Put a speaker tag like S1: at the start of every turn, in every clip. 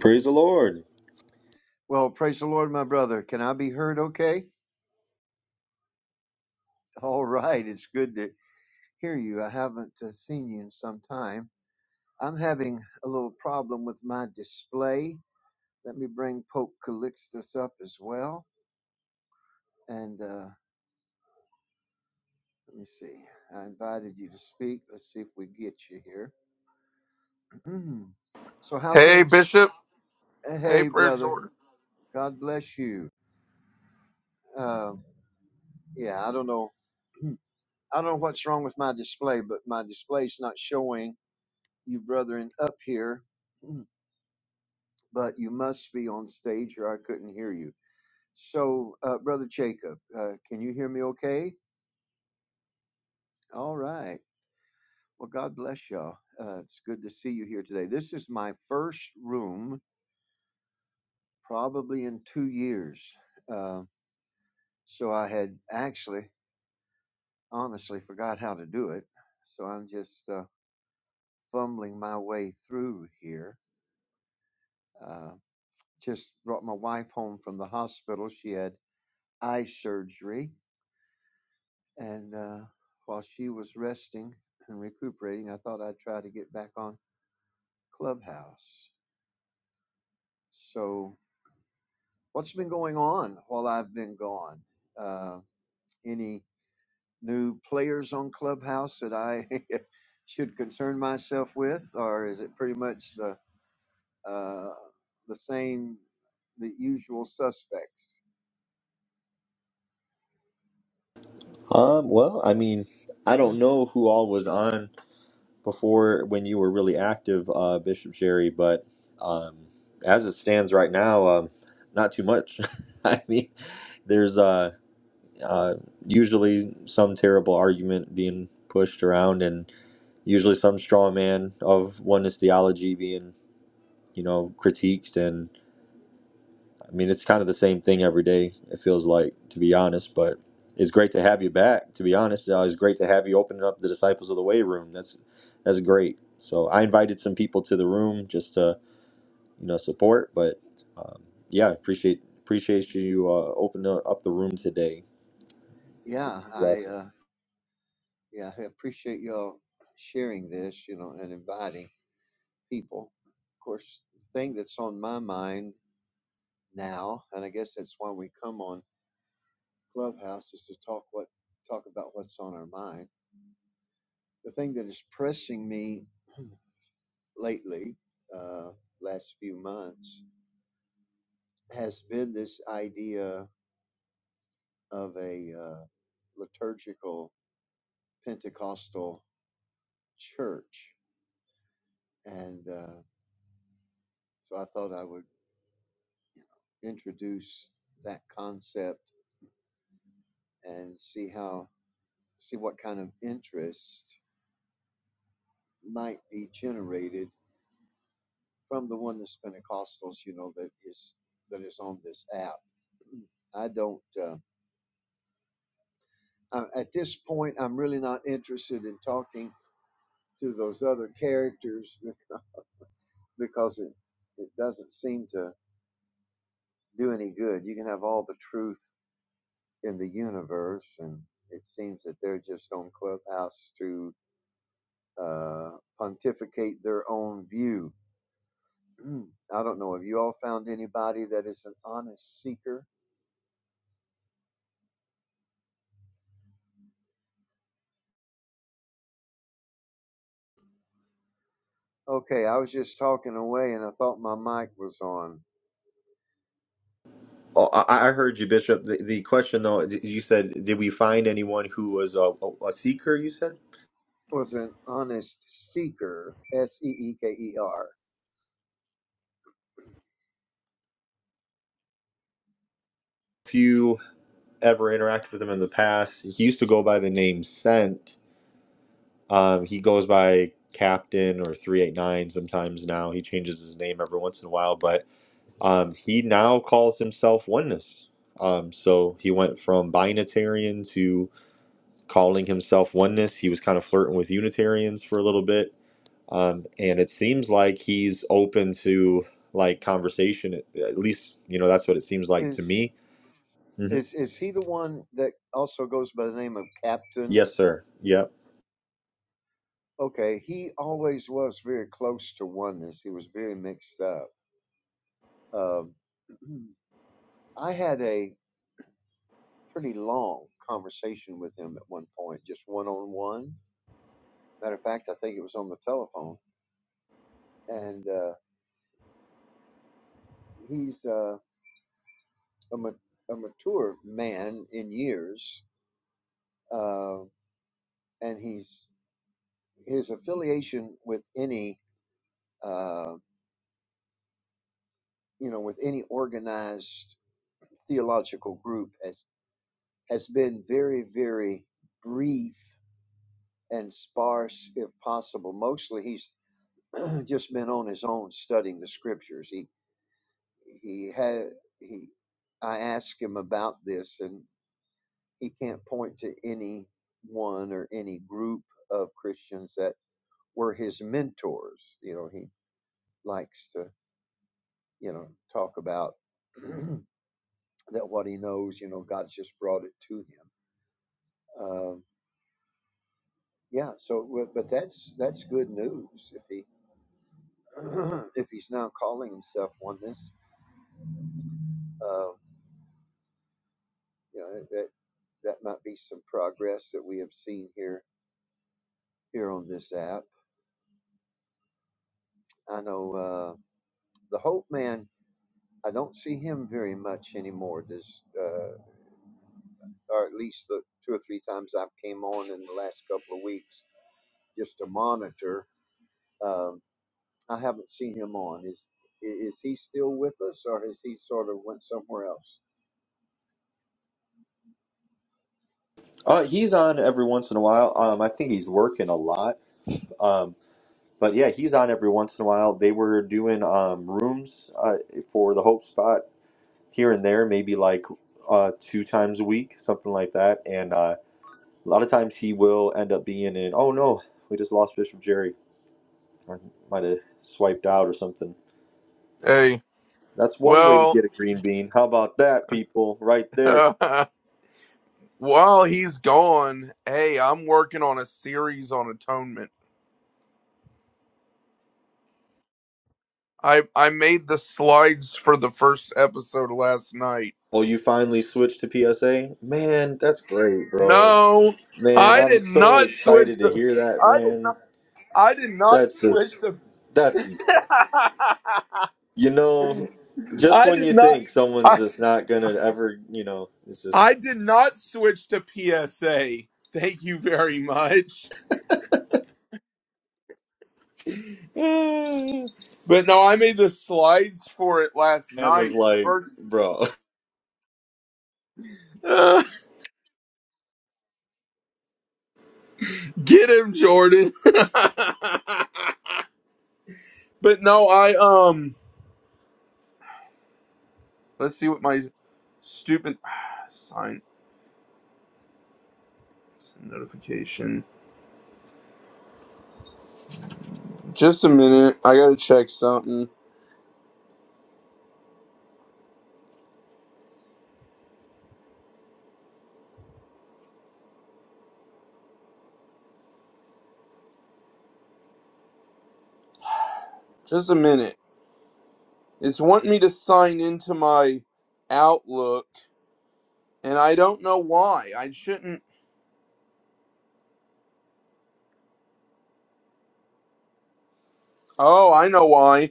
S1: Praise the Lord.
S2: Well, praise the Lord, my brother. Can I be heard okay? All right. It's good to hear you. I haven't uh, seen you in some time. I'm having a little problem with my display. Let me bring Pope Calixtus up as well. And uh, let me see. I invited you to speak. Let's see if we get you here. so, how
S3: Hey,
S2: things?
S3: Bishop.
S2: uh,
S3: Hey,
S2: Hey,
S3: Prayer
S2: brother.
S3: Jordan.
S2: God bless you. Um yeah, I don't know. I don't know what's wrong with my display, but my display's not showing. you brethren up here, but you must be on stage or I couldn't hear you. So, uh, Brother Jacob, uh, can you hear me okay? All right. Well, God bless y'all. Uh, it's good to see you here today. This is my first room probably in two years. Uh, so I had actually, honestly, forgot how to do it. So I'm just uh, fumbling my way through here. Uh, just brought my wife home from the hospital. She had eye surgery And uh, while she was resting and recuperating, I thought I'd try to get back on Clubhouse. So, what's been going on while I've been gone? Uh, any new players on Clubhouse that I should concern myself with, or is it pretty much the, uh, the same, the usual suspects?
S1: Um, well, I mean, I don't know who all was on before when you were really active, uh, Bishop Jerry, but um, as it stands right now, um, not too much. I mean, there's uh, uh, usually some terrible argument being pushed around, and usually some straw man of oneness theology being, you know, critiqued, I mean, it's kind of the same thing every day, it feels like, to be honest, but it's great to have you back, to be honest. Uh, it's great to have you opening up the Disciples of the Way room. That's that's great. So I invited some people to the room just to, you know, support, but um, yeah, appreciate appreciate you uh, opening up the room today.
S2: Yeah, I
S1: Blessing.
S2: uh, yeah I appreciate y'all sharing this, you know, and inviting. people. Of course, the thing that's on my mind now, and I guess that's why we come on Clubhouse is to talk what talk about what's on our mind. The thing that is pressing me lately, uh, last few months, has been this idea of a uh, liturgical Pentecostal church, and uh, so I thought I would introduce that concept and see how see what kind of interest might be generated from the oneness Pentecostals, you know, that is that is on this app. I don't. Uh, I, at this point, I'm really not interested in talking to those other characters because, it it doesn't seem to do any good. You can have all the truth in the universe, and it seems that they're just on Clubhouse to uh, pontificate their own view. I don't know. Have you all found anybody that is an honest seeker Okay, I was just talking away and I thought my mic was on.
S1: Oh, I I heard you, Bishop. The, the question though, d- you said, did we find anyone who was a, a, a seeker? You said,
S2: Was an honest seeker, S E E K E R.
S1: if you ever interacted with him in the past, he used to go by the name Scent Um, he goes by Captain or 389 sometimes now. He changes his name every once in a while, but um, he now calls himself Oneness. Um, so he went from Binitarian to calling himself Oneness. He was kind of flirting with Unitarians for a little bit. Um, and it seems like he's open to like conversation. At at least, you know, that's what it seems like to
S2: Is
S1: me. hmm
S2: is is he the one that also goes by the name of Captain?
S1: Yes, sir. Yep.
S2: Okay, he always was very close to oneness. He was very mixed up. Um, I had a pretty long conversation with him at one point, just one on one. Matter of fact, I think it was on the telephone, and uh, he's uh, a, ma- a mature man in years, uh, and he's his affiliation with any uh, you know with any organized theological group has has been very very brief and sparse if possible. Mostly he's just been on his own studying the scriptures. He he had he I ask him about this and he can't point to any one or any group of Christians that were his mentors. You know, he likes to, you know, talk about that what he knows, you know, God's just brought it to him. Um, yeah. So, but that's that's good news if he if he's now calling himself oneness. Uh, you know, that that might be some progress that we have seen here here on this app. I know uh, the Hope Man. I don't see him very much anymore. Does uh, or at least the two or three times I've came on in the last couple of weeks just to monitor. Um, I haven't seen him on. Is is he still with us, or has he sort of went somewhere else?
S1: Uh, he's on every once in a while. Um, I think he's working a lot. Um, but yeah, he's on every once in a while. They were doing um, rooms uh, for the Hope Spot here and there, maybe like uh, two times a week, something like that. And uh, a lot of times he will end up being in, oh no, we just lost Bishop Jerry. I might have swiped out or something.
S3: Hey.
S1: That's one way to
S3: Well,
S1: get a green bean. How about that, people? Right there.
S3: while he's gone, hey, I'm working on a series on atonement. I I made the slides for the first episode last night.
S1: Oh, you finally switched to PSA? Man, that's great, bro.
S3: No,
S1: Man,
S3: I
S1: I'm
S3: did
S1: so
S3: not switch
S1: excited to
S3: the.
S1: hear that,
S3: I did
S1: man.
S3: not. I did not
S1: That's
S3: switch
S1: just.
S3: the.
S1: that's. You know, just
S3: I
S1: when
S3: did
S1: you
S3: not.
S1: think someone's
S3: I
S1: just not gonna ever, you know, it's just
S3: I did not switch to PSA. Thank you very much. But no, I made the slides for it last
S1: Man
S3: night.
S1: was
S3: The
S1: like,
S3: first,
S1: bro,
S3: uh, get him, Jordan. but no, I um, let's see what my stupid sign notification. Just a minute, I gotta check something. Just a minute. It's wanting me to sign into my Outlook, and I don't know why. I shouldn't. Oh, I know why.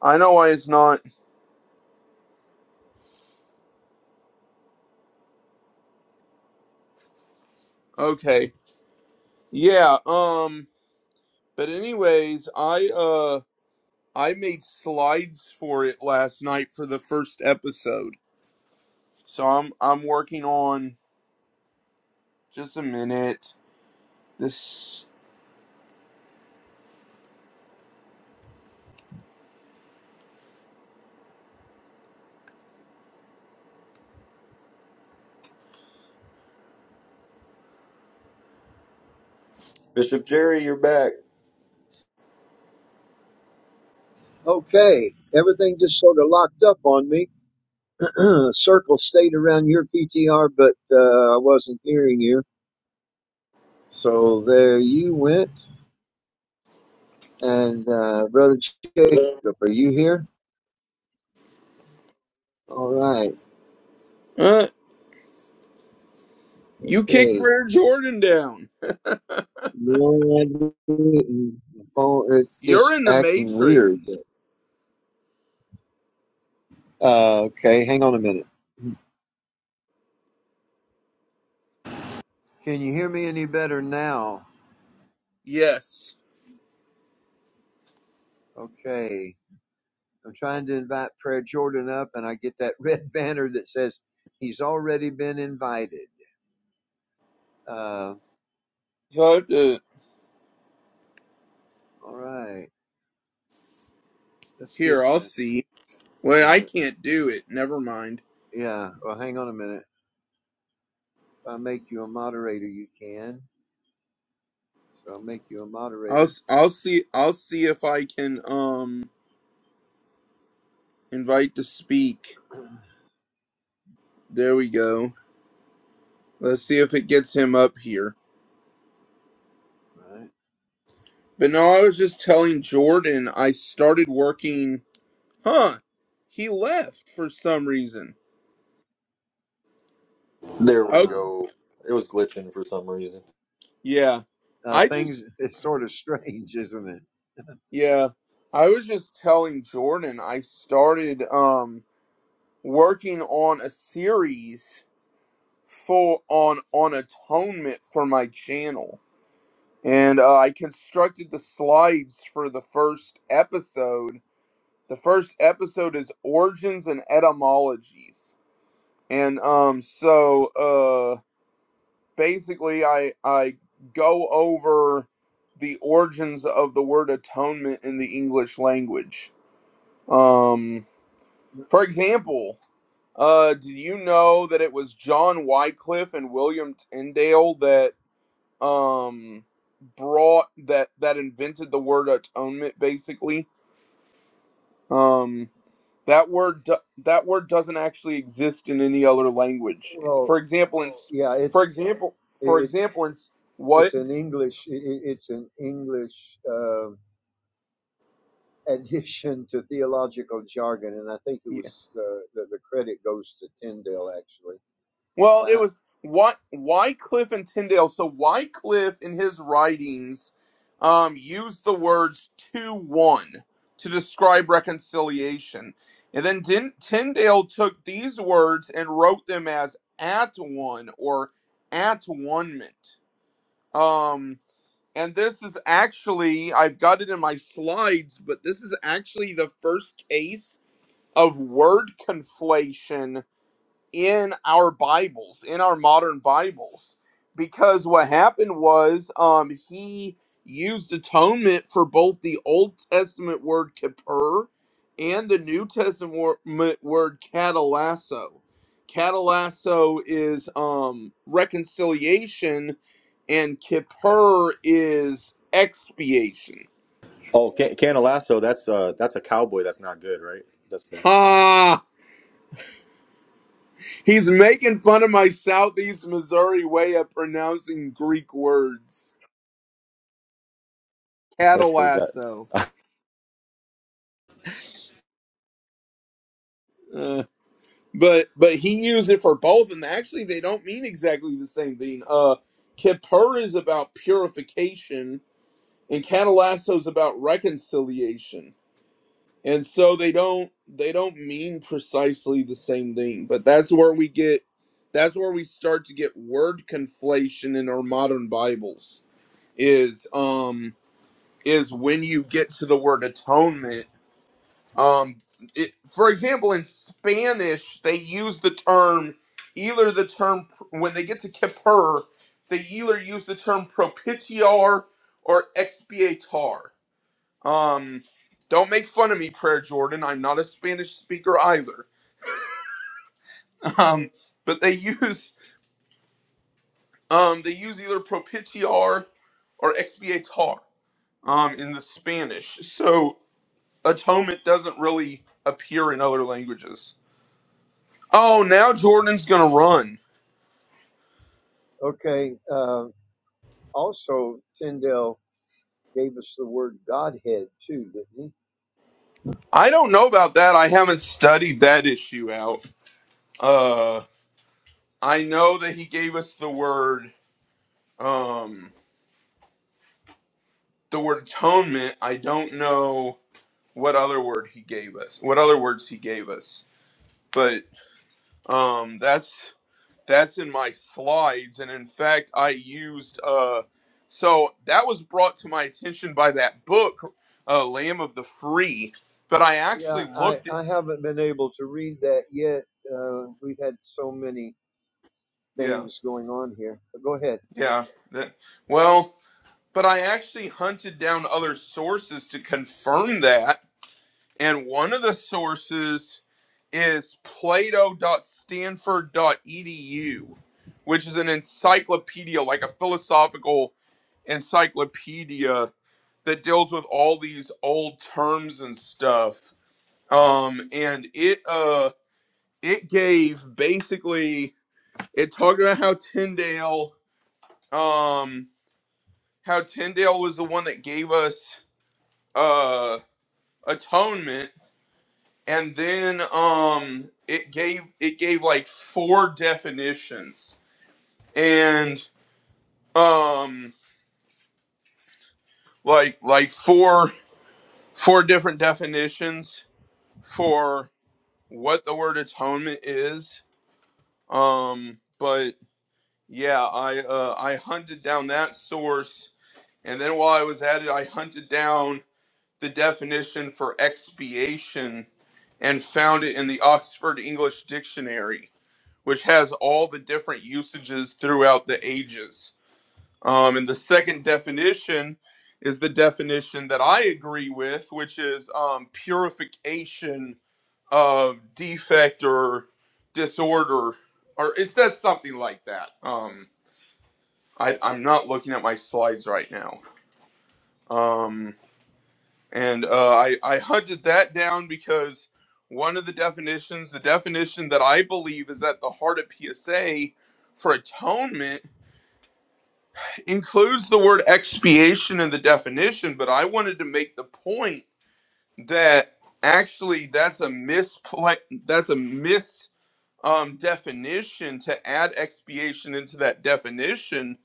S3: I know why it's not. Okay. Yeah. Um. But anyways, I uh I made slides for it last night for the first episode. So I'm I'm working on just a minute. This
S1: Bishop Jerry, you're back.
S2: Okay, everything just sort of locked up on me. Circle stayed around your PTR, but uh, I wasn't hearing you. So there you went. And uh, brother Jacob, are you here? All right.
S3: uh you kicked
S2: Okay.
S3: Rare Jordan down.
S2: No, I didn't. the phone, it's
S3: You're
S2: just
S3: in the
S2: acting weird.
S3: Matrix.
S2: But, uh, okay, hang on a minute. Can you hear me any better now?
S3: Yes.
S2: Okay. I'm trying to invite Prayer Jordan up, and I get that red banner that says he's already been invited. Uh,
S3: You'll have to
S2: all right. Let's get,
S3: here, I'll
S2: uh,
S3: see. Wait, I
S2: yeah,
S3: can't do it. Never mind.
S2: yeah. Well, hang on a minute. If I make you a moderator, you can. So I'll make you a
S3: I'll
S2: moderator.
S3: s- I'll see I'll see if I can um invite to speak.
S2: All
S3: There we go. Let's see if it gets him up here.
S2: right.
S3: But no, I was just telling Jordan I started working. Huh. He left for some reason.
S1: There we
S3: Oh,
S2: Uh,
S1: go. It was glitching for some reason.
S3: yeah.
S2: uh,
S3: I just,
S2: things, it's sort of strange, isn't it?
S3: yeah. I was just telling Jordan I started um working on a series full on on atonement for my channel. And uh, I constructed the slides for the first episode. The first episode is origins and etymologies. And um so uh basically I I go over the origins of the word atonement in the English language. Um, for example, uh, do you know that it was John Wycliffe and William Tyndale that um brought that that invented the word atonement? Basically, um. That word do- that word doesn't actually exist in any other language.
S2: Well,
S3: For example, in
S2: yeah,
S3: for
S2: it's
S3: example, for
S2: it
S3: example, in
S2: it's
S3: what?
S2: an English it, it's an English uh, addition to theological jargon, and I think it was uh, the the credit goes to Tyndale actually.
S3: Well, it
S2: Uh,
S3: was why Wycliffe and Tyndale. So Wycliffe, in his writings, um, used the words "to one" to describe reconciliation, and then Din- Tyndale took these words and wrote them as "at one" or "at one-ment." Um, and this is actually I've got it in my slides, but this is actually the first case of word conflation in our Bibles, in our modern Bibles, because what happened was um, he used atonement for both the Old Testament word kippur and the New Testament wor- m- word catalasso. Catalasso is um, reconciliation, and kippur is expiation.
S1: Oh, Can- Canalasso, that's uh, that's a cowboy. That's not good, right? That's the
S3: Ha! He's making fun of my Southeast Missouri way of pronouncing Greek words.
S1: that's
S3: cattle
S1: the guy.
S3: lasso. Uh, but but he used it for both, and actually they don't mean exactly the same thing. Uh, kippur is about purification, and cattle lasso is about reconciliation, and so they don't they don't mean precisely the same thing. But that's where we get that's where we start to get word conflation in our modern Bibles is um is when you get to the word atonement Um, it, for example, in Spanish, they use the term either the term when they get to Kippur, they either use the term propitiar or expiatar. Um, don't make fun of me, Prayer Jordan. I'm not a Spanish speaker either. Um, but they use um, they use either propitiar or expiatar um, in the Spanish. So atonement doesn't really appear in other languages. Oh, now Jordan's gonna run.
S2: okay, uh, also Tyndale gave us the word Godhead too, didn't he?
S3: I don't know about that. I haven't studied that issue out. Uh, I know that he gave us the word, um, the word atonement. I don't know what other word he gave us. What other words he gave us? But um, that's that's in my slides, and in fact, I used uh, so that was brought to my attention by that book, uh, Lamb of the Free. But I
S2: Yeah,
S3: actually
S2: I,
S3: looked at
S2: I haven't been able to read that yet. Uh, we've had so many
S3: yeah.
S2: things going on here. But go ahead.
S3: Yeah. that- well, but I actually hunted down other sources to confirm that. And one of the sources is Plato dot stanford dot Stanford edu, which is an encyclopedia, like a philosophical encyclopedia that deals with all these old terms and stuff. Um, and it uh it gave basically it talked about how Tyndale um how Tyndale was the one that gave us uh atonement and then um it gave it gave like four definitions and um like like four four different definitions for what the word atonement is um but yeah I uh I hunted down that source and then while I was at it I hunted down the definition for expiation and found it in the Oxford English Dictionary, which has all the different usages throughout the ages. Um, and the second definition is the definition that I agree with, which is um, purification of defect or disorder, or it says something like that. Um, I, I'm not looking at my slides right now. Um, and uh, I I hunted that down because one of the definitions, the definition that I believe is at the heart of PSA for atonement, includes the word expiation in the definition. But I wanted to make the point that actually that's a mispla that's a mis um, definition to add expiation into that definition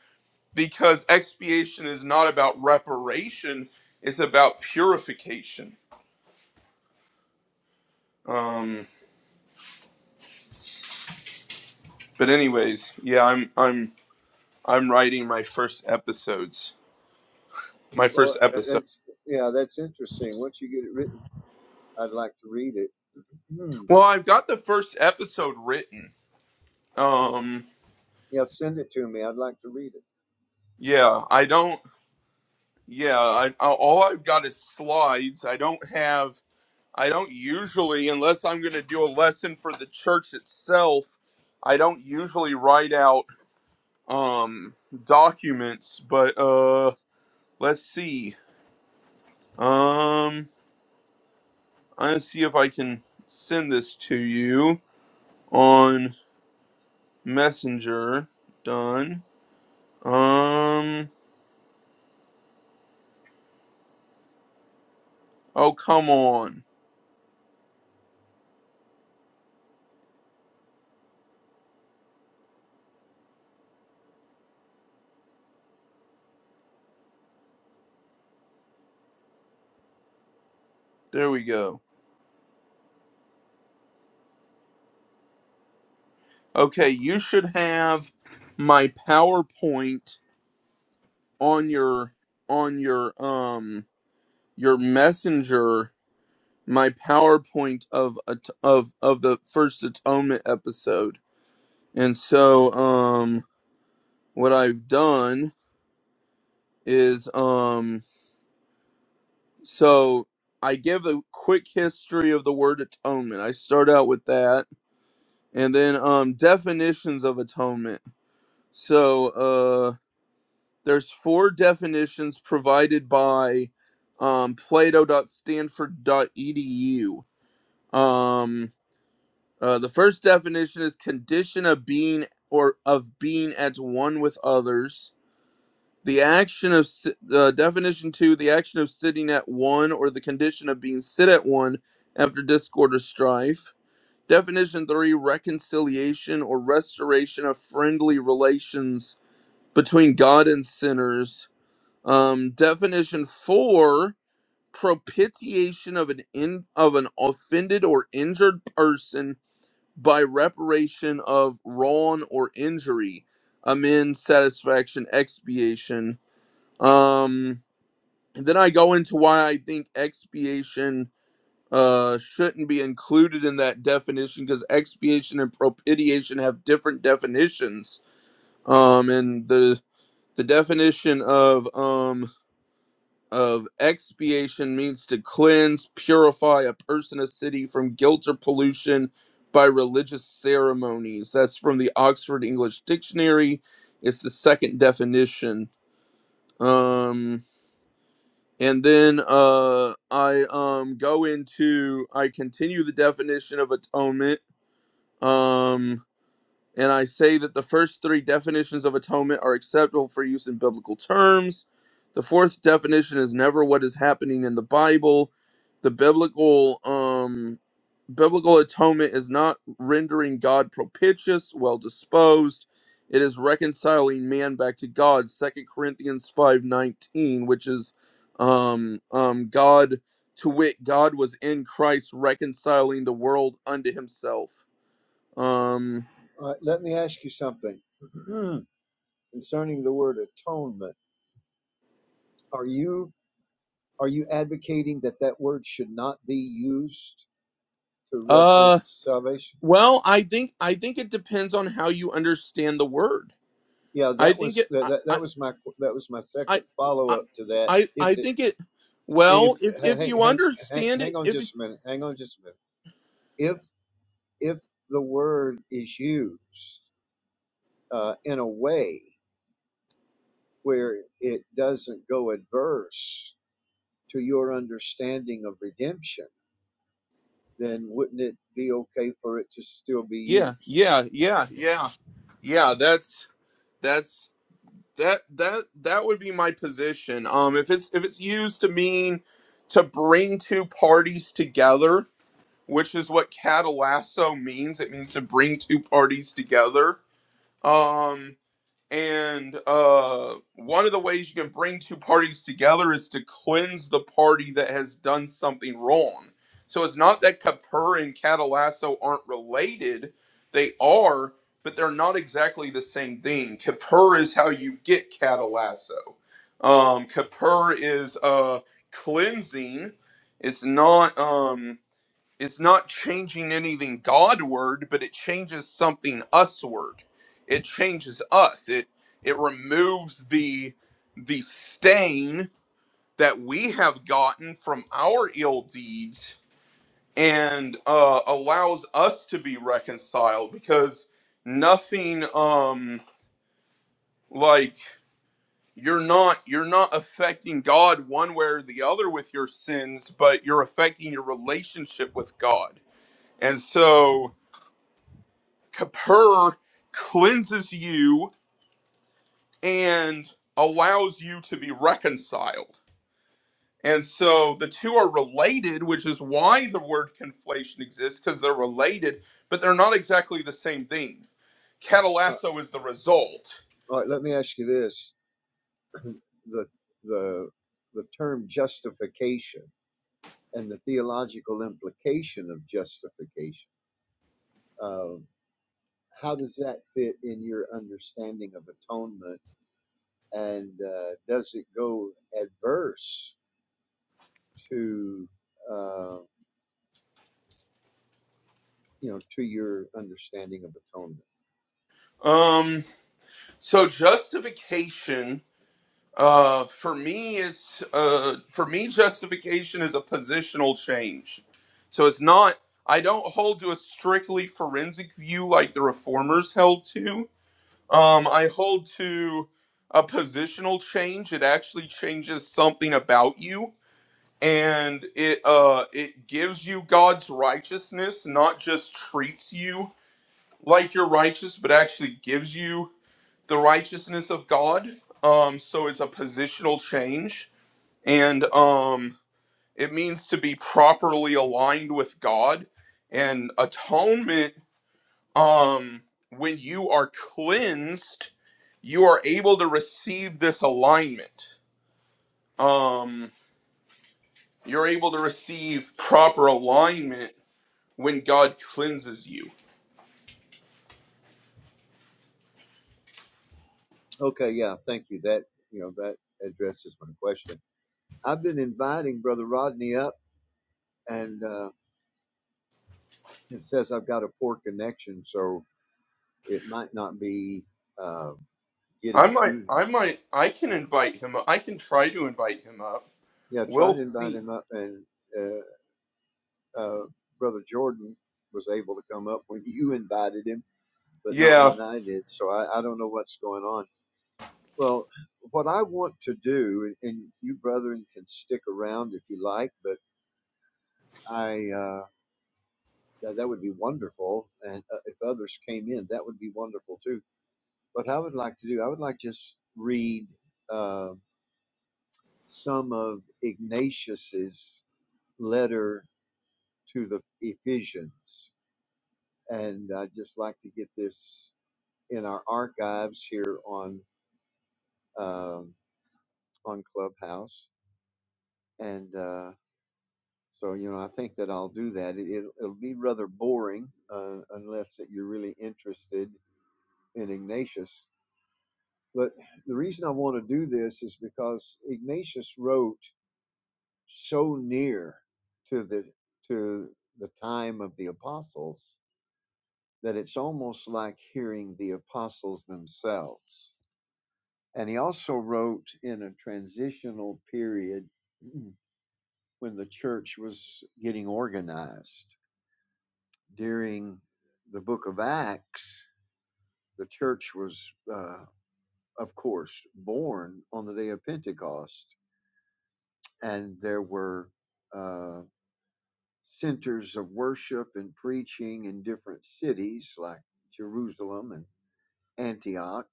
S3: because expiation is not about reparation; it's about purification. Um, But anyways, yeah, I'm I'm I'm writing my first episodes. My
S2: Well,
S3: first
S2: uh,
S3: episode.
S2: that's yeah, that's interesting. Once you get it written, I'd like to read it. Hmm.
S3: Well, I've got the first episode written. Um
S2: Yeah, send it to me. I'd like to read it.
S3: yeah, I don't yeah, I I- all I've got is slides. I don't have I don't usually unless I'm going to do a lesson for the church itself, I don't usually write out um documents, but uh let's see. Um I'm going to see if I can send this to you on Messenger. Done. Um. Oh, come on. There we go. Okay, you should have my PowerPoint on your on your um your messenger my PowerPoint of at- of of the first atonement episode. And so um what I've done is um so I give a quick history of the word atonement. I start out with that and then um definitions of atonement so uh there's four definitions provided by um plato.stanford.edu um uh, the first definition is condition of being or of being at one with others the action of si- uh, definition two the action of sitting at one or the condition of being sit at one after discord or strife Definition three reconciliation or restoration of friendly relations between God and sinners. Um, definition four propitiation of an in, of an offended or injured person by reparation of wrong or injury, amends, satisfaction, expiation. Um, and then I go into why I think expiation uh, shouldn't be included in that definition because expiation and propitiation have different definitions. Um, and the the definition of um, of expiation means to cleanse, purify a person, a city from guilt or pollution by religious ceremonies. That's from the Oxford English Dictionary. It's the second definition. Um, and then uh, I um, go into I continue the definition of atonement Um, and I say that the first three definitions of atonement are acceptable for use in biblical terms. The fourth definition is never what is happening in the Bible. The biblical um, biblical atonement is not rendering God propitious, well disposed. It is reconciling man back to God. Second Corinthians five nineteen, which is um, um, God to wit, God was in Christ reconciling the world unto Himself um
S2: All right, let me ask you something concerning the word atonement. Are you are you advocating that that word should not be used to reference
S3: uh
S2: salvation?
S3: well, I think I think it depends on how you understand the word.
S2: Yeah,
S3: I
S2: that
S3: think
S2: was
S3: it
S2: that,
S3: I
S2: that,
S3: I
S2: that was my that was my
S3: I
S2: second follow
S3: I,
S2: up to that.
S3: I
S2: If
S3: I
S2: it
S3: think it
S2: if,
S3: well, if if
S2: hang,
S3: you
S2: hang, hang,
S3: understand it
S2: hang on
S3: if
S2: just a minute. Hang on just a minute. If if the word is used uh, in a way where it doesn't go adverse to your understanding of redemption, then wouldn't it be okay for it to still be
S3: yeah,
S2: used?
S3: yeah, yeah, yeah. Yeah, that's that's that that that would be my position. Um if it's if it's used to mean to bring two parties together, which is what catalasso means, it means to bring two parties together. Um And uh, one of the ways you can bring two parties together is to cleanse the party that has done something wrong. So it's not that Kapur and Catalasso aren't related, they are, but they're not exactly the same thing. Kapur is how you get Catalasso. Um, Kapur is uh, cleansing. It's not. Um, is not changing anything Godward, but it changes something usward. It changes us. It it removes the the stain that we have gotten from our ill deeds and uh, allows us to be reconciled because nothing um like you're not you're not affecting God one way or the other with your sins, but you're affecting your relationship with God. And so Kippur cleanses you and allows you to be reconciled. And so the two are related, which is why the word conflation exists, because they're related, but they're not exactly the same thing.
S2: Uh,
S3: Catalasso is the result.
S2: all right, let me ask you this: the the the term justification and the theological implication of justification. Uh, how does that fit in your understanding of atonement? And uh, does it go adverse to uh, you know to your understanding of atonement?
S3: Um, so justification Uh, for me, it's uh, for me, justification is a positional change. So it's not. I don't hold to a strictly forensic view like the reformers held to. Um, I hold to a positional change. It actually changes something about you, and it uh, it gives you God's righteousness, not just treats you like you're righteous, but actually gives you the righteousness of God. Um, so it's a positional change and um it means to be properly aligned with God and atonement um when you are cleansed you are able to receive this alignment um you're able to receive proper alignment when God cleanses you
S2: Okay, yeah, thank you. That you know that addresses my question. I've been inviting Brother Rodney up, and uh, it says I've got a poor connection, so it might not be uh,
S3: I
S2: getting to
S3: might
S2: him.
S3: I might I can invite him up. I can try to invite him up
S2: Yeah, try
S3: we'll
S2: to invite
S3: see
S2: him up and. uh, uh, Brother Jordan was able to come up when you invited him, but not
S3: yeah
S2: when I did. So I, I don't know what's going on. Well, what I want to do, and you brethren can stick around if you like, but I uh, that, that would be wonderful. And uh, if others came in, that would be wonderful too. What I would like to do, I would like to just read uh, some of Ignatius's letter to the Ephesians, and I'd just like to get this. in our archives here on um, on Clubhouse, and uh, so you know I think that I'll do that. It, it'll, it'll be rather boring uh, unless that you're really interested in Ignatius. But the reason I want to do this is because Ignatius wrote so near to the to the time of the apostles that it's almost like hearing the apostles themselves And he also wrote in a transitional period when the church was getting organized. During the book of Acts, the church was, uh, of course, born on the day of Pentecost. And there were uh, centers of worship and preaching in different cities like Jerusalem and Antioch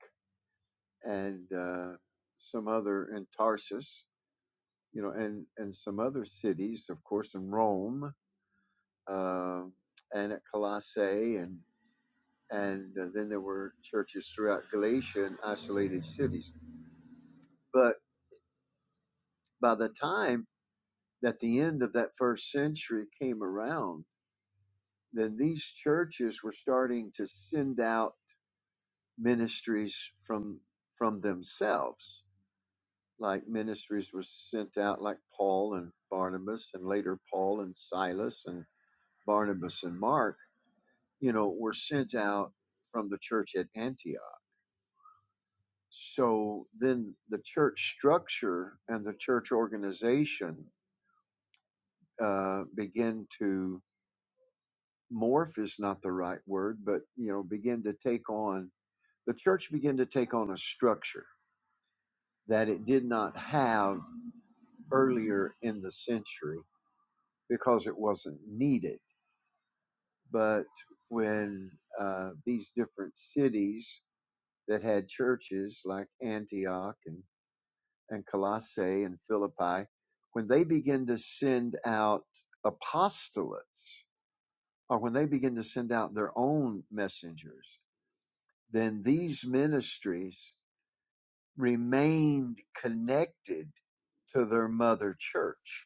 S2: and uh, some other in Tarsus you know, and and some other cities, of course, in Rome uh, and at Colossae, and and uh, then there were churches throughout Galatia and isolated cities. But by the time that the end of that first century came around, then these churches were starting to send out ministries from from themselves. Like ministries were sent out, like Paul and Barnabas, and later Paul and Silas and Barnabas and Mark you know, were sent out from the church at Antioch. So then the church structure and the church organization uh, begin to morph is not the right word, but you know, begin to take on the church began to take on a structure that it did not have earlier in the century because it wasn't needed. But when uh, these different cities that had churches like Antioch and and Colossae and Philippi, when they begin to send out apostolates or when they begin to send out their own messengers, then these ministries remained connected to their mother church.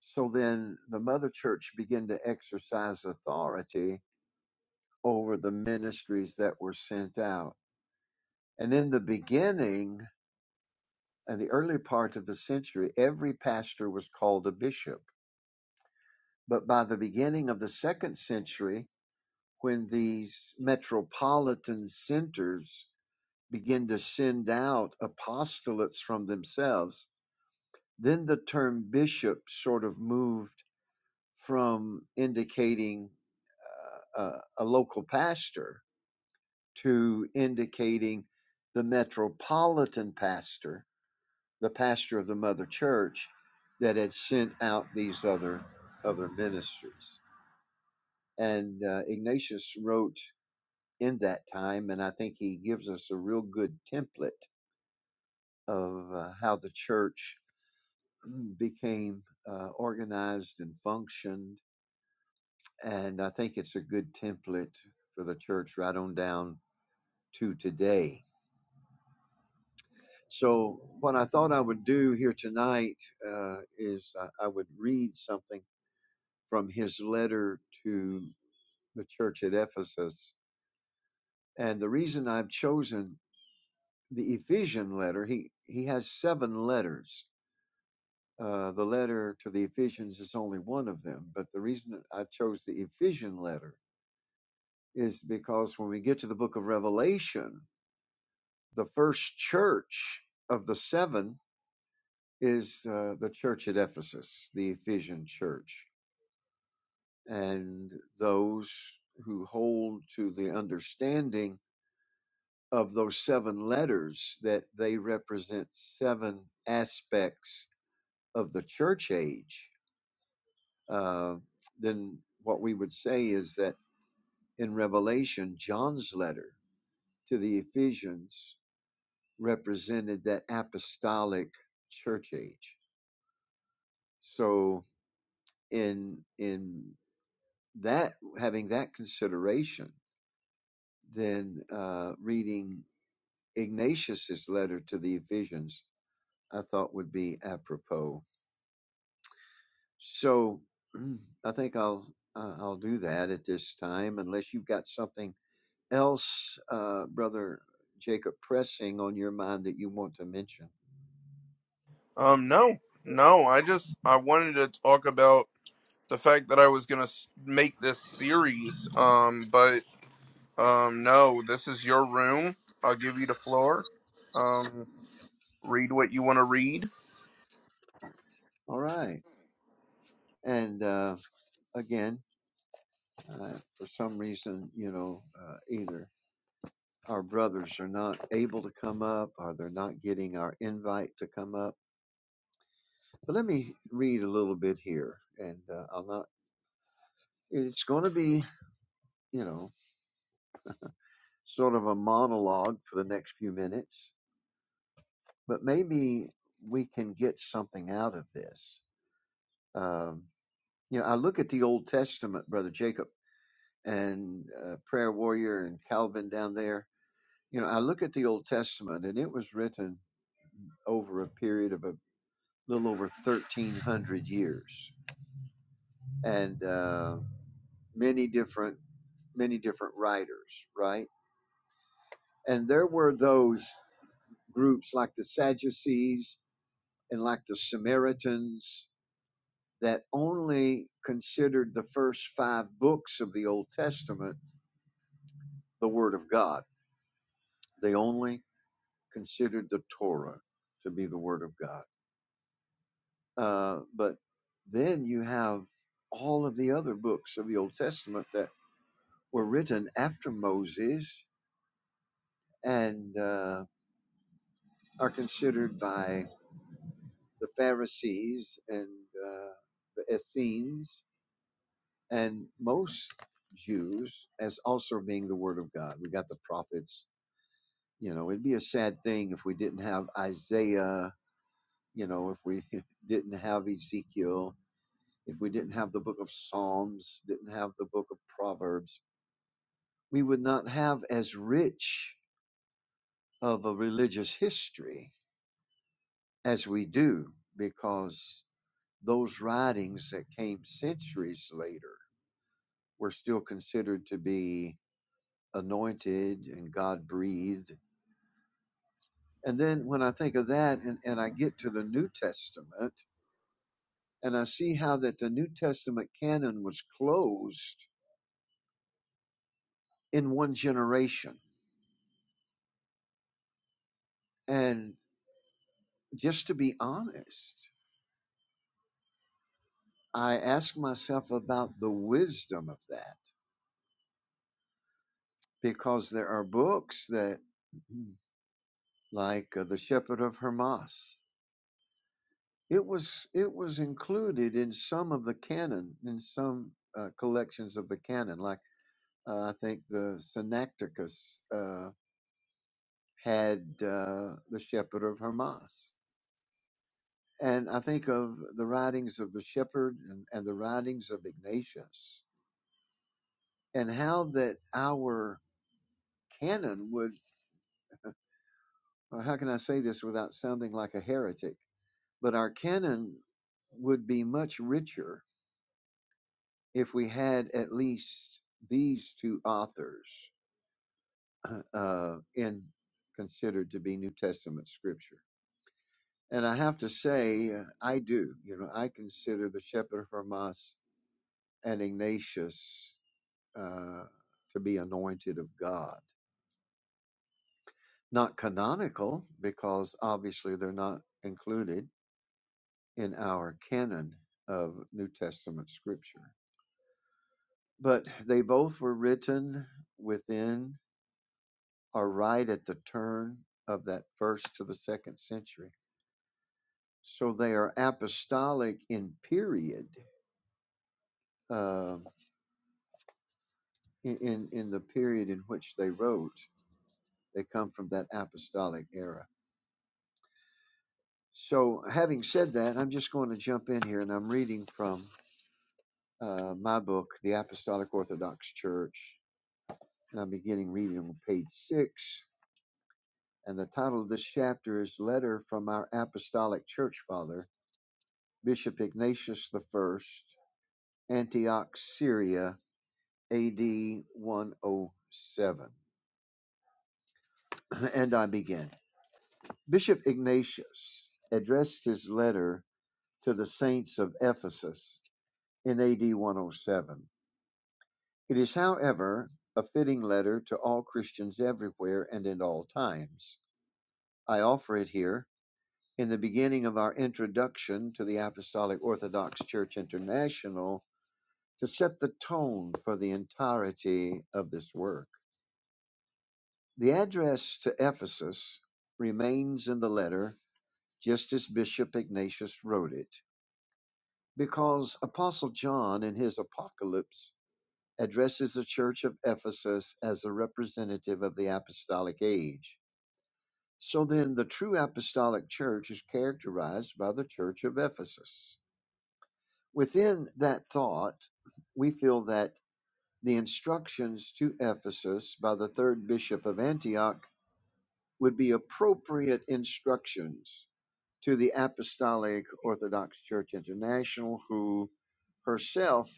S2: So then the mother church began to exercise authority over the ministries that were sent out. And in the beginning, in the early part of the century, every pastor was called a bishop But by the beginning of the second century, when these metropolitan centers begin to send out apostolates from themselves, then the term bishop sort of moved from indicating uh, a, a local pastor to indicating the metropolitan pastor, the pastor of the mother church that had sent out these other other ministers, And uh, Ignatius wrote in that time. And I think he gives us a real good template of uh, how the church became uh, organized and functioned. And I think it's a good template for the church right on down to today. So, what I thought I would do here tonight uh, is I, I would read something from his letter to the church at Ephesus. And the reason I've chosen the Ephesian letter, he, he has seven letters Uh, the letter to the Ephesians is only one of them, but the reason I chose the Ephesian letter is because when we get to the book of Revelation, the first church of the seven is uh, the church at Ephesus, the Ephesian church. And those who hold to the understanding of those seven letters that they represent seven aspects of the church age, uh, then what we would say is that in Revelation, John's letter to the Ephesians represented that apostolic church age. So in in that having that consideration, then uh, reading Ignatius's letter to the Ephesians, I thought would be apropos. So I think I'll uh, I'll do that at this time, unless you've got something else, uh, brother Jacob, pressing on your mind that you want to mention.
S3: um no no I just I wanted to talk about the fact that I was gonna s- make this series. Um, but um, no, this is your room. I'll give you the floor. Um, read what you want to read.
S2: All right. And uh, again, uh, for some reason, you know, uh, either our brothers are not able to come up or they're not getting our invite to come up. But let me read a little bit here. And uh, I'll not, it's going to be, you know, sort of a monologue for the next few minutes, but maybe we can get something out of this. Um, you know, I look at the Old Testament, Brother Jacob, and uh, Prayer Warrior and Calvin down there You know, I look at the Old Testament and it was written over a period of a little over 1300 years and uh, many different many different writers, right? And there were those groups like the Sadducees and like the Samaritans that only considered the first 5 books of the Old Testament the word of God. They only considered the Torah to be the word of God Uh, but then you have all of the other books of the Old Testament that were written after Moses and uh, are considered by the Pharisees and uh, the Essenes and most Jews as also being the Word of God. We got the prophets. You know, it'd be a sad thing if we didn't have Isaiah, you know, if we didn't have Ezekiel, if we didn't have the book of Psalms, didn't have the book of Proverbs we would not have as rich of a religious history as we do because those writings that came centuries later were still considered to be anointed and God breathed. And then when I think of that and, and I get to the New Testament and I see how that the New Testament canon was closed in one generation. And just to be honest, I ask myself about the wisdom of that because there are books that like uh, the shepherd of hermas it was it was included in some of the canon in some uh, collections of the canon like uh, i think the synecticus uh, had uh, the shepherd of hermas and i think of the writings of the shepherd and, and the writings of ignatius and how that our canon would well, how can i say this without sounding like a heretic But our canon would be much richer if we had at least these two authors uh, uh, in considered to be New Testament scripture. And I have to say, uh, I do. You know, I consider the Shepherd of Hermas and Ignatius uh, to be anointed of God. Not canonical, because obviously they're not included in our canon of New Testament scripture But they both were written within or right at the turn of that first to the second century. So they are apostolic in period, um, in, in, in the period in which they wrote. They come from that apostolic era. So, having said that, I'm just going to jump in here and I'm reading from uh, my book, The Apostolic Orthodox Church, and I'm beginning reading on page six And the title of this chapter is Letter from Our Apostolic Church Father, Bishop Ignatius the First, Antioch, Syria, AD 107. and I begin. Bishop Ignatius addressed his letter to the saints of Ephesus in AD 107. It is, however, a fitting letter to all Christians everywhere and in all times. I offer it here in the beginning of our introduction to the Apostolic Orthodox Church International to set the tone for the entirety of this work. The address to Ephesus remains in the letter just as Bishop Ignatius wrote it, because Apostle John in his Apocalypse addresses the church of Ephesus as a representative of the apostolic age. So then, the true apostolic church is characterized by the church of Ephesus. Within that thought, we feel that the instructions to Ephesus by the third bishop of Antioch would be appropriate instructions to the Apostolic Orthodox Church International, who herself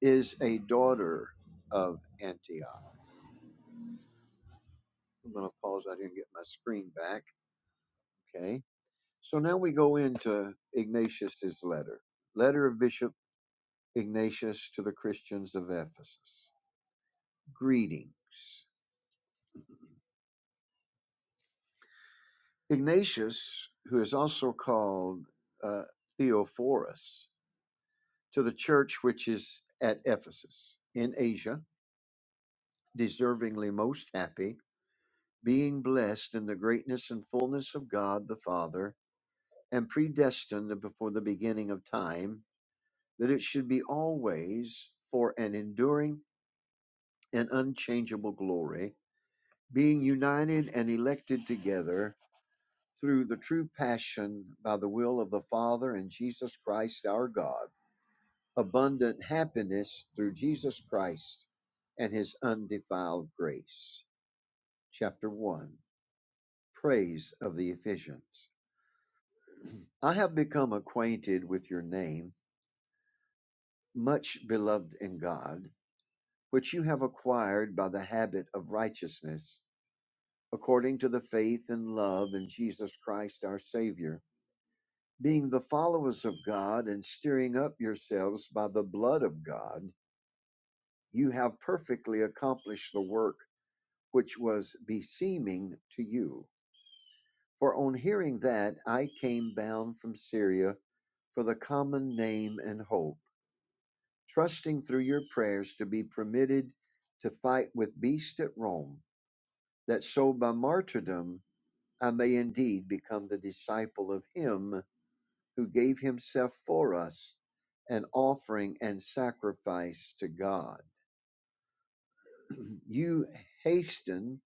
S2: is a daughter of Antioch. I'm going to pause out here and get my screen back. Okay. So now we go into Ignatius's letter. Letter of Bishop Ignatius to the Christians of Ephesus. Greetings. Ignatius, who is also called uh, Theophorus, to the church which is at Ephesus in Asia, deservingly most happy, being blessed in the greatness and fullness of God the Father, and predestined before the beginning of time, that it should be always for an enduring and unchangeable glory, being united and elected together through the true passion by the will of the Father and Jesus Christ our God, abundant happiness through Jesus Christ and his undefiled grace. Chapter 1 Praise of the Ephesians. I have become acquainted with your name, much beloved in God, which you have acquired by the habit of righteousness, according to the faith and love in Jesus Christ our Savior being the followers of God and stirring up yourselves by the blood of God, you have perfectly accomplished the work which was beseeming to you. For on hearing that, I came bound from Syria for the common name and hope, trusting through your prayers to be permitted to fight with beasts at Rome, that so by martyrdom I may indeed become the disciple of him who gave himself for us, an offering and sacrifice to God. You hasten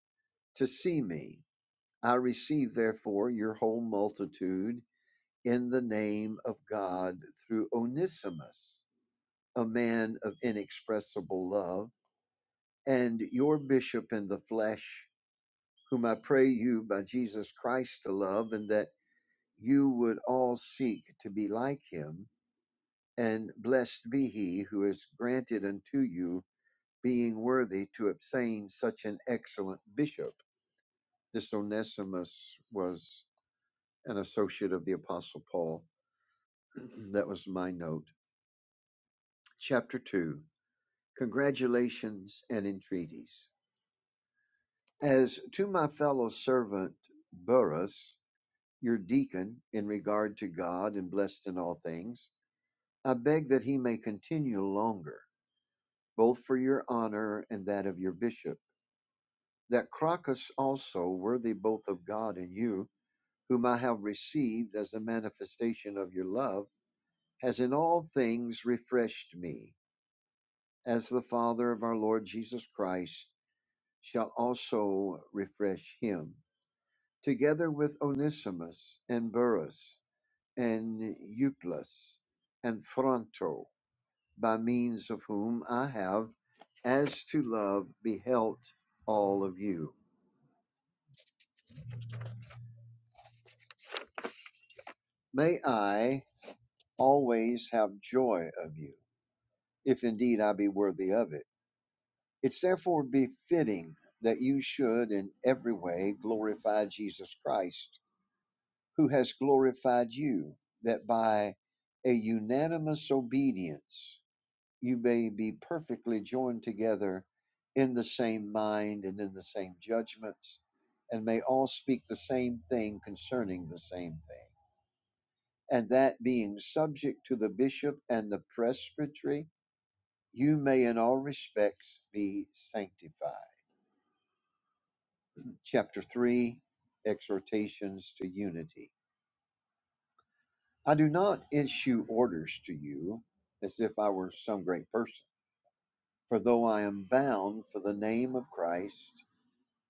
S2: to see me. I receive, therefore, your whole multitude in the name of God through Onesimus, a man of inexpressible love, and your bishop in the flesh, whom I pray you by Jesus Christ to love, and that you would all seek to be like him and blessed be he who is granted unto you being worthy to obtain such an excellent bishop. This Onesimus was an associate of the Apostle Paul. that was my note. Chapter 2 Congratulations and Entreaties. As to my fellow servant Burrus, your deacon, in regard to God and blessed in all things, I beg that he may continue longer, both for your honor and that of your bishop that Crocus also, worthy both of God and you, whom I have received as a manifestation of your love, has in all things refreshed me, as the Father of our Lord Jesus Christ shall also refresh him, together with Onesimus and Burrus and Euplus and Phronto, by means of whom I have, as to love, beheld all of you. May I always have joy of you, if indeed I be worthy of it. It's therefore befitting that you should in every way glorify Jesus Christ, who has glorified you, that by a unanimous obedience you may be perfectly joined together in the same mind and in the same judgments, and may all speak the same thing concerning the same thing. And that being subject to the bishop and the presbytery, you may in all respects be sanctified. Chapter 3 Exhortations to Unity. I do not issue orders to you as if I were some great person, for though I am bound for the name of Christ,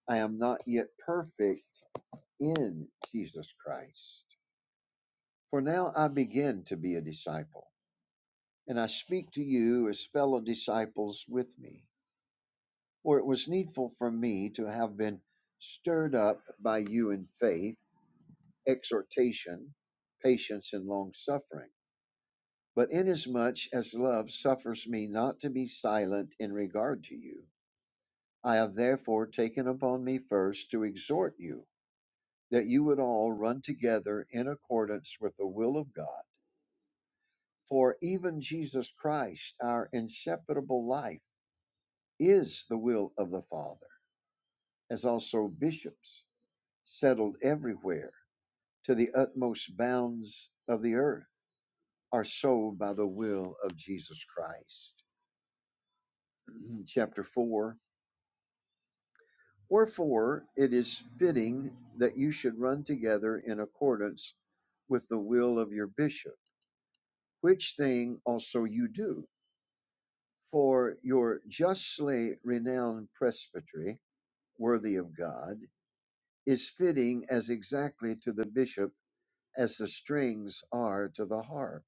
S2: I am not yet perfect in Jesus Christ. For now I begin to be a disciple, and I speak to you as fellow disciples with me. For it was needful for me to have been stirred up by you in faith exhortation, patience, and long suffering. But inasmuch as love suffers me not to be silent in regard to you, I have therefore taken upon me first to exhort you that you would all run together in accordance with the will of God. For even Jesus Christ, our inseparable life, is the will of the Father, as also bishops settled everywhere to the utmost bounds of the earth are sold by the will of Jesus Christ. Chapter 4 Wherefore it is fitting that you should run together in accordance with the will of your bishop, which thing also you do. For your justly renowned presbytery, worthy of God, is fitting as exactly to the bishop as the strings are to the harp.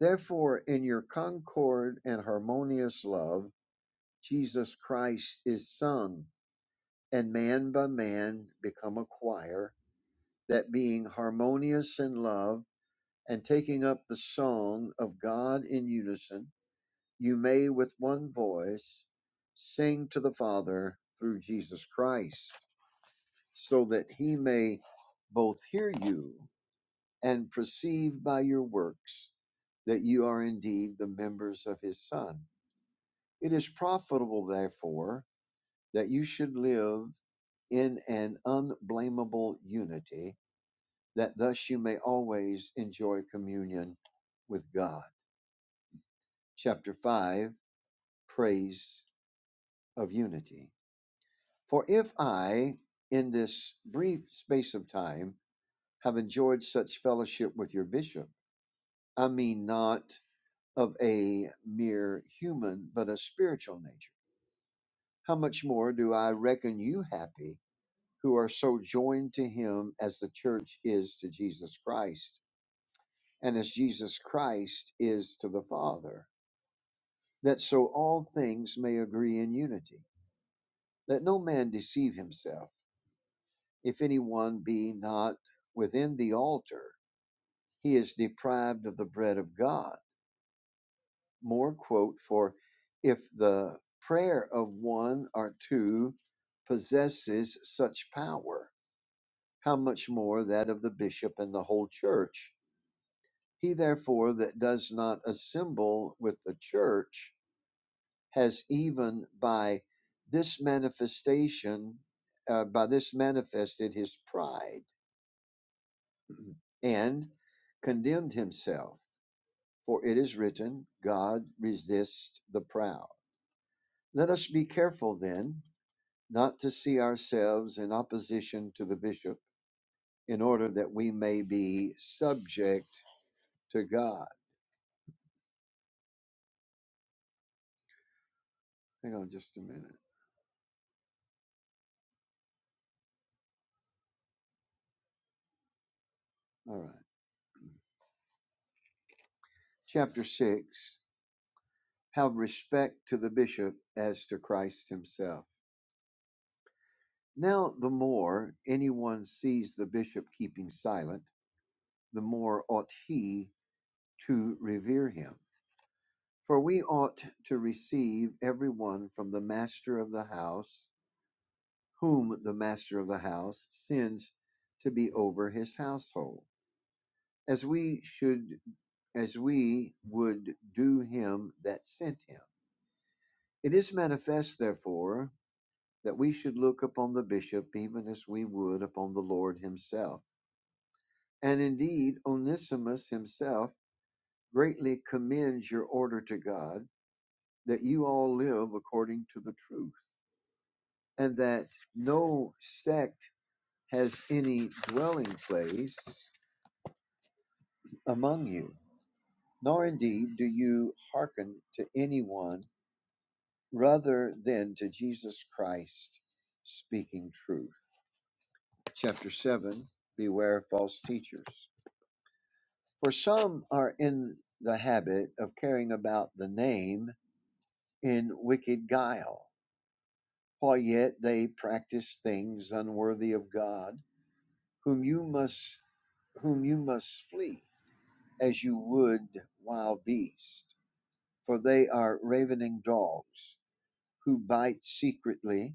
S2: Therefore, in your concord and harmonious love, Jesus Christ is sung and man by man become a choir, that being harmonious in love, and taking up the song of God in unison, you may with one voice sing to the Father through Jesus Christ, so that he may both hear you and perceive by your works that you are indeed the members of his Son. It is profitable, therefore, that you should live in an unblameable unity that thus you may always enjoy communion with God. Chapter 5 Praise of Unity. For if I, in this brief space of time, have enjoyed such fellowship with your bishop, I mean not of a mere human, but a spiritual nature, how much more do I reckon you happy who are so joined to him as the church is to Jesus Christ, and as Jesus Christ is to the Father? that so all things may agree in unity. Let no man deceive himself. If any one be not within the altar, he is deprived of the bread of God. More quote for if the prayer of one or two possesses such power, how much more that of the bishop and the whole church? He therefore that does not assemble with the church has even by this manifestation, uh, by this manifested his pride mm-hmm. and condemned himself. For it is written, God resists the proud. Let us be careful then not to see ourselves in opposition to the bishop in order that we may be subject to God. Hang on just a minute. All right. Chapter 6 Have respect to the bishop as to Christ himself. Now, the more anyone sees the bishop keeping silent, the more ought he to revere him. For we ought to receive every one from the master of the house, whom the master of the house sends to be over his household, as we should as we would do him that sent him. It is manifest, therefore, that we should look upon the bishop even as we would upon the Lord himself And indeed, Onesimus himself greatly commends your order to God that you all live according to the truth, and that no sect has any dwelling place among you, nor indeed do you hearken to anyone rather than to Jesus Christ speaking truth. Chapter 7 Beware of false teachers. For some are in the habit of carrying about the name in wicked guile, while yet they practice things unworthy of God, whom you must whom you must flee, as you would wild beasts, for they are ravening dogs, who bite secretly,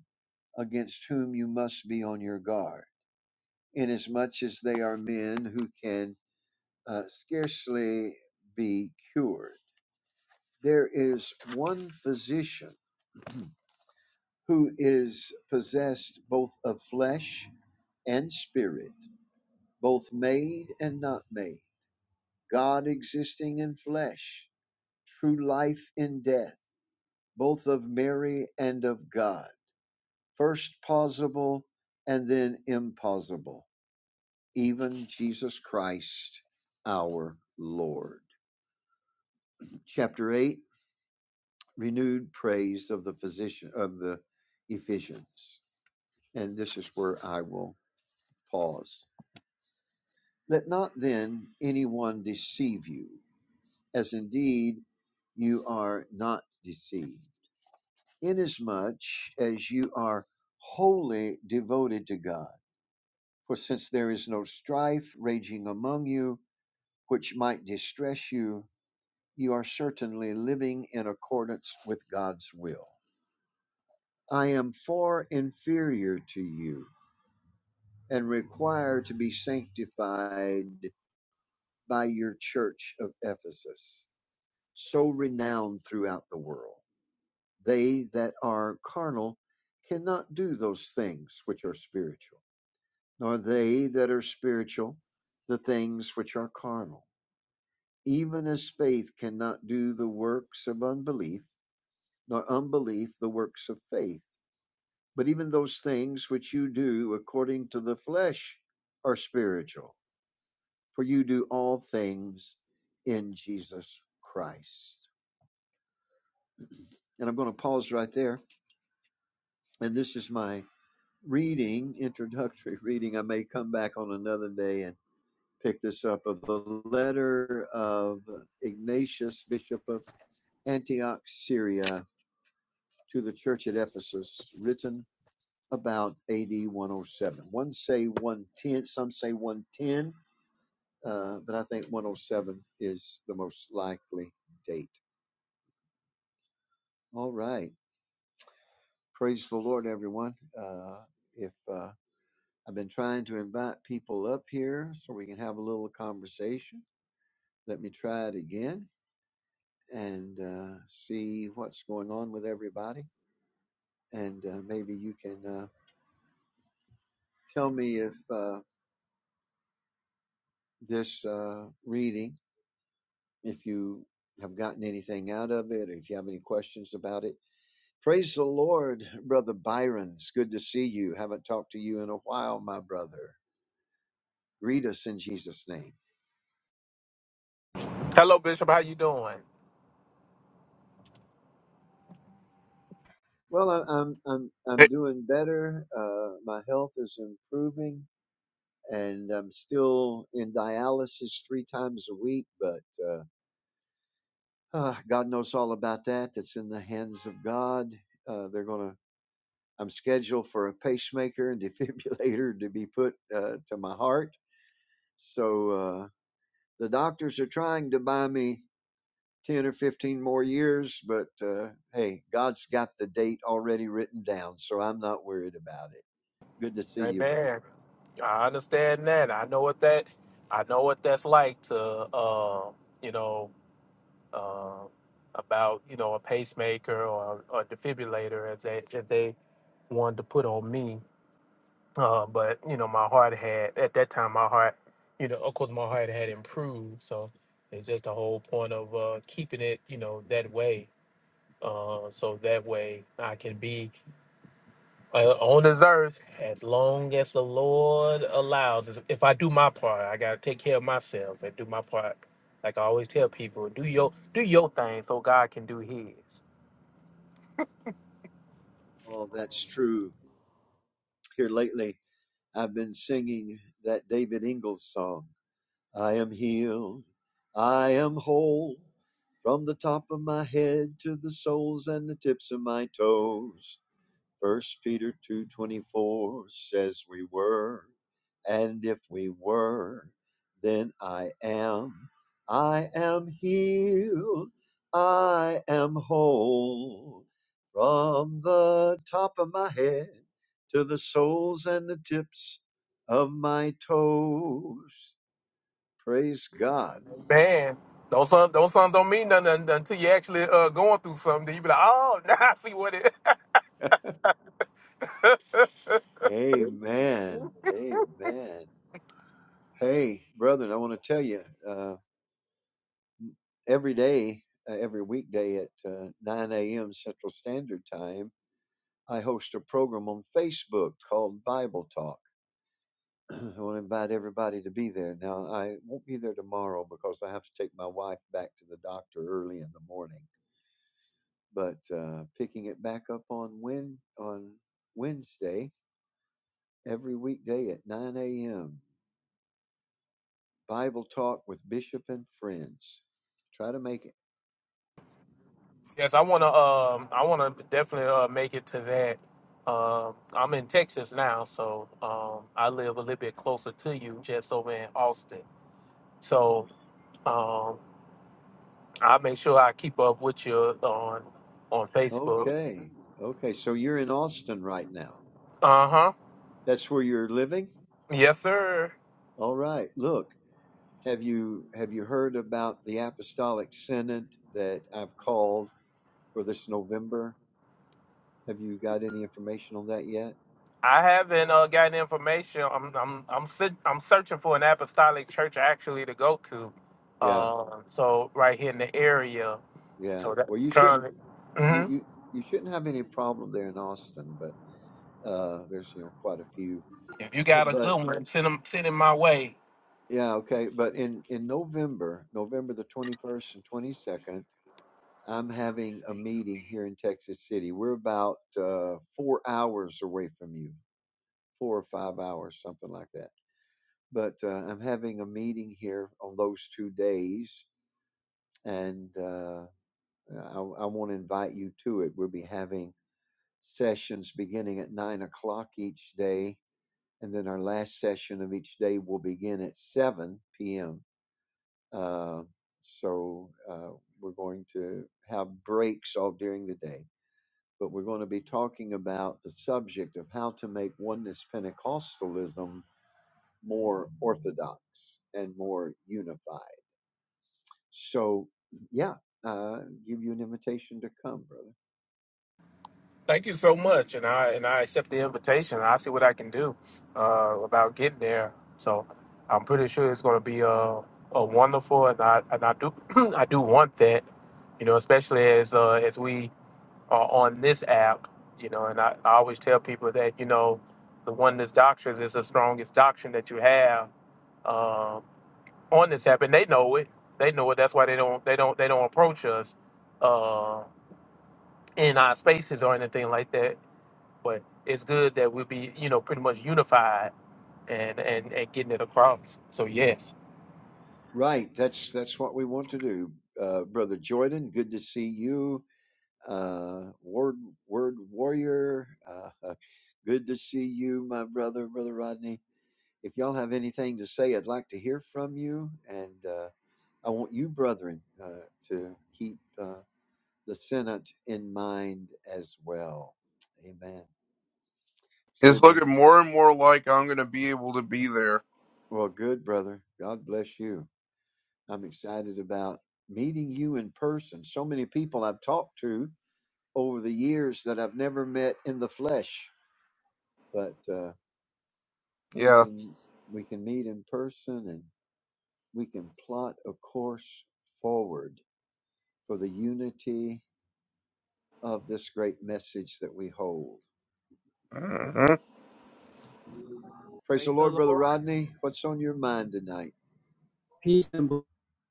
S2: against whom you must be on your guard, inasmuch as they are men who can uh, scarcely be cured. There is one physician who is possessed both of flesh and spirit, both made and not made, God existing in flesh, true life in death, both of Mary and of God, first possible and then impossible, even Jesus Christ our Lord. Chapter 8, renewed praise of the physician of the Ephesians. And this is where I will pause. Let not then any one deceive you, as indeed you are not deceived, inasmuch as you are wholly devoted to God. For since there is no strife raging among you, which might distress you, you are certainly living in accordance with God's will. I am far inferior to you and require to be sanctified by your church of Ephesus so renowned throughout the world. They that are carnal cannot do those things which are spiritual, nor they that are spiritual the things which are carnal. Even as faith cannot do the works of unbelief, nor unbelief the works of faith. But even those things which you do according to the flesh are spiritual, for you do all things in Jesus Christ. And I'm going to pause right there. And this is my reading, introductory reading. I may come back on another day and pick this up of the letter of Ignatius, Bishop of Antioch, Syria, to the church at Ephesus, written about AD 107. One oh seven. One say 110, some say 110, uh, but I think 107 is the most likely date. All right. Praise the Lord, everyone. Uh, if uh, I've been trying to invite people up here so we can have a little conversation. let me try it again and uh, see what's going on with everybody. And uh, maybe you can uh, tell me if uh, this uh, reading, if you have gotten anything out of it, or if you have any questions about it. Praise the Lord, Brother Byron. It's good to see you. Haven't talked to you in a while, my brother. Greet us in Jesus' name.
S4: Hello, Bishop. How you doing?
S2: Well, I- I'm I'm I'm
S3: It-
S2: doing better. Uh, my health is improving and I'm still in dialysis three times a week. But uh, ah, God knows all about that. That's in the hands of God. Uh, they're gonna. I'm scheduled for a pacemaker and defibrillator to be put uh, to my heart. So uh, the doctors are trying to buy me ten or fifteen more years, but uh, hey, God's got the date already written down, so I'm not worried about it. Good to see you, brother.
S4: Amen. I understand that. I know what that. I know what that's like to, uh, you know, uh, about you know a pacemaker or a defibrillator as they as they wanted to put on me. Uh, but you know, my heart had at that time. My heart, you know, of course, my heart had improved. So it's just the whole point of uh, keeping it, you know, that way. Uh, so that way I can be uh, on this earth as long as the Lord allows. If I do my part, I gotta take care of myself and do my part. Like I always tell people, do your do your thing so God can do His.
S2: Oh, that's true. Here lately, I've been singing that David Ingalls song, I am healed, I am whole, from the top of my head to the soles and the tips of my toes. First Peter 2:24 says we were, and if we were, then I am. I am healed. I am whole. From the top of my head to the soles and the tips of my toes. Praise God.
S4: Man, those sons, those sons don't mean nothing un- until you actually uh going through something. You be like, oh, now I see what it.
S2: Amen. Amen. Hey, brethren, I want to tell you. uh, every day, uh, every weekday at uh, 9 a.m. Central Standard Time, I host a program on Facebook called Bible Talk. I want to invite everybody to be there. Now, I won't be there tomorrow because I have to take my wife back to the doctor early in the morning. But uh, picking it back up on Wed on Wednesday every weekday at 9 a.m. Bible Talk with Bishop and friends. Try to make it.
S4: yes, I wanna um, I wanna definitely uh make it to that. Um, I'm in Texas now, so um, I live a little bit closer to you, just over in Austin. So Um, i make sure I keep up with you on on Facebook.
S2: Okay, okay. So you're in Austin right now.
S4: Uh huh.
S2: That's where you're living?
S4: Yes, sir.
S2: All right. Look, have you have you heard about the apostolic synod that I've called for this November? Have you got any information on that yet?
S4: I haven't uh, gotten information. I'm I'm I'm sit, I'm searching for an apostolic church actually to go to.
S2: Yeah.
S4: Uh, so right here in the area.
S2: Yeah.
S4: So
S2: Well,
S4: that's
S2: you shouldn't
S4: currently.
S2: you
S4: hmm
S2: you, you shouldn't have any problem there in Austin, but uh there's you know quite a few.
S4: If you got a
S2: but
S4: good one, send them send it my way.
S2: yeah, okay. But in in November, November the 21st and 22nd, I'm having a meeting here in Texas City. We're about uh 4 hours away from you four or five hours, something like that. But uh, I'm having a meeting here on those two days, and uh, I, I want to invite you to it. We'll be having sessions beginning at nine o'clock each day, and then our last session of each day will begin at 7 p.m. Uh, so uh, we're going to have breaks all during the day. But we're going to be talking about the subject of how to make oneness Pentecostalism more orthodox and more unified. So, yeah, uh, give you an invitation to come, brother.
S4: Thank you so much, and I and I accept the invitation. I'll see what I can do uh, about getting there. So I'm pretty sure it's going to be a, a wonderful, and I and I do I do want that, you know, especially as uh, as we are on this app, you know, and I, I always tell people that you know the oneness doctrine is the strongest doctrine that you have um, on this app, and they know it. They know it. That's why they don't they don't they don't approach us uh, in our spaces or anything like that but it's good that we'll be you know pretty much unified and and and getting it across so yes
S2: Right, that's that's what we want to do, uh, brother Jordan. Good to see you, uh, word word warrior. Uh, good to see you, my brother, brother Rodney. If y'all have anything to say, I'd like to hear from you, and uh, I want you, brethren, uh, to keep uh, the Senate in mind as well. Amen. It's
S3: It's
S2: good to,
S3: looking more and more like I'm gonna be able to be there.
S2: well, good, brother. God bless you. I'm excited about meeting you in person. So many people I've talked to over the years that I've never met in the flesh, but uh, we
S3: Yeah,
S2: can we can meet in person and we can plot a course forward for the unity of this great message that we hold.
S3: hmm
S2: Praise the
S5: Praise the
S2: Lord,
S5: Lord.
S2: brother Rodney. What's on your mind tonight?
S5: Peace and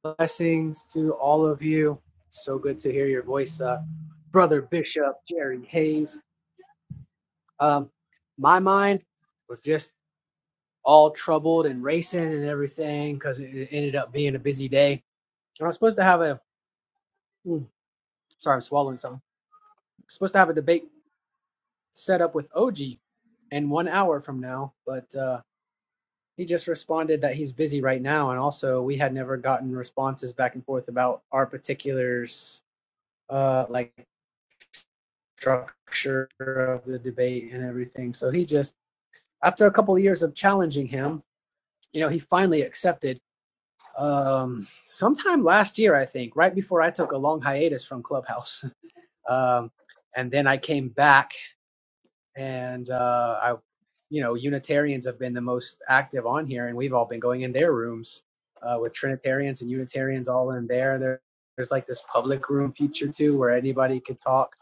S5: blessings to all of you. So good to hear your voice, uh, Brother Bishop Jerry Hayes. Um, my mind was just all troubled and racing and everything because it ended up being a busy day. And I was supposed to have a, mm, sorry, I'm swallowing something. I was supposed to have a debate set up with OG in one hour from now, but uh, he just responded that he's busy right now. And also, we had never gotten responses back and forth about our particulars uh, like structure of the debate and everything. So he just, after a couple of years of challenging him, you know, he finally accepted. Um, sometime last year, I think, right before I took a long hiatus from Clubhouse, um, and then I came back and uh, I, you know, Unitarians have been the most active on here, and we've all been going in their rooms uh, with Trinitarians and Unitarians all in there. there. There's like this public room feature too, where anybody could talk.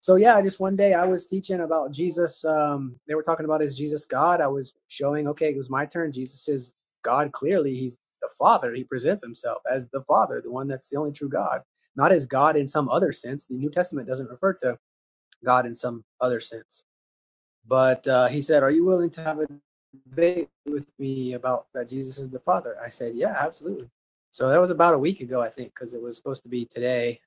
S5: So yeah, just one day I was teaching about Jesus. Um, they were talking about is Jesus God. I was showing, okay, it was my turn. Jesus is God. Clearly, he's the Father. He presents himself as the Father, the one that's the only true God, not as God in some other sense. The New Testament doesn't refer to God in some other sense but uh, he said, Are you willing to have a debate with me about that Jesus is the Father? I said, Yeah, absolutely. So that was about a week ago, I think, because it was supposed to be today.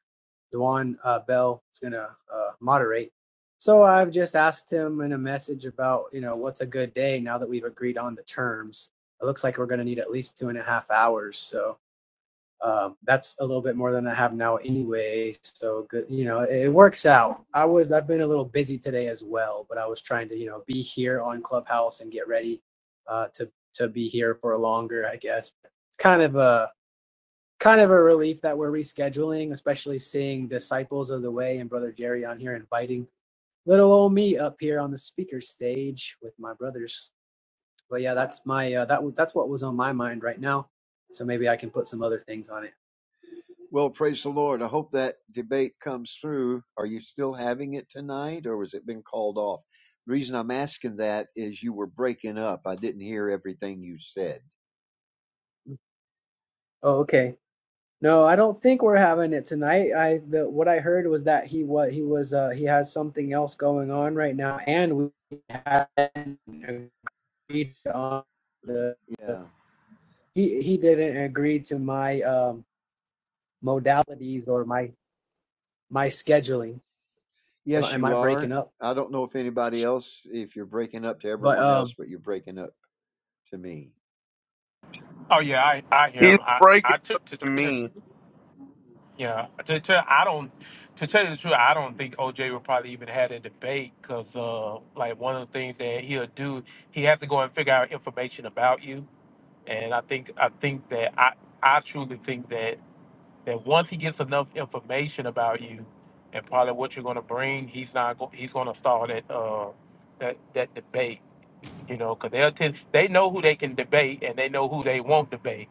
S5: Duane uh, Bell is going to uh, moderate. So I've just asked him in a message about, you know, what's a good day now that we've agreed on the terms. It looks like we're going to need at least two and a half hours. So um, that's a little bit more than I have now anyway. So good, you know, it, works out. I was I've been a little busy today as well, but I was trying to you know be here on Clubhouse and get ready uh, to to be here for longer. I guess it's kind of a kind of a relief that we're rescheduling, especially seeing Disciples of the Way and Brother Jerry on here inviting little old me up here on the speaker stage with my brothers. But yeah, that's my uh, that w- that's what was on my mind right now. So maybe I can put some other things on it.
S2: Well, praise the Lord. I hope that debate comes through. Are you still having it tonight or has it been called off? The reason I'm asking that is you were breaking up. I didn't hear everything you said.
S5: Mm, Oh, okay. No, I don't think we're having it tonight. I the what I heard was that he what he was uh he has something else going on right now, and we hadn't agreed on the the-
S2: Yeah.
S5: he he didn't agree to my um modalities or my my scheduling. Am, I-
S2: Yes,
S5: am
S2: you
S5: I breaking
S2: are.
S5: up?
S2: I don't know if anybody else, if you're breaking up to
S5: But
S2: everyone
S5: um.
S2: else, but you're breaking up to me.
S4: oh yeah i i hear him
S3: he's
S4: i
S3: breaking
S4: i
S3: up
S4: took to
S3: to
S4: tell you the
S3: me.
S4: truth yeah to tell i don't to tell you the truth i don't think oj would probably even had a debate because uh like one of the things that he'll do he has to go and figure out information about you and i think i think that i i truly think that that once he gets enough information about you and probably what you're going to bring, he's not go- he's going to start that uh that that debate, you know, because they'll tend they know who they can debate and they know who they won't debate.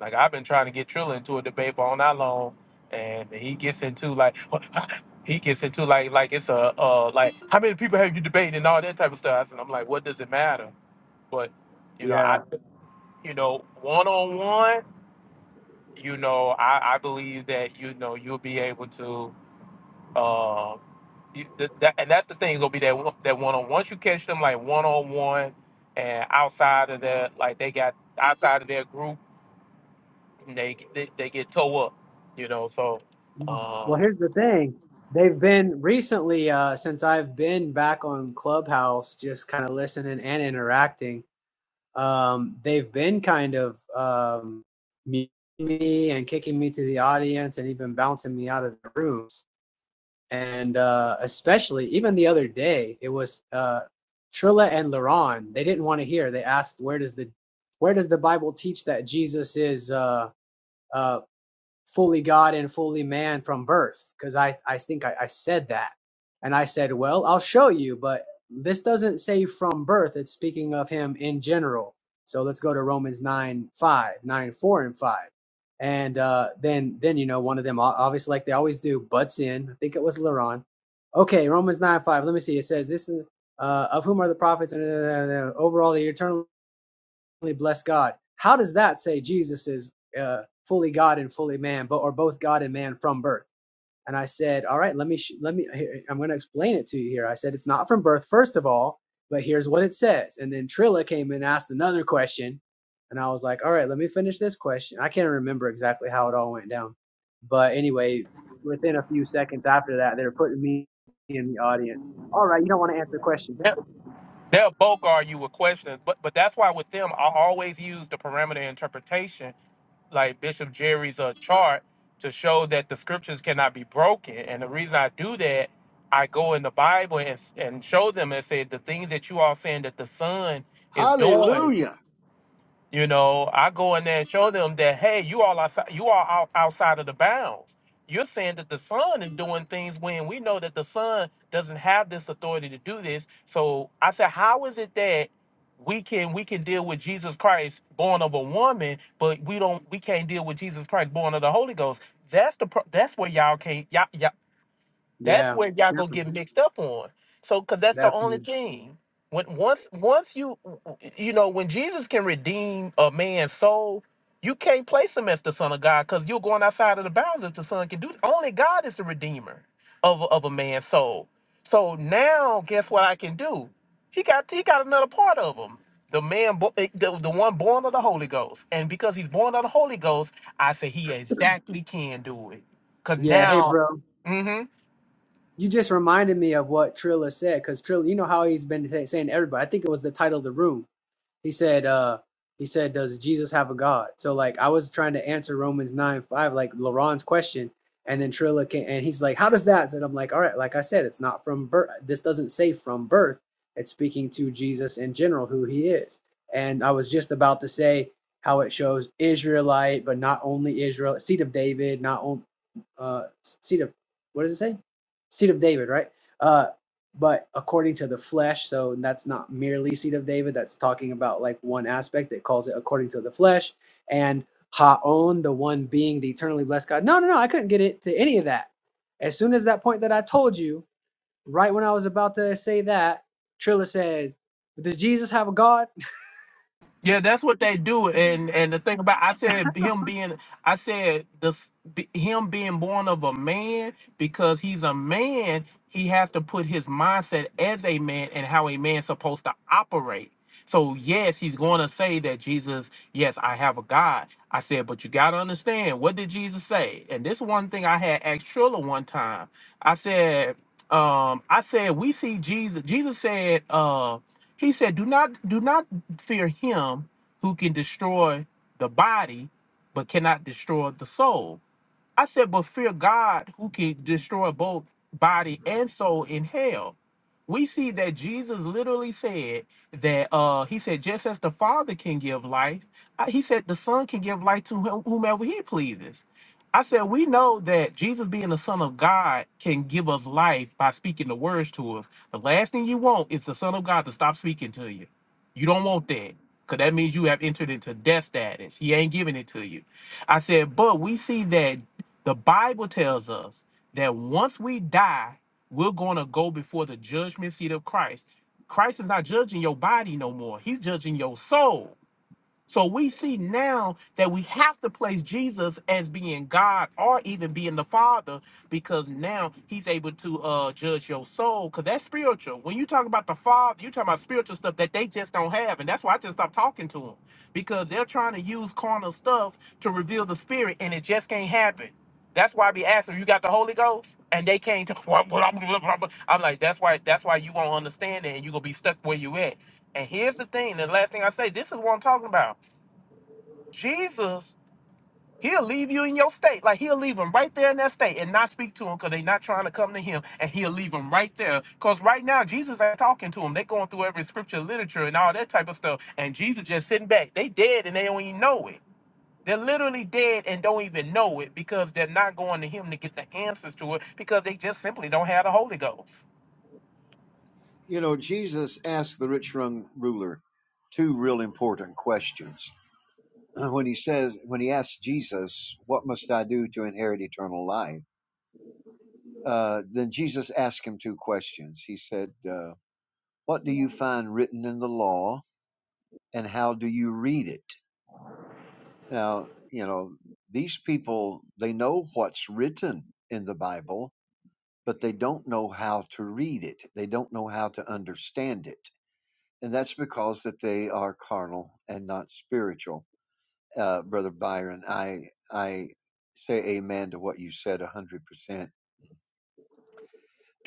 S4: Like I've been trying to get Trilla into a debate for all night long, and he gets into like he gets into like like it's a uh like how many people have you debated and all that type of stuff, and I'm like, what does it matter? But you know, I
S5: Yeah.
S4: you know one on one you know, I, I believe that you know you'll be able to, uh, you, th- that, and that's the thing. Gonna be that one- that one on once you catch them like one on one, and outside of that, like they got outside of their group, and they they, they get toe up, you know. So
S5: No.
S4: um,
S5: Well, here's the thing. They've been recently, uh, since I've been back on Clubhouse, just kind of listening and interacting. Um, they've been kind of um, muting me and kicking me to the audience, and even bouncing me out of the rooms. And uh, especially, even the other day, it was uh, Trilla and Laron. They didn't want to hear. They asked, "Where does the, where does the Bible teach that Jesus is?" Uh, uh, fully God and fully man from birth, because I, I think I, I said that. And I said, well, I'll show you, but this doesn't say from birth. It's speaking of him in general. So let's go to Romans 9 5 9 4 and 5. And uh, then, then you know, one of them, obviously, like they always do, butts in. I think it was Laron. Okay, Romans 9, 5. Let me see. It says, this is, uh, of whom are the prophets, and uh, overall, the eternal Really bless God. How does that say Jesus is uh, fully God and fully man, but or both God and man from birth? And I said, all right, let me let me. I'm going to explain it to you here. I said it's not from birth, first of all, but here's what it says. And then Trilla came and asked another question, and I was like, all right, let me finish this question. I can't remember exactly how it all went down, but anyway, within a few seconds after that, they were putting me in the audience. All right, you don't want to answer the question.
S4: they'll they'll both argue with questions, but but that's why with them, I always use the parameter interpretation like Bishop Jerry's uh, chart to show that the scriptures cannot be broken. And the reason I do that, I go in the Bible and, and show them and say the things that you all saying that the Son is doing
S2: Hallelujah.
S4: you know, I go in there and show them that hey, you all outside, you all out, outside of the bounds. You're saying that the sun is doing things when we know that the sun doesn't have this authority to do this. So I said, how is it that we can we can deal with Jesus Christ born of a woman, but we don't we can't deal with Jesus Christ born of the Holy Ghost? That's the pro- that's where y'all can't y'all, that's
S5: Yeah,
S4: where y'all gonna
S5: definitely,
S4: get mixed up on. So, cause that's the only
S5: definitely.
S4: thing. When once once you you know when Jesus can redeem a man's soul, you can't place him as the Son of God because you're going outside of the bounds if the Son can do. Only God is the redeemer of a- of a man's soul. So now, guess what I can do? He got he got another part of him. The man, bo- eh, the, the one born of the Holy Ghost, and because he's born of the Holy Ghost, I say he exactly can do it. Cause
S5: Yeah, hey,
S4: now,
S5: bro.
S4: mm-hmm.
S5: You just reminded me of what Trilla said, because Trilla, you know how he's been say- saying to everybody. I think it was the title of the room. He said, uh, he said, does Jesus have a God? So like, I was trying to answer Romans nine five, like Laron's question, and then Trilla came, and he's like, how does that? And I'm like, all right, like I said, it's not from birth. This doesn't say from birth. It's speaking to Jesus in general, who he is. And I was just about to say how it shows Israelite, but not only Israel, seed of David, not only uh, seed of what does it say? Seed of David, right? Uh, but according to the flesh, so that's not merely seed of David. That's talking about like one aspect. It calls it according to the flesh and Haon, the one being the eternally blessed God. No, no, no. I couldn't get it to any of that. As soon as that point that I told you, right when I was about to say that, Trilla says, "Does Jesus have a God?"
S4: Yeah, that's what they do, and and the thing about I said him being I said this be- him being born of a man because he's a man he has to put his mindset as a man and how a man's supposed to operate. So yes, he's going to say that Jesus, yes, I have a God. I said, but you got to understand what did Jesus say? And this one thing I had asked Trilla one time. I said, um, I said we see Jesus. Jesus said, uh, he said, do not do not fear him who can destroy the body but cannot destroy the soul I said, but fear God who can destroy both body and soul in hell. We see that Jesus literally said that uh he said, just as the Father can give life, uh, he said the Son can give life to whom- whomever he pleases. I said, we know that Jesus being the Son of God can give us life by speaking the words to us. The last thing you want is the Son of God to stop speaking to you. You don't want that. Cause that means you have entered into death status. He ain't giving it to you. I said, but we see that the Bible tells us that once we die, we're going to go before the judgment seat of Christ. Christ is not judging your body no more, He's judging your soul. So we see now that we have to place Jesus as being God or even being the Father because now he's able to uh, judge your soul because that's spiritual. When you talk about the Father, you're talking about spiritual stuff that they just don't have. And that's why I just stopped talking to them because they're trying to use carnal stuff to reveal the spirit and it just can't happen. That's why I be asking, you got the Holy Ghost? And they can't talk. I'm like, that's why that's why you won't understand it and you're going to be stuck where you at. And here's the thing, the last thing I say, this is what I'm talking about. Jesus, he'll leave you in your state. Like he'll leave him right there in that state and not speak to him because they're not trying to come to him. And he'll leave him right there. Because right now, Jesus ain't talking to him. they going through every scripture, literature, and all that type of stuff. And Jesus just sitting back. They dead and they don't even know it. They're literally dead and don't even know it because they're not going to him to get the answers to it because they just simply don't have the Holy Ghost.
S2: You know, Jesus asked the rich young ruler two real important questions. Uh, When he says, when he asks Jesus, what must I do to inherit eternal life? Uh, then Jesus asked him two questions. He said, uh, What do you find written in the law, and how do you read it? Now, you know, these people, they know what's written in the Bible, but they don't know how to read it. They don't know how to understand it. And that's because that they are carnal and not spiritual. Uh, Brother Byron, I, I say amen to what you said 100%.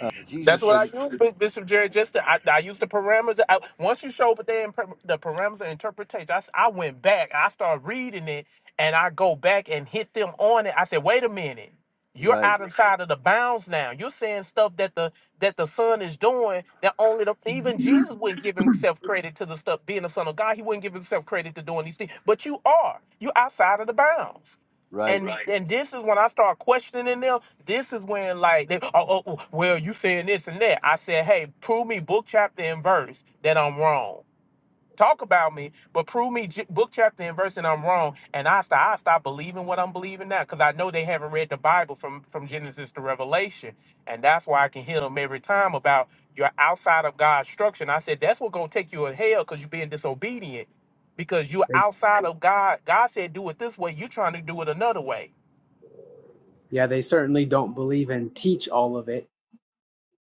S2: Uh,
S4: That's
S2: Jesus
S4: what I
S2: said,
S4: use, Bi- Bishop Jerry. Just to, I, I use the parameters. I, once you show but they imper- the parameters of interpretation, I, s- I went back. I started reading it, and I go back and hit them on it. I said, "Wait a minute, you're
S2: Right,
S4: out of side of the bounds now. You're saying stuff that the that the son is doing that only the, even Jesus wouldn't give himself credit to the stuff being the son of God. He wouldn't give himself credit to doing these things. But you are. You're outside of the bounds.
S2: right.
S4: And Right. and this is when I start questioning them. This is when like, they, oh, oh, oh, well, you saying this and that. I said, hey, prove me book chapter and verse that I'm wrong. Talk about me, but prove me j- book chapter and verse that I'm wrong. And I stop, I stop believing what I'm believing now because I know they haven't read the Bible from from Genesis to Revelation, and that's why I can hit them every time about you're outside of God's structure. And I said that's what's gonna take you to hell because you're being disobedient because you're outside of God. God said do it this way. You're trying to do it another way.
S5: Yeah, they certainly don't believe and teach all of it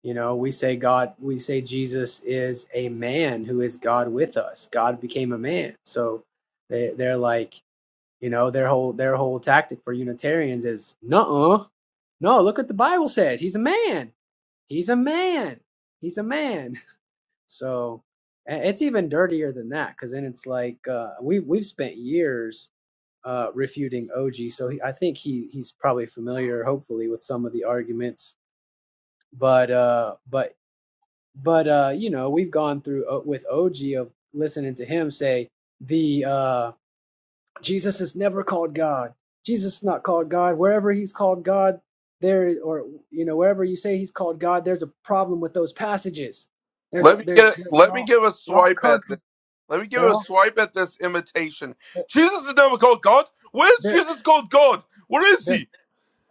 S5: You know, we say God, we say Jesus is a man who is God with us. God became a man. So they they're like, you know, their whole their whole tactic for Unitarians is no, no. Look what the Bible says. He's a man. He's a man. He's a man. So it's even dirtier than that because then it's like uh, we we've spent years uh, refuting OG. So he, I think he he's probably familiar, hopefully, with some of the arguments but uh but but uh you know we've gone through uh, with og of listening to him say the uh jesus is never called god jesus is not called god wherever he's called god there or you know wherever you say he's called god there's a problem with those passages there's
S3: Let
S5: a
S3: me get.
S5: there's
S3: A,
S5: they're
S3: let me
S5: all
S3: give a
S5: they're all
S3: swipe at
S5: country
S3: this. Let me give
S5: they're
S3: a
S5: all
S3: swipe at this imitation. Jesus is never called God. Where is
S5: they're
S3: Jesus called God? Where is
S5: they're
S3: he?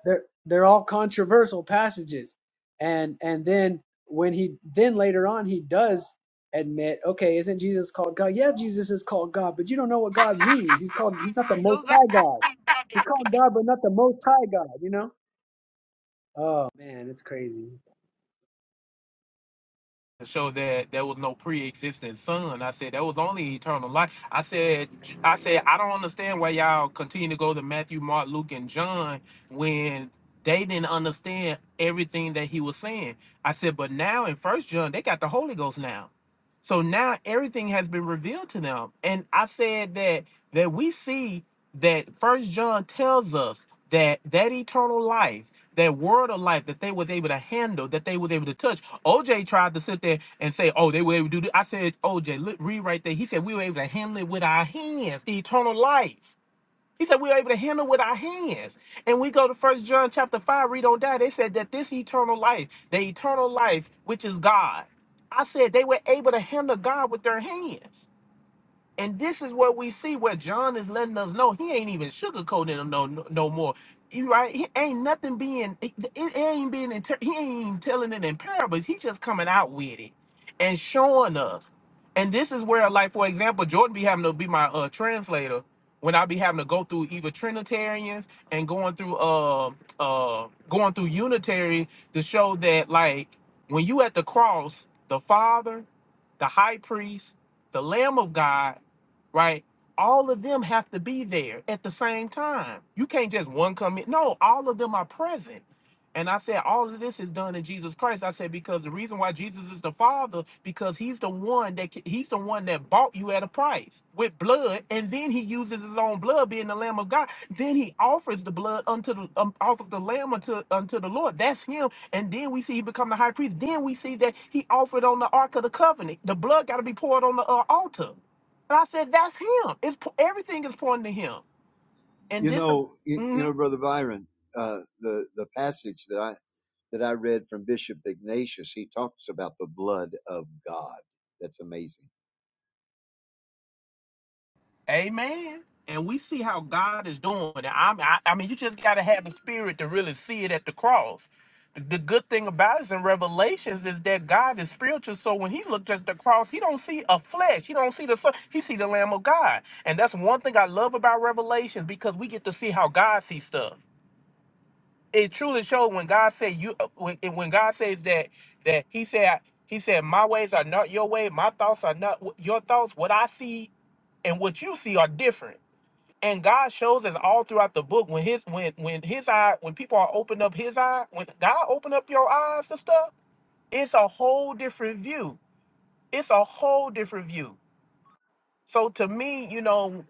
S5: they're they're all controversial passages and and then when he then later on he does admit okay isn't jesus called god yeah jesus is called god but you don't know what god means he's called he's not the most high god he's called god but not the most high god you know oh man it's crazy
S4: to show that there was no pre-existing son. I said there was only eternal life. I said, I said I don't understand why y'all continue to go to Matthew, Mark, Luke, and John when they didn't understand everything that he was saying. I said, but now in First John they got the Holy Ghost now, so now everything has been revealed to them. And I said that that we see that first john tells us that that eternal life that word of life that they was able to handle that they was able to touch oj tried to sit there and say oh they were able to do this. i said oj look, read right there he said we were able to handle it with our hands the eternal life he said we were able to handle it with our hands and we go to first john chapter 5 read on that they said that this eternal life the eternal life which is god i said they were able to handle god with their hands and this is where we see where John is letting us know he ain't even sugarcoating them no no, no more. You right? He ain't nothing being it, it ain't being inter- he ain't even telling it in parables. He just coming out with it and showing us. And this is where, like for example, Jordan be having to be my uh, translator when I be having to go through either Trinitarians and going through uh uh going through Unitary to show that like when you at the cross, the Father, the High Priest, the Lamb of God right? All of them have to be there at the same time. You can't just one come in. No, all of them are present. And I said, all of this is done in Jesus Christ. I said because the reason why Jesus is the Father because He's the one that He's the one that bought you at a price with blood, and then He uses His own blood, being the Lamb of God. Then He offers the blood unto the um, off of the Lamb unto unto the Lord. That's Him. And then we see He become the High Priest. Then we see that He offered on the Ark of the Covenant. The blood got to be poured on the uh, altar. And I said, that's him. It's po- everything is pointing to him. And
S2: You
S4: this, is
S2: know, you, you know,
S4: Mhm.
S2: Brother Byron, uh, the the passage that I that I read from Bishop Ignatius, he talks about the blood of God. That's amazing.
S4: amen. And we see how God is doing. it. I'm- I, I mean, you just got to have the spirit to really see it at the cross. The, the good thing about it is in Revelations is that God is spiritual. So when he looked at the cross, he don't see a flesh. He don't see the son. He see the Lamb of God. And that's one thing I love about Revelations because we get to see how God sees stuff. it truly showed when God said you uh, when, when God says that that he said he said my ways are not your way, my thoughts are not wh- your thoughts. What I see and what you see are different. And God shows us all throughout the book when his when when his eye when people are open up his eye when God open up your eyes to stuff, it's a whole different view. It's a whole different view. So to me, you know,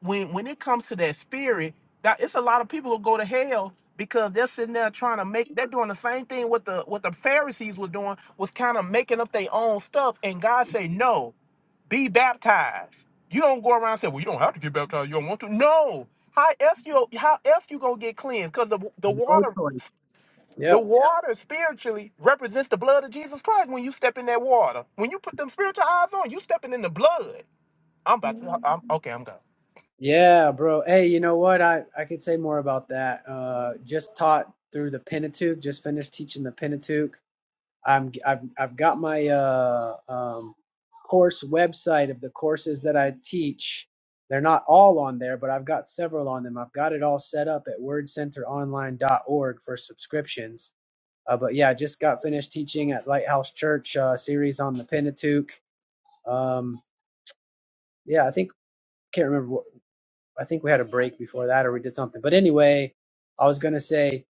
S4: when when it comes to that spirit, that it's a lot of people who go to hell because they're sitting there trying to make they're doing the same thing what the what the Pharisees were doing was kind of making up their own stuff and God say, No, be baptized. You don't go around and say, Well, you don't have to get baptized, you don't want to. No. How else you how else you gonna get cleansed? Because the the
S5: no
S4: water
S5: choice
S4: the
S5: yep
S4: water spiritually represents the blood of Jesus Christ when you step in that water. When you put them spiritual eyes on, you stepping in the blood. I'm about to. I'm okay. I'm gone.
S5: yeah bro hey you know what i i could say more about that uh just taught through the pentateuch just finished teaching the pentateuch I'm I've I've got my uh, um, course website of the courses that I teach. They're not all on there, but I've got several on them. I've got it all set up at word center online dot org for subscriptions. Uh, but yeah, I just got finished teaching at Lighthouse Church uh, series on the Pentateuch. Um, yeah, I think can't remember. I think we had a break before that or we did something. But anyway, I was gonna say,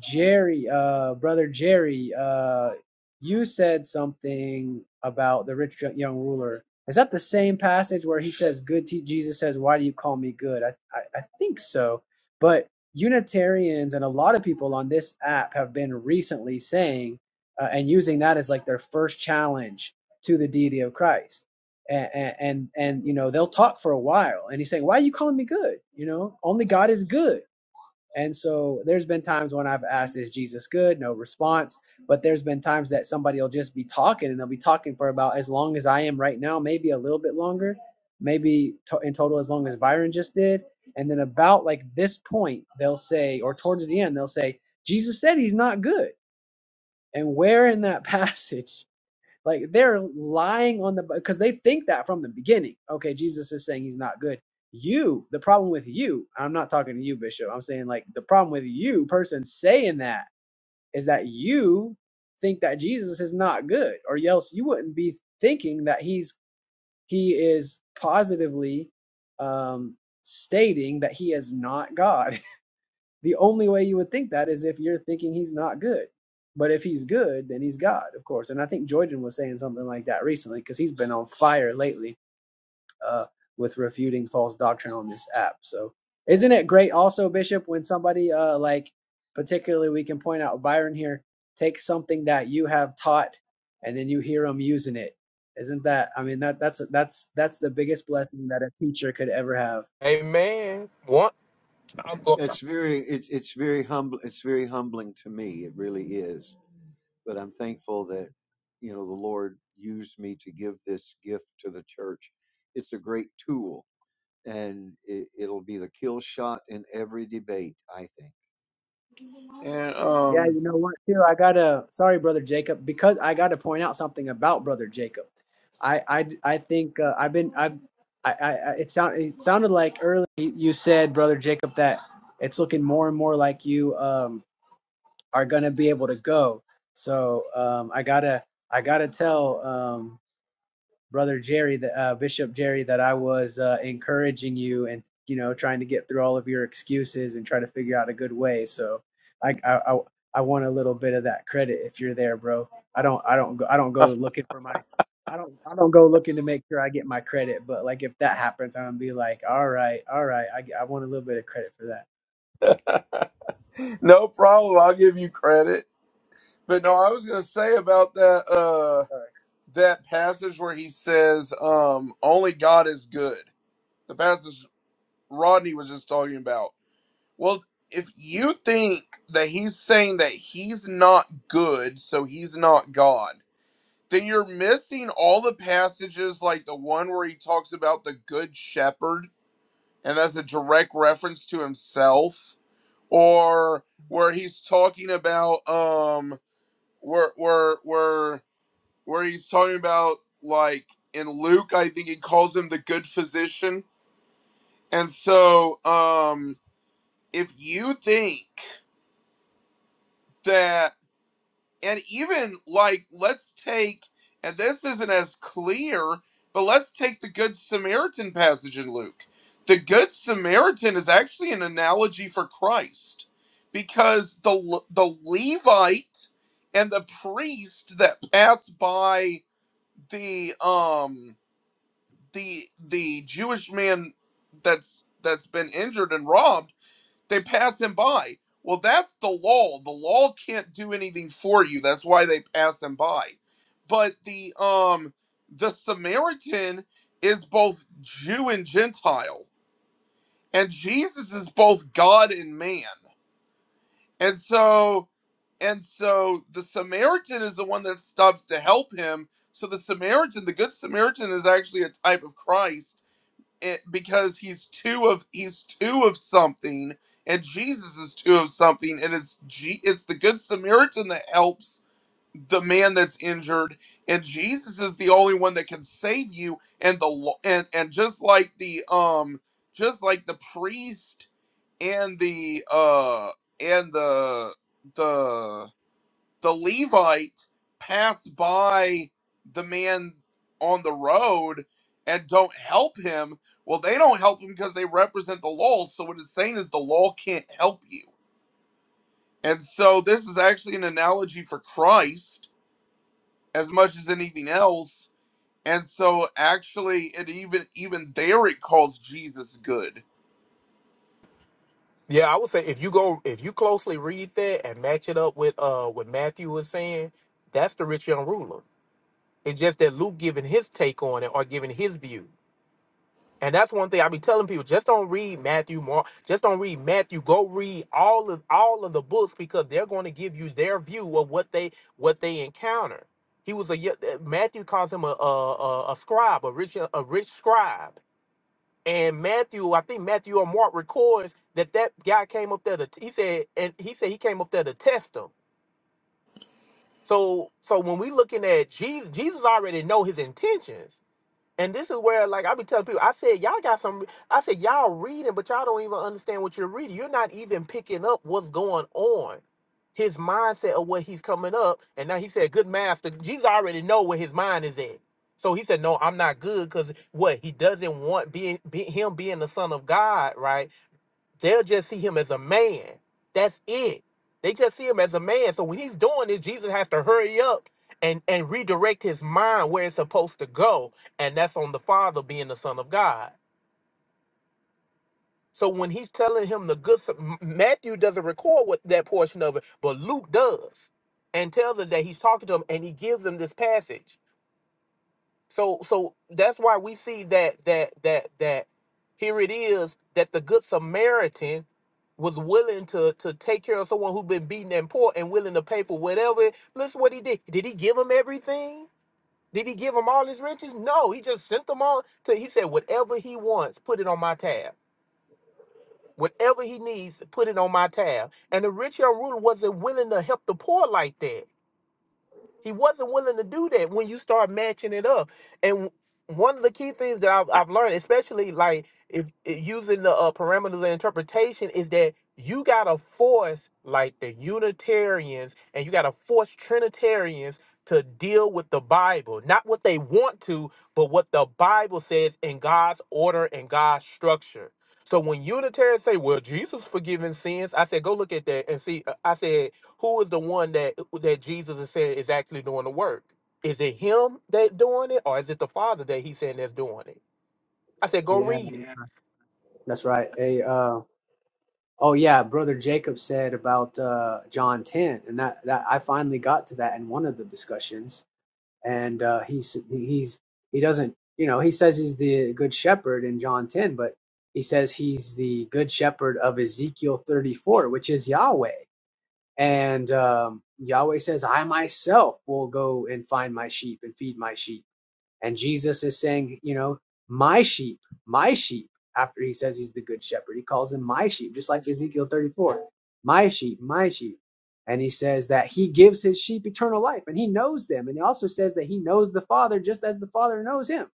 S5: Jerry, uh, brother Jerry, uh, you said something about the rich young ruler. Is that the same passage where he says, "Good te- Jesus says, why do you call me good?" I, I I think so, but Unitarians and a lot of people on this app have been recently saying uh, and using that as like their first challenge to the deity of Christ and, and and you know they'll talk for a while and he's saying why are you calling me good you know only god is good and so there's been times when i've asked is jesus good no response but there's been times that somebody will just be talking and they'll be talking for about as long as i am right now maybe a little bit longer maybe to- in total as long as byron just did and then about like this point they'll say or towards the end they'll say jesus said he's not good and where in that passage like they're lying on the because they think that from the beginning. Okay, Jesus is saying he's not good. You, the problem with you, I'm not talking to you, Bishop. I'm saying like the problem with you, person saying that is that you think that Jesus is not good, or else you wouldn't be thinking that he's he is positively um stating that he is not God. The only way you would think that is if you're thinking he's not good. But if he's good, then he's God, of course. And I think Jordan was saying something like that recently because he's been on fire lately uh, with refuting false doctrine on this app. So isn't it great also, Bishop, when somebody uh, like, particularly we can point out Byron here, takes something that you have taught and then you hear him using it. Isn't that? I mean that that's that's that's the biggest blessing that a teacher could ever have
S4: Amen. One, I'm go-
S2: It's very it's it's very humble. It's very humbling to me. It really is. But I'm thankful that you know the Lord used me to give this gift to the church. It's a great tool, and it, it'll be the kill shot in every debate. I think.
S3: And
S5: Yeah,
S3: um,
S5: you know what, too? I gotta, sorry, Brother Jacob, because I gotta point out something about Brother Jacob. I, I, I think uh, I've been, I've, I, I, I- it sound, it sounded like earlier you said, Brother Jacob, that it's looking more and more like you um, are gonna be able to go. So um, I gotta, I gotta tell. Um, brother Jerry, that uh, Bishop Jerry, that I was uh, encouraging you and you know trying to get through all of your excuses and try to figure out a good way. So I I I, I want a little bit of that credit if you're there, bro. I don't I don't go, I don't go looking for my I don't I don't go looking to make sure I get my credit, but like if that happens, I'm gonna be like, all right, all right, I I want a little bit of credit for that.
S3: no problem. I'll give you credit. But no, I was gonna say about that uh
S5: All right.
S3: that passage where he says, um, only God is good. The passage Rodney was just talking about. Well, if you think that he's saying that he's not good, so he's not God, then you're missing all the passages like the one where he talks about the good shepherd, and that's a direct reference to himself, or where he's talking about um where where where where he's talking about like in Luke, I think he calls him the good physician. And so, um, if you think that, and even like, let's take, and this isn't as clear, but let's take the Good Samaritan passage in Luke. The Good Samaritan is actually an analogy for Christ, because the the Levite and the priest that passed by the um the the Jewish man that's that's been injured and robbed, they pass him by. Well, that's the law. The law can't do anything for you. That's why they pass him by. But the um the Samaritan is both Jew and Gentile, and Jesus is both God and man. And so and so the Samaritan is the one that stops to help him. So the Samaritan, the good Samaritan is actually a type of Christ it because he's two of he's two of something and Jesus is two of something and it's G, it's the good Samaritan that helps the man that's injured and Jesus is the only one that can save you and the lo- and and just like the um just like the priest and the uh and the the the Levite pass by the man on the road and don't help him, well, they don't help him because they represent the law. So what it's saying is the law can't help you. And so this is actually an analogy for Christ as much as anything else. And so actually it even even there it calls Jesus good.
S4: yeah, I would say if you go, if you closely read that and match it up with uh what Matthew was saying, that's the rich young ruler. It's just that Luke giving his take on it or giving his view, and that's one thing I be telling people: just don't read Matthew, Mark, just don't read Matthew. Go read all of all of the books because they're going to give you their view of what they what they encounter. He was a Matthew calls him a a, a, a scribe, a rich a rich scribe And Matthew, I think Matthew or Mark records that that guy came up there to he said and he said he came up there to test him. So so when we looking at Jesus, Jesus already know his intentions. And this is where, like, I be telling people, I said, y'all got some, I said, y'all reading, but y'all don't even understand what you're reading. You're not even picking up what's going on, his mindset of what he's coming up. And now he said, good master, Jesus already know where his mind is at. So he said, no, I'm not good because what he doesn't want being be, him being the son of God, right? They'll just see him as a man. That's it. They just see him as a man. So when he's doing this, Jesus has to hurry up and, and redirect his mind where it's supposed to go. And that's on the Father being the Son of God. So when he's telling him the good, M- Matthew doesn't record what that portion of it, but Luke does and tells us that he's talking to him and he gives him this passage. So so that's why we see that that that that here it is that the good Samaritan was willing to to take care of someone who'd been beaten and poor and willing to pay for whatever. Listen what he did. Did he give him everything? Did he give him all his riches? No, he just sent them all to he said whatever he wants, put it on my tab. Whatever he needs, put it on my tab. And the rich young ruler wasn't willing to help the poor like that. He wasn't willing to do that when you start matching it up. And one of the key things that I've, I've learned, especially like if, if using the uh, parameters of interpretation, is that you gotta force like the Unitarians and you gotta force Trinitarians to deal with the Bible, not what they want to, but what the Bible says in God's order and God's structure. So when Unitarians say, "Well, Jesus forgiving sins," I said, "Go look at that and see." uh, I said. Who is the one that that Jesus is saying is actually doing the work? Is it him that's doing it, or is it the Father that he's saying that's doing it? I said, go
S5: Yeah,
S4: read it.
S5: that's right. Hey, uh, oh yeah, brother Jacob said about uh John 10, and that that I finally got to that in one of the discussions and uh, he's he's he doesn't you know he says he's the good shepherd in John 10, but he says he's the good shepherd of Ezekiel 34, which is Yahweh, and um, Yahweh says, "I myself will go and find my sheep and feed my sheep." And Jesus is saying, you know, my sheep, my sheep, after he says he's the good shepherd, he calls them my sheep, just like Ezekiel 34, my sheep, my sheep. And he says that he gives his sheep eternal life and he knows them. And he also says that he knows the Father just as the Father knows him.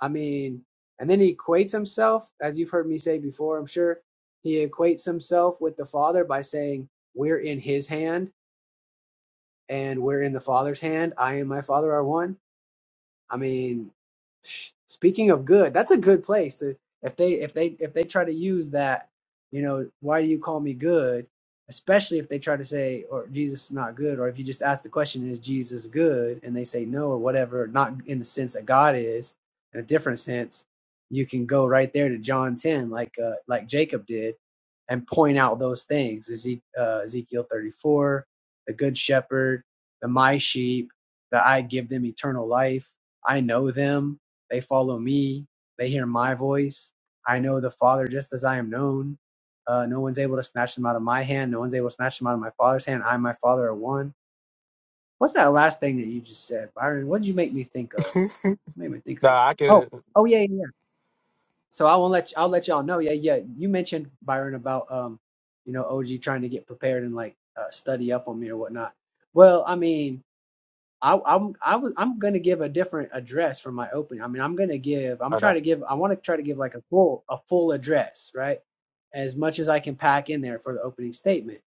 S5: I mean, and then he equates himself, as you've heard me say before, I'm sure, he equates himself with the Father by saying, We're in his hand and we're in the Father's hand. I and my Father are one I mean, speaking of good, that's a good place to if they if they if they try to use that, you know, why do you call me good? Especially if they try to say, or Jesus is not good, or if you just ask the question, is Jesus good? And they say no or whatever, not in the sense that God is, in a different sense, you can go right there to John ten, like uh, like Jacob did, and point out those things. Ezek- uh, Ezekiel thirty four, the good shepherd, the my sheep, that I give them eternal life I know them. They follow me. They hear my voice. I know the Father just as I am known. Uh, no one's able to snatch them out of my hand. No one's able to snatch them out of my Father's hand. I and my Father are one. What's that last thing that you just said, Byron? What did you make me think of?
S4: Yeah.
S5: You made me think of something.
S4: Nah, I
S5: Oh,
S4: can.
S5: oh yeah, yeah. yeah. So I won't let you, I'll let y'all know. Yeah, yeah. You mentioned Byron about um, you know, OG trying to get prepared and like uh, study up on me or whatnot. Well, I mean, I, I'm I was I'm gonna give a different address for my opening. I mean, I'm gonna give. I'm
S4: Uh, nah,
S5: trying to give. I want to try to give like a full a full address, right? As much as I can pack in there for the opening statement.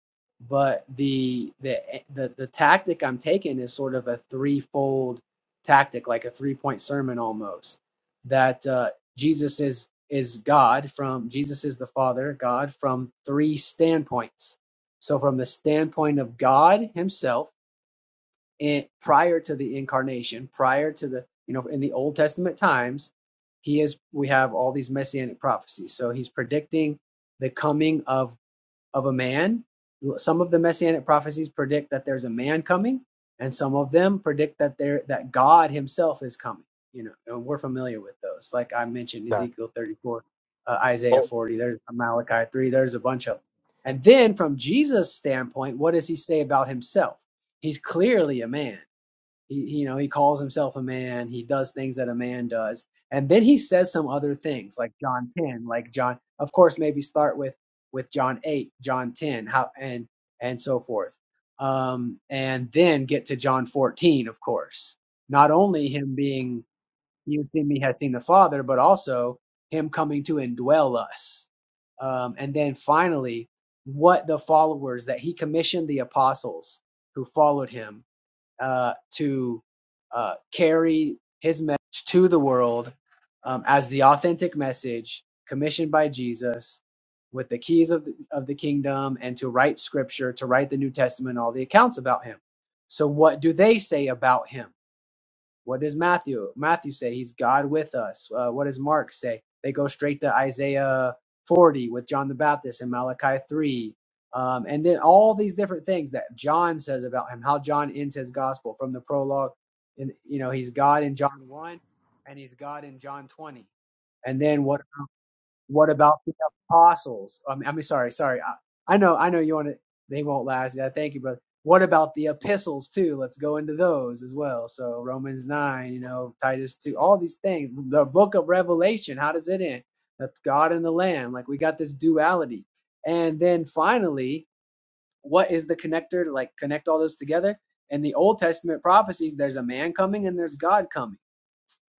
S5: But the the the the tactic I'm taking is sort of a threefold tactic, like a three point sermon almost. That uh, Jesus is is God from Jesus is the Father God from three standpoints. So from the standpoint of God Himself in, prior to the incarnation, prior to the you know in the Old Testament times, he is we have all these messianic prophecies. So he's predicting the coming of of a man. Some of the messianic prophecies predict that there's a man coming, and some of them predict that there that God Himself is coming. You know, and we're familiar with those. Like I mentioned,
S4: nah.
S5: Ezekiel 34, uh, Isaiah
S4: Oh,
S5: 40. There's Malachi 3. There's a bunch of them. And then from Jesus' standpoint, what does He say about Himself? He's clearly a man. He, you know, he calls himself a man. He does things that a man does, and then he says some other things, like John ten, like John. Of course, maybe start with with John eight, John ten, how and and so forth, um, and then get to John fourteen. Of course, not only him being you see me has seen the Father, but also him coming to indwell us, um, and then finally, what the followers that he commissioned the apostles who followed him uh, to uh, carry his message to the world um, as the authentic message commissioned by Jesus with the keys of the, of the kingdom and to write scripture, to write the New Testament, all the accounts about him. So, what do they say about him? What does Matthew Matthew say? He's God with us. Uh, what does Mark say? They go straight to Isaiah 40 with John the Baptist and Malachi 3. Um, and then all these different things that John says about him, how John ends his gospel from the prologue. And, you know, he's God in John 1 and he's God in John 20. And then what what about the apostles? I mean, I mean sorry, sorry. I, I know, I know you want to. They won't last. Yeah, thank you, brother. What about the epistles too? Let's go into those as well. So Romans nine, you know, Titus two, all these things. The book of Revelation. How does it end? That's God and the Lamb. Like we got this duality, and then finally, what is the connector to like connect all those together? In the Old Testament prophecies, there's a man coming and there's God coming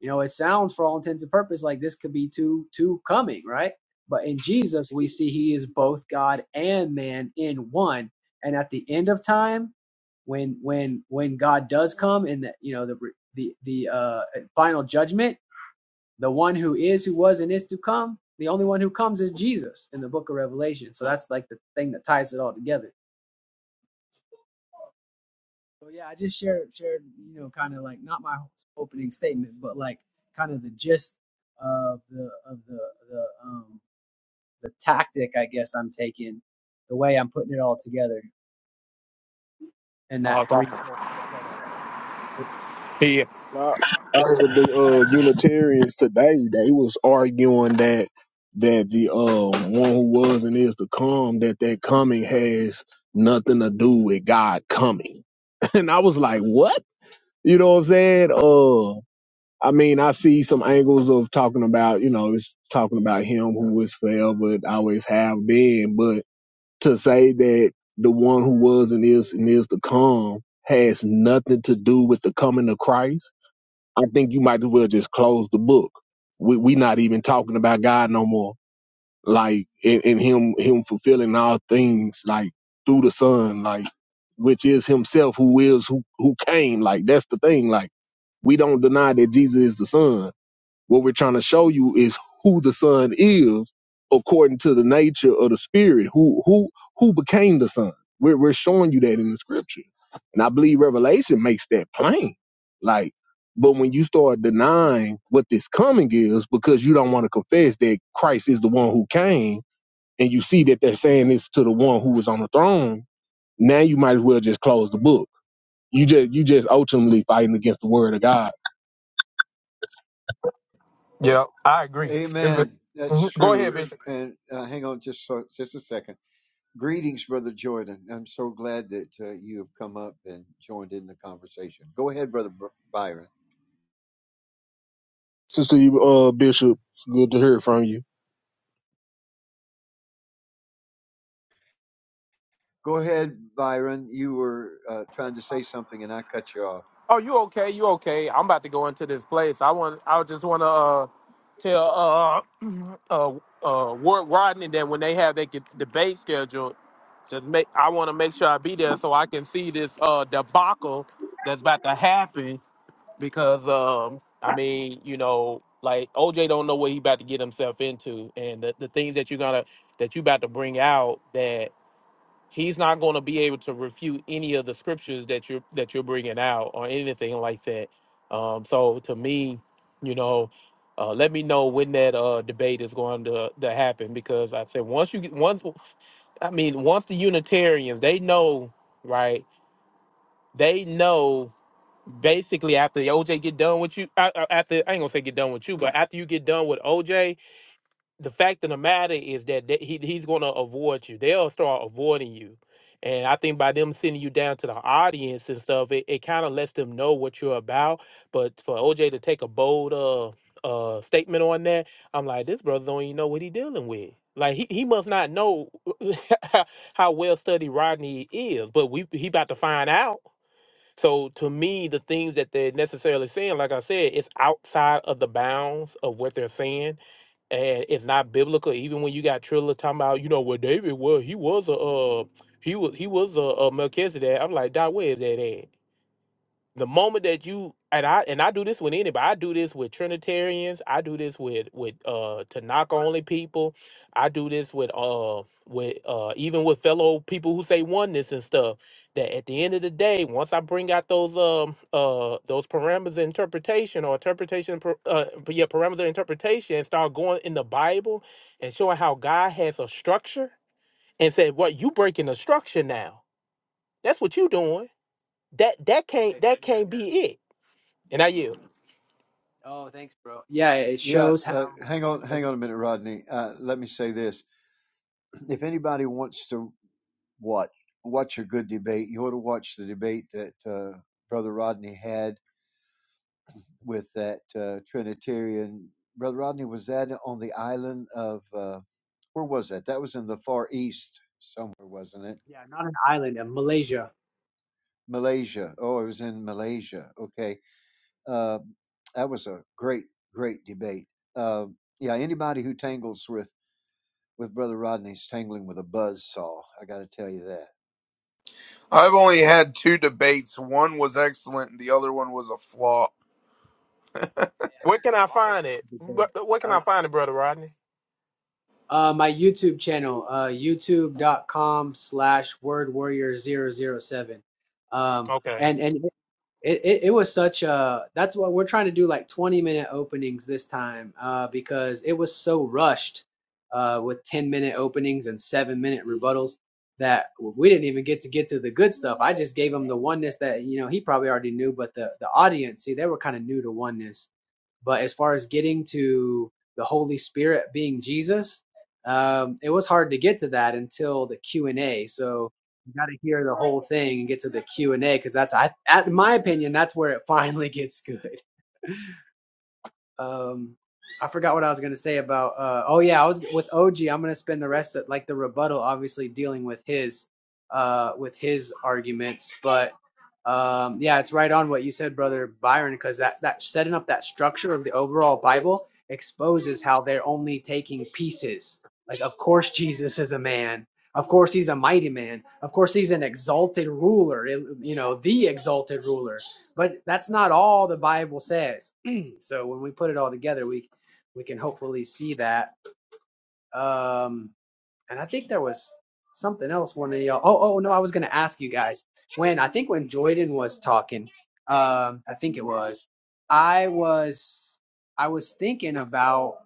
S5: you know, it sounds for all intents and purposes like this could be two two coming, right? But in Jesus, we see he is both God and man in one. And at the end of time, when when when God does come in the you know the the the uh, final judgment, the one who is, who was, and is to come, the only one who comes is Jesus in the Book of Revelation. So that's like the thing that ties it all together. So yeah, I just shared shared you know kind of like not my opening statement, but like kind of the gist of the of the the um the tactic I guess I'm taking, the way I'm putting it all together, and
S4: oh,
S5: that
S4: God.
S5: three fold setup.
S4: yeah,
S6: Nah, Out of the uh, Unitarians today, they was arguing that that the uh, one who was and is to come, that that coming has nothing to do with God coming. And I was like, what? You know what I'm saying? Uh, I mean, I see some angles of talking about, you know, it's talking about him who was forever, and always have been, but to say that the one who was and is and is to come has nothing to do with the coming of Christ I think you might as well just close the book. We we not even talking about God no more. Like and, and him him fulfilling all things like through the Son, like which is Himself who is who who came. Like that's the thing. Like we don't deny that Jesus is the Son what we're trying to show you is who the Son is according to the nature of the Spirit, who who who became the Son. We're we're showing you that in the Scripture, and I believe Revelation makes that plain. Like, but when you start denying what this coming is because you don't want to confess that Christ is the one who came, and you see that they're saying this to the one who was on the throne, now you might as well just close the book. You just you just ultimately fighting against the Word of God.
S4: yeah, I agree. It's been-
S2: Amen. That's
S4: mhm. Go ahead,
S2: true.
S4: Bishop.
S2: And uh, hang on just so, just a second. Greetings, Brother Jordan. I'm so glad that uh, you have come up and joined in the conversation. Go ahead, Brother Br- Byron.
S6: Sister uh, Bishop, it's good to hear from you.
S2: Go ahead, Byron. You were uh, trying to say something and I cut you off.
S4: Oh, you okay? You okay? I'm about to go into this place. I want. I just want to uh, tell. uh, uh, uh, Ward Rodney that when they have their g- debate scheduled, just make I want to make sure I be there so I can see this uh, debacle that's about to happen because um, I mean you know like OJ don't know what he about to get himself into and the, the things that you're gonna that you about to bring out that he's not going to be able to refute any of the scriptures that you're that you're bringing out or anything like that. Um, so to me, you know, uh, let me know when that uh, debate is going to, to happen because I said once you get once I mean once the Unitarians they know right they know basically after OJ get done with you a- a- after I ain't gonna say get done with you but after you get done with OJ the fact of the matter is that they, he, he's going to avoid you. They'll start avoiding you. And I think by them sending you down to the audience and stuff, it, it kind of lets them know what you're about. But for OJ to take a bold uh, uh, statement on that, I'm like, this brother don't even know what he dealing with. Like he, he must not know how well studied Rodney is, but we he about to find out so to me, the things that they're necessarily saying, like I said, it's outside of the bounds of what they're saying. And it's not biblical. Even when you got Trilla talking about, you know, what David was, he was a uh, he was he was a, a Melchizedek. I'm like, Doc, where is that at? the moment that you and I and I do this with anybody. I do this with Trinitarians. I do this with with uh Tanaka only people. I do this with uh with uh even with fellow people who say oneness and stuff. That at the end of the day, once I bring out those um uh those parameters of interpretation or interpretation per- uh but yeah parameters of interpretation and start going in the Bible and showing how God has a structure and said, "What you breaking the structure now? That's what you doing." That that can't
S5: Right.
S4: that
S5: Yeah.
S4: can't be it and I you.
S5: Oh, thanks, bro. Yeah, it
S2: Yeah,
S5: shows how.
S2: uh, hang on, hang on a minute, Rodney. Uh, let me say this: if anybody wants to watch watch a good debate, you ought to watch the debate that uh, Brother Rodney had with that uh, Trinitarian. Brother Rodney was that on the island of? Uh, where was that? That was in the Far East somewhere, wasn't it?
S5: Yeah, not an island, a Malaysia.
S2: Malaysia. Oh, it was in Malaysia. Okay. Uh, that was a great, great debate. Uh, yeah, anybody who tangles with, with Brother Rodney's tangling with a buzz saw. I got to tell you that.
S3: I've only had two debates. One was excellent and the other one was a flop.
S5: I
S4: Where
S5: got
S4: can
S5: the
S4: I find it?
S5: moderator today.
S4: Where where can
S5: Uh,
S4: I find it, brother Rodney?
S5: uh, my YouTube channel, uh, youtube.com slash word warrior zero zero 007. Um,
S4: Okay.
S5: and and it, it, it was such a that's what we're trying to do like 20 minute openings this time uh, because it was so rushed uh, with 10 minute openings and 7 minute rebuttals that we didn't even get to get to the good stuff i just gave him the oneness that you know he probably already knew but the the audience see they were kind of new to oneness but as far as getting to the holy spirit being jesus um, it was hard to get to that until the q&a so you got to hear the whole thing and get to the Q and A because that's, I, at in my opinion, that's where it finally gets good um I forgot what I was going to say about uh oh yeah, I was with OG, I'm going to spend the rest of like the rebuttal obviously dealing with his uh with his arguments, but um yeah, it's right on what you said, brother Byron, because that that setting up that structure of the overall Bible exposes how they're only taking pieces. Like of course Jesus is a man. Of course he's a mighty man. Of course he's an exalted ruler, you know, the exalted ruler. But that's not all the Bible says so when we put it all together, we we can hopefully see that. Um, and I think there was something else one of y'all. Oh, oh no, I was gonna ask you guys when I think when Joyden was talking, um, I think it was, I was I was thinking about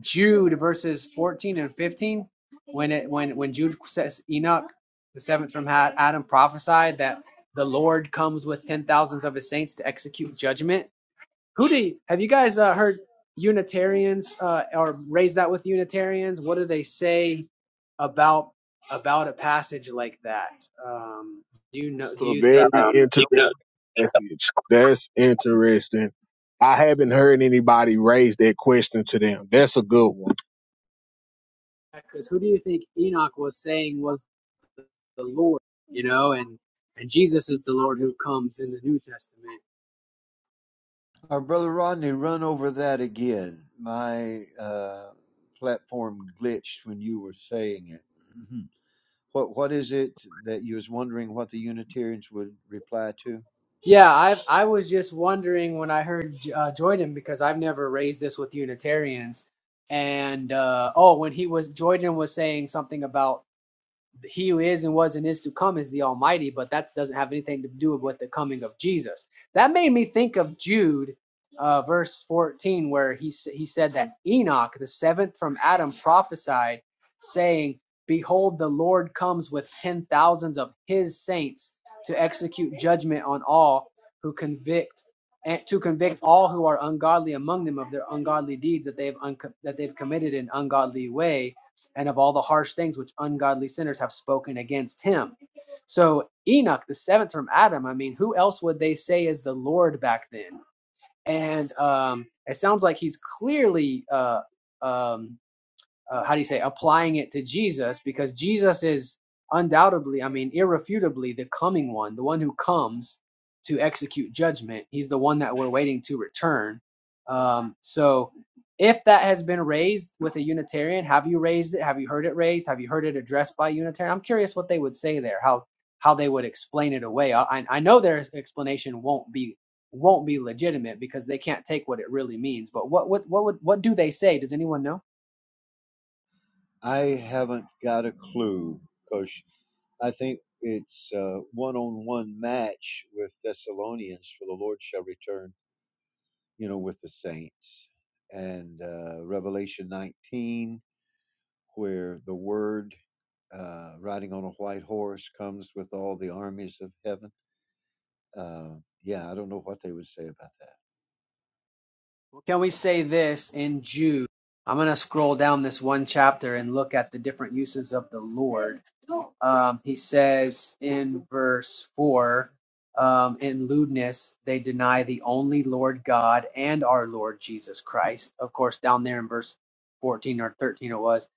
S5: Jude verses fourteen and fifteen when it when when Jude says Enoch the seventh from Ha- Adam prophesied that the Lord comes with ten thousands of his saints to execute judgment Who do you, have you guys uh, heard Unitarians uh, or raised that with Unitarians? What do they say about about a passage like that? Um, do you know? Do
S6: So
S5: you
S6: very Um,
S5: think that?
S6: keep it interesting up. message. That's interesting. I haven't heard anybody raise that question to them. That's a good one.
S5: Because who do you think Enoch was saying was the, the Lord? You know, and and Jesus is the Lord who comes in the New Testament.
S2: Our Brother Rodney, run over that again. My uh, platform glitched when you were saying it. Mhm. What What is it that you was wondering what the Unitarians would reply to?
S5: Yeah, I I was just wondering when I heard uh, Jordan because I've never raised this with Unitarians, and uh, oh, when he was Jordan was saying something about he who is and was and is to come is the Almighty, but that doesn't have anything to do with the coming of Jesus. That made me think of Jude, uh, verse 14, where he he said that Enoch, the seventh from Adam, prophesied, saying, "Behold, the Lord comes with ten thousands of His saints to execute judgment on all who convict." And to convict all who are ungodly among them of their ungodly deeds that they've unco- that they've committed in ungodly way, and of all the harsh things which ungodly sinners have spoken against him. So Enoch, the seventh from Adam, I mean, who else would they say is the Lord back then? And um, it sounds like he's clearly uh, um, uh, how do you say applying it to Jesus because Jesus is undoubtedly, I mean, irrefutably the coming one, the one who comes to execute judgment. He's the one that we're waiting to return. Um, so, if that has been raised with a Unitarian, have you raised it? Have you heard it raised? Have you heard it addressed by Unitarian? I'm curious what they would say there, how how they would explain it away. I, I I know their explanation won't be won't be legitimate because they can't take what it really means. But what what what would what do they say? Does anyone know?
S2: I haven't got a clue because I think it's a one on one match with Thessalonians for the Lord shall return, you know, with the saints. And uh, Revelation 19, where the word uh, riding on a white horse comes with all the armies of heaven. Uh, yeah, I don't know what they would say about that.
S5: Can we say this in Jude? I'm going to scroll down this one chapter and look at the different uses of the Lord um, he says in verse 4 um, in lewdness they deny the only lord god and our lord jesus christ of course down there in verse 14 or 13 it was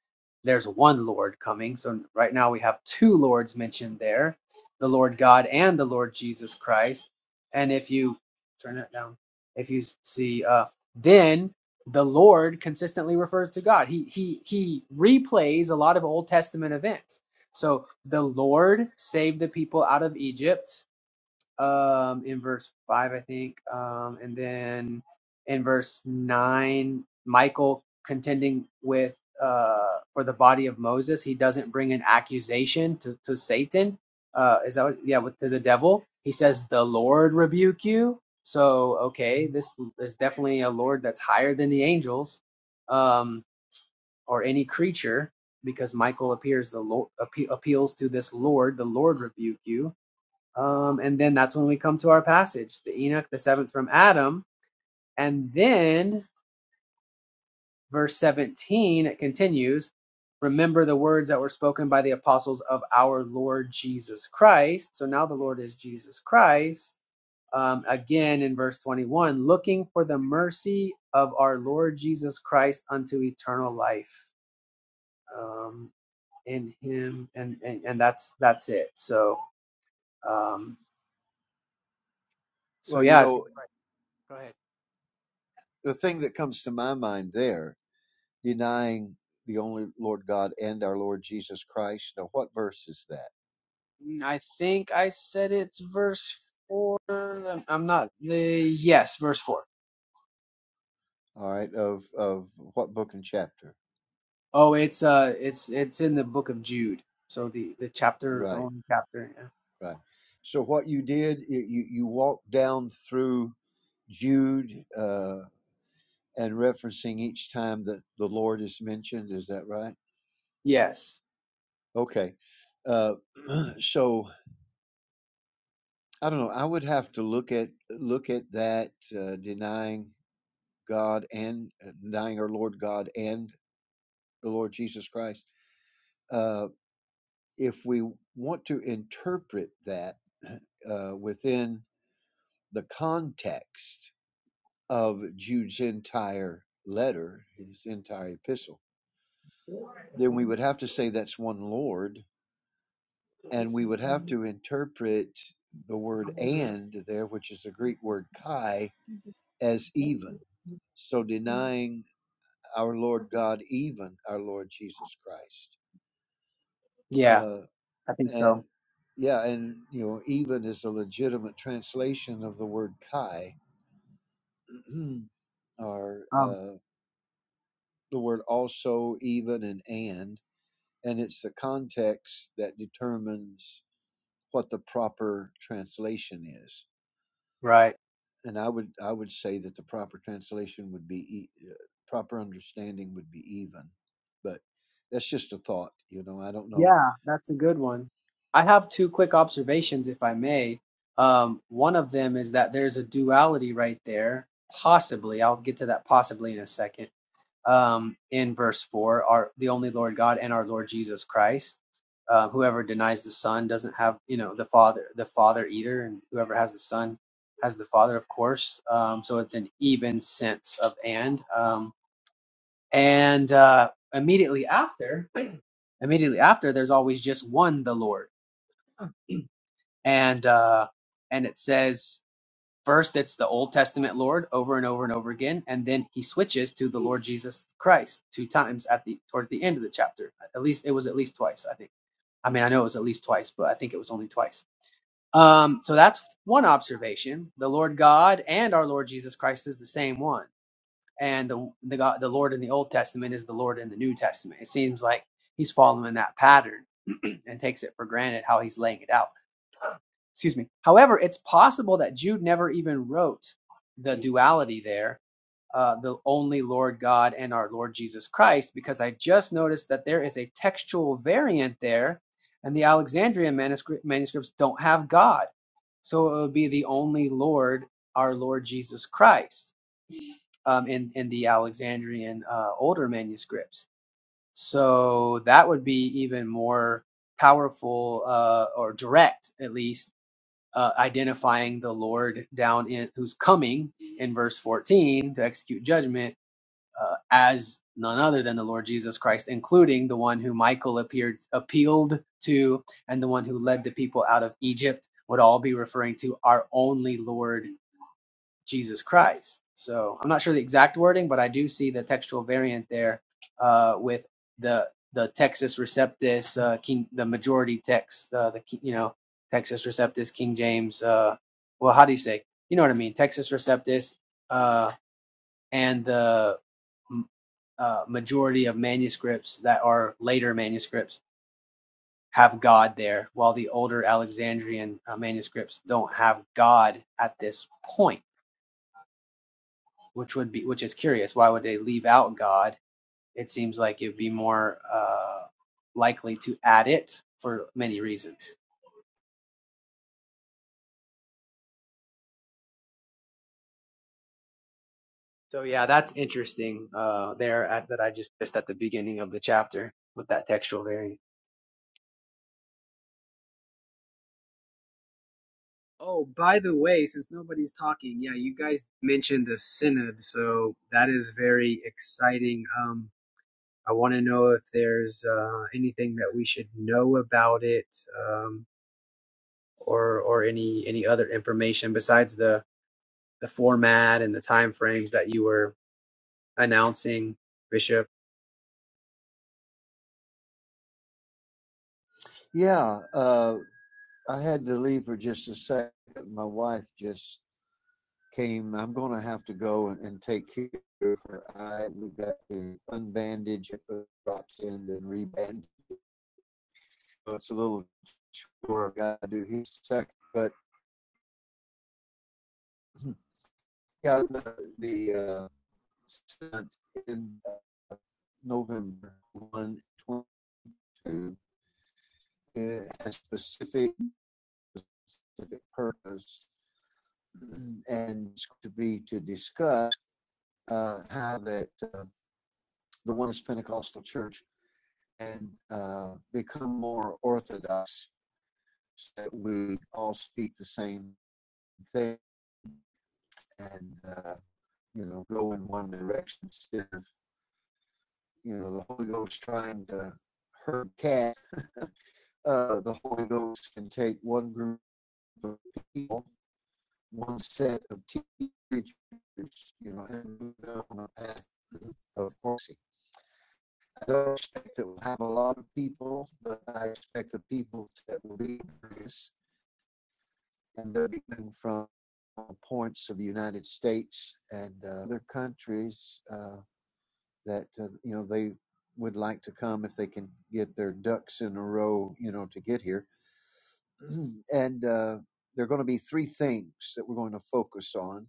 S5: there's one lord coming so right now we have two lords mentioned there the lord god and the lord jesus christ and if you turn that down if you see uh, then the lord consistently refers to god he he he replays a lot of old testament events so the Lord saved the people out of Egypt um, in verse 5, I think. Um, and then in verse 9, Michael contending with uh, for the body of Moses, he doesn't bring an accusation to, to Satan. Uh, is that what, yeah, with, to the devil? He says, The Lord rebuke you. So, okay, this is definitely a Lord that's higher than the angels. Um, or any creature, because Michael appears the Lord appe- appeals to this Lord, the Lord rebuke you. Um, and then that's when we come to our passage, the Enoch, the seventh from Adam, and then verse 17 it continues. Remember the words that were spoken by the apostles of our Lord Jesus Christ. So now the Lord is Jesus Christ um, again in verse 21 looking for the mercy of our Lord Jesus Christ unto eternal life. Um, in him and and, and that's that's it so um so
S2: Well, you
S5: yeah I think
S2: know,
S5: right go ahead
S2: the thing that comes to my mind there, denying the only Lord God and our Lord Jesus Christ. Now, what verse is that?
S5: Mm, i think i said it's verse four i'm I'm not the yes verse four.
S2: All right, of of what book and chapter?
S5: Oh, it's uh it's it's in the book of jude so the the chapter the
S2: Right,
S5: only chapter yeah.
S2: right. So what you did, you you walked down through Jude uh, and referencing each time that the Lord is mentioned. Is that right?
S5: yes
S2: Okay. Uh, so I don't know. I would have to look at look at that uh, denying God and uh, denying our Lord God and the Lord Jesus Christ. Uh, if we want to interpret that uh, within the context of Jude's entire letter, his entire epistle, then we would have to say that's one Lord, and we would have to interpret the word and there, which is the Greek word kai, as even. So denying our Lord God, even our Lord Jesus Christ.
S5: yeah
S2: Uh,
S5: i think
S2: and
S5: so
S2: yeah, and you know, even is a legitimate translation of the word kai, or.
S5: um
S2: uh, the word also, even, and and, and it's the context that determines what the proper translation is.
S5: right
S2: And I would I would say that the proper translation would be e- uh, proper understanding would be even, but that's just a thought, you know. I don't know.
S5: Yeah, that's a good one. I have two quick observations, if I may. Um, one of them is that there's a duality right there, possibly. I'll get to that possibly in a second. Um, in verse four, our the only Lord God and our Lord Jesus Christ. Uh, whoever denies the Son doesn't have, you know, the Father, the Father either, and whoever has the Son has the Father, of course. Um, so it's an even sense of and. Um, and uh, immediately after immediately after there's always just one the lord and uh and it says first it's the old testament lord over and over and over again and then he switches to the lord jesus christ two times at the towards the end of the chapter at least it was at least twice i think i mean i know it was at least twice but i think it was only twice um so that's one observation the lord god and our lord jesus christ is the same one and the the god the lord in the old testament is the lord in the new testament it seems like he's following that pattern and takes it for granted how he's laying it out. Excuse me. However, it's possible that Jude never even wrote the duality there, uh, the only Lord God and our Lord Jesus Christ, because I just noticed that there is a textual variant there, and the Alexandrian manuscript, manuscripts don't have God. So it would be the only Lord, our Lord Jesus Christ, um, in, in the Alexandrian uh, older manuscripts so that would be even more powerful uh, or direct, at least, uh, identifying the Lord down in who's coming in verse 14 to execute judgment uh, as none other than the Lord Jesus Christ, including the one who Michael appeared appealed to and the one who led the people out of Egypt would all be referring to our only Lord Jesus Christ. So I'm not sure the exact wording, but I do see the textual variant there uh, with the the Texas Receptus, uh, King, the majority text, uh, the you know Texas Receptus, King James. Uh, well, how do you say? You know what I mean? Texas Receptus uh, and the m- uh, majority of manuscripts that are later manuscripts have God there, while the older Alexandrian uh, manuscripts don't have God at this point which would be which is curious. Why would they leave out God? It seems like it'd be more uh, likely to add it for many reasons. So yeah, that's interesting uh, there at, that I just missed at the beginning of the chapter with that textual variant. Oh, by the way, since nobody's talking, yeah, you guys mentioned the synod, so that is very exciting. Um, I want to know if there's uh, anything that we should know about it, um, or or any any other information besides the the format and the time frames that you were announcing, Bishop.
S2: Yeah, uh, I had to leave for just a second. My wife just came. I'm going to have to go and, and take care of her eye. We've got to unbandage it, put drops in, then rebandage so it's a little chore I have got to do each second. But hmm, yeah, the, the uh, in uh, November 1, 22, it has specific specific purpose hmm, and it's to be to discuss uh, how that uh, the one Pentecostal church can uh, become more orthodox so that we all speak the same thing and uh, you know go in one direction instead of you know, the Holy Ghost trying to herd cat, uh, the Holy Ghost can take one group of people, one set of teachers, you know, and move them on a path of mercy. I don't expect that we'll have a lot of people, but I expect the people that will be this, and they'll be coming from points of the United States and uh, other countries. Uh, that uh, you know they would like to come if they can get their ducks in a row, you know, to get here. and uh, there are going to be three things that we're going to focus on,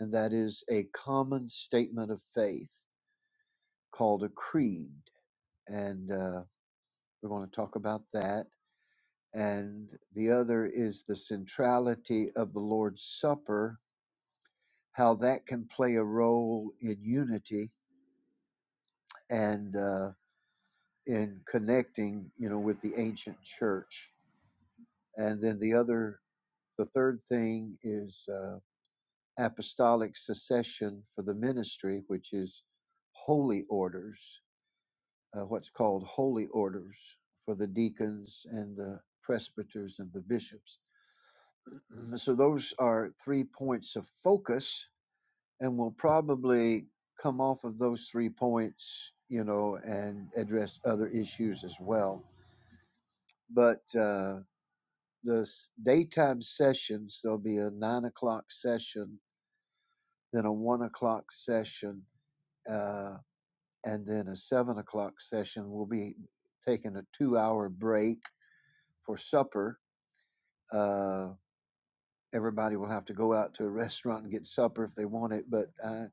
S2: and that is a common statement of faith called a creed, and uh, we're going to talk about that. And the other is the centrality of the Lord's Supper, how that can play a role in unity and uh, in connecting, you know, with the ancient church. And then the other, the third thing is uh, apostolic succession for the ministry, which is holy orders, uh, what's called holy orders for the deacons and the presbyters and the bishops. Mm, So those are three points of focus, and we'll probably come off of those three points, you know, and address other issues as well. But uh, the daytime sessions, there'll be a nine o'clock session then a one o'clock session, uh, and then a seven o'clock session. We'll be taking a two hour break for supper. Uh, everybody will have to go out to a restaurant and get supper if they want it, but uh,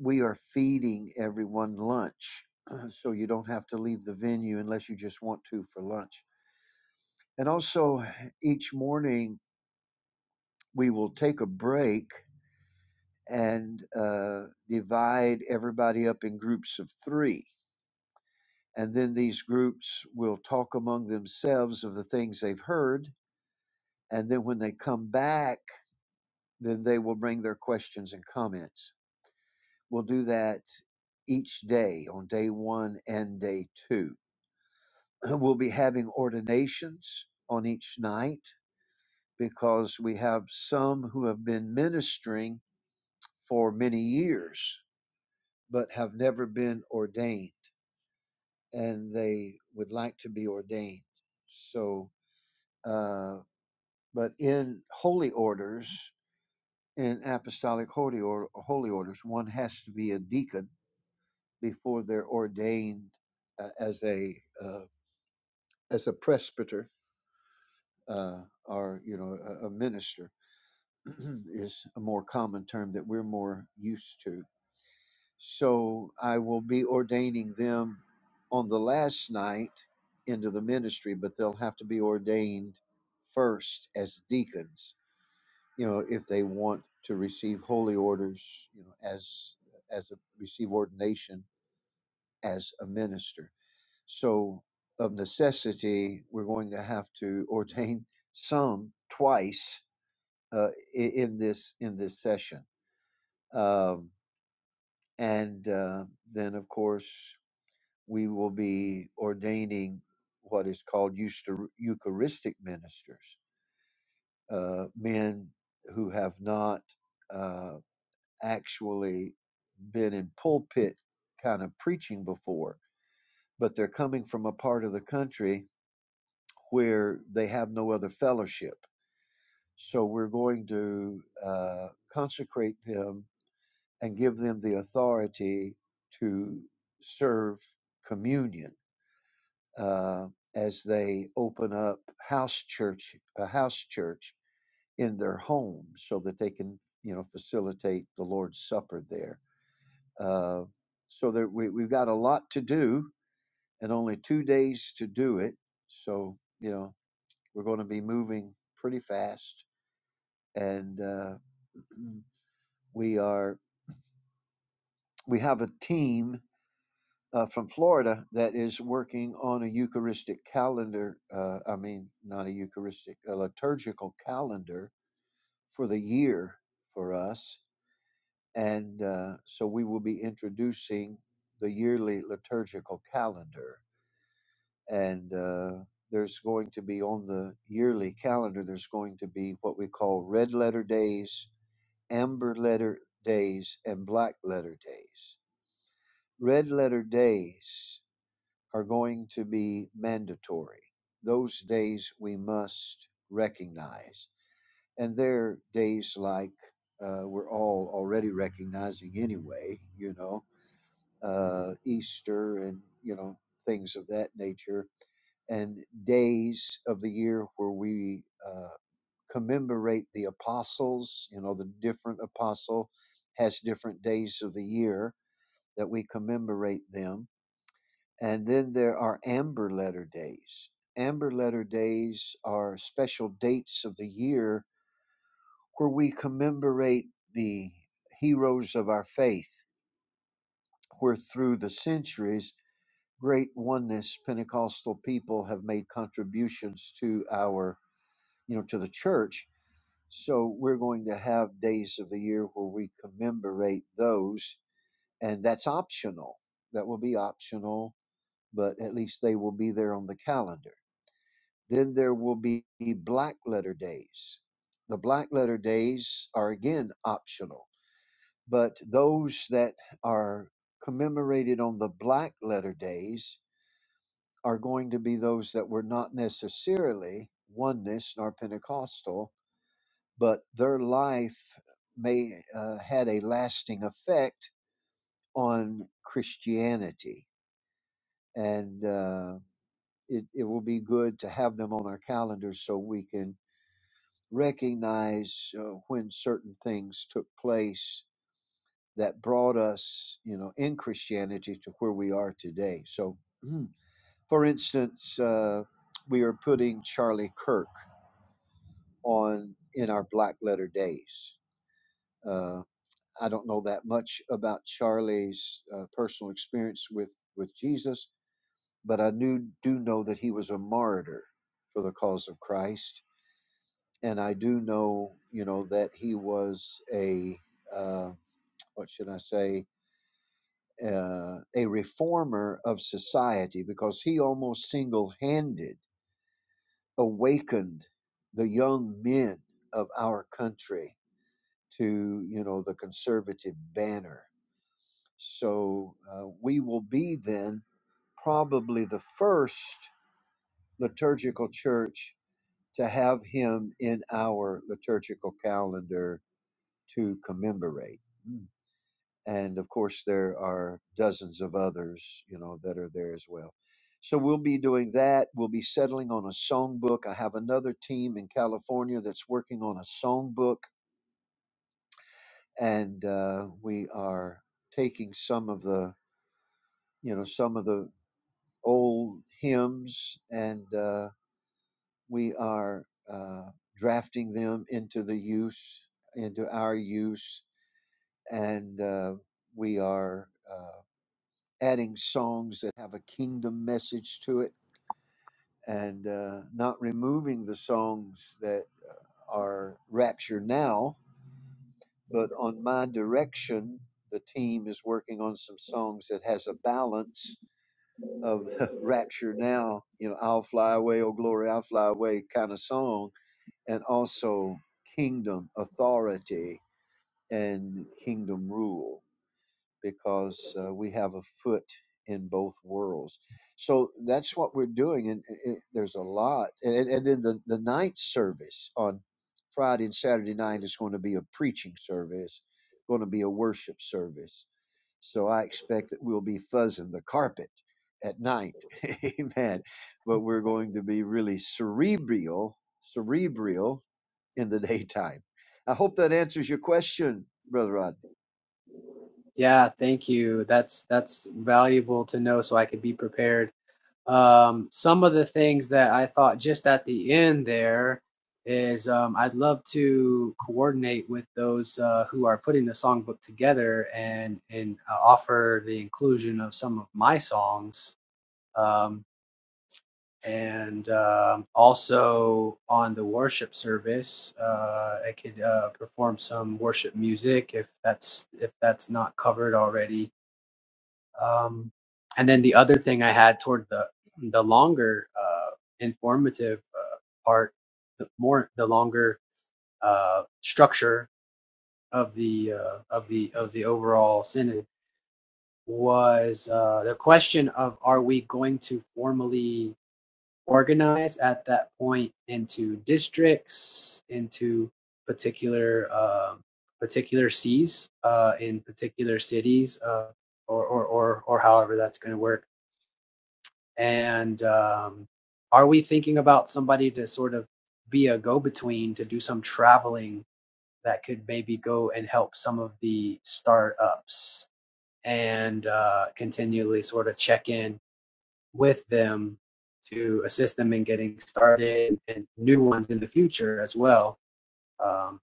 S2: we are feeding everyone lunch. So you don't have to leave the venue unless you just want to for lunch. And also, each morning we will take a break and uh, divide everybody up in groups of three and then these groups will talk among themselves of the things they've heard and then when they come back then they will bring their questions and comments we'll do that each day on day one and day two we'll be having ordinations on each night because we have some who have been ministering for many years but have never been ordained and they would like to be ordained so uh, But in holy orders, in apostolic holy, or, holy orders, one has to be a deacon before they're ordained uh, as a uh, as a presbyter uh, or you know a, a minister is a more common term that we're more used to. So I will be ordaining them on the last night into the ministry, but they'll have to be ordained first as deacons you know, if they want to receive holy orders, you know, as as a receive ordination as a minister. So of necessity, we're going to have to ordain some twice uh, in this in this session, um, and uh, then of course we will be ordaining what is called Euchar- Eucharistic ministers, uh, men who have not. uh, actually been in pulpit kind of preaching before, but they're coming from a part of the country where they have no other fellowship. So we're going to uh, consecrate them and give them the authority to serve communion uh, as they open up house church, a house church in their home, so that they can, you know, facilitate the Lord's Supper there uh, so that we, we've got a lot to do and only two days to do it. So, you know, we're going to be moving pretty fast. And uh, we are, we have a team uh, from Florida that is working on a Eucharistic calendar. Uh, I mean, not a Eucharistic, a liturgical calendar for the year for us. And uh, so we will be introducing the yearly liturgical calendar and uh, there's going to be on the yearly calendar there's going to be what we call red letter days amber letter days and black letter days red letter days are going to be mandatory those days we must recognize and they're days like uh, we're all already recognizing anyway you know uh, easter and you know things of that nature and days of the year where we uh, commemorate the apostles. You know, the different apostle has different days of the year that we commemorate them. And then there are amber letter days. Amber letter days are special dates of the year where we commemorate the heroes of our faith, where through the centuries, great oneness Pentecostal people have made contributions to our you know, to the church. So we're going to have days of the year where we commemorate those, and that's optional. That will be optional, but at least they will be there on the calendar. Then there will be black letter days. The black letter days are again optional, but those that are commemorated on the black letter days are going to be those that were not necessarily oneness nor Pentecostal, but their life may uh, had a lasting effect on Christianity, and uh, it it will be good to have them on our calendar so we can recognize uh, when certain things took place that brought us, you know, in Christianity to where we are today. So, mm, for instance, uh, we are putting Charlie Kirk on in our Black Letter Days Uh, I don't know that much about Charlie's uh, personal experience with with Jesus, but I knew do know that he was a martyr for the cause of Christ, and I do know you know that he was a uh, what should I say uh, a reformer of society because he almost single handed awakened the young men of our country to you know the conservative banner So uh, we will be then probably the first liturgical church to have him in our liturgical calendar to commemorate. Mm. And of course, there are dozens of others, you know, that are there as well. So we'll be doing that. We'll be settling on a songbook. I have another team in California that's working on a songbook, and uh, we are taking some of the you know some of the old hymns, and uh, we are uh, drafting them into the use, into our use, and uh, we are uh, adding songs that have a kingdom message to it, and uh, not removing the songs that are rapture now. But on my direction, the team is working on some songs that has a balance of the rapture now, you know, I'll fly away, oh glory, I'll fly away kind of song, and also kingdom authority and kingdom rule, because uh, we have a foot in both worlds. So that's what we're doing, and it, it- there's a lot. And, and then the, the night service on Friday and Saturday night is going to be a preaching service, going to be a worship service so I expect that we'll be fuzzing the carpet at night. Amen. But we're going to be really cerebral, cerebral in the daytime. I hope that answers your question, Brother Rod.
S5: Yeah, thank you. That's that's valuable to know so I could be prepared. Um, some of the things that I thought just at the end there is um, I'd love to coordinate with those uh, who are putting the songbook together and and uh, offer the inclusion of some of my songs. Um, and um, also on the worship service, uh, I could uh, perform some worship music if that's if that's not covered already. Um, and then the other thing I had toward the the longer uh, informative uh, part, the more the longer uh, structure of the uh, of the of the overall synod was uh, the question of are we going to formally Organize at that point into districts, into particular um particular Cs uh, in particular cities, uh, or, or or or however that's going to work. And um, are we thinking about somebody to sort of be a go-between to do some traveling that could maybe go and help some of the startups and uh, continually sort of check in with them to assist them in getting started and new ones in the future as well. Um,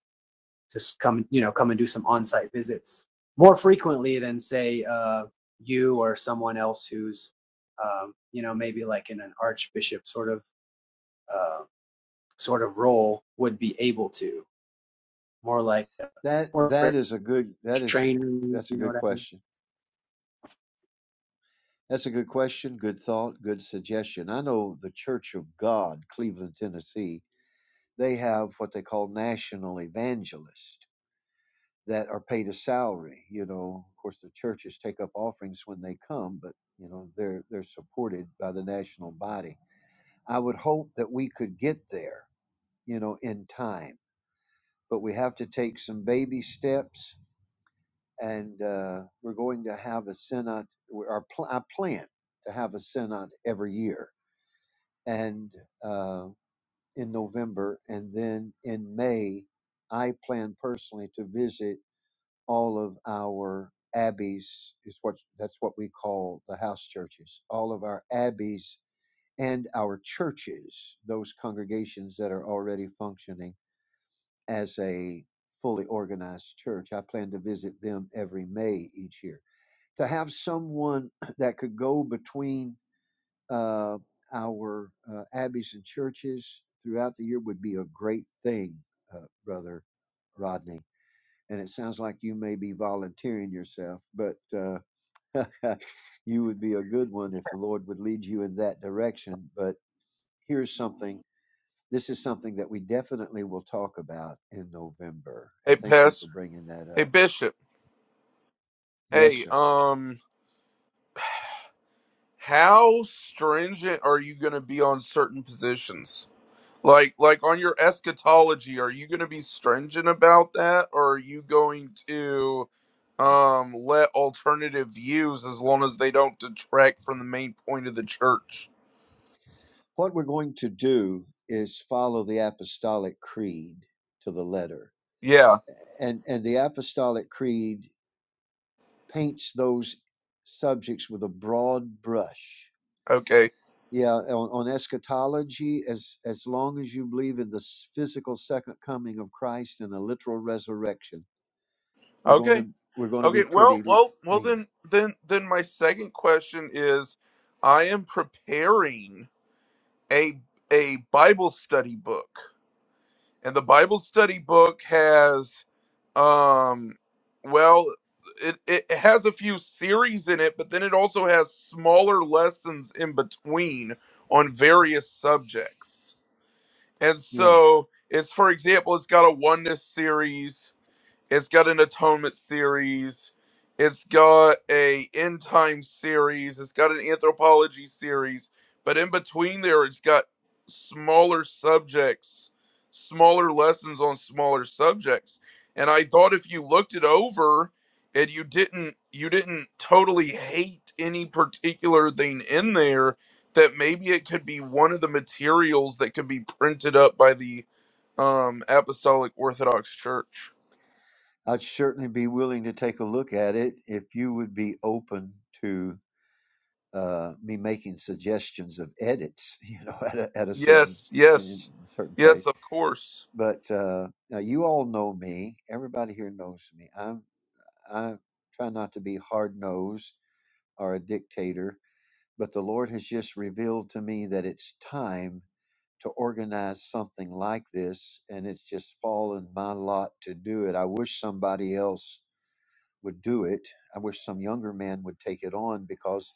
S5: to come, you know, come and do some on-site visits more frequently than say uh, you or someone else who's, um, you know, maybe like in an archbishop sort of uh, sort of role would be able to. More like a
S2: That
S5: corporate
S2: that is a good that is
S5: trainer, you
S2: that's a
S5: know
S2: good
S5: what I mean?
S2: question. That's a good question, good thought, good suggestion. I know the Church of God, Cleveland, Tennessee, they have what they call national evangelists that are paid a salary. You know, of course, the churches take up offerings when they come, but you know they're they're supported by the national body. I would hope that we could get there, you know, in time, but we have to take some baby steps, and uh, we're going to have a synod. we- Our pl- I plan to have a synod every year, and uh, in November, and then in May, I plan personally to visit. all of our abbeys is what that's what we call the house churches all of our abbeys and our churches those congregations that are already functioning as a fully organized church i plan to visit them every may each year to have someone that could go between uh, our uh, abbeys and churches throughout the year would be a great thing uh, brother rodney and it sounds like you may be volunteering yourself, but uh, you would be a good one if the Lord would lead you in that direction. But here's something this is something that we definitely will talk about in November. And
S3: Hey
S2: thank you
S3: Pest.
S2: for bringing that
S3: Hey
S2: up.
S3: Bishop.
S2: Yes,
S3: Hey,
S2: sir.
S3: um How stringent are you going to be on certain positions? Like like on your eschatology, are you going to be stringent about that or are you going to um let alternative views as long as they don't detract from the main point of the church?
S2: What we're going to do is follow the Apostolic Creed to the letter.
S3: Yeah.
S2: And, and the Apostolic Creed paints those subjects with a broad brush
S3: Okay.
S2: yeah on, on eschatology as as long as you believe in the s- physical second coming of christ and a literal resurrection we're going to
S3: Okay.
S2: we're going to be
S3: Okay. Well,
S2: pretty l-
S3: well, well
S2: lenient
S3: then then then my second question is I am preparing a a Bible study book and the Bible study book has um well it, it has a few series in it but then it also has smaller lessons in between on various subjects and
S2: yeah
S3: so it's for example it's got a oneness series it's got an atonement series. It's got a end time series. It's got an anthropology series. But in between there, it's got smaller subjects, smaller lessons on smaller subjects. And I thought if you looked it over and you didn't you didn't totally hate any particular thing in there, that maybe it could be one of the materials that could be printed up by the um, Apostolic Orthodox Church.
S2: i'd certainly be willing to take a look at it if you would be open to uh, me making suggestions of edits you know at a, at a certain
S3: Yes,
S2: in
S3: yes,
S2: a certain
S3: yes,
S2: place
S3: of course.
S2: but uh, now you all know me everybody here knows me i'm i try not to be hard nosed or a dictator but the Lord has just revealed to me that it's time to organize something like this, and it's just fallen my lot to do it. I wish somebody else would do it. I wish some younger man would take it on because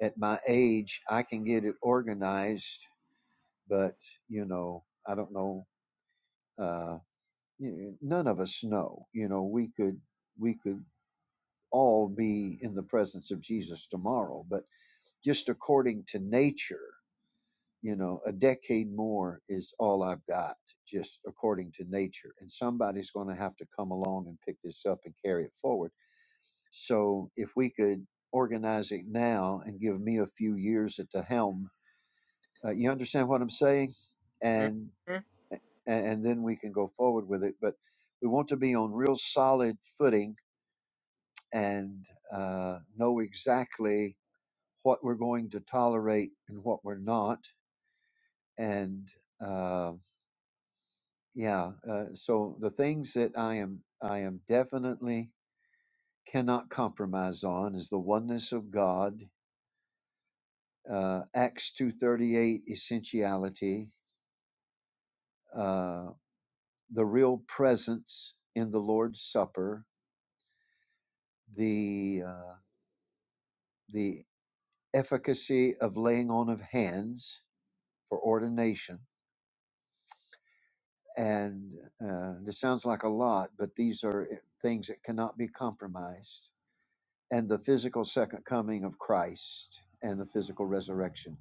S2: at my age, I can get it organized, but you know, I don't know. Uh, none of us know. You know, we could we could all be in the presence of Jesus tomorrow, but just according to nature you know a decade more is all i've got just according to nature and somebody's going to have to come along and pick this up and carry it forward so if we could organize it now and give me a few years at the helm uh, you understand what i'm saying and
S3: Mhm.
S2: and then we can go forward with it but we want to be on real solid footing and uh, know exactly what we're going to tolerate and what we're not and uh, yeah uh, so the things that i am i am definitely cannot compromise on is the oneness of god uh, acts 238 essentiality uh, the real presence in the lord's supper the uh, the efficacy of laying on of hands for ordination and uh, this sounds like a lot but these are uh, things that cannot be compromised and the physical second coming of Christ and the physical resurrection,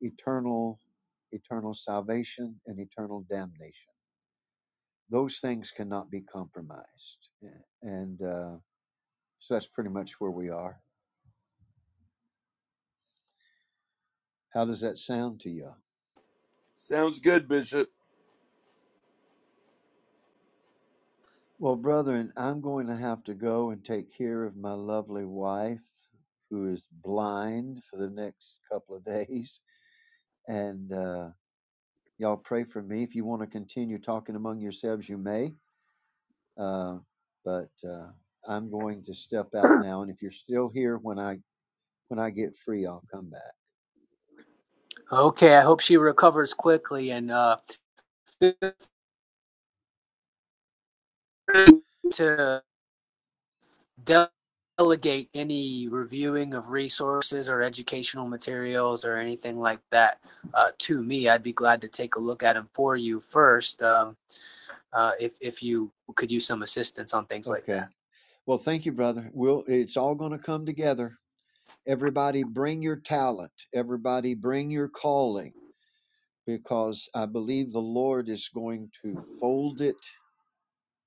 S2: eternal, eternal salvation and eternal damnation. Those things cannot be compromised, and uh, so that's pretty much where we are. How does that sound to you?
S3: Sounds good, Bishop.
S2: Well, brethren, I'm going to have to go and take care of my lovely wife, who is blind for the next couple of days, and uh, y'all pray for me. If you want to continue talking among yourselves, you may Uh, but uh, I'm going to step out now, and if you're still here when I when I get free, I'll come back.
S5: Okay, I hope she recovers quickly and uh, feel free to. delegate any reviewing of resources or educational materials or anything like that uh, to me. I'd be glad to take a look at them for you first um, uh, if, if you could use some assistance on things like that.
S2: Okay. Well, thank you, brother. We'll, it's all going to come together. Everybody, bring your talent. Everybody, bring your calling, because I believe the Lord is going to fold it,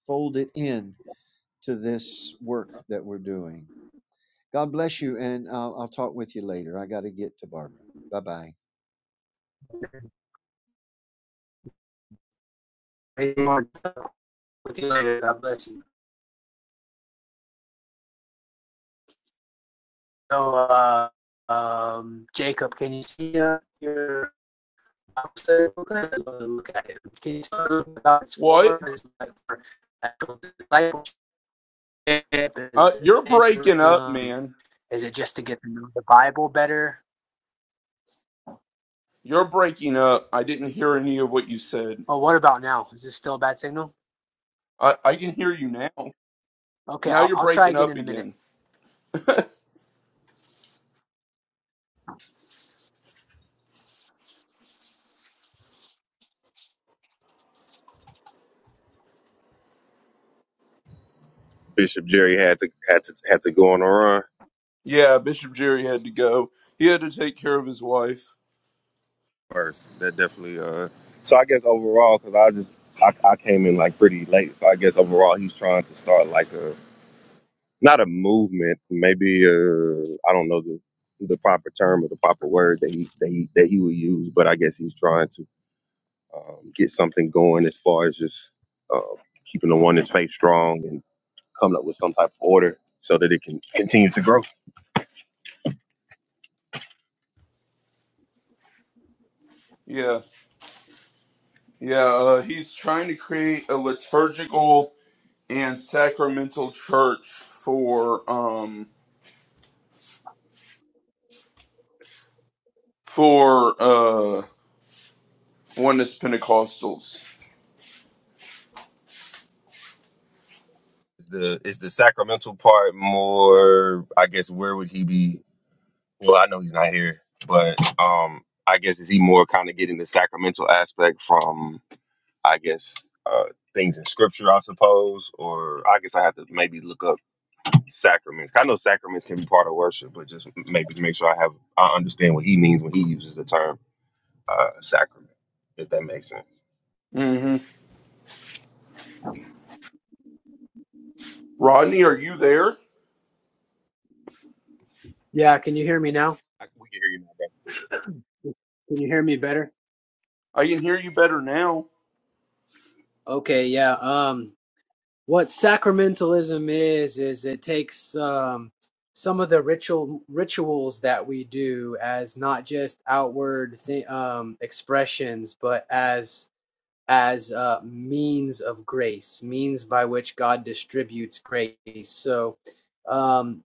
S2: fold it in to this work that we're doing. God bless you, and I'll, I'll talk with you later. I got to get to Barbara. Bye bye.
S5: With you later. God bless you. So, uh, um, Jacob, can you see uh, your I'm going to look at it. Can you tell me about its
S3: What?
S5: form? Is it like for actual discipleship? Is
S3: Uh,
S5: it
S3: you're breaking up,
S5: evangelism?
S3: man.
S5: Is it just to get to know the Bible better?
S3: You're breaking up. I didn't hear any of what you said.
S5: Oh, what about now? Is this still a bad signal?
S3: I, I can hear you now.
S5: Okay,
S3: Now
S5: I'll,
S3: you're
S5: I'll try
S3: breaking
S5: again
S3: up
S5: in a minute.
S3: again.
S7: Bishop Jerry had to had to had to go on a run
S3: Yeah, Bishop Jerry had to go. He had to take care of his wife.
S7: first. That definitely. Uh, so I guess overall, because I just I, I came in like pretty late, so I guess overall he's trying to start like a not a movement, maybe uh I don't know the the proper term or the proper word that he that he, that he would use, but I guess he's trying to um, get something going as far as just uh, keeping the one faith strong and coming up with some type of order so that it can continue to grow.
S3: Yeah, yeah. Uh, he's trying to create a liturgical and sacramental church for um for uh oneness Pentecostals.
S7: Is the is the sacramental part more? I guess where would he be? Well, I know he's not here, but um, I guess is he more kind of getting the sacramental aspect from? I guess uh, things in scripture, I suppose, or I guess I have to maybe look up sacraments. I know sacraments can be part of worship, but just maybe to make sure I have I understand what he means when he uses the term uh, sacrament, if that makes sense.
S3: Mm-hmm. Rodney, are you there?
S5: Yeah, can you hear me now?
S7: I, we can hear you now.
S5: Can you hear me better?
S3: I can hear you better now.
S5: Okay, yeah. Um, what sacramentalism is is it takes um, some of the ritual rituals that we do as not just outward th- um, expressions but as as uh, means of grace means by which god distributes grace so um,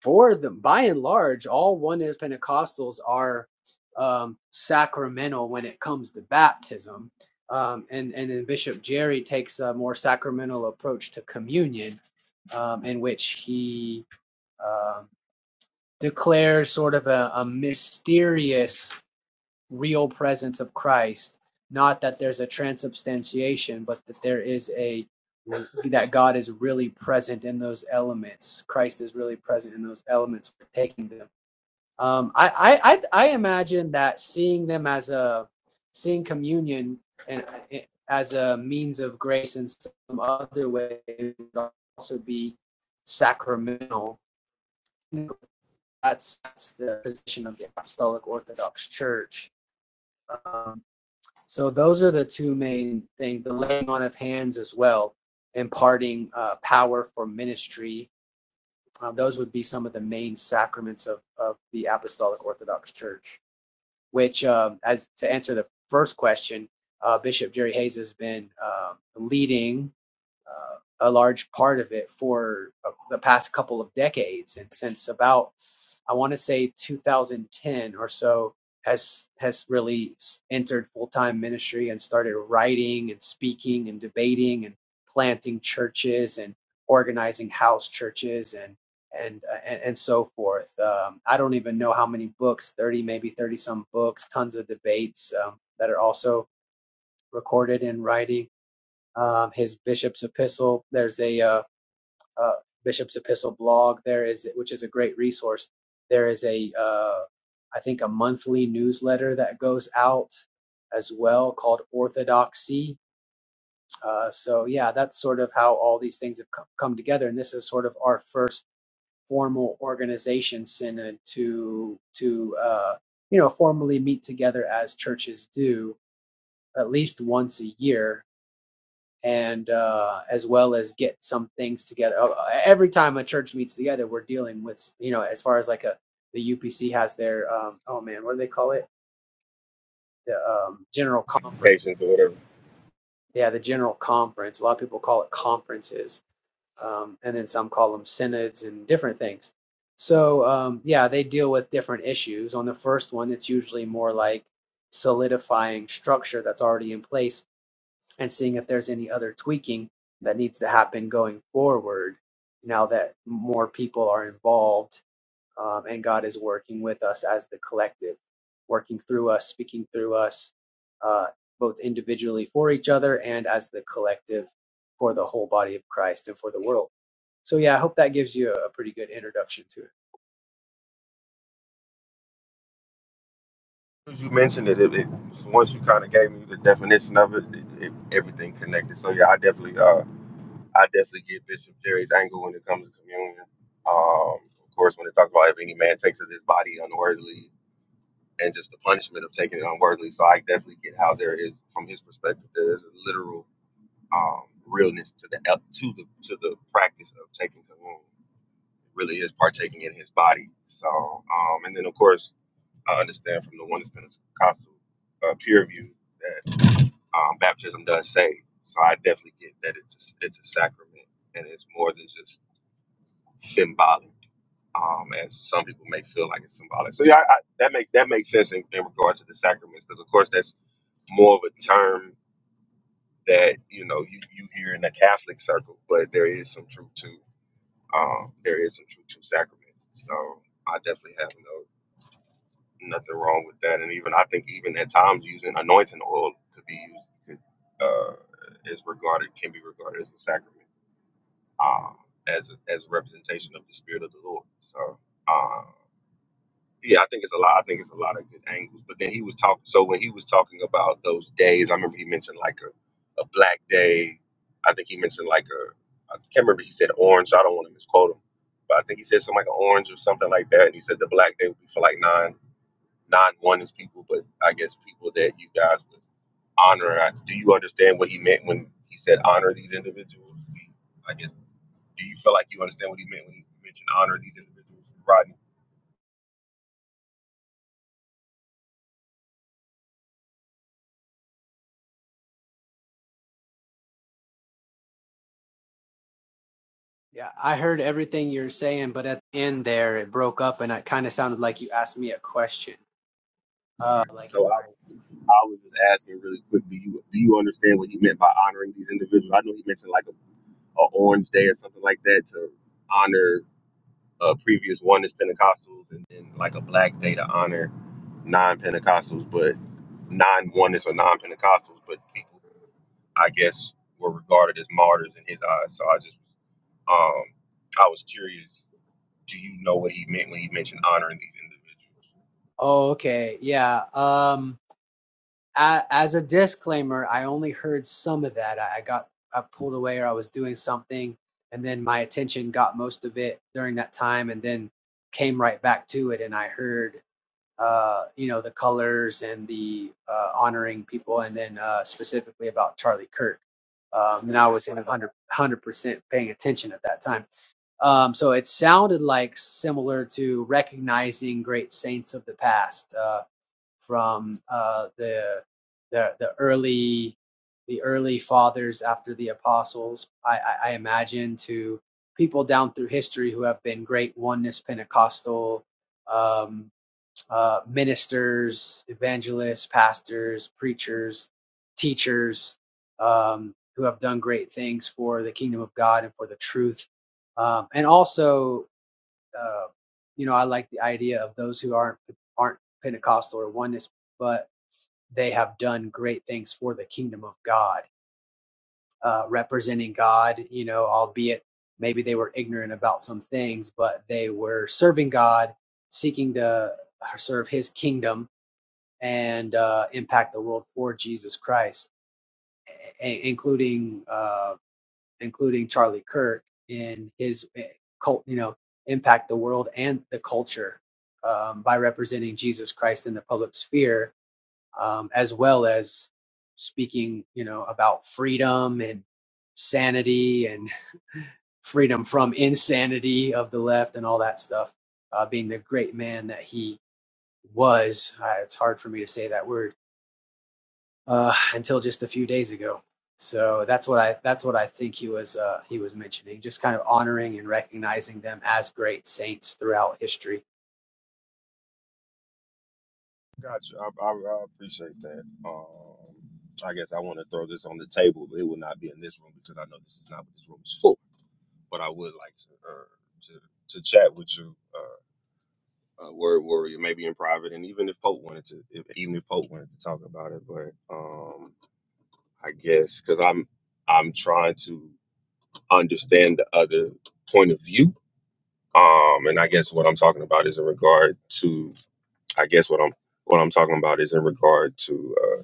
S5: for them, by and large, all one Pentecostals are um, sacramental when it comes to baptism. Um, and, and then Bishop Jerry takes a more sacramental approach to communion, um, in which he um declares sort of a, a mysterious real presence of Christ. Not that there's a transubstantiation, but that there is a that God is really present in those elements. Christ is really present in those elements, taking them um, I, I I I imagine that seeing them as a seeing communion and as a means of grace in some other way would also be sacramental. That's, that's the position of the Apostolic Orthodox Church. Um, so those are the two main things: the laying on of hands as well, imparting uh, power for ministry. Uh, those would be some of the main sacraments of, of the Apostolic Orthodox Church. which, um, as to answer the first question, uh, Bishop Jerry Hayes has been um leading uh, a large part of it for uh, the past couple of decades, and since about I want to say 2010 or so has has really entered full time ministry and started writing and speaking and debating and planting churches and organizing house churches and and uh, and, and so forth. Um, I don't even know how many books, thirty maybe thirty some books, tons of debates um, that are also recorded in writing um, his bishop's epistle. There's a uh, uh, bishop's epistle blog. There is, which is a great resource. There is a, uh, I think, a monthly newsletter that goes out as well called Orthodoxy. Uh, so yeah, that's sort of how all these things have co- come together, and this is sort of our first formal organization synod to to uh, you know formally meet together as churches do at least once a year and uh, as well as get some things together. Uh, Every time a church meets together, we're dealing with you know as far as like a the UPC has their um, oh man what do they call it the um, general
S7: Complications
S5: conference
S7: or whatever.
S5: yeah the general conference a lot of people call it conferences um, and then some call them synods and different things. So um, yeah, they deal with different issues. On the first one, it's usually more like solidifying structure that's already in place and seeing if there's any other tweaking that needs to happen going forward now that more people are involved um, and God is working with us as the collective, working through us, speaking through us, uh, both individually for each other and as the collective for the whole body of Christ and for the world. So, yeah, I hope that gives you a, a pretty good introduction to it.
S7: as you mentioned it, it, it once you kind of gave me the definition of it, it, it, everything connected. So yeah, I definitely, uh, I definitely get Bishop Jerry's angle when it comes to communion. Um, of course, when it talks about if any man takes of his body unworthily, and just the punishment of taking it unworthily. So I definitely get how there is, from his perspective, there is a literal um, realness to the uh, to the to the practice of taking communion. It really is partaking in his body. So, um, and then of course I understand from the one that's been a constant uh, peer review that um, baptism does save. So I definitely get that it's a, it's a sacrament and it's more than just symbolic, um, as some people may feel like it's symbolic. So yeah, I, I, that makes that makes sense in, in regard to the sacraments because of course that's more of a term that you know you, you hear in the Catholic circle, but there is some truth to um, there is some truth to sacraments. So I definitely have no. nothing wrong with that. And even I think even at times using anointing oil to be used uh, is regarded can be regarded as a sacrament, um, as a, as a representation of the spirit of the Lord. So uh, yeah, I think it's a lot. I think it's a lot of good angles. But then he was talking. So when he was talking about those days, I remember he mentioned like a, a black day. I think he mentioned like a I can't remember. He said orange. So I don't want to misquote him. But I think he said something like an orange or something like that. And he said the black day would be for like nine non oneness people, but I guess people that you guys would honor. I- Do you understand what he meant when he said honor these individuals? We- I guess, do you feel like you understand what he meant when he mentioned honor these individuals? Rodney,
S5: Yeah, I heard everything you were saying, but at the end there, it broke up and it kind of sounded like you asked me a question. Uh,
S7: sorry.
S5: like if
S7: So I,
S5: I
S7: I was just asking really quick, do you do you understand what he meant by honoring these individuals? I know he mentioned like a, a orange day or something like that to honor uh, previous oneness Pentecostals and then like a black day to honor non Pentecostals, but non oneness or non Pentecostals, but people I guess were regarded as martyrs in his eyes. So I just um I was curious. Do you know what he meant when he mentioned honoring these individuals?
S5: Oh, okay. Yeah. Um, a as a disclaimer, I only heard some of that. I, I got I pulled away or I was doing something, and then my attention got most of it during that time, and then came right back to it, and I heard uh you know the colors and the uh honoring people and then uh specifically about Charlie Kirk um and I was in 100 percent paying attention at that time um so it sounded like similar to recognizing great saints of the past Uh, from uh, the, the the early the early fathers after the apostles, I, I, I imagine, to people down through history who have been great oneness Pentecostal um, uh, ministers, evangelists, pastors, preachers, teachers, um, who have done great things for the kingdom of God and for the truth. Um, and also uh, you know, I like the idea of those who aren't aren't Pentecostal or oneness, but they have done great things for the kingdom of God, uh, representing God. You know, albeit maybe they were ignorant about some things, but they were serving God, seeking to serve His kingdom and uh, impact the world for Jesus Christ, a- including. Uh, including Charlie Kirk in his eh, cult, you know, impact the world and the culture um, by representing Jesus Christ in the public sphere, um, as well as speaking, you know, about freedom and sanity and freedom from insanity of the left and all that stuff. Uh, being the great man that he was, uh, it's hard for me to say that word uh, until just a few days ago. So that's what I that's what I think he was uh, he was mentioning, just kind of honoring and recognizing them as great saints throughout history.
S7: Gotcha. I, I, I appreciate that. Um, I guess I want to throw this on the table, but it will not be in this room because I know this is not what this room is for. But I would like to uh, to to chat with you, uh, uh, word warrior, maybe in private, and even if Pope wanted to, if, even if Pope wanted to talk about it. But um, I guess because I'm I'm trying to. understand the other point of view. Um, and I guess what I'm talking about is in regard to, I guess what I'm what I'm talking about is in regard to uh,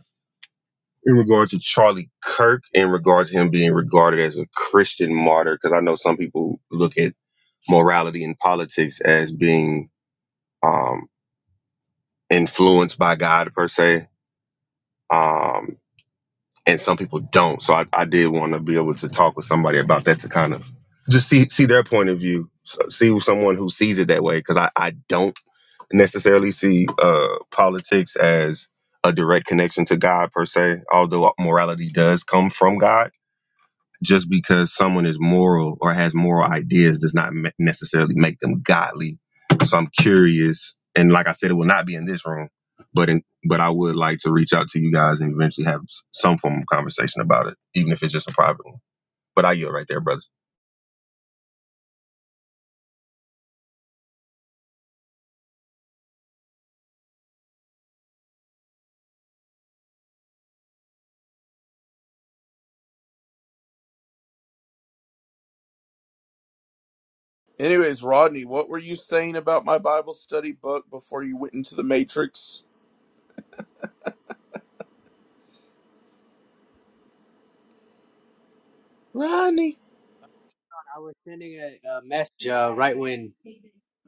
S7: in regard to Charlie Kirk, in regard to him being regarded as a Christian martyr, because I know some people look at morality and politics as being um, influenced by God per se. Um, and some people don't. So I, I did want to be able to talk with somebody about that to kind of just see see their point of view, s- see someone who sees it that way. Because I, I don't necessarily see uh, politics as a direct connection to God per se, although morality does come from God just because someone is moral or has moral ideas does not me- necessarily make them godly. So I'm curious, and like I said, it will not be in this room, but in, but I would like to reach out to you guys and eventually have s- some form of conversation about it, even if it's just a private one. But I yield right there, brother.
S3: Anyways, Rodney, what were you saying about my Bible study book before you went into the Matrix? Rodney.
S5: I was sending a, a message uh, right when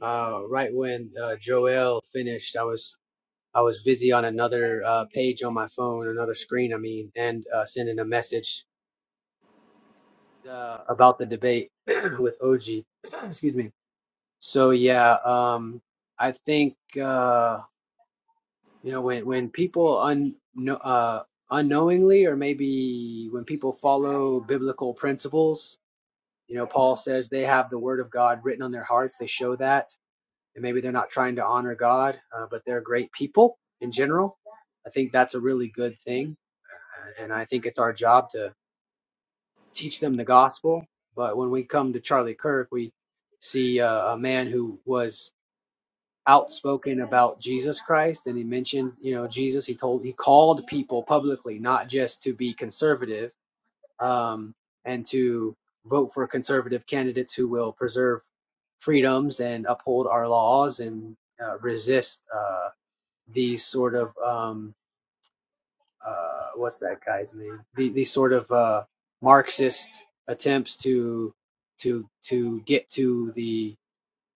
S5: uh, right when uh, Joel finished. I was I was busy on another uh, page on my phone, another screen, I mean, and uh, sending a message uh, about the debate with OG. Excuse me. So yeah, um, I think. Uh, You know, when when people un no- uh, unknowingly, or maybe when people follow biblical principles, you know, Paul says they have the word of God written on their hearts. They show that, and maybe they're not trying to honor God, uh, but they're great people in general. I think that's a really good thing, uh, and I think it's our job to teach them the gospel. But when we come to Charlie Kirk, we see uh, a man who was outspoken about Jesus Christ and he mentioned, you know, Jesus. He told he called people publicly not just to be conservative um, and to vote for conservative candidates who will preserve freedoms and uphold our laws and uh, resist uh, these sort of um, uh, what's that guy's name? The, these sort of uh, Marxist attempts to to to get to the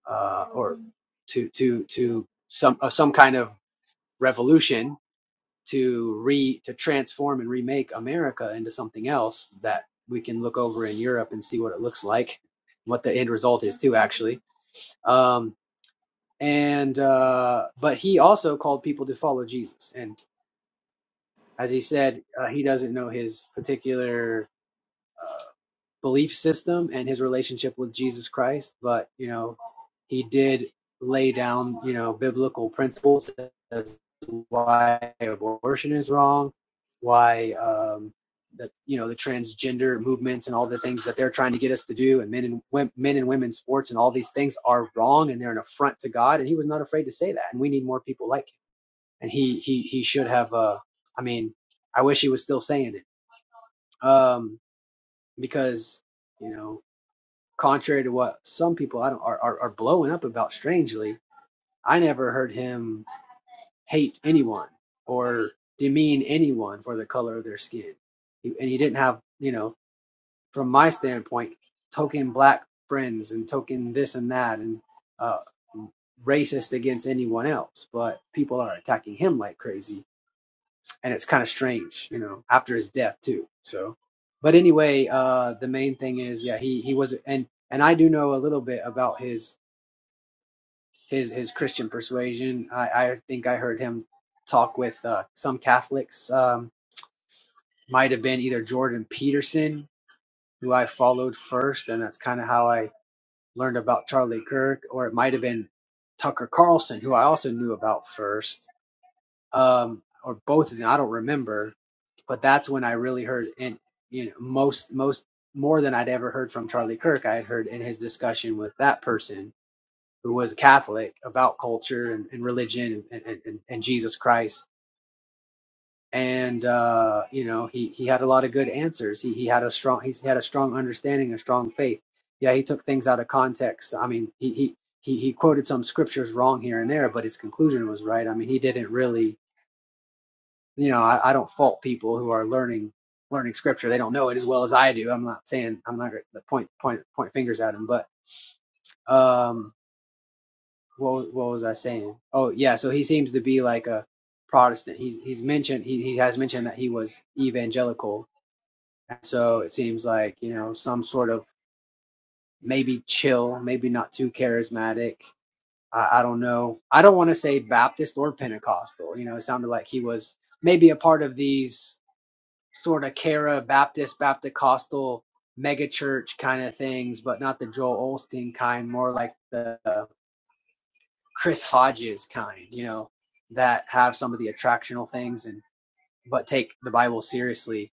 S5: uh, or to to to some of some kind of revolution to re to transform and remake America into something else that we can look over in Europe and see what it looks like, what the end result is too actually. Um, and uh, but he also called people to follow Jesus, and as he said, uh, he doesn't know his particular belief system and his relationship with Jesus Christ, but you know, he did lay down, you know, biblical principles as why abortion is wrong, why um the you know the transgender movements and all the things that they're trying to get us to do and men and wom- men and women sports and all these things are wrong and they're an affront to God and he was not afraid to say that and we need more people like him and he he he should have uh I mean I wish he was still saying it um because you know contrary to what some people I don't, are, are, are blowing up about strangely, I never heard him hate anyone or demean anyone for the color of their skin. He, and he didn't have, you know, from my standpoint, token black friends and token this and that and uh, racist against anyone else. But people are attacking him like crazy and it's kind of strange, you know, after his death too. So, but anyway, uh, the main thing is, yeah, he he was, and and I do know a little bit about his his his Christian persuasion. I I think I heard him talk with uh, some Catholics. Um, might have been either Jordan Peterson, who I followed first, and that's kind of how I learned about Charlie Kirk, or it might have been Tucker Carlson, who I also knew about first um, or both of them. I don't remember, but that's when I really heard and you know most most more than I'd ever heard from Charlie Kirk. I had heard in his discussion with that person who was a Catholic about culture and, and religion and, and, and and Jesus Christ. And uh, you know he he had a lot of good answers. He he had a strong he's had a strong understanding, a strong faith. Yeah, he took things out of context. I mean, he he he he quoted some scriptures wrong here and there, but his conclusion was right. I mean, he didn't really you know, I, I don't fault people who are learning learning scripture. They don't know it as well as I do. I'm not saying I'm not gonna point point point fingers at him, but um, what what was I saying? Oh yeah, so he seems to be like a Protestant. He's he's mentioned he he has mentioned that he was evangelical, and so it seems like you know some sort of maybe chill, maybe not too charismatic. I, I don't know. I don't want to say Baptist or Pentecostal. You know, it sounded like he was maybe a part of these sort of Cara Baptist, Baptist Costal mega church kind of things, but not the Joel Olstein kind, more like the Chris Hodges kind, you know, that have some of the attractional things and but take the Bible seriously.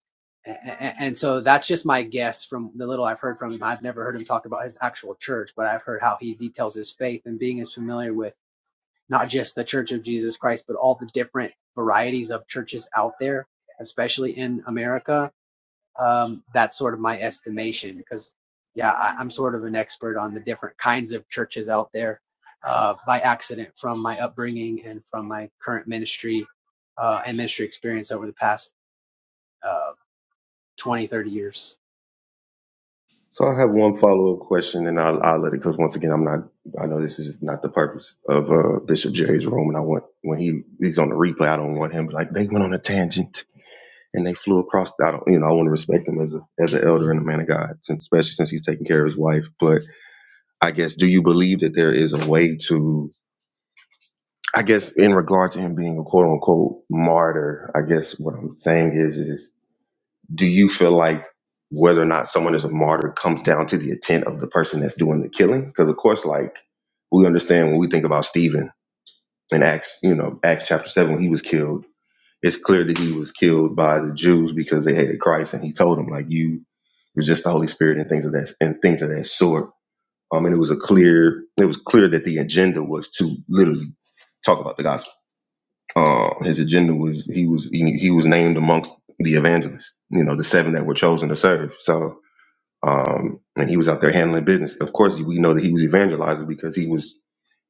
S5: And so that's just my guess from the little I've heard from him. I've never heard him talk about his actual church, but I've heard how he details his faith and being as familiar with not just the Church of Jesus Christ, but all the different varieties of churches out there, especially in America um, that's sort of my estimation because, yeah, I, I'm sort of an expert on the different kinds of churches out there uh, by accident from my upbringing and from my current ministry uh, and ministry experience over the past uh, 20, 30 years.
S7: So I have one follow up question, and I'll, I'll let it because once again, I'm not. I know this is not the purpose of uh, Bishop Jerry's room, and I want when he he's on the replay, I don't want him like they went on a tangent. and they flew across. The, I don't, you know, I want to respect him as a as an elder and a man of God, since, especially since he's taking care of his wife. But I guess, do you believe that there is a way to? I guess, in regard to him being a quote unquote martyr, I guess what I'm saying is, is do you feel like whether or not someone is a martyr comes down to the intent of the person that's doing the killing? Because of course, like we understand when we think about Stephen in Acts, you know, Acts chapter seven, when he was killed It's clear that he was killed by the Jews because they hated Christ, and he told them like you it was just the Holy Spirit and things of that and things of that sort. Um, and it was a clear it was clear that the agenda was to literally talk about the gospel. Um, his agenda was he was he, he was named amongst the evangelists, you know, the seven that were chosen to serve. So um, and he was out there handling business. Of course, we know that he was evangelizing because he was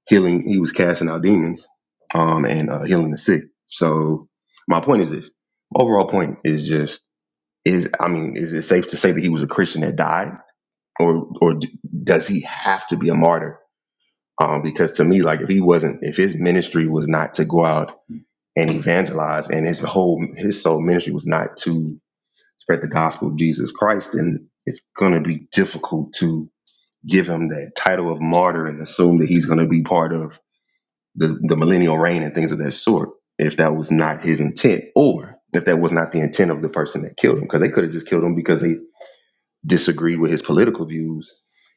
S7: healing. He was casting out demons, um, and uh, healing the sick. So my point is this: overall point is just is I mean, is it safe to say that he was a Christian that died, or or d- does he have to be a martyr? Um, because to me, like if he wasn't, if his ministry was not to go out and evangelize, and his whole his sole ministry was not to spread the gospel of Jesus Christ, then it's going to be difficult to give him that title of martyr and assume that he's going to be part of the, the millennial reign and things of that sort if that was not his intent or if that was not the intent of the person that killed him because they could have just killed him because they disagreed with his political views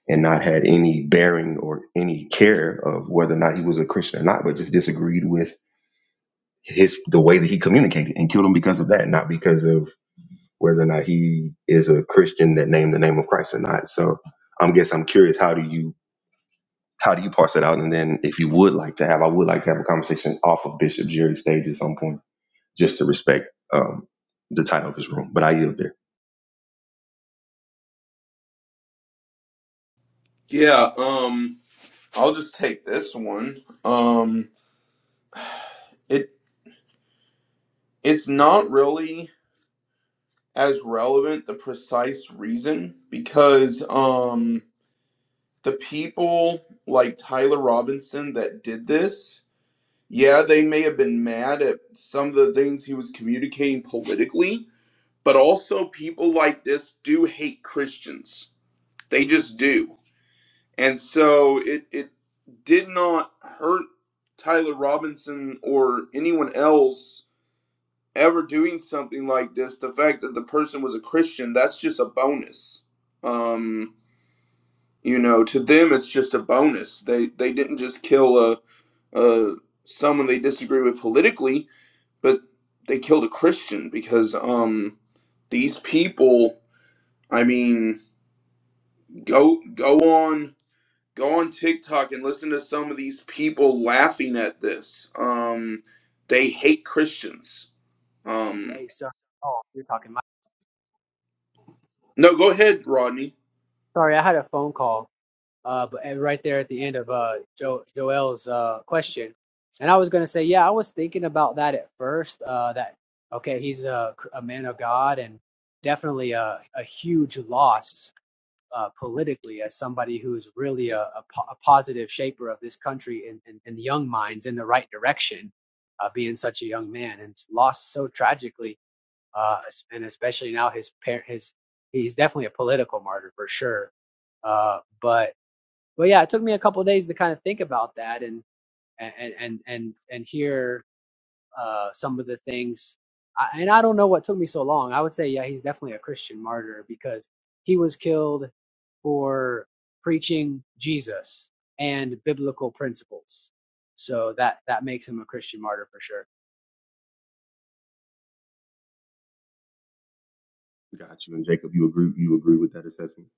S7: and not had any bearing or any care of whether or not he was a christian or not but just disagreed with his the way that he communicated and killed him because of that not because of whether or not he is a christian that named the name of christ or not so i guess i'm curious how do you how do you parse that out? And then if you would like to have, I would like to have a conversation off of Bishop Jerry's stage at some point, just to respect um, the title of his room. But I yield there.
S3: Yeah, um I'll just take this one. Um it it's not really as relevant the precise reason because um the people like Tyler Robinson that did this, yeah, they may have been mad at some of the things he was communicating politically, But also, people like this do hate Christians. They just do. And so it, it did not hurt Tyler Robinson or anyone else ever doing something like this. The fact that the person was a Christian, that's just a bonus. Um, you know, to them, it's just a bonus. They, they didn't just kill a, uh, someone they disagree with politically, but they killed a Christian because um, these people. I mean, Go go on go on TikTok and listen to some of these people laughing at this. Um, they hate Christians. Um,
S5: Hey, sorry. Oh, you're talking. My-
S3: no, go ahead, Rodney.
S5: sorry, I had a phone call. uh, but right there at the end of uh, jo- Joel's uh, question, and I was gonna say, yeah, I was thinking about that at first. Uh, that okay, he's a, a man of God and definitely a, a huge loss uh, politically as somebody who's really a, a, po- a positive shaper of this country and and and the young minds in the right direction, uh, being such a young man and it's lost so tragically, uh, es- and especially now his parent. his he's definitely a political martyr for sure. Uh, but but yeah, it took me a couple of days to kind of think about that and and and and and hear uh, some of the things. I, and I don't know what took me so long. I would say, yeah, he's definitely a Christian martyr because he was killed for preaching Jesus and biblical principles. So that that makes him a Christian martyr for sure.
S7: Got you. And Jacob, you agree you agree with that assessment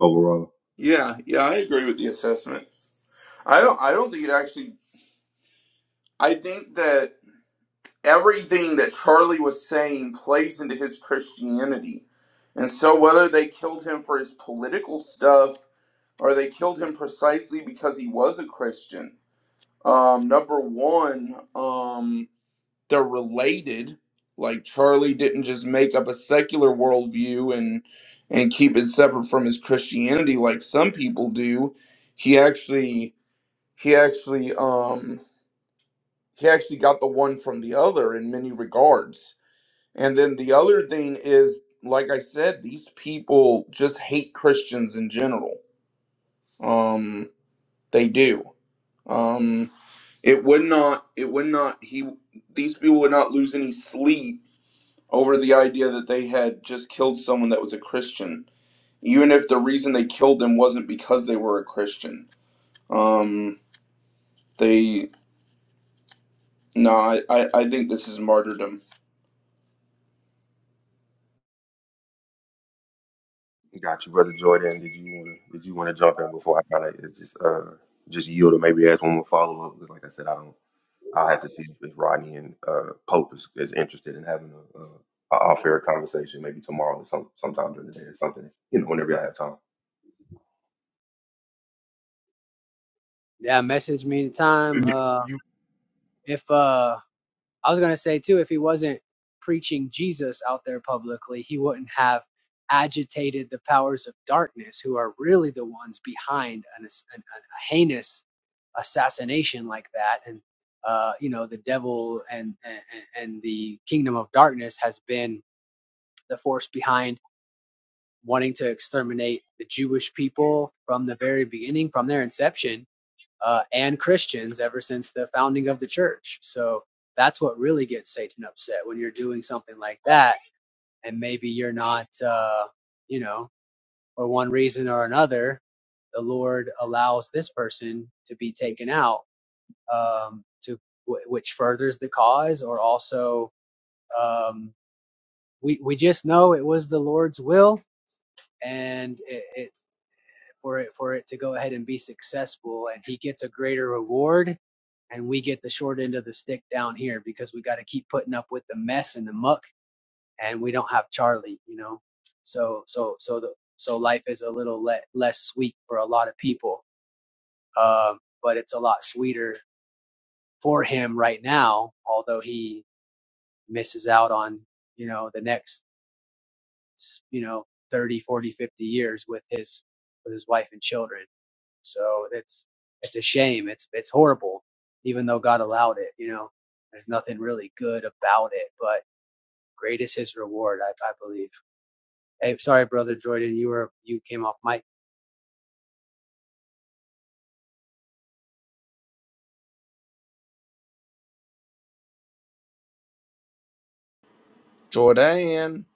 S7: overall?
S3: Yeah, yeah, I agree with the assessment. I don't I don't think it actually I think that everything that Charlie was saying plays into his Christianity. And so whether they killed him for his political stuff or they killed him precisely because he was a Christian. Um, number one, um, they're related. Like Charlie didn't just make up a secular worldview and and keep it separate from his Christianity like some people do. He actually he actually um he actually got the one from the other in many regards. And then the other thing is, like I said, these people just hate Christians in general. Um, they do. Um, it would not. It would not. He. These people would not lose any sleep over the idea that they had just killed someone that was a Christian, even if the reason they killed them wasn't because they were a Christian. Um, they no, I, I, I think this is martyrdom.
S7: Got you, brother Jordan. Did you wanna did you wanna jump in before I kinda just uh just yield or maybe ask one more follow up? Because like I said, I don't I'll have to see if Rodney and uh, Pope is, is interested in having a, a, a off air conversation maybe tomorrow or some sometime during the day or something, you know, whenever I have time.
S5: Yeah, message me anytime. Uh, if uh, I was gonna say too, if he wasn't preaching Jesus out there publicly, he wouldn't have agitated the powers of darkness, who are really the ones behind an, an- a heinous assassination like that. And uh, you know, the devil and, and and the kingdom of darkness has been the force behind wanting to exterminate the Jewish people from the very beginning, from their inception uh, and Christians ever since the founding of the church. So that's what really gets Satan upset when you're doing something like that, and maybe you're not, uh, you know, for one reason or another, the Lord allows this person to be taken out, um, to wh- which furthers the cause, or also um, we we just know it was the Lord's will, and it, it for it for it to go ahead and be successful and he gets a greater reward and we get the short end of the stick down here because we got to keep putting up with the mess and the muck and we don't have charlie you know so so so the so life is a little le- less sweet for a lot of people um but it's a lot sweeter for him right now although he misses out on you know the next you know 30, 40, 50 years with his with his wife and children So it's it's a shame. It's it's horrible, even though God allowed it. You know, there's nothing really good about it, but great is His reward. I, I believe. Hey, sorry, brother Jordan, you were you came off mic.
S3: Jordan,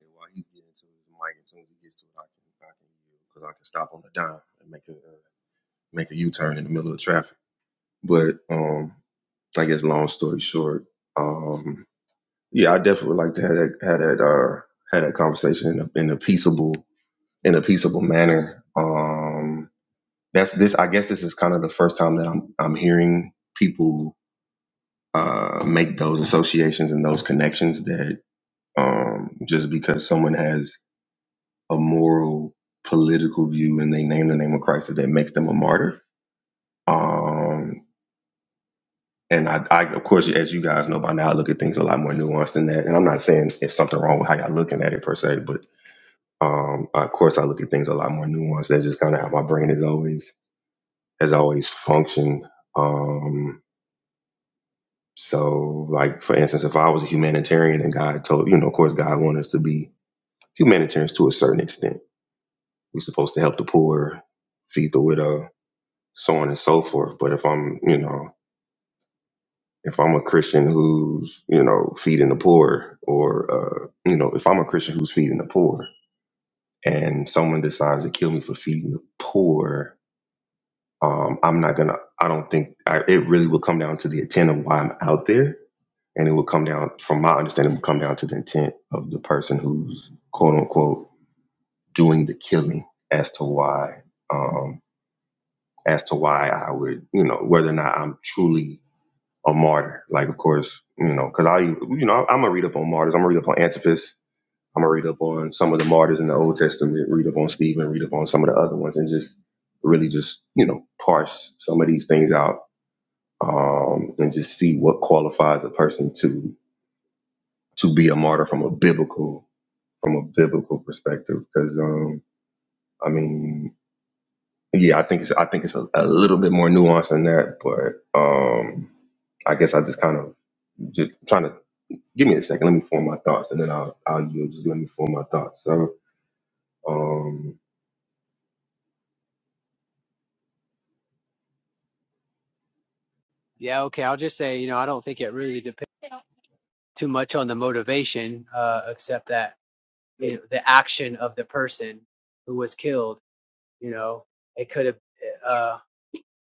S7: And while he's getting to his mic, as soon as he gets to it, I can I can yield because I can stop on the dime and make a uh, make a U turn in the middle of traffic. But um, I guess long story short, um, yeah, I definitely would like to have that have that uh had that conversation in a, in a peaceable in a peaceable manner. Um, that's this. I guess this is kind of the first time that I'm I'm hearing people uh make those associations and those connections that um just because someone has a moral political view and they name the name of Christ that makes them a martyr. Um, and I, I, of course, as you guys know by now, I look at things a lot more nuanced than that. And I'm not saying it's something wrong with how y'all looking at it per se, but um, of course, I look at things a lot more nuanced. That's just kind of how my brain is always has always functioned. Um, so, like for instance, if I was a humanitarian and God told you know, of course, God wanted us to be humanitarians to a certain extent. We're supposed to help the poor, feed the widow, so on and so forth. But if I'm, you know, if I'm a Christian who's, you know, feeding the poor, or uh, you know, if I'm a Christian who's feeding the poor, and someone decides to kill me for feeding the poor, um, I'm not gonna. I don't think I, it really will come down to the intent of why I'm out there, and it will come down, from my understanding, it will come down to the intent of the person who's quote unquote doing the killing as to why, um, as to why I would, you know, whether or not I'm truly a martyr. Like, of course, you know, because I, you know, I'm gonna read up on martyrs. I'm gonna read up on Antipas. I'm gonna read up on some of the martyrs in the Old Testament. Read up on Stephen. Read up on some of the other ones, and just really just you know parse some of these things out um, and just see what qualifies a person to to be a martyr from a biblical from a biblical perspective. Because um, I mean, yeah, I think it's I think it's a, a little bit more nuanced than that, but um, I guess I just kind of just trying to give me a second. Let me form my thoughts, and then I'll, I'll you know, just let me form my thoughts. So, um,
S5: Yeah, okay. I'll just say, you know, I don't think it really depends too much on the motivation, uh, except that you know, the action of the person who was killed. You know, it could have. Uh,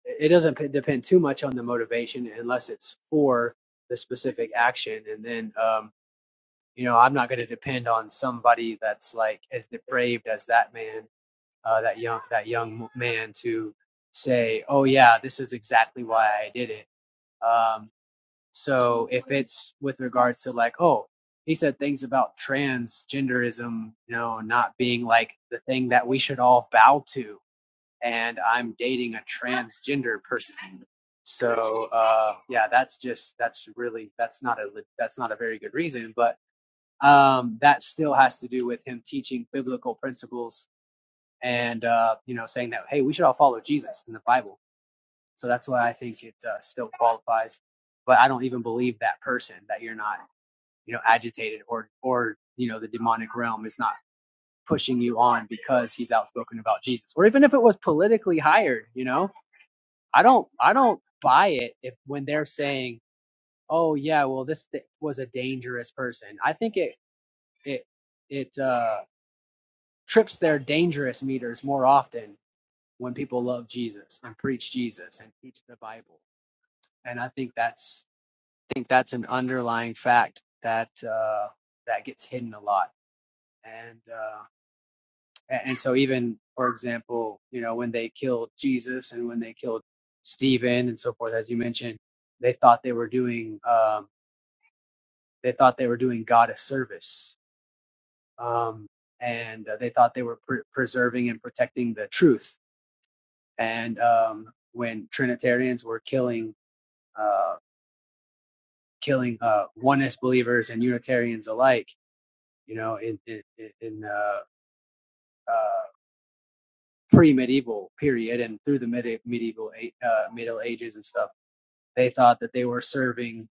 S5: it doesn't p- depend too much on the motivation unless it's for the specific action, and then. Um, you know, I'm not going to depend on somebody that's like as depraved as that man, uh, that young that young man to say, oh yeah, this is exactly why I did it. Um, so if it's with regards to like, oh, he said things about transgenderism, you know, not being like the thing that we should all bow to, and I'm dating a transgender person. So uh, yeah, that's just that's really that's not a that's not a very good reason, but um, that still has to do with him teaching biblical principles and uh, you know saying that hey we should all follow jesus in the bible so that's why i think it uh, still qualifies but i don't even believe that person that you're not you know agitated or or you know the demonic realm is not pushing you on because he's outspoken about jesus or even if it was politically hired you know i don't i don't buy it if when they're saying oh yeah well this th- was a dangerous person i think it it it uh trips their dangerous meters more often when people love Jesus and preach Jesus and teach the Bible. And I think that's I think that's an underlying fact that uh, that gets hidden a lot. And uh, and so even for example, you know, when they killed Jesus and when they killed Stephen and so forth, as you mentioned, they thought they were doing um, they thought they were doing God a service. Um, and uh, they thought they were pre- preserving and protecting the truth and um, when Trinitarians were killing uh, killing uh, oneness believers and Unitarians alike, you know, in in, in uh, uh, pre-medieval period and through the medi- medieval uh, Middle Ages and stuff, they thought that they were serving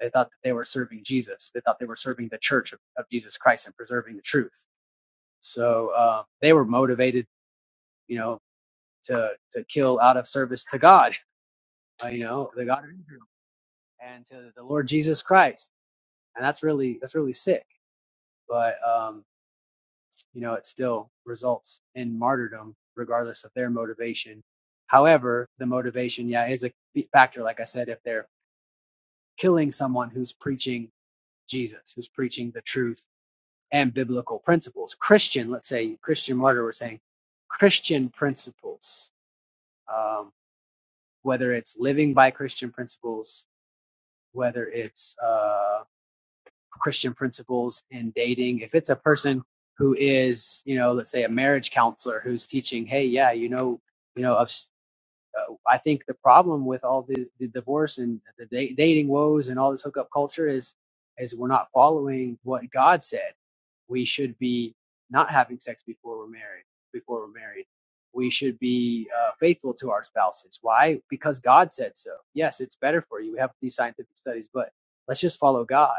S5: they thought that they were serving Jesus. They thought they were serving the Church of, of Jesus Christ and preserving the truth. So uh, they were motivated, you know, to to kill out of service to God, uh, you know, the God of Israel and to the Lord Jesus Christ and that's really that's really sick. But um, you know, it still results in martyrdom, regardless of their motivation. However, the motivation, yeah, is a factor. Like I said, if they're killing someone who's preaching Jesus, who's preaching the truth and biblical principles, Christian, let's say Christian martyr, we're saying Christian principles, um, whether it's living by Christian principles, whether it's uh, Christian principles in dating. If it's a person who is, you know, let's say a marriage counselor who's teaching, hey, yeah, you know, you know, abs- uh, I think the problem with all the, the divorce and the da- dating woes and all this hookup culture is, is we're not following what God said. We should be not having sex before we're married. Before we're married, we should be uh, faithful to our spouses. Why? Because God said so. Yes, it's better for you. We have these scientific studies, but let's just follow God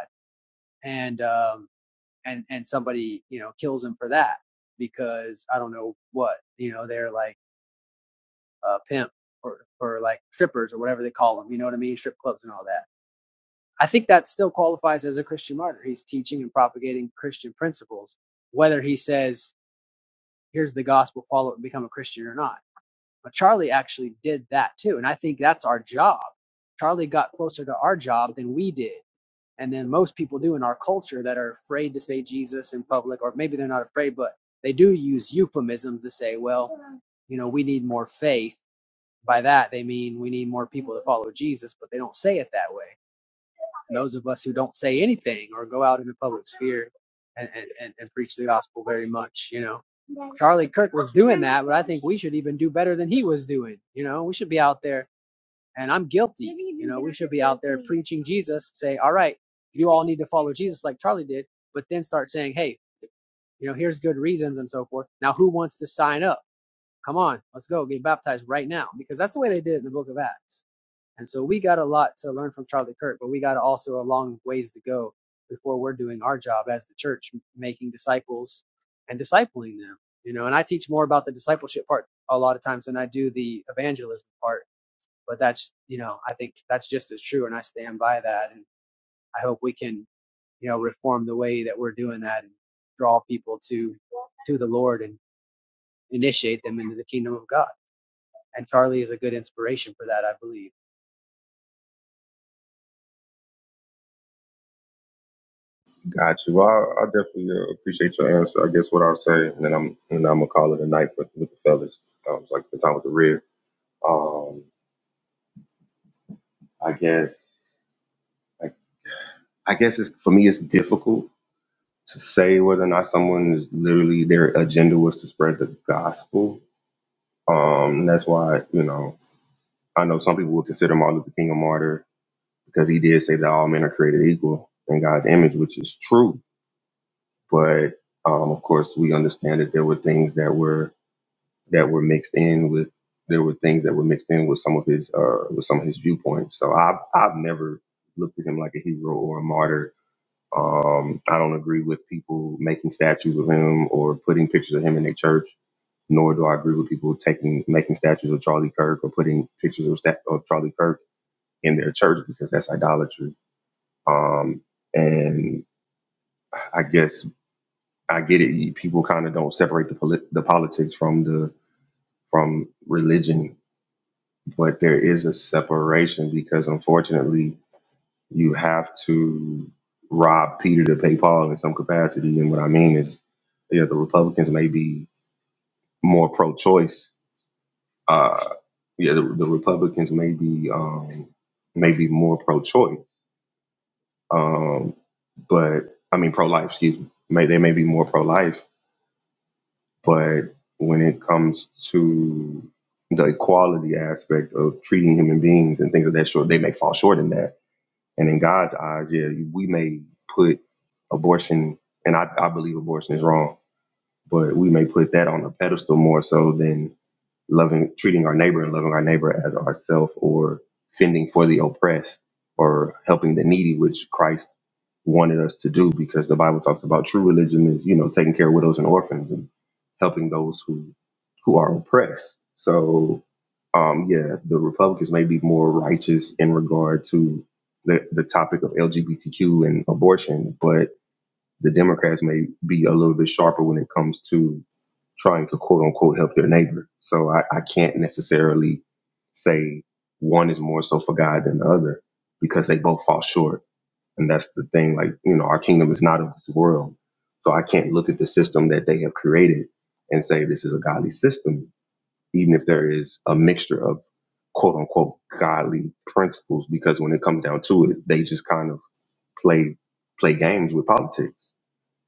S5: and um, and and somebody you know kills him for that because I don't know what you know they're like a pimp or or like strippers or whatever they call them. You know what I mean? Strip clubs and all that. I think that still qualifies as a Christian martyr. He's teaching and propagating Christian principles, whether he says here's the gospel, follow it, and become a Christian or not. But Charlie actually did that too, and I think that's our job. Charlie got closer to our job than we did and then most people do in our culture that are afraid to say Jesus in public, or maybe they're not afraid, but they do use euphemisms to say, well, you know, we need more faith. By that, they mean we need more people to follow Jesus, but they don't say it that way. And those of us who don't say anything or go out in the public sphere and, and, and, and preach the gospel very much, you know. Charlie Kirk was doing that, but I think we should even do better than he was doing. You know, we should be out there and I'm guilty. You know, we should be out there preaching Jesus, say, all right, you all need to follow Jesus like Charlie did, but then start saying, hey, you know, here's good reasons and so forth. Now, who wants to sign up? Come on, let's go get baptized right now because that's the way they did it in the book of Acts. And so we got a lot to learn from Charlie Kirk, but we got also a long ways to go before we're doing our job as the church, making disciples and discipling them. You know, and I teach more about the discipleship part a lot of times than I do the evangelism part but that's, you know, I think that's just as true. And I stand by that. And I hope we can, you know, reform the way that we're doing that and draw people to, to the Lord and initiate them into the kingdom of God. And Charlie is a good inspiration for that, I believe.
S7: got you. Well, I, I definitely uh, appreciate your answer. I guess what I'll say, and then I'm and I'm gonna call it a night with with the fellas. Um, it's like the time with the rear. Um, I guess I, I guess it's for me. It's difficult to say whether or not someone is literally their agenda was to spread the gospel. Um, and that's why you know I know some people would consider Martin Luther King a martyr because he did say that all men are created equal in God's image, which is true but um, of course we understand that there were things that were that were mixed in with there were things that were mixed in with some of his uh, with some of his viewpoints. So I've I've never looked at him like a hero or a martyr. Um, I don't agree with people making statues of him or putting pictures of him in their church. Nor do I agree with people taking making statues of Charlie Kirk or putting pictures of, stat- of Charlie Kirk in their church because that's idolatry. Um, and I guess I get it. You, people kind of don't separate the polit- the politics from the from religion, but there is a separation because unfortunately you have to rob Peter to pay Paul in some capacity. And what I mean is, yeah, the Republicans may be more pro-choice. Uh, yeah, the, the Republicans may be um, may be more pro-choice, um, but I mean pro-life. Excuse me. May they may be more pro-life, But when it comes to the equality aspect of treating human beings and things of that sort, they may fall short in that. And in God's eyes, yeah, we may put abortion, and I, I believe abortion is wrong, but we may put that on a pedestal more so than loving, treating our neighbor and loving our neighbor as ourself or fending for the oppressed or helping the needy, which Christ wanted us to do because the Bible talks about true religion is, you know, taking care of widows and orphans and helping those who who are oppressed. So um yeah, the Republicans may be more righteous in regard to the, the topic of LGBTQ and abortion, but the Democrats may be a little bit sharper when it comes to trying to quote unquote help their neighbor. So I, I can't necessarily say one is more so for God than the other because they both fall short and that's the thing, like, you know, our kingdom is not of this world. So I can't look at the system that they have created and say this is a godly system, even if there is a mixture of quote unquote godly principles, because when it comes down to it, they just kind of play play games with politics.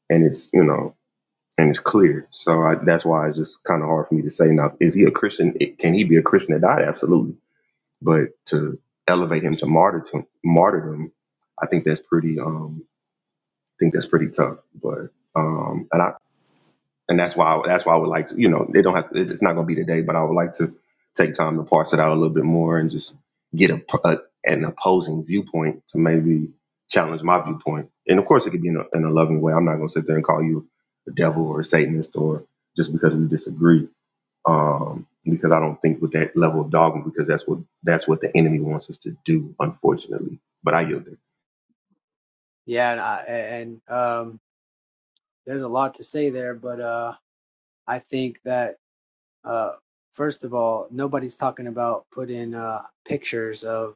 S7: And it's, you know, and it's clear. So I, that's why it's just kind of hard for me to say now, is he a Christian? It- Can he be a Christian that died? Absolutely. But to elevate him to martyrdom, martyrdom, I think that's pretty. Um, think that's pretty tough. But um, and I and that's why I, that's why I would like to, you know, they don't have to, it's not going to be today, but I would like to take time to parse it out a little bit more and just get a, a an opposing viewpoint to maybe challenge my viewpoint. And of course, it could be in a, in a loving way. I'm not going to sit there and call you the devil or a Satanist or just because we disagree. Um, because I don't think with that level of dogma, because that's what that's what the enemy wants us to do, unfortunately. But I yield there.
S5: Yeah. And, I, and, um, there's a lot to say there, but, uh, I think that, uh, first of all, nobody's talking about putting uh, pictures of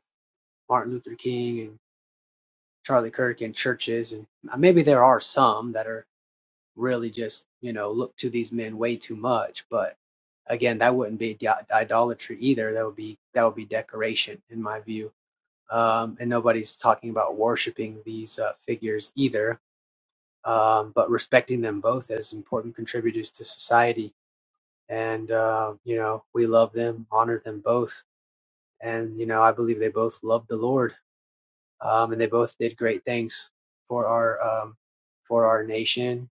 S5: Martin Luther King and Charlie Kirk in churches, and maybe there are some that are really just you know look to these men way too much but again that wouldn't be idolatry either that would be that would be decoration in my view um, and nobody's talking about worshiping these uh, figures either um, but respecting them both as important contributors to society and uh, you know we love them honor them both and you know i believe they both loved the lord um, and they both did great things for our um, for our nation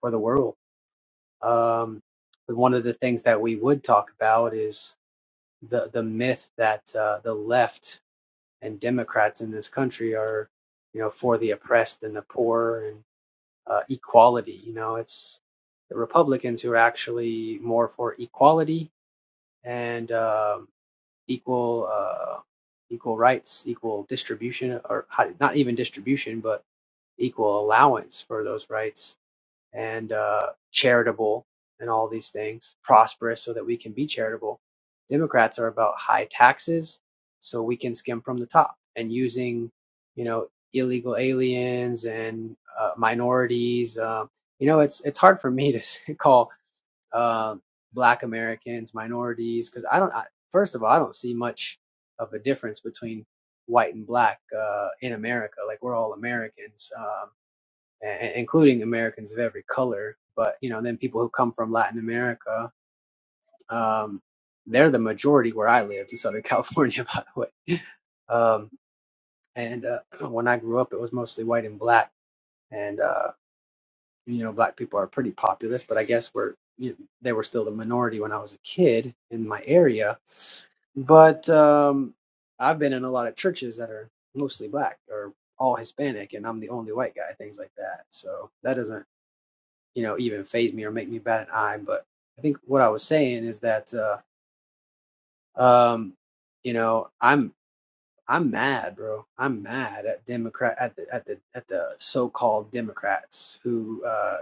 S5: for the world Um, but one of the things that we would talk about is the the myth that uh, the left and Democrats in this country are, you know, for the oppressed and the poor and uh, equality. You know, it's the Republicans who are actually more for equality and um, equal uh, equal rights, equal distribution, or not even distribution, but equal allowance for those rights and uh, charitable and all these things, prosperous so that we can be charitable. Democrats are about high taxes so we can skim from the top and using, you know, illegal aliens and uh, minorities. Uh, you know, it's it's hard for me to call uh, Black Americans minorities because I don't. I, first of all, I don't see much of a difference between white and black uh, in America. Like we're all Americans. Um, including Americans of every color. But you know, then people who come from Latin America, um, they're the majority where I live in Southern California, by the way. Um, and uh, when I grew up, it was mostly white and black, and uh, you know, black people are pretty populous, but I guess we're you know, they were still the minority when I was a kid in my area. But um, I've been in a lot of churches that are mostly black or all Hispanic, and I'm the only white guy, things like that. So that doesn't you know, even phase me or make me bat an eye. But I think what I was saying is that, uh, um, you know, I'm I'm mad, bro. I'm mad at Democrat at the at the at the so-called Democrats who, uh,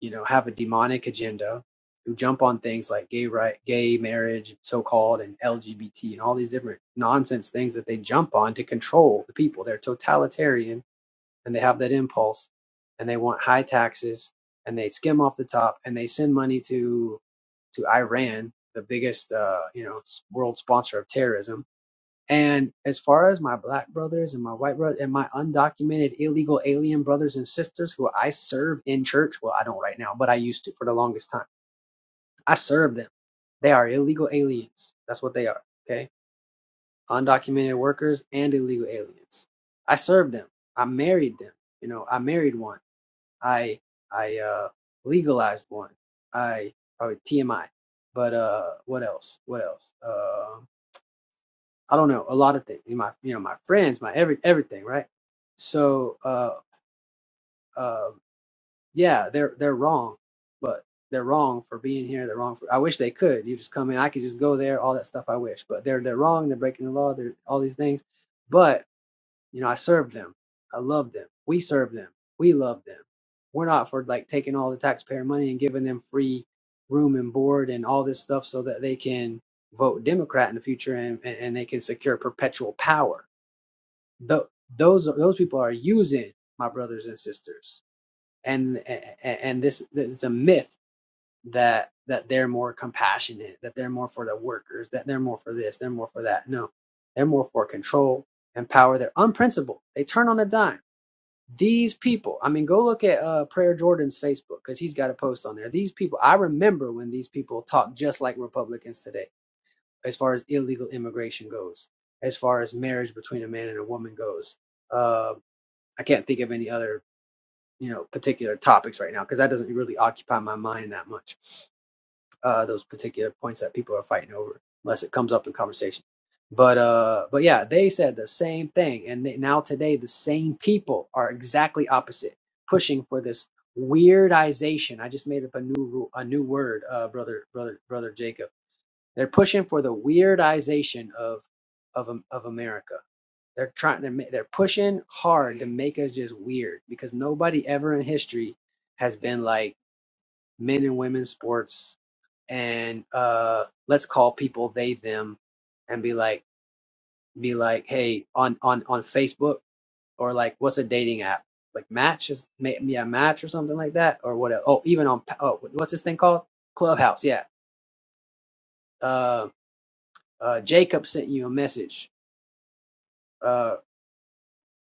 S5: you know, have a demonic agenda, who jump on things like gay right, gay marriage, so-called, and LGBT, and all these different nonsense things that they jump on to control the people. They're totalitarian and they have that impulse and they want high taxes and they skim off the top and they send money to to Iran, the biggest uh, you know s- world sponsor of terrorism. And as far as my black brothers and my white brothers and my undocumented illegal alien brothers and sisters who I serve in church, well, I don't right now, but I used to for the longest time. I serve them. They are illegal aliens. That's what they are. Okay. Undocumented workers and illegal aliens. I served them. I married them. You know, I married one. I I uh legalized one. I probably TMI. But uh what else? What else? Uh, I don't know, a lot of things. My you know, my friends, my every everything, right? So uh uh yeah, they're they're wrong, but they're wrong for being here, they're wrong for I wish they could. You just come in, I could just go there, all that stuff I wish. But they're they're wrong, they're breaking the law, they're all these things. But you know, I served them. I love them. We serve them. We love them. We're not for like taking all the taxpayer money and giving them free room and board and all this stuff so that they can vote Democrat in the future and, and, and they can secure perpetual power. Tho- those are, those people are using my brothers and sisters. And and, and this, this is a myth that that they're more compassionate, that they're more for the workers, that they're more for this, they're more for that. No, they're more for control and power. They're unprincipled. They turn on a dime these people, I mean, go look at uh, Prayer Jordan's Facebook because he's got a post on there. These people, I remember when these people talk just like Republicans today, as far as illegal immigration goes, as far as marriage between a man and a woman goes. Uh, I can't think of any other, you know, particular topics right now because that doesn't really occupy my mind that much uh, those particular points that people are fighting over, unless it comes up in conversation. But uh, but yeah, they said the same thing, and they, now today the same people are exactly opposite, pushing for this weirdization. I just made up a new rule, a new word, uh, brother, brother, brother Jacob. They're pushing for the weirdization of of Am- of America. They're trying. They're ma- they're pushing hard to make us just weird because nobody ever in history has been like men and women's sports and uh let's call people they them and be like be like hey on on on facebook or like what's a dating app like match is ma- yeah match or something like that or what oh even on Pa- oh what's this thing called clubhouse yeah uh uh jacob sent you a message uh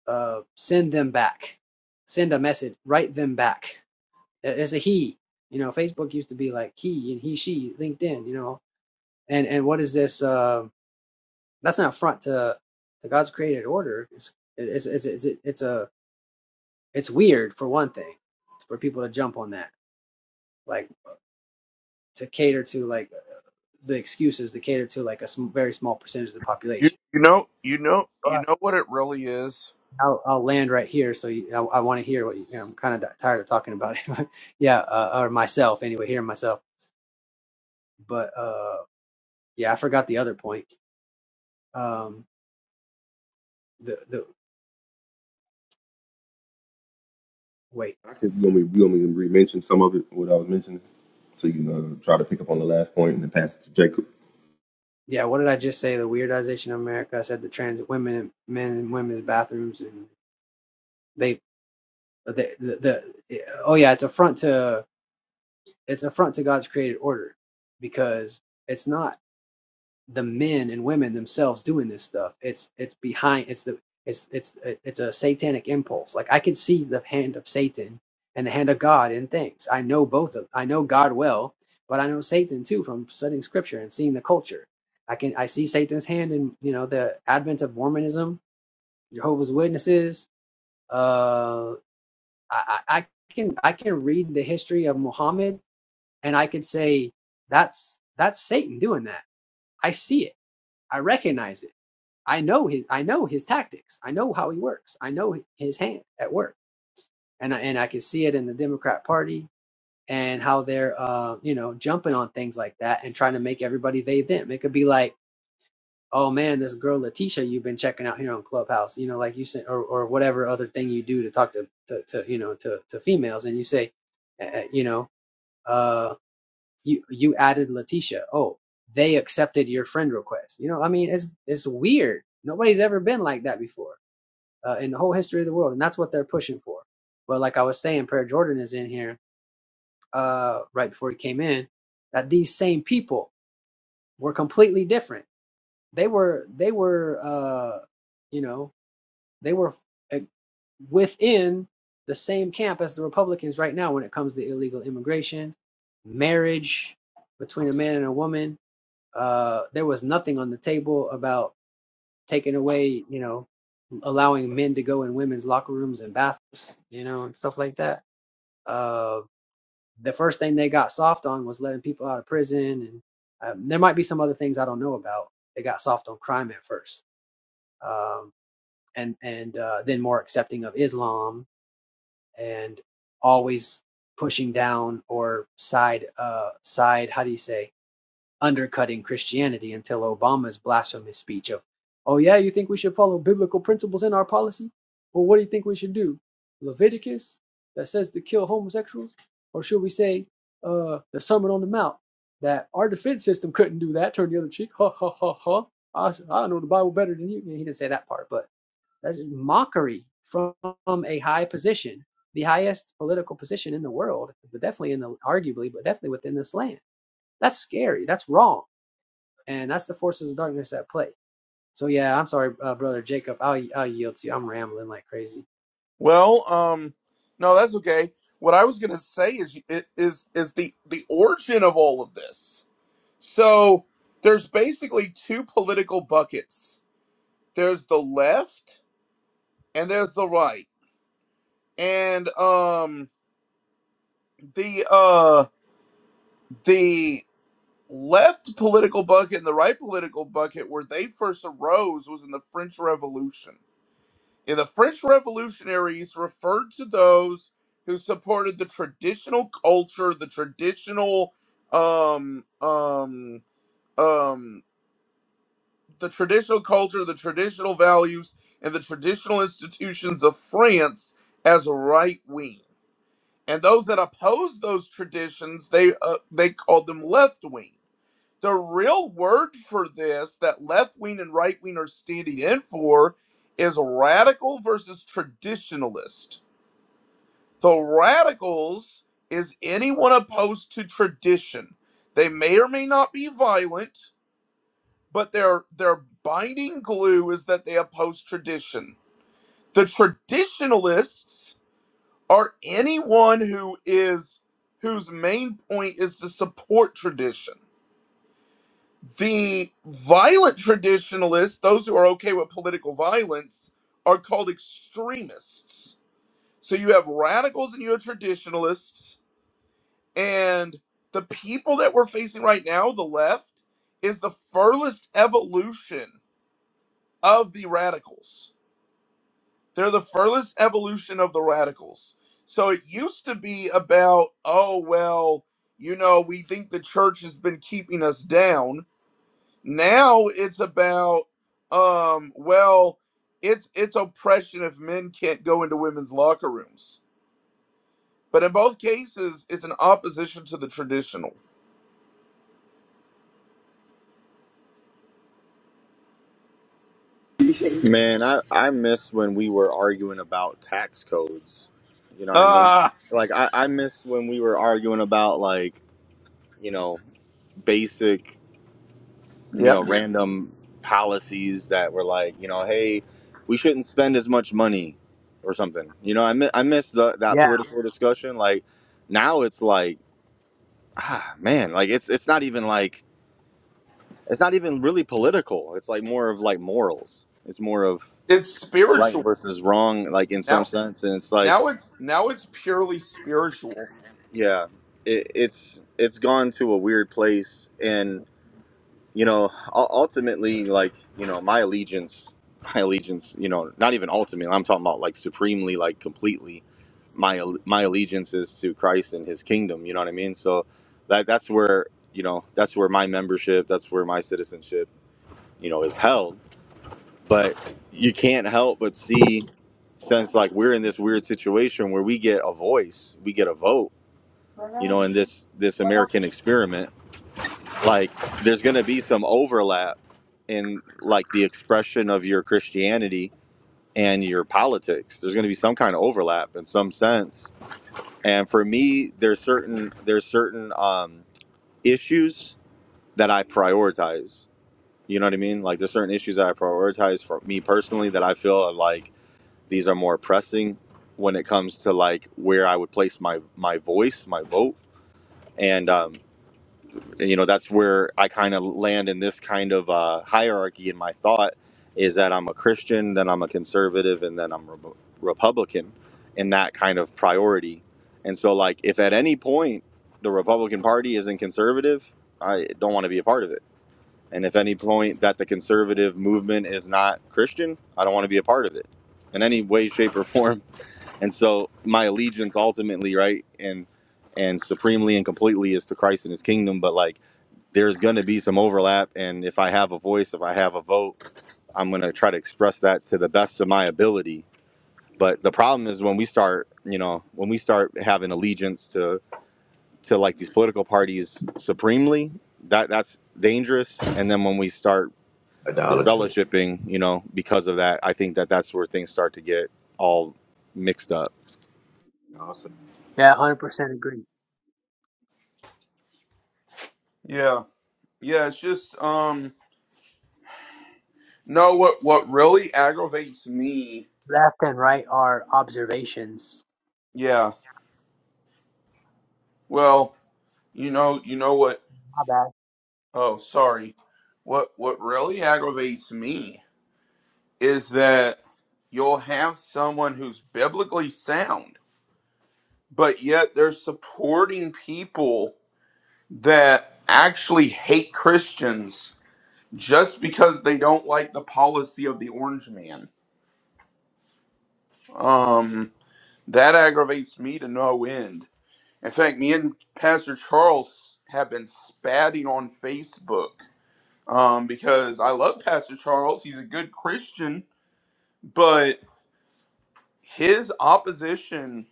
S5: uh send them back send a message write them back It- it's a he you know facebook used to be like he and he she linkedin you know and and what is this Um, That's an affront to to God's created order. It's it's it's it's, it's a it's weird for one thing for people to jump on that like to cater to like the excuses to cater to like a sm- very small percentage of the
S3: You
S5: population.
S3: you know you know
S5: All
S3: you
S5: right.
S3: know what it really is.
S5: I'll, I'll land right here. So you, I, I want to hear what you, you know, I'm kind of tired of talking about it. yeah, uh, or myself anyway, hearing myself. But uh, yeah, I forgot the other point. Um, the the wait,
S7: I could, you want me, you want me to re-mention some of it, what I was mentioning? to you know try to pick up on the last point and then pass it to Jacob.
S5: yeah, what did I just say? The weirdization of America. I said the trans women, and men and women's bathrooms, and they the, the the oh yeah it's affront to it's affront to god's created order because it's not the men and women themselves doing this stuff it's it's behind it's the it's it's it's a satanic impulse like i can see the hand of satan and the hand of god in things i know both of i know god well but i know satan too from studying scripture and seeing the culture i can i see satan's hand in you know the advent of mormonism jehovah's witnesses uh. I, I can I can read the history of Muhammad and I could say that's that's Satan doing that. I see it. I recognize it. I know his I know his tactics. I know how he works. I know his hand at work. And I, and I can see it in the Democrat Party and how they're uh you know jumping on things like that and trying to make everybody they them. It could be like oh man this girl Letitia you've been checking out here on Clubhouse you know like you said or or whatever other thing you do to talk to to, to you know to to females and you say uh, you know uh, you you added Letitia. Oh, they accepted your friend request. You know, I mean, it's it's weird. Nobody's ever been like that before uh, in the whole history of the world, and that's what they're pushing for. But like I was saying, Prayer Jordan is in here uh, right before he came in. That these same people were completely different. They were they were uh, you know they were uh, within the same camp as the Republicans right now when it comes to illegal immigration, marriage between a man and a woman, uh, there was nothing on the table about taking away, you know, allowing men to go in women's locker rooms and bathrooms, you know, and stuff like that. Uh, the first thing they got soft on was letting people out of prison, and um, there might be some other things I don't know about. They got soft on crime at first, um, and and uh, then more accepting of Islam, and always pushing down or side uh, side. How do you say? undercutting Christianity until Obama's blasphemous speech of, oh, yeah, you think we should follow biblical principles in our policy? Well, what do you think we should do? Leviticus that says to kill homosexuals? Or should we say uh, the Sermon on the Mount that our defense system couldn't do that, turn the other cheek? Ha, ha, ha, ha. I, I know the Bible better than you. Yeah, He didn't say that part, but that's just mockery from a high position, the highest political position in the world, but definitely in the, arguably, but definitely within this land. That's scary. That's wrong and that's the forces of darkness at play. So yeah, I'm sorry, uh, brother Jacob. I'll I'll yield to you. I'm rambling like crazy.
S3: Well, um, no, that's okay. What I was gonna say is it is is the the origin of all of this. So there's basically two political buckets. There's the left and there's the right. and um the uh the left political bucket and the right political bucket where they first arose was in the French Revolution. And the French revolutionaries referred to those who supported the traditional culture, the traditional um um um the traditional culture, the traditional values, and the traditional institutions of France as right wing and those that opposed those traditions they uh, they called them left wing the real word for this that left wing and right wing are standing in for is radical versus traditionalist the radicals is anyone opposed to tradition they may or may not be violent but their their binding glue is that they oppose tradition the traditionalists are anyone who is whose main point is to support tradition. The violent traditionalists, those who are okay with political violence, are called extremists. So you have radicals and you have traditionalists, and the people that we're facing right now, the left, is the furthest evolution of the radicals They're the furthest evolution of the radicals. So it used to be about, oh, well, you know, we think the church has been keeping us down. Now it's about, um, well, it's it's oppression if men can't go into women's locker rooms. But in both cases, it's an opposition to the traditional.
S1: Man, I I miss when we were arguing about tax codes. You know what I mean?
S3: Ah,
S1: Like I I miss when we were arguing about like you know basic. you know,
S3: Yep.
S1: random policies that were like, you know, hey, we shouldn't spend as much money or something. You know, I mi- I miss the, that
S5: Yeah,
S1: political discussion. Like now, it's like, ah, man, like it's it's not even like it's not even really political. It's like more of like morals. It's more of
S3: it's
S1: right
S3: spiritual
S1: versus wrong, like in some
S3: now.
S1: sense. And it's like,
S3: Now it's now it's purely spiritual.
S1: yeah, it, it's it's gone to a weird place, and. you know, u- ultimately, like, you know, my allegiance, my allegiance, you know, not even ultimately, I'm talking about like supremely, like completely, my al- my allegiance is to Christ and His kingdom. You know what I mean? So that that's where you know that's where my membership, that's where my citizenship, you know, is held. But you can't help but see, since like we're in this weird situation where we get a voice, we get a vote, you know, in this this American experiment like there's going to be some overlap in like the expression of your christianity and your politics there's going to be some kind of overlap in some sense and for me there's certain there's certain um issues that i prioritize you know what i mean like there's certain issues that i prioritize for me personally that i feel are like these are more pressing when it comes to like where i would place my my voice my vote and um you know that's where i kind of land in this kind of uh, hierarchy in my thought is that i'm a christian then i'm a conservative and then i'm re- republican in that kind of priority and so like if at any point the republican party isn't conservative i don't want to be a part of it and if any point that the conservative movement is not christian i don't want to be a part of it in any way shape or form and so my allegiance ultimately right and and supremely and completely is to christ and his kingdom but like there's going to be some overlap. And if I have a voice, if I have a vote, I'm going to try to express that to the best of my ability. But the problem is when we start, you know, when we start having allegiance to to like these political parties supremely, that that's dangerous. And then when we start
S7: Idolatry.
S1: disfellowshipping, you know, because of that, I think that that's where things start to get all mixed up.
S7: I'll say,
S5: yeah, one hundred percent agree.
S3: Yeah, yeah. It's just um. No, what what really aggravates me,
S5: Left and right are observations.
S3: yeah. Well, you know, you know what?
S5: My bad.
S3: Oh, sorry. What what really aggravates me is that you'll have someone who's biblically sound, but yet they're supporting people that actually hate Christians just because they don't like the policy of the orange man. Um that aggravates me to no end. In fact, me and Pastor Charles have been spatting on Facebook um, because I love Pastor Charles. He's a good Christian, but his opposition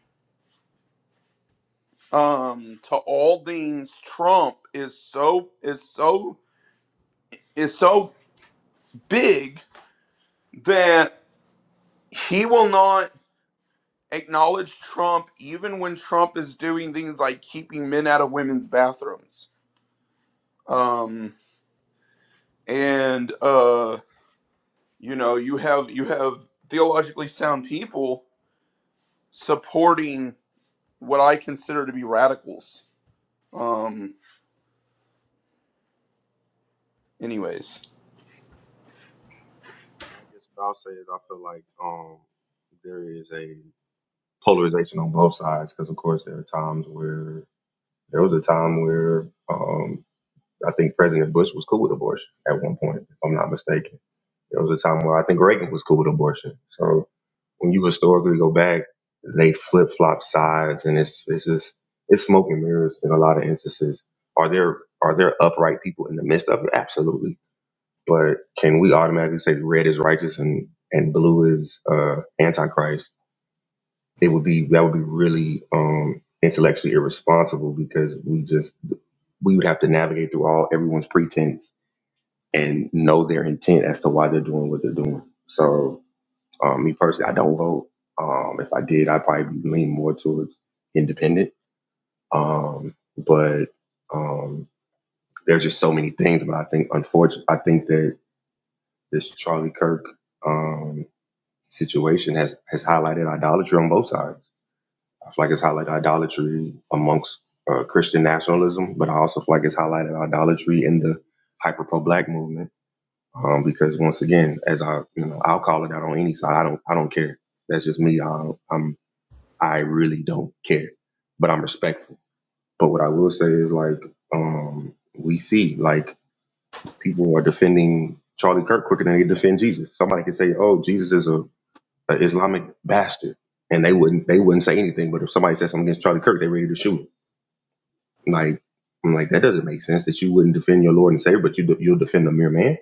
S3: um, to all things Trump is so is so is so big that he will not acknowledge Trump even when Trump is doing things like keeping men out of women's bathrooms. Um, and uh, you know you have you have theologically sound people supporting what i consider to be radicals um anyways
S7: yeah, I guess what I'll say is I feel like um, there is a polarization on both sides because, of course, there are times where there was a time where um, I think President Bush was cool with abortion at one point, if I'm not mistaken. There was a time where I think Reagan was cool with abortion. So. when you historically go back, they flip flop sides, and it's it's just it's smoke and mirrors in a lot of instances. Are there are there upright people in the midst of it? Absolutely, but can we automatically say red is righteous and and blue is uh, antichrist? It would be that would be really um, intellectually irresponsible because we just we would have to navigate through all everyone's pretense and know their intent as to why they're doing what they're doing. So um, me personally, I don't vote. Um, if I did, I'd probably lean more towards independent. Um, but um, there's just so many things. But I think, unfortunately, I think that this Charlie Kirk um, situation has has highlighted idolatry on both sides. I feel like it's highlighted idolatry amongst uh, Christian nationalism, but I also feel like it's highlighted idolatry in the hyper pro black movement. Um, because once again, as I, you know, I'll call it out on any side. I don't, I don't care. That's just me. I, I'm I really don't care, but I'm respectful. But what I will say is like, um, we see like people are defending Charlie Kirk quicker than they defend Jesus. Somebody could say, "Oh, Jesus is a, a Islamic bastard," and they wouldn't they wouldn't say anything. But if somebody says something against Charlie Kirk, they're ready to shoot. him. Like, I'm like that doesn't make sense that you wouldn't defend your Lord and Savior, but you de- you'll defend a mere man.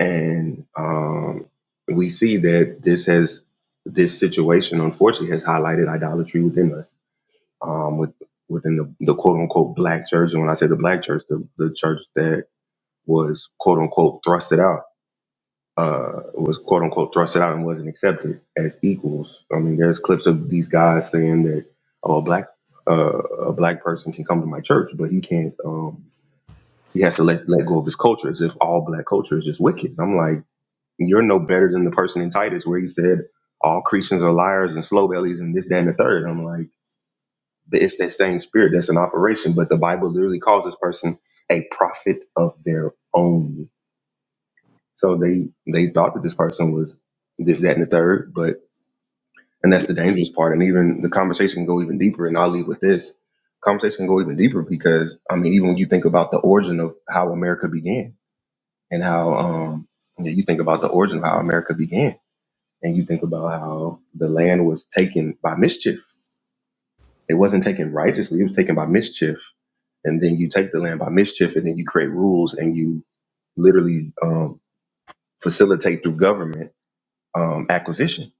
S7: And um, we see that this has this situation unfortunately has highlighted idolatry within us um, with within the, the quote unquote black church. And when I say the black church, the, the church that was quote unquote thrusted out, uh, was quote unquote thrusted out and wasn't accepted as equals. I mean, there's clips of these guys saying that oh, a black uh, a black person can come to my church, but he can't. Um, he has to let let go of his culture, as if all black culture is just wicked. I'm like, you're no better than the person in Titus where he said all Christians are liars and slow bellies and this, that, and the third. I'm like it's that same spirit that's in operation, but the Bible literally calls this person a prophet of their own. So they they thought that this person was this, that, and the third, but and that's the dangerous part. And even the conversation can go even deeper. And I'll leave with this conversation can go even deeper because I mean, even when you think about the origin of how America began and how um you, know, you think about the origin of how America began, and you think about how the land was taken by mischief. It wasn't taken righteously; it was taken by mischief and then you take the land by mischief, and then you create rules and you literally um, facilitate through government um, acquisition,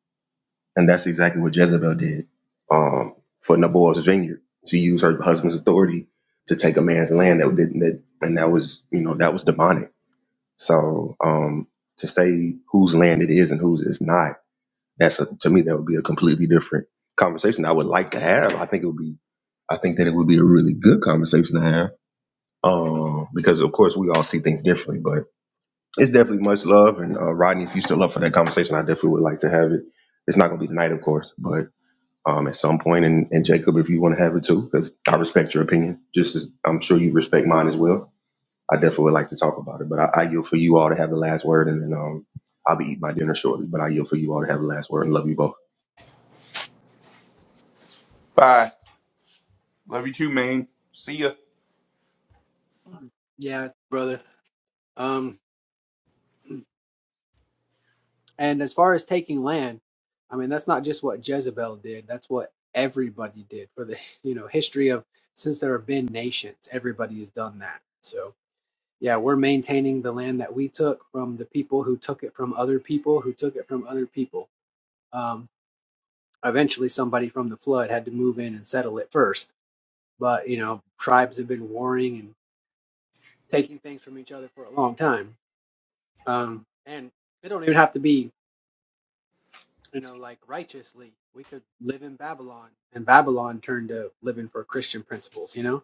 S7: and that's exactly what Jezebel did um, for Naboth's vineyard. She used her husband's authority to take a man's land that didn't, that, and that was you know that was demonic. So um, to say whose land it is and whose it's not, that's a, to me that would be a completely different conversation. I would like to have. I think it would be. I think that it would be a really good conversation to have um, because of course we all see things differently. But it's definitely much love, and uh, Rodney, if you still up for that conversation, I definitely would like to have it. It's not going to be tonight, of course, but um, at some point, and, and Jacob, if you want to have it too, because I respect your opinion, just as I'm sure you respect mine as well. I definitely would like to talk about it, but I, I yield for you all to have the last word, and then um, I'll be eating my dinner shortly. But I yield for you all to have the last word, and love you both.
S3: bye love you too man see ya
S5: Yeah, brother. Um, and as far as taking land, I mean that's not just what Jezebel did. That's what everybody did for the you know history of since there have been nations. Everybody has done that. So yeah, we're maintaining the land that we took from the people who took it from other people who took it from other people. Um. eventually somebody from the flood had to move in and settle it first. But you know, tribes have been warring and taking things from each other for a long time. Um, and they don't even have to be, you know, like righteously. We could live in Babylon, and Babylon turned to living for Christian principles. You know,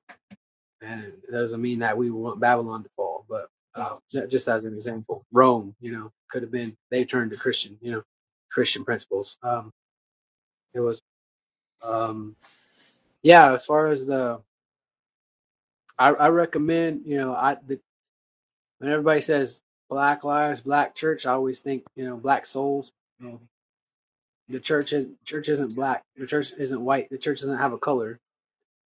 S5: and it doesn't mean that we want Babylon to fall, but uh, that- just as an example, Rome, you know, could have been they turned to Christian, you know, Christian principles. Um, it was, um, yeah. As far as the I, I recommend, you know, I the, when everybody says Black Lives, Black Church, I always think, you know, Black souls. You know, the church is church isn't black. The church isn't white. The church doesn't have a color.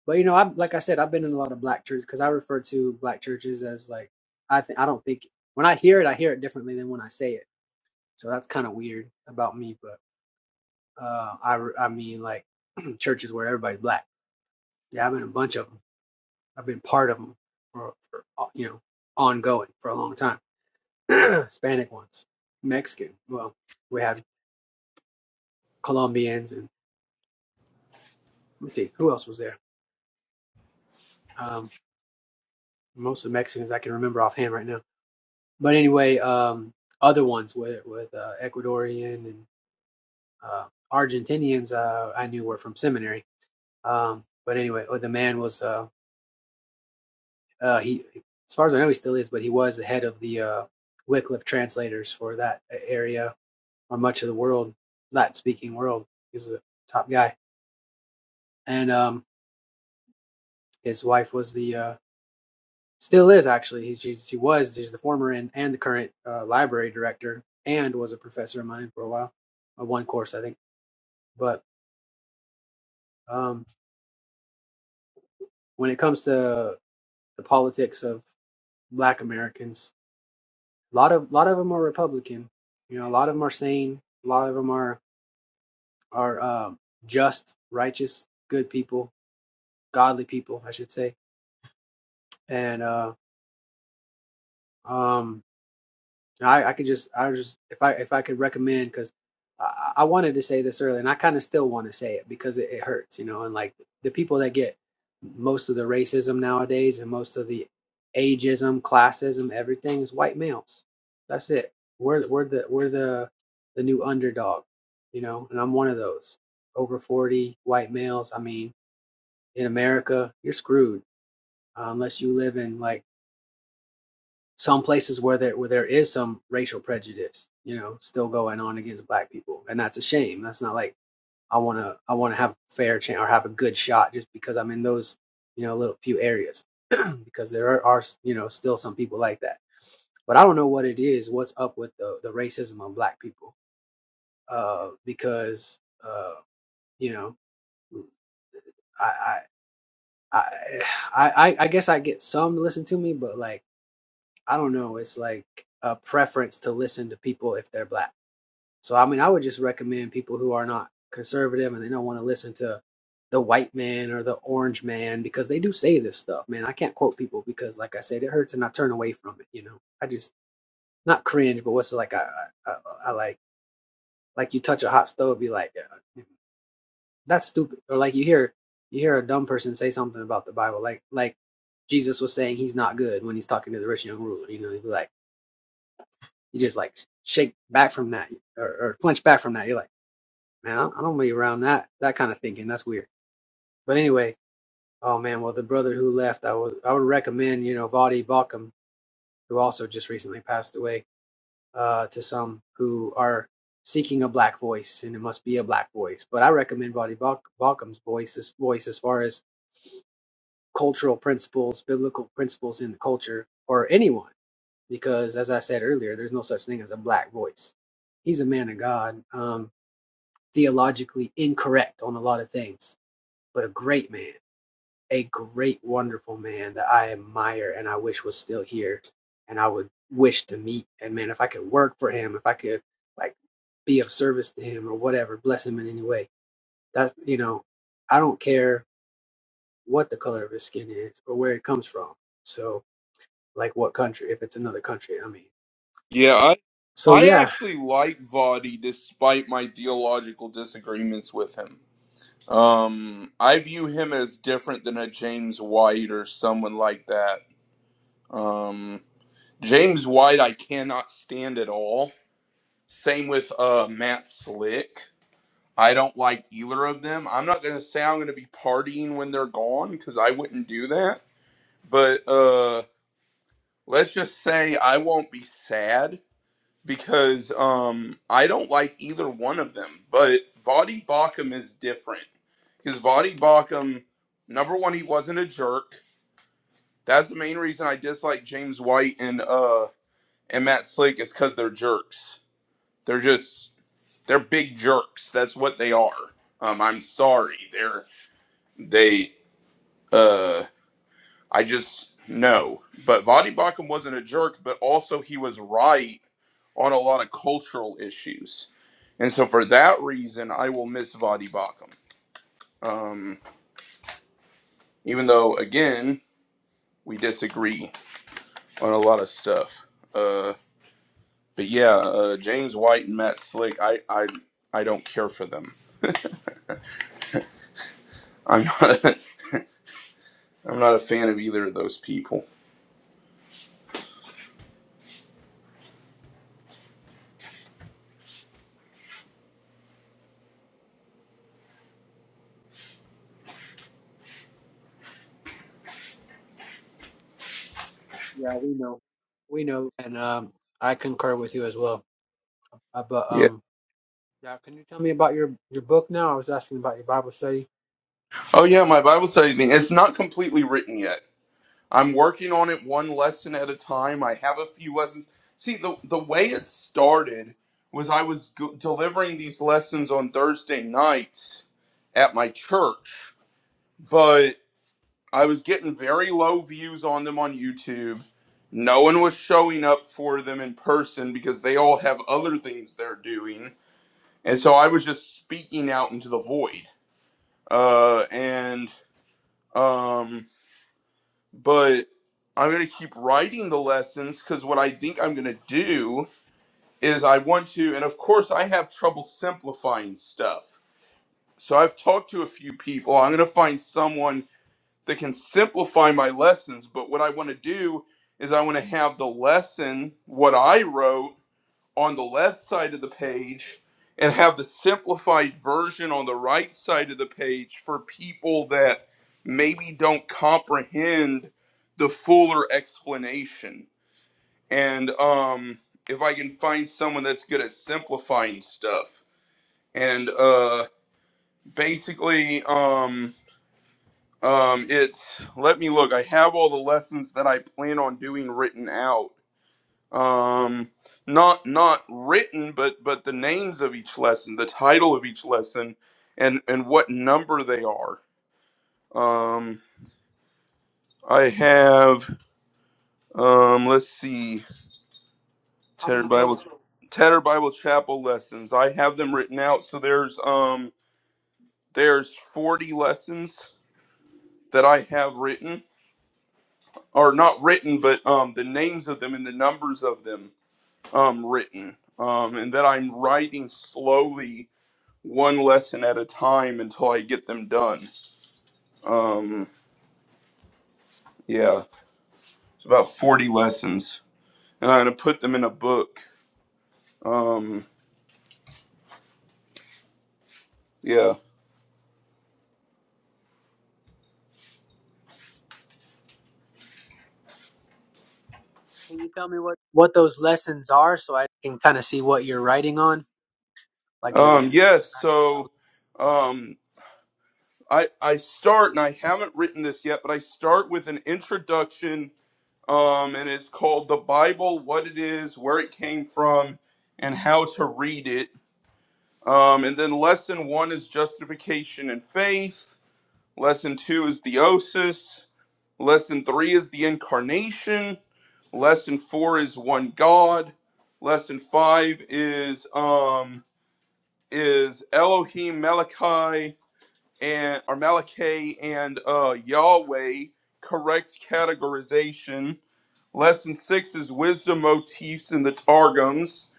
S5: But you know, I like I said, I've been in a lot of black churches because I refer to black churches as like I think I don't think when I hear it, I hear it differently than when I say it. So that's kind of weird about me. But uh, I re- I mean like churches where everybody's black. Yeah, I've been in a bunch of them. I've been part of them for, for uh, you know ongoing for a long time Hispanic ones, Mexican. Well, we had Colombians and let me see who else was there. Um, most of the Mexicans I can remember offhand right now. But anyway, um, other ones with with uh, Ecuadorian and uh, Argentinians uh, I knew were from seminary. Um, but anyway, oh, the man was uh, uh, he, as far as I know, he still is, but he was the head of the uh, Wycliffe translators for that area or much of the world, Latin speaking world. He was a top guy, and um, his wife was the uh, Still is actually. He's, he was. He's the former and, and the current uh, library director, and was a professor of mine for a while, uh, one course I think. But um, when it comes to the politics of Black Americans, a lot of lot of them are Republican. You know, a lot of them are sane. A lot of them are are um, just, righteous, good people, godly people, I should say. And uh, um, I, I could just I just if I if I could recommend because I, I wanted to say this earlier and I kind of still want to say it because it, it hurts, you know, and like the people that get most of the racism nowadays and most of the ageism, classism, everything is white males. That's it. We're we're the we're the the new underdog, you know, and I'm one of those over forty white males. I mean, in America, you're screwed uh, unless you live in like some places where there where there is some racial prejudice, you know, still going on against black people, and that's a shame. That's not like I want to I want to have a fair chance or have a good shot just because I'm in those you know little few areas because there are, are you know still some people like that. But I don't know what it is. What's up with the the racism of black people? Uh, because uh, you know I I I I, I guess I get some to listen to me, but like I don't know. It's like a preference to listen to people if they're black So I mean, I would just recommend people who are not conservative and they don't want to listen to the white man or the orange man because they do say this stuff. Man, I can't quote people because, like I said, it hurts and I turn away from it. You know, I just not cringe, but what's it like I I, I I like like you touch a hot stove, be like yeah, yeah, that's stupid, or like you hear you hear a dumb person say something about the Bible, like like Jesus was saying he's not good when he's talking to the rich young ruler. You know, he'd be like you just like shake back from that or, or flinch back from that. You're like man, I I don't be around that that kind of thinking. That's weird. But anyway, oh man, well the brother who left, I would I would recommend you know Vadi Bakum, who also just recently passed away, uh, to some who are seeking a black voice, and it must be a black voice. But I recommend Vadi Bakum's voice, his voice as far as cultural principles, biblical principles in the culture, or anyone, because as I said earlier, there's no such thing as a black voice. He's a man of God, um, theologically incorrect on a lot of things, but a great man a great, wonderful man that I admire and I wish was still here and I would wish to meet. And man, if I could work for him, if I could like be of service to him or whatever, bless him in any way. That's, you know, I don't care what the color of his skin is or where it comes from. So, like what country, if it's another country, I mean.
S3: yeah i
S5: So,
S3: i
S5: yeah,
S3: actually like Vadi despite my theological disagreements with him um i view him as different than a james white or someone like that um james white i cannot stand at all same with uh matt slick I don't like either of them. I'm not going to say I'm going to be partying when they're gone because I wouldn't do that. But uh, let's just say I won't be sad because um, I don't like either one of them. But Vadi Bakum is different because Vadi Bakum, number one, he wasn't a jerk. That's the main reason I dislike James White and uh, and Matt Slick is because they're jerks. They're just they're big jerks. That's what they are. Um, I'm sorry. They're they Uh, I just no. But Vadi Bakum wasn't a jerk, but also he was right on a lot of cultural issues, and so for that reason, I will miss Vadi Bakum. Um, even though again we disagree on a lot of stuff. Uh, but yeah, uh, James White and Matt Slick, I I I don't care for them. I'm not a, I'm not a fan of either of those people.
S5: yeah, we know. We know. And um, I concur with you as well. Uh, but,
S3: Yeah.
S5: um, yeah, can you tell me about your, your book now? I was asking about your Bible study.
S3: Oh yeah,
S5: If I
S3: my
S5: can,
S3: Bible study thing. It's not completely written yet. I'm working on it one lesson at a time. I have a few lessons. See, the the way it started was I was go- delivering these lessons on Thursday nights at my church, but I was getting very low views on them on YouTube. No one was showing up for them in person because they all have other things they're doing, and so I was just speaking out into the void. Uh, and um, but I'm going to keep writing the lessons because what I think I'm going to do is I want to, and of course, I have trouble simplifying stuff. So I've talked to a few people. I'm going to find someone that can simplify my lessons. But what I want to do is I want to have the lesson, what I wrote on the left side of the page and have the simplified version on the right side of the page for people that maybe don't comprehend the fuller explanation. And um, if I can find someone that's good at simplifying stuff. And uh, basically, um, um, it's let me look. I have all the lessons that I plan on doing written out um not not written but but the names of each lesson the title of each lesson and and what number they are um i have um let's see
S5: how
S3: Tedder
S5: many
S3: bible
S5: total?
S3: Tedder bible chapel lessons i have them written out so there's um there's 40 lessons that i have written or not written but um the names of them and the numbers of them um written um and that i'm writing slowly one lesson at a time until I get them done. Um, yeah, it's about 40 lessons, and I'm gonna put them in a book. Um, yeah.
S5: Can you tell me what what those lessons are so I can kind of see what you're writing on? Like, is it?
S3: Um, yes. So, um, I I start, and I haven't written this yet, but I start with an introduction. Um, and it's called the Bible: What It Is, Where It Came From, and How to Read It. Um, and then lesson one is justification and faith. Lesson two is theosis. Lesson three is the incarnation. Lesson four is one God. Lesson five is um is Elohim Malachi and or Malachi and uh Yahweh correct categorization. Lesson six is wisdom motifs in the Targums.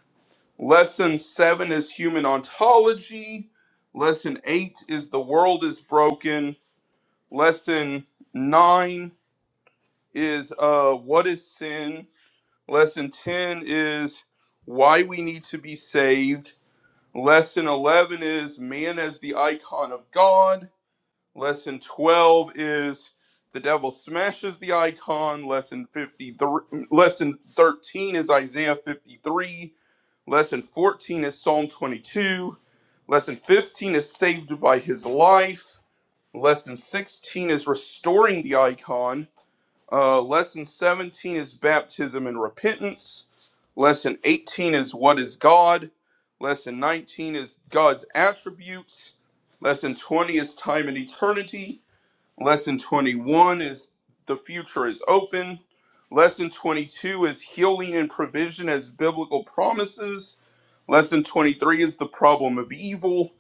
S3: Lesson seven is human ontology. Lesson eight is the world is broken. Lesson nine is uh, What is Sin? Lesson 10 is Why We Need to Be Saved. Lesson 11 is Man as the Icon of God. Lesson 12 is The Devil Smashes the Icon. Lesson 53, lesson 13 is Isaiah 53. Lesson 14 is Psalm 22. Lesson 15 is Saved by His Life. Lesson 16 is Restoring the Icon. Uh, lesson 17 is baptism and repentance. Lesson 18 is what is God. Lesson 19 is God's attributes. Lesson 20 is time and eternity. Lesson 21 is the future is open. Lesson 22 is healing and provision as biblical promises. Lesson 23 is the problem of evil.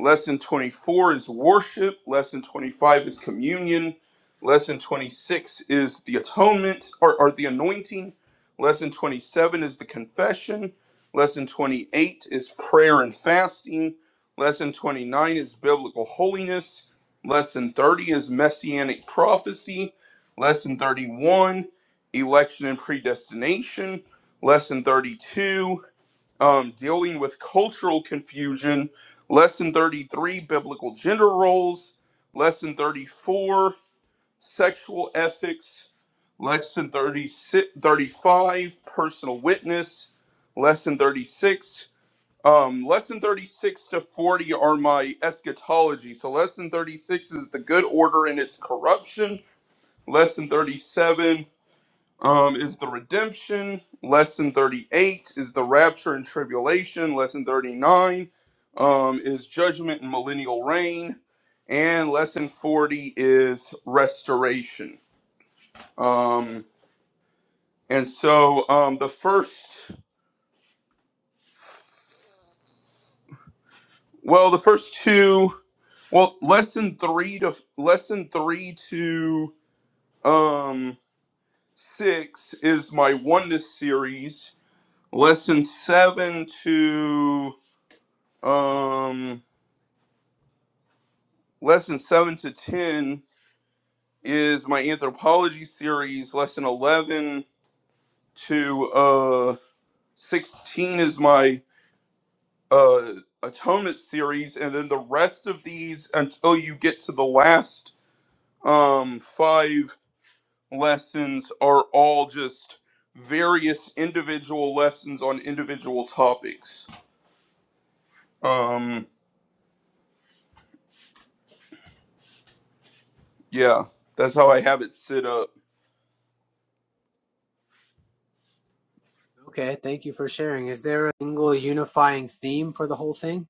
S3: Lesson 24 is worship. Lesson 25 is communion. Lesson 26 is the atonement or, or the anointing. Lesson 27 is the confession. Lesson 28 is prayer and fasting. Lesson 29 is biblical holiness. Lesson 30 is messianic prophecy. Lesson 31, election and predestination. Lesson 32 um, dealing with cultural confusion. Lesson 33, biblical gender roles. Lesson 34, sexual ethics. Lesson 36, 35, personal witness. Lesson 36. Um, lesson 36 to 40 are my eschatology. So, lesson 36 is the good order and its corruption. Lesson 37 um, is the redemption. Lesson 38 is the rapture and tribulation. Lesson 39 um, is judgment and millennial reign. And lesson 40 is restoration. Um, and so um, the first, well, the first two, well, lesson three to lesson three to um, six is my oneness series. Lesson seven to um Lesson 7 to 10 is my anthropology series. Lesson 11 to uh, 16 is my uh, atonement series. And then the rest of these until you get to the last um, five lessons are all just various individual lessons on individual topics. Um, yeah, that's how I have it set up.
S5: Okay, thank you for sharing. Is there a single unifying theme for the whole thing?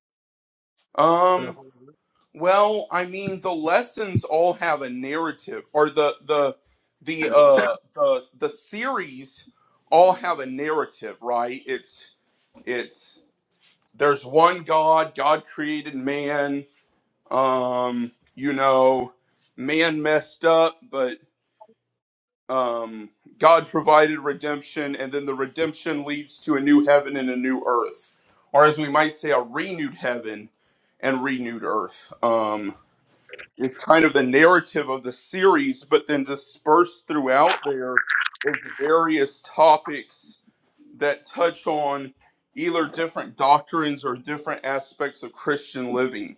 S5: For the
S3: Um,
S5: whole group?
S3: Well, I mean, the lessons all have a narrative, or the the the uh the the series all have a narrative, right? It's it's there's one God. God created man. Um, you know, man messed up, but um, God provided redemption, and then the redemption leads to a new heaven and a new earth, or as we might say, a renewed heaven and renewed earth. Um, is kind of the narrative of the series, but then dispersed throughout there is various topics that touch on either different doctrines or different aspects of Christian living.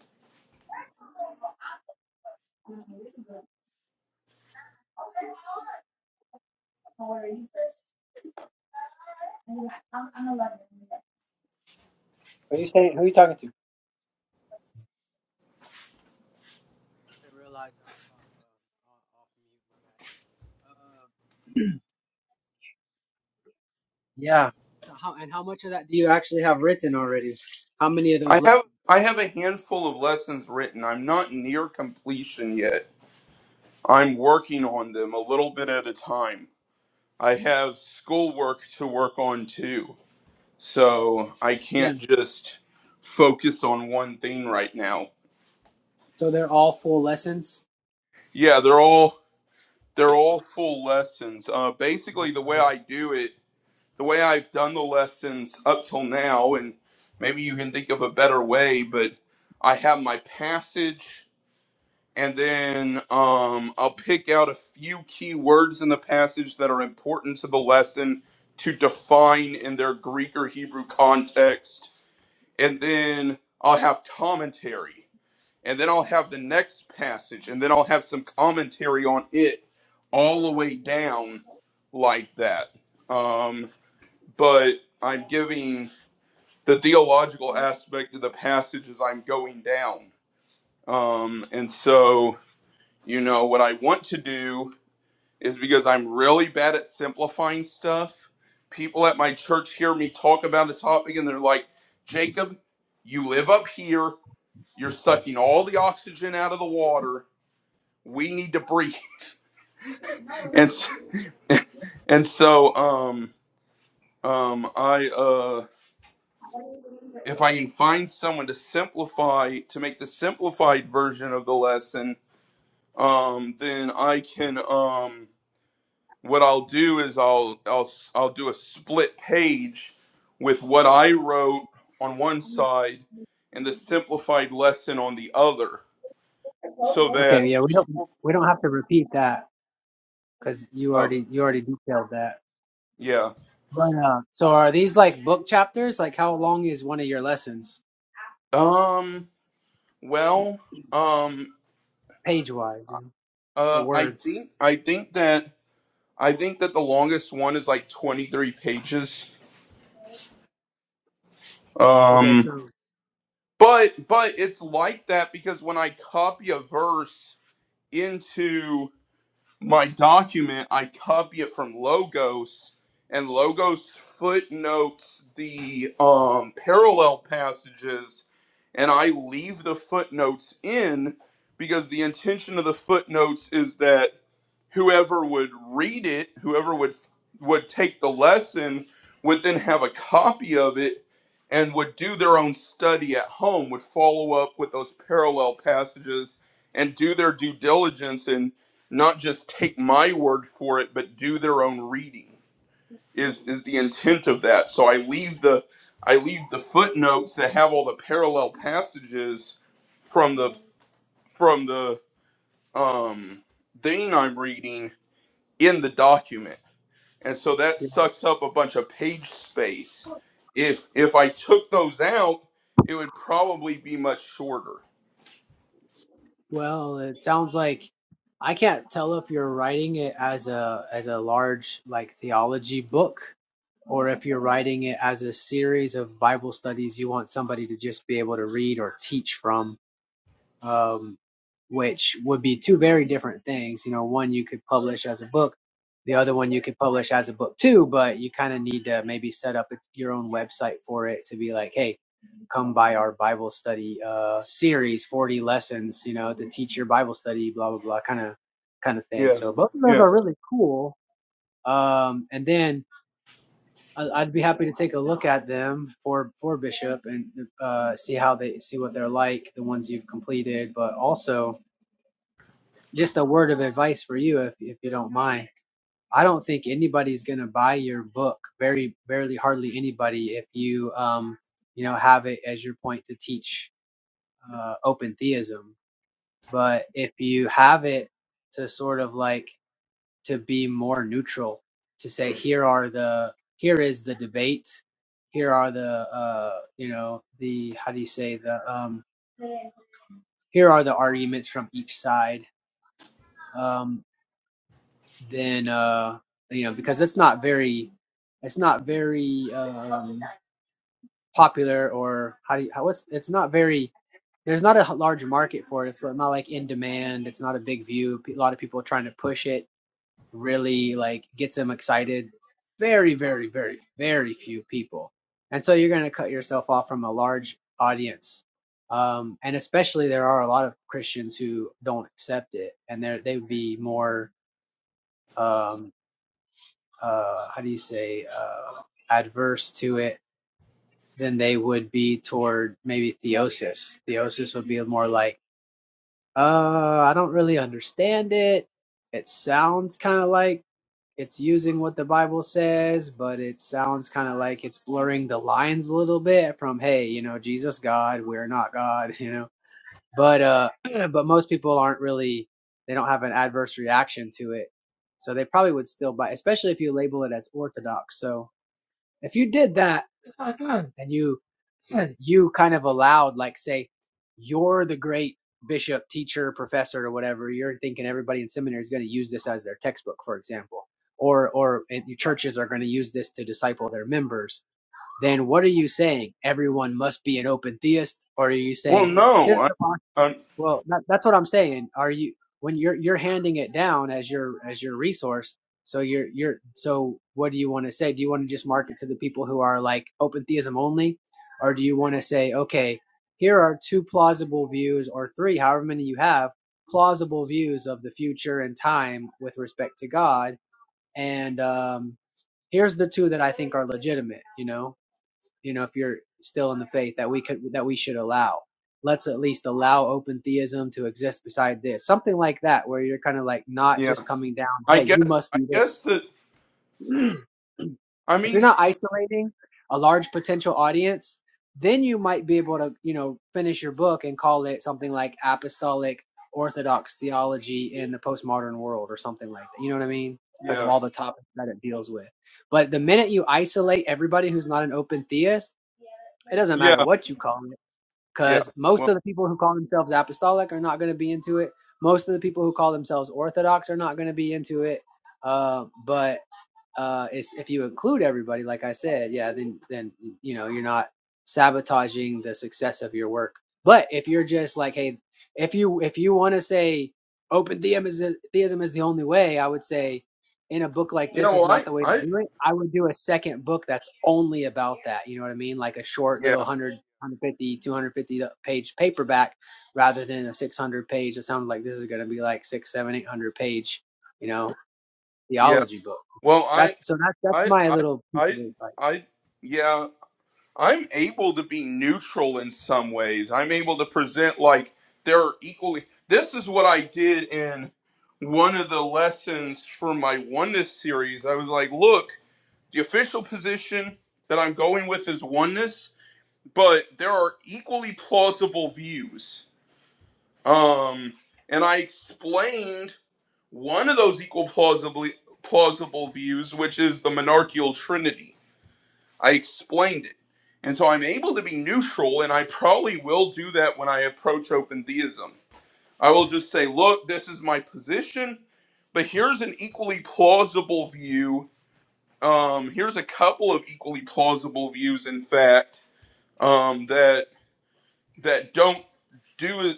S5: Are you saying who are you talking to? I realized I was off, uh, off, mute. My bad. Uh, yeah. So how and how much of that do you actually have written already? How many of
S3: I
S5: those lessons?
S3: have I have a handful of lessons written. I'm not near completion yet. I'm working on them a little bit at a time. I have schoolwork to work on too. So I
S5: Yeah.
S3: can't just focus on one thing right now
S5: So they're all full lessons.
S3: yeah, they're all They're all full lessons. Uh, basically, the way I do it, the way I've done the lessons up till now, and maybe you can think of a better way, but I have my passage, and then um, I'll pick out a few key words in the passage that are important to the lesson to define in their Greek or Hebrew context, and then I'll have commentary and then I'll have the next passage, and then I'll have some commentary on it all the way down like that. Um, but I'm giving the theological aspect of the passage as I'm going down. Um, and so, you know, what I want to do is because I'm really bad at simplifying stuff. People at my church hear me talk about a topic and they're like, Jacob, you live up here, you're sucking all the oxygen out of the water we need to breathe and s- and so um um i uh if i can find someone to simplify to make the simplified version of the lesson um then i can um what i'll do is i'll i'll s- i'll do a split page with what i wrote on one side and the simplified lesson on the other so
S5: Okay.
S3: that
S5: Yeah. We don't
S3: people
S5: we don't have to repeat that because you
S3: oh
S5: already you already detailed that.
S3: yeah
S5: But uh, so are these like book chapters? Like how long is one of your lessons,
S3: um well um.
S5: page wise, you know, or
S3: Uh, I
S5: words?
S3: think I think that I think that the longest one is like 23 pages.
S5: Okay,
S3: Um,
S5: so
S3: but but it's like that because when I copy a verse into my document, I copy it from Logos, and Logos footnotes the um, parallel passages, and I leave the footnotes in because the intention of the footnotes is that whoever would read it, whoever would would take the lesson, would then have a copy of it and would do their own study at home, would follow up with those parallel passages and do their due diligence and not just take my word for it, but do their own reading is is the intent of that. So I leave the I leave the footnotes that have all the parallel passages from the from the um thing I'm reading in the document. And so that
S5: yeah.
S3: sucks up a bunch of page space. If if I took those out, it would probably be much shorter.
S5: well, it sounds like I can't tell if you're writing it as a as a large like theology book or if you're writing it as a series of Bible studies you want somebody to just be able to read or teach from. um, which would be two very different things. You know, one you could publish as a book, the other one you could publish as a book too, but you kind of need to maybe set up your own website for it to be like, hey, come by our Bible study uh, series, 40 lessons, you know, to teach your Bible study, blah, blah, blah, kind of kind of thing.
S3: Yeah.
S5: So both of those
S3: Yeah.
S5: are really cool. Um, and then I- I'd be happy to take a look at them for for Bishop and uh, see how they see what they're like, the ones you've completed, but also just a word of advice for you if if you don't mind. I don't think anybody's going to buy your book, very barely hardly anybody if you um you know have it as your point to teach uh open theism. But if you have it to sort of like to be more neutral, to say here are the here is the debate, here are the uh you know the how do you say the um here are the arguments from each side. Um then uh you know because it's not very it's not very um popular or how do you how it's it's not very there's not a large market for it it's not like in demand it's not a big view a lot of people are trying to push it really like gets them excited very very very very few people and so you're going to cut yourself off from a large audience um and especially there are a lot of christians who don't accept it and they they would be more um, uh, how do you say, uh, adverse to it than they would be toward maybe theosis. Theosis would be more like, uh, I don't really understand it. It sounds kind of like it's using what the Bible says, but it sounds kind of like it's blurring the lines a little bit from, hey, you know, Jesus God, we're not God, you know. But uh, but most people aren't really, they don't have an adverse reaction to it, so they probably would still buy, especially if you label it as orthodox. So if you did that and you you kind of allowed like say you're the great bishop, teacher, professor or whatever, you're thinking everybody in seminary is going to use this as their textbook, for example. Or or your churches are going to use this to disciple their members. Then what are you saying? Everyone must be an open theist or are you
S3: Well,
S5: saying
S3: no.
S5: here's
S3: I,
S5: the
S3: I
S5: well, that, that's what I'm saying. Are you when you're you're handing it down as your as your resource? So you're you're so what do you want to say? Do you want to just market to the people who are like open theism only, or do you want to say okay, here are two plausible views or three, however many you have, plausible views of the future and time with respect to God, and um, here's the two that I think are legitimate. You know, you know if you're still in the faith that we could that we should allow let's at least allow open theism to exist beside this something like that where you're kind of like not
S3: yeah.
S5: just coming down
S3: I
S5: hey you
S3: guess
S5: must
S3: I
S5: be
S3: guess that
S5: this
S3: I
S5: if you're
S3: mean,
S5: not isolating a large potential audience then you might be able to you know finish your book and call it something like apostolic orthodox theology in the postmodern world or something like that you know what i mean because of
S3: yeah.
S5: all the topics that it deals with but the minute you isolate everybody who's not an open theist it doesn't matter
S3: Yeah.
S5: what you call it
S3: Yeah.
S5: because most
S3: Well,
S5: of the people who call themselves apostolic are not going to be into it. Most of the people who call themselves orthodox are not going to be into it. Uh, but uh is if you include everybody like i said yeah then then you know you're not sabotaging the success of your work but if you're just like hey if you if you want to say open theism is the, theism is the only way i would say in a book like
S3: you
S5: this
S3: know,
S5: is
S3: I
S5: not the way to
S3: I
S5: do it i would do a second book that's only about that you know what i mean like a short little
S3: yeah.
S5: 100 page paperback rather than a 600 page it sounded like this is going to be like six seven eight hundred page you know
S3: Yeah.
S5: theology book.
S3: Well, I
S5: That's so That's that's
S3: I
S5: my
S3: I
S5: little piece of
S3: I
S5: advice.
S3: I yeah. I'm able to be neutral in some ways. I'm able to present like there are equally. This is what I did in one of the lessons for my oneness series. I was like, look, the official position that I'm going with is oneness, but there are equally plausible views. Um, and I explained one of those equal plausibly plausible views, which is the monarchical trinity I explained it. And so I'm able to be neutral, and I probably will do that when I approach open theism. I will just say, look, this is my position, but here's an equally plausible view. Um, here's a couple of equally plausible views, in fact, um, that that don't do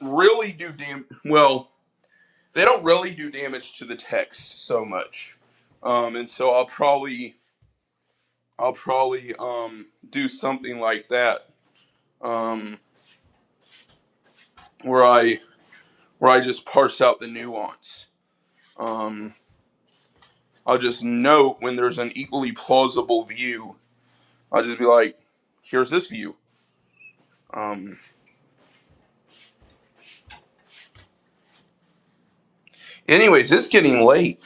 S3: really do dam- well. They don't really do damage to the text so much, um, and so I'll probably I'll probably um, do something like that. Um, where I where I just parse out the nuance. Um, I'll just note when there's an equally plausible view. I'll just be like, "Here's this view." Um, anyways, it's getting late.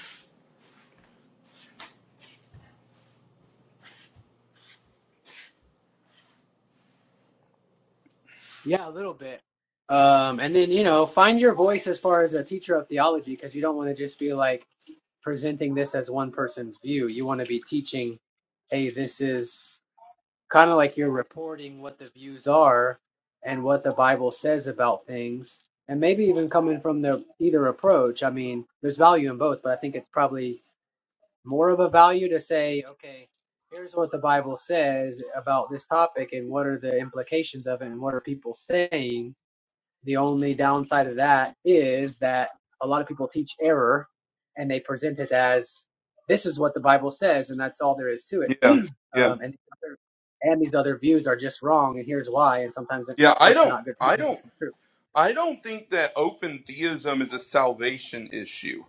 S5: Yeah, a little bit. Um, and then you know, find your voice as far as a teacher of theology, because you don't want to just be like presenting this as one person's view. You want to be teaching, hey, this is kind of like you're reporting what the views are and what the Bible says about things, and maybe even coming from the either approach. I mean, there's value in both, but I think it's probably more of a value to say, okay, here's what the Bible says about this topic and what are the implications of it and what are people saying. The only downside of that is that a lot of people teach error and they present it as this is what the Bible says and that's all there is to it.
S3: Yeah, yeah,
S5: Um, and and these other views are just wrong and here's why. And sometimes, of
S3: yeah. I
S5: course, they're
S3: don't,
S5: not
S3: I don't,
S5: good.
S3: I don't think that open theism is a salvation issue.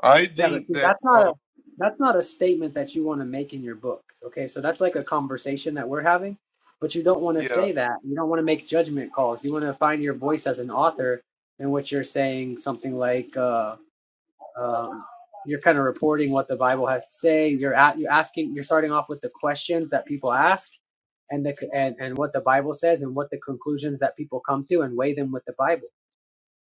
S3: I
S5: Yeah, but
S3: think
S5: see,
S3: that,
S5: that's not a
S3: um,
S5: that's not a statement that you want to make in your book. Okay, so that's like a conversation that we're having, but you don't want to
S3: yeah,
S5: say that. You don't want to make judgment calls. You want to find your voice as an author in what you're saying. Something like uh, um, you're kind of reporting what the Bible has to say. You're at you're asking. You're starting off with the questions that people ask, and the and and what the Bible says, and what the conclusions that people come to, and weigh them with the Bible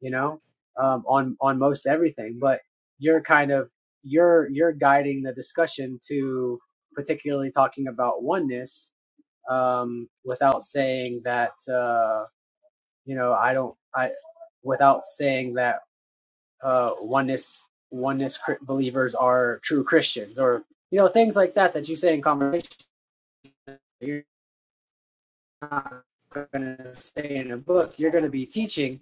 S5: you know, um, on on most everything. But you're kind of you're you're guiding the discussion to particularly talking about oneness um, without saying that uh, you know I don't I without saying that uh, oneness oneness cr- believers are true Christians or you know things like that that you say in conversation. You're not going to say in a book. You're going to be teaching.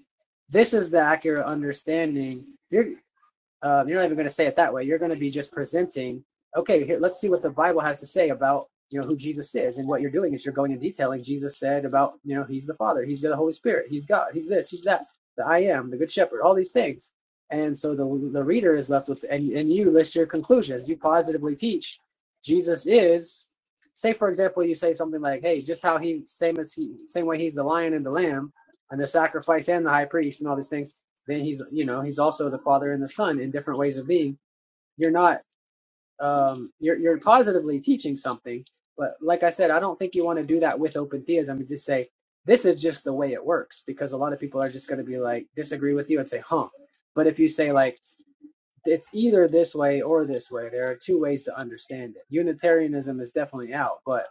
S5: This is the accurate understanding. You're uh, you're not even going to say it that way. You're going to be just presenting, okay, here, let's see what the Bible has to say about you know who Jesus is. And what you're doing is you're going in and detailing Jesus said about you know he's the Father, he's the Holy Spirit, he's God, he's this, he's that, the I am, the Good Shepherd, all these things. And so the the reader is left with, and and you list your conclusions. You positively teach Jesus is. Say for example, you say something like, "Hey, just how he same as he same way he's the lion and the lamb, and the sacrifice and the high priest and all these things." then he's you know he's also the father and the son in different ways of being you're not um you're you're positively teaching something but like i said i don't think you want to do that with open theism and just say this is just the way it works because a lot of people are just going to be like disagree with you and say huh but if you say like it's either this way or this way there are two ways to understand it unitarianism is definitely out but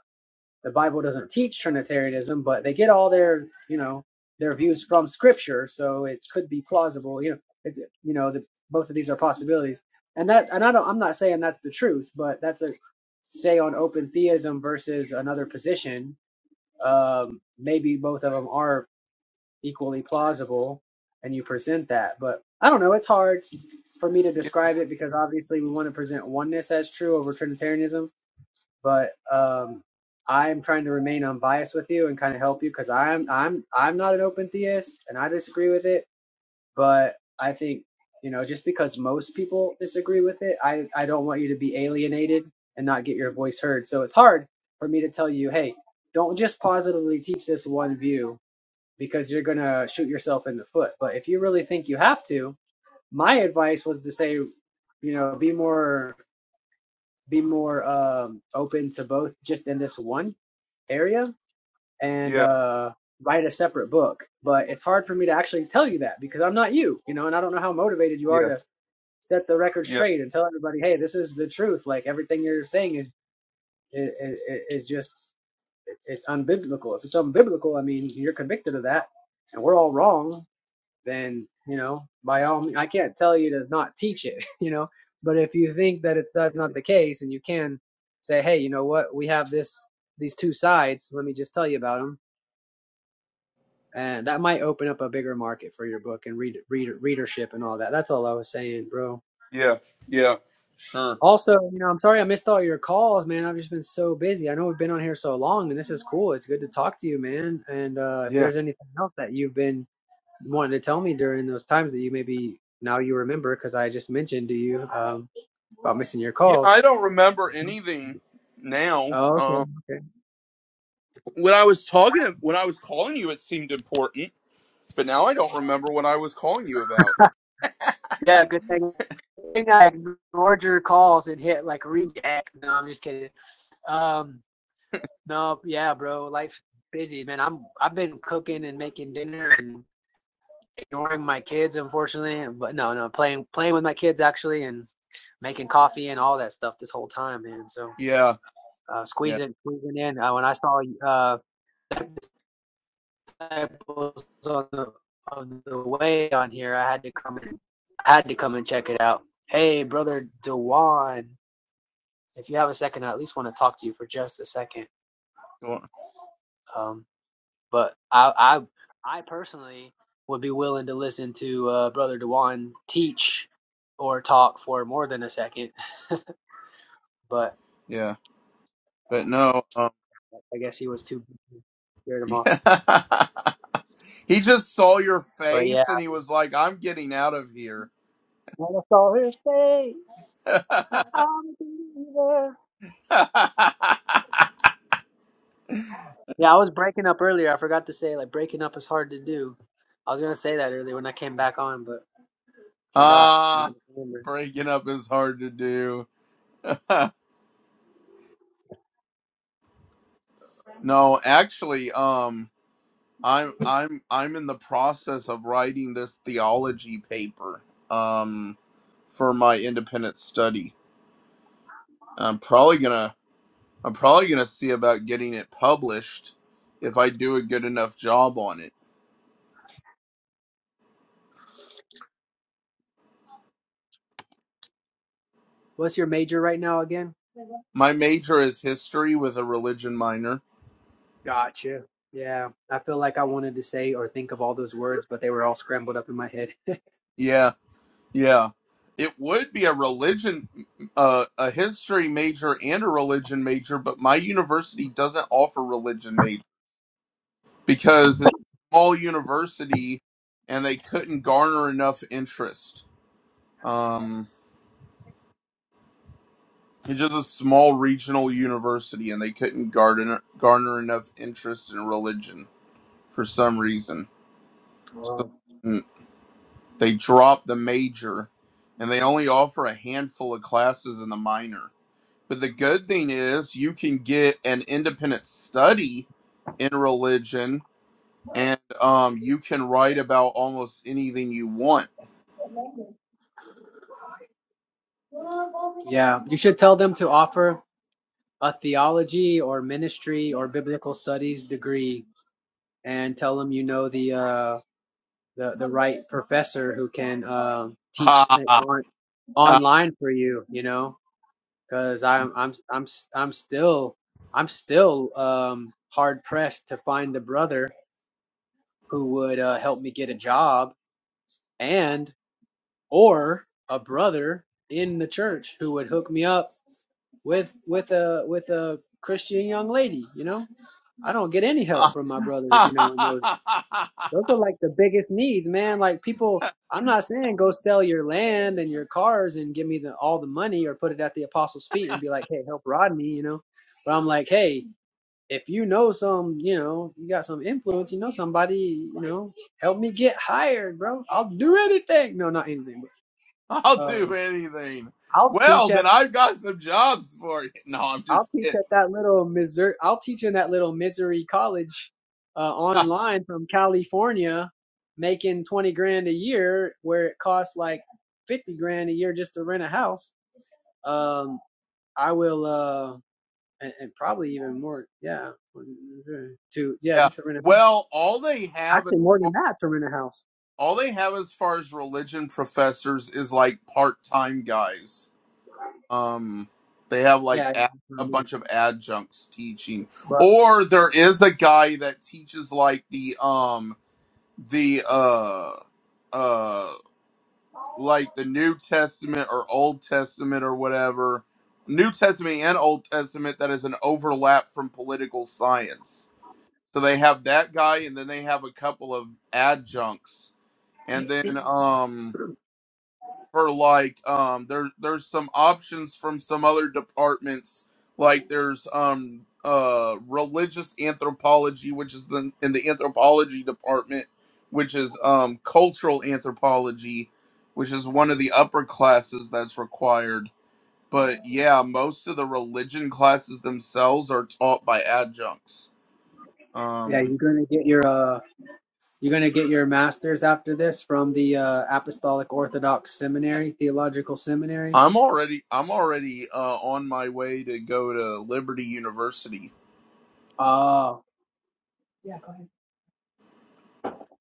S5: the Bible doesn't teach Trinitarianism, but they get all their, you know, their views from Scripture, so it could be plausible. You know, it's you know, the, both of these are possibilities, and that, and I don't, I'm not saying that's the truth, but that's a say on open theism versus another position. Um, maybe both of them are equally plausible, and you present that, but I don't know. It's hard for me to
S3: yeah,
S5: describe it because obviously we want to present oneness as true over Trinitarianism but um, I'm trying to remain unbiased with you and kind of help you because I'm I'm I'm not an open theist and I disagree with it. But I think you know just because most people disagree with it, I I don't want you to be alienated and not get your voice heard. So it's hard for me to tell you, hey, don't just positively teach this one view because you're gonna shoot yourself in the foot. But if you really think you have to, my advice was to say, you know, be more be more um, open to both just in this one area and
S3: yeah,
S5: uh, write a separate book. But it's hard for me to actually tell you that because I'm not you, you know, and I don't know how motivated you are
S3: yeah,
S5: to set the record
S3: yeah,
S5: straight and tell everybody, hey, this is the truth. Like everything you're saying is is, is just it's unbiblical. If it's unbiblical, I mean, you're convicted of that, and we're all wrong. Then you know, by all means, I can't tell you to not teach it, you know. But if you think that it's that's not the case, and you can say, hey, you know what, we have this these two sides. Let me just tell you about them. and that might open up a bigger market for your book and read, read readership and all that. That's all I was saying, bro.
S3: yeah, yeah. Sure.
S5: Also, you know, I'm sorry I missed all your calls, man. I've just been so busy. I know we've been on here so long, and this is cool. It's good to talk to you, man. And uh, if
S3: Yeah.
S5: there's anything else that you've been wanting to tell me during those times that you maybe now you remember, because I just mentioned to you um, about missing your
S3: Yeah. I
S5: calls.
S3: don't remember anything now.
S5: Oh, okay,
S3: Um,
S5: okay.
S3: when I was talking, when I was calling you, it seemed important, but now I don't remember what I was calling you about.
S5: Yeah, good thing. I ignored your calls and hit like reject. No, I'm just kidding. Um, No, yeah, bro. Life busy, man. I'm I've been cooking and making dinner and ignoring my kids, unfortunately. But no, no, playing playing with my kids actually and making coffee and all that stuff this whole time, man. So
S3: Yeah,
S5: uh,
S3: yeah,
S5: squeezing squeezing in. Uh, when I saw uh disciples on the on the way on here, I had to come and I had to come and check it out. Hey, brother Dewan, if you have a second, I at least want to talk to you for just a second.
S3: sure,
S5: Um. But I I I personally would be willing to listen to uh, Brother Dewan teach or talk for more than a second. But
S3: yeah. But no, um,
S5: I guess he was too busy. scared him off.
S3: yeah. he just saw your
S5: But yeah,
S3: face and he was like, "I'm getting out of here."
S5: when I saw his face, now I'm a believer. Yeah, I was breaking up earlier. I forgot to say like breaking up is hard to do. I was gonna say that earlier when I came back on, but forgot. Now
S3: Ah,
S5: I just remembered.
S3: breaking up is hard to do. no, actually, um, I'm I'm I'm in the process of writing this theology paper, um, for my independent study. I'm probably gonna I'm probably gonna see about getting it published if I do a good enough job on it.
S5: What's your major right now again?
S3: My major is history with a religion minor.
S5: Gotcha. Yeah. I feel like I wanted to say or think of all those words, but they were all scrambled up in my head.
S3: Yeah, yeah. It would be a religion uh, a history major and a religion major, but my university doesn't offer religion major because it's a small university and they couldn't garner enough interest. Um It's just a small regional university, and they couldn't garner garner enough interest in religion for some reason. So
S5: Um,
S3: mm, they dropped the major, and they only offer a handful of classes in the minor. But the good thing is, you can get an independent study in religion, and um, you can write about almost anything you want.
S5: yeah. You should tell them to offer a theology or ministry or biblical studies degree and tell them you know the uh the, the right professor who can uh, teach it on online for you, you know, because I'm I'm I'm s- I'm still I'm still um hard pressed to find the brother who would uh, help me get a job and. or a brother in the church who would hook me up with with a with a Christian young lady, you know? I don't get any
S3: Ha
S5: help
S3: ha
S5: from my brothers,
S3: ha ha
S5: you know, and
S3: ha
S5: those
S3: ha ha ha ha
S5: those are like the biggest needs, man. Like people I'm not saying go sell your land and your cars and give me the all the money or put it at the apostles' feet and be like, "Hey, help Rodney," you know. But I'm like, "Hey, if you know some, you know, you got some influence, you know somebody, you know, help me get hired, bro. I'll do anything." No, not anything,
S3: I'll
S5: but. um,
S3: do anything.
S5: I'll
S3: Well,
S5: teach at
S3: then I've got some jobs for you. No, I'm
S5: I'll
S3: just
S5: teach
S3: kidding.
S5: at that little Missouri. I'll teach in that little Missouri college uh, online from California, making twenty grand a year, where it costs like fifty grand a year just to rent a house. Um, I will, uh, and, and probably even more. Yeah, to yeah,
S3: yeah.
S5: just to rent a house.
S3: Well, all they have, as
S5: Actually, more than
S3: far-
S5: that to rent a house.
S3: all they have as far as religion professors is like part-time guys. Um, they have like
S5: Yeah, you know
S3: ad-
S5: what
S3: a
S5: I mean.
S3: bunch of adjuncts teaching,
S5: but
S3: or there is a guy that teaches like the um the uh uh like the New Testament or Old Testament or whatever, New Testament and Old Testament that is an overlap from political science. So they have that guy and then they have a couple of adjuncts. And then um for like um there there's some options from some other departments like there's um uh religious anthropology which is the in the anthropology department which is um cultural anthropology which is one of the upper classes that's required but yeah most of the religion classes themselves are taught by adjuncts
S5: yeah,
S3: um
S5: you're gonna get your uh You're going to get your master's after this from the uh, Apostolic Orthodox Seminary, Theological Seminary.
S3: i'm already i'm already uh on my way to go to liberty university
S5: Oh, Yeah, go ahead.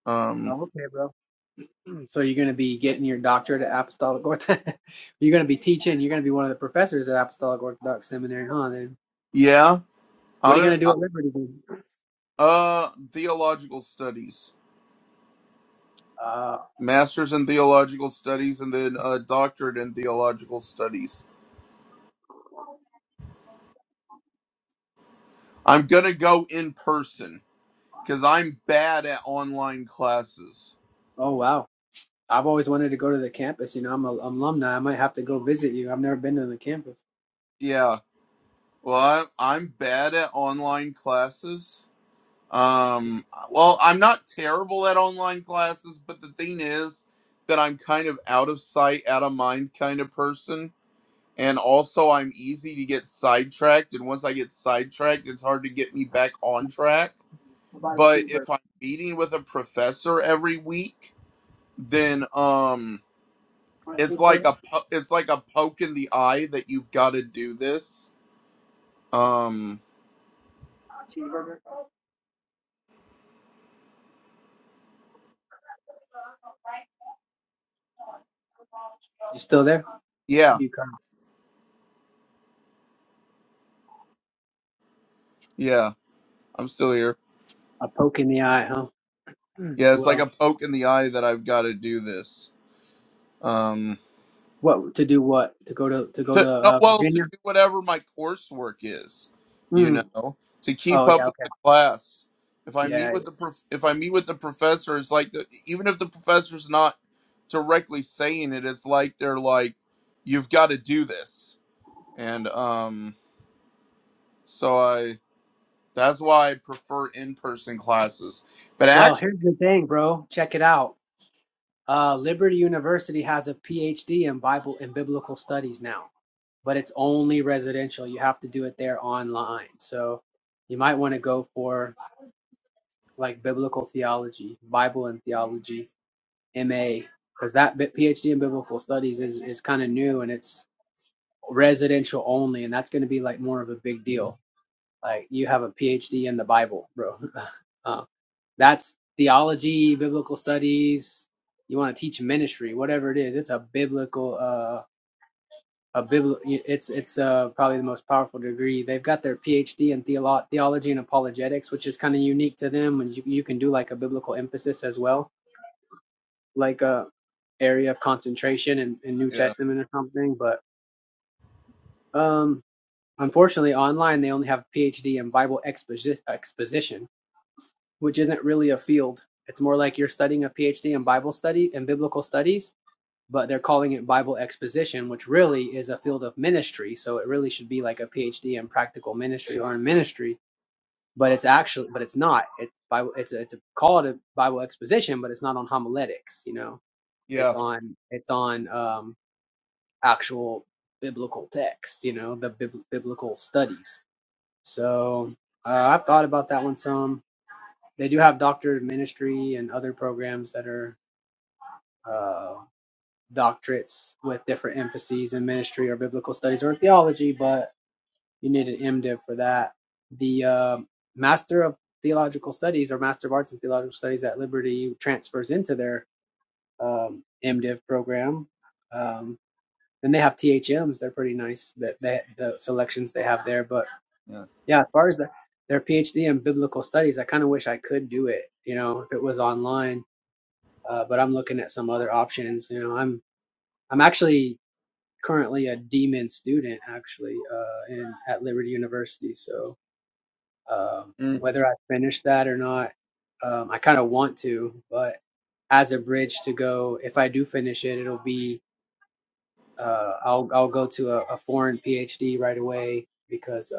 S3: um
S5: oh, okay, bro. So you're going to be getting your doctorate at Apostolic Orthodox. you're going to be teaching. You're going to be one of the professors at Apostolic Orthodox Seminary, huh? Then
S3: yeah
S5: what are you
S3: Uh,
S5: going to do at Liberty? Then?
S3: uh, theological studies,
S5: Uh,
S3: master's in theological studies, and then a doctorate in theological studies. I'm gonna go in person because I'm bad at online classes.
S5: oh, wow. I've always wanted to go to the campus. You know, I'm an alumni. I might have to go visit you. I've never been to the campus.
S3: Yeah, well, I, I'm bad at online classes. Um, well, I'm not terrible at online classes, but the thing is that I'm kind of out of sight, out of mind kind of person. and also I'm easy to get sidetracked. And once I get sidetracked, it's hard to get me back on track.
S5: What about a
S3: But
S5: cheeseburger?
S3: if I'm meeting with a professor every week, then um,
S5: Want a
S3: it's like
S5: cheeseburger?
S3: a po- it's like a poke in the eye that you've got to do this. Um,
S5: You still there?
S3: yeah,
S5: You kind
S3: yeah, I'm still here.
S5: of a poke in the eye, huh? Mm.
S3: Yeah, it's like
S5: Well.
S3: a poke in the eye that I've got to do this. Um.
S5: What to do? What to go to to go to
S3: to no,
S5: uh,
S3: well to
S5: Virginia?
S3: do whatever my coursework is you
S5: Mm.
S3: know to keep
S5: Oh
S3: up
S5: yeah,
S3: with
S5: okay,
S3: the class if i meet
S5: yeah. yeah.
S3: with the prof- if i meet with the professor it's like the, even if the professor's not directly saying it it's like they're like you've got to do this and um so i that's why i prefer in-person classes but
S5: Well,
S3: actually
S5: here's the thing, bro. Check it out. Uh, Liberty University has a PhD in Bible and biblical studies now, but it's only residential. You have to do it there online. So you might want to go for like biblical theology, Bible and theology, MA, because that bit- PhD in biblical studies is is kind of new and it's residential only, and that's going to be like more of a big deal Like you have a PhD in the Bible, bro. uh, that's theology, biblical studies. You want to teach ministry, whatever it is. It's a biblical, uh, a bibl. It's it's uh, probably the most powerful degree. They've got their PhD in theolo- theology and apologetics, which is kind of unique to them. And you you can do like a biblical emphasis as well, like a area of concentration in, in New
S3: yeah
S5: Testament or something. But um, unfortunately, online they only have PhD in Bible exposi- exposition which isn't really a field. It's more like you're studying a PhD in Bible study and biblical studies, but they're calling it Bible exposition, which really is a field of ministry. So it really should be like a PhD in practical ministry or in ministry, but it's actually, but it's not. It's Bible. It's a, it's a call to Bible exposition, but it's not on homiletics. You know,
S3: yeah
S5: it's on it's on um, actual biblical text. You know, the bib- biblical studies. So uh, I've thought about that one some. They do have doctorate ministry and other programs that are uh, doctorates with different emphases in ministry or biblical studies or theology, but you need an MDiv for that. The uh, Master of Theological Studies or Master of Arts in Theological Studies at Liberty transfers into their um, MDiv program. Um, and they have THMs. They're pretty nice. That they, the selections they have there. But
S3: yeah
S5: yeah, as far as the their PhD in biblical studies, I kind of wish I could do it. You know, if it was online uh, but I'm looking at some other options. You know, I'm I'm actually currently a D-Min student actually uh, in at Liberty University. So um,
S3: mm,
S5: whether I finish that or not, um, I kind of want to, but as a bridge to go, if I do finish it, it'll be uh, I'll I'll go to a, a foreign PhD right away because uh,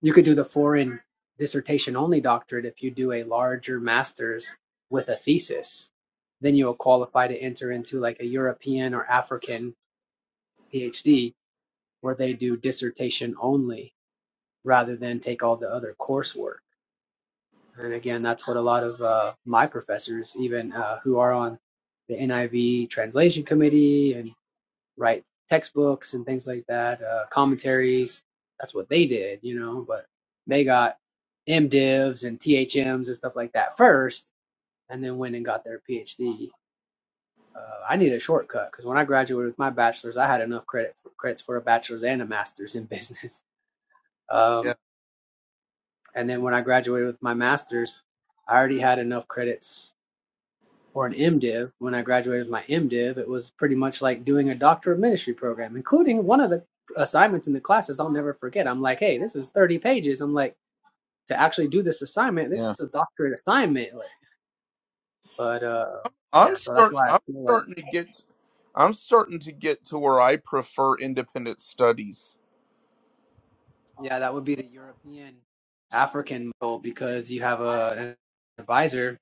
S5: You could do the foreign dissertation only doctorate if you do a larger master's with a thesis. Then you'll qualify to enter into like a European or African PhD where they do dissertation only rather than take all the other coursework. And again, that's what a lot of uh, my professors, even uh, who are on the NIV translation committee and write textbooks and things like that, uh, commentaries. That's what they did, you know. But they got MDivs and THMs and stuff like that first, and then went and got their PhD. Uh, I needed a shortcut because when I graduated with my bachelor's, I had enough credit for, credits for a bachelor's and a master's in business.
S3: yeah
S5: Um, and then when I graduated with my master's, I already had enough credits for an MDiv. When I graduated with my MDiv, it was pretty much like doing a doctor of ministry program, including one of the assignments in the classes I'll never forget. I'm like, hey, this is 30 pages. I'm like, to actually do this assignment,
S3: yeah
S5: this is a doctorate assignment. Like, but uh, yeah,
S3: I'm
S5: so that's
S3: start
S5: why I
S3: I'm
S5: feel like,
S3: starting to get I'm starting to get to where I prefer independent studies.
S5: yeah, that would be the European African model because you have a, an advisor.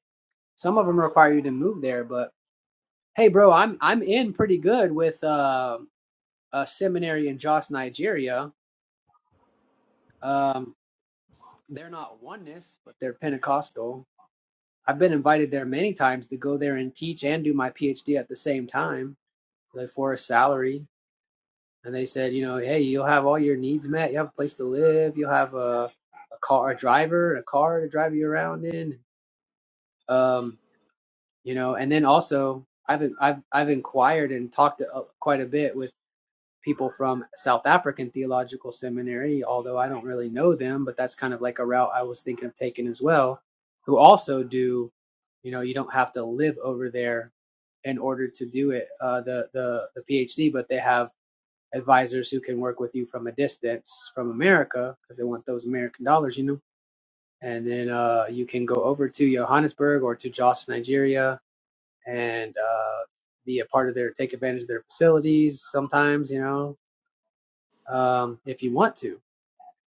S5: Some of them require you to move there, but hey, bro, I'm I'm in pretty good with uh, a seminary in Jos, Nigeria. Um, They're not oneness, but they're Pentecostal. I've been invited there many times to go there and teach and do my PhD at the same time, like for a salary. And they said, you know, hey, you'll have all your needs met. You have a place to live. You'll have a, a car, a driver, a car to drive you around in. Um, you know, and then also I've I've I've inquired and talked to, uh, quite a bit with. people from South African Theological Seminary, although I don't really know them, but that's kind of like a route I was thinking of taking as well, who also do, you know, you don't have to live over there in order to do it, uh, the, the, the PhD, but they have advisors who can work with you from a distance from America because they want those American dollars, you know, and then uh, you can go over to Johannesburg or to Jos, Nigeria, and uh, be a part of their, take advantage of their facilities sometimes, you know, um, if you want to,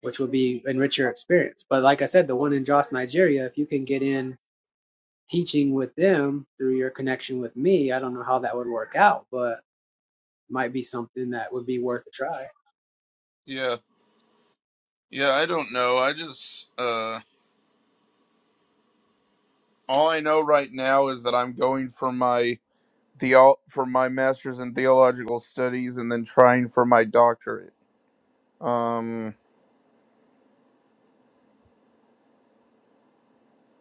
S5: which would be enrich your experience. But like I said, the one in Jos, Nigeria, if you can get in teaching with them through your connection with me, I don't know how that would work out, but might be something that would be worth a try.
S3: Yeah. Yeah, I don't know. I just uh all I know right now is that I'm going for my theo for my masters in theological studies and then trying for my doctorate. Um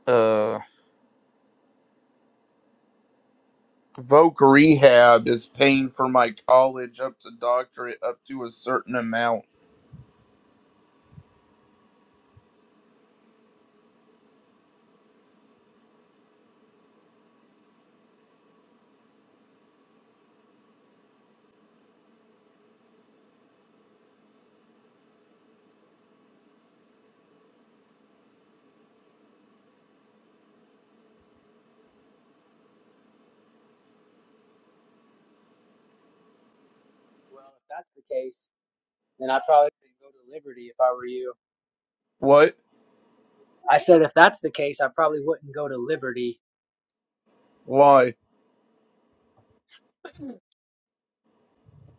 S3: uh Voc Rehab is paying for my college up to doctorate up to a certain amount.
S5: Well, if that's the case, then I probably wouldn't go to Liberty if I were you.
S3: What?
S5: I said if that's the case, I probably wouldn't go to Liberty
S3: Why?